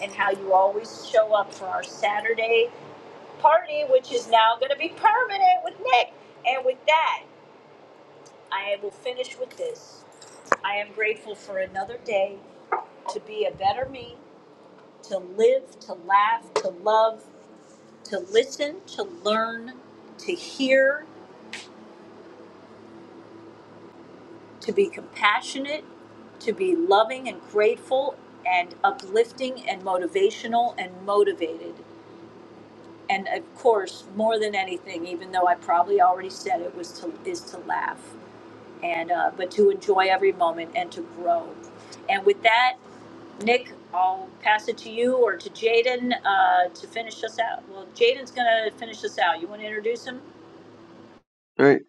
Speaker 8: and how you always show up for our Saturday party, which is now going to be permanent with Nick. And with that, I will finish with this. I am grateful for another day to be a better me. Love
Speaker 9: Right?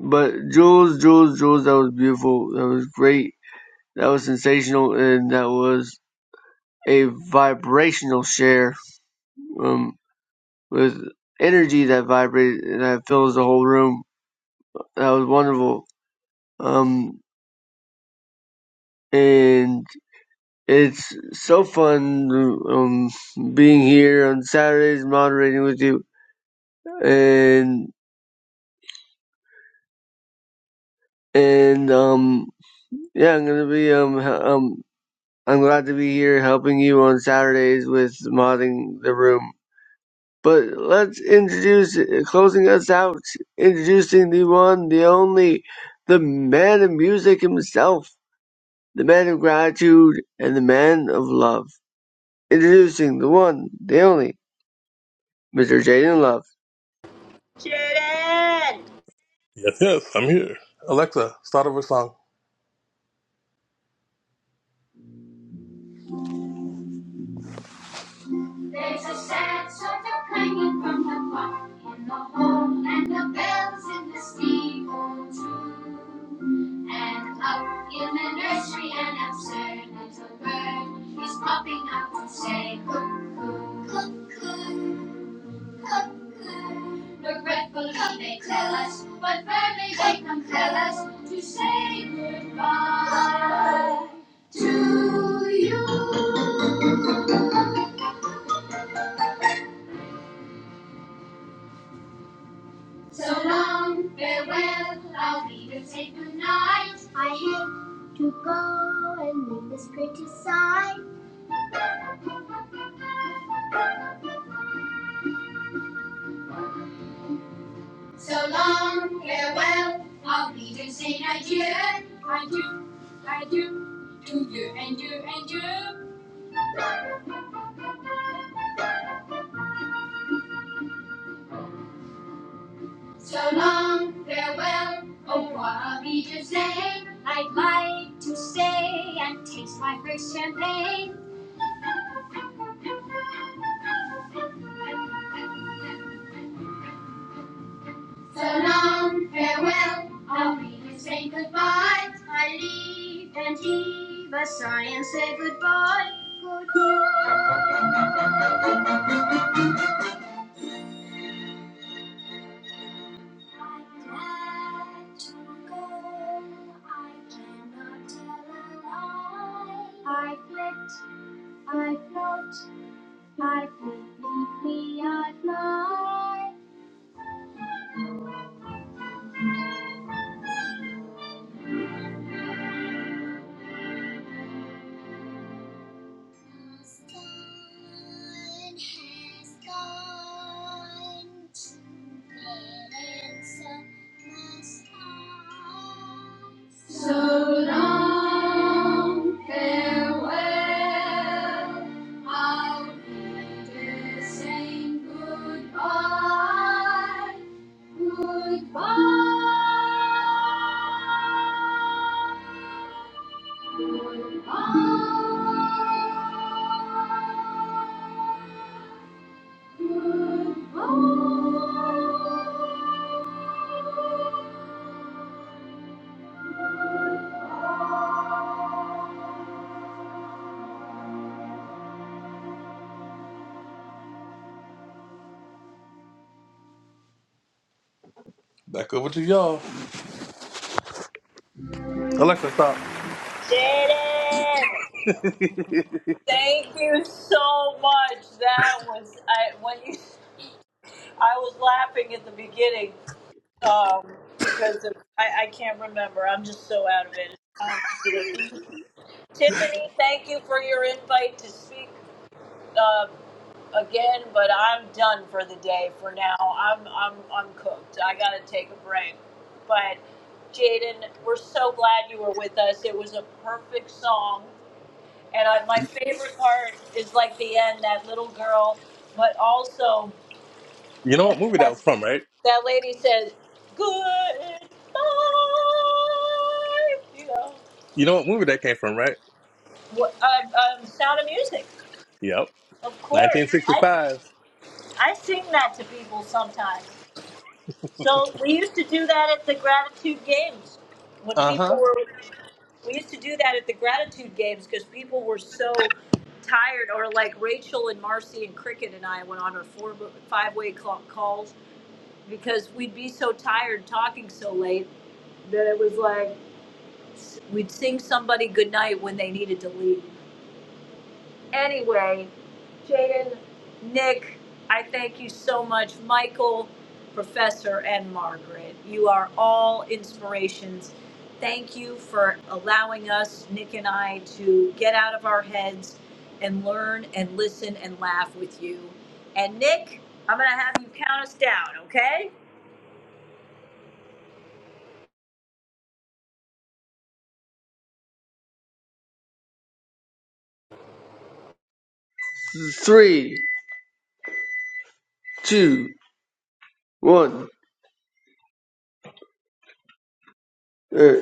Speaker 9: But Jules, Jules, Jules, that was beautiful. That was great. That was sensational, and that was a vibrational share um, with energy that vibrated and that fills the whole room. That was wonderful. Um, and it's so fun um, being here on Saturdays moderating with you and and um yeah i'm gonna be um h- um i'm glad to be here helping you on saturdays with modding the room but let's introduce closing us out introducing the one the only the man of music himself the man of gratitude and the man of love introducing the one the only mr jaden love
Speaker 11: Yes, yes, I'm here. Alexa, start over song. There's a sad sort of clanging from the clock in the home, and the bells in the steeple too. And up in the nursery, an absurd little bird is popping up to say cuckoo, cuckoo, cuckoo. Regretfully they tell us, but firmly they compel us to say goodbye to you. So long, farewell, I'll be your safe goodnight. I have to go and leave this pretty side. So long, farewell, I'll be your saint adieu. Adieu, adieu, to you and you and you. So long, farewell, oh what are we to say? I'd like to stay and taste my first champagne. So long, farewell, I'll leave and say goodbye. I leave and leave a sigh and say goodbye. Goodbye. I'm to go. I cannot tell a lie. I flit, I float, I flee, flee, flee, I fly. The sun has gone to and so must I. So long, farewell. I'll never say goodbye. Goodbye. Back over to y'all. Alexa, stop. You know it, right? You know what moon, right? Yep. 1965. Uh-huh.
Speaker 8: and Margaret, you are all inspirations. Thank you for allowing us, Nick and I, to get out of our heads and learn and listen and laugh with you. And Nick, I'm going to have you count us down, okay?
Speaker 9: three two one Uh,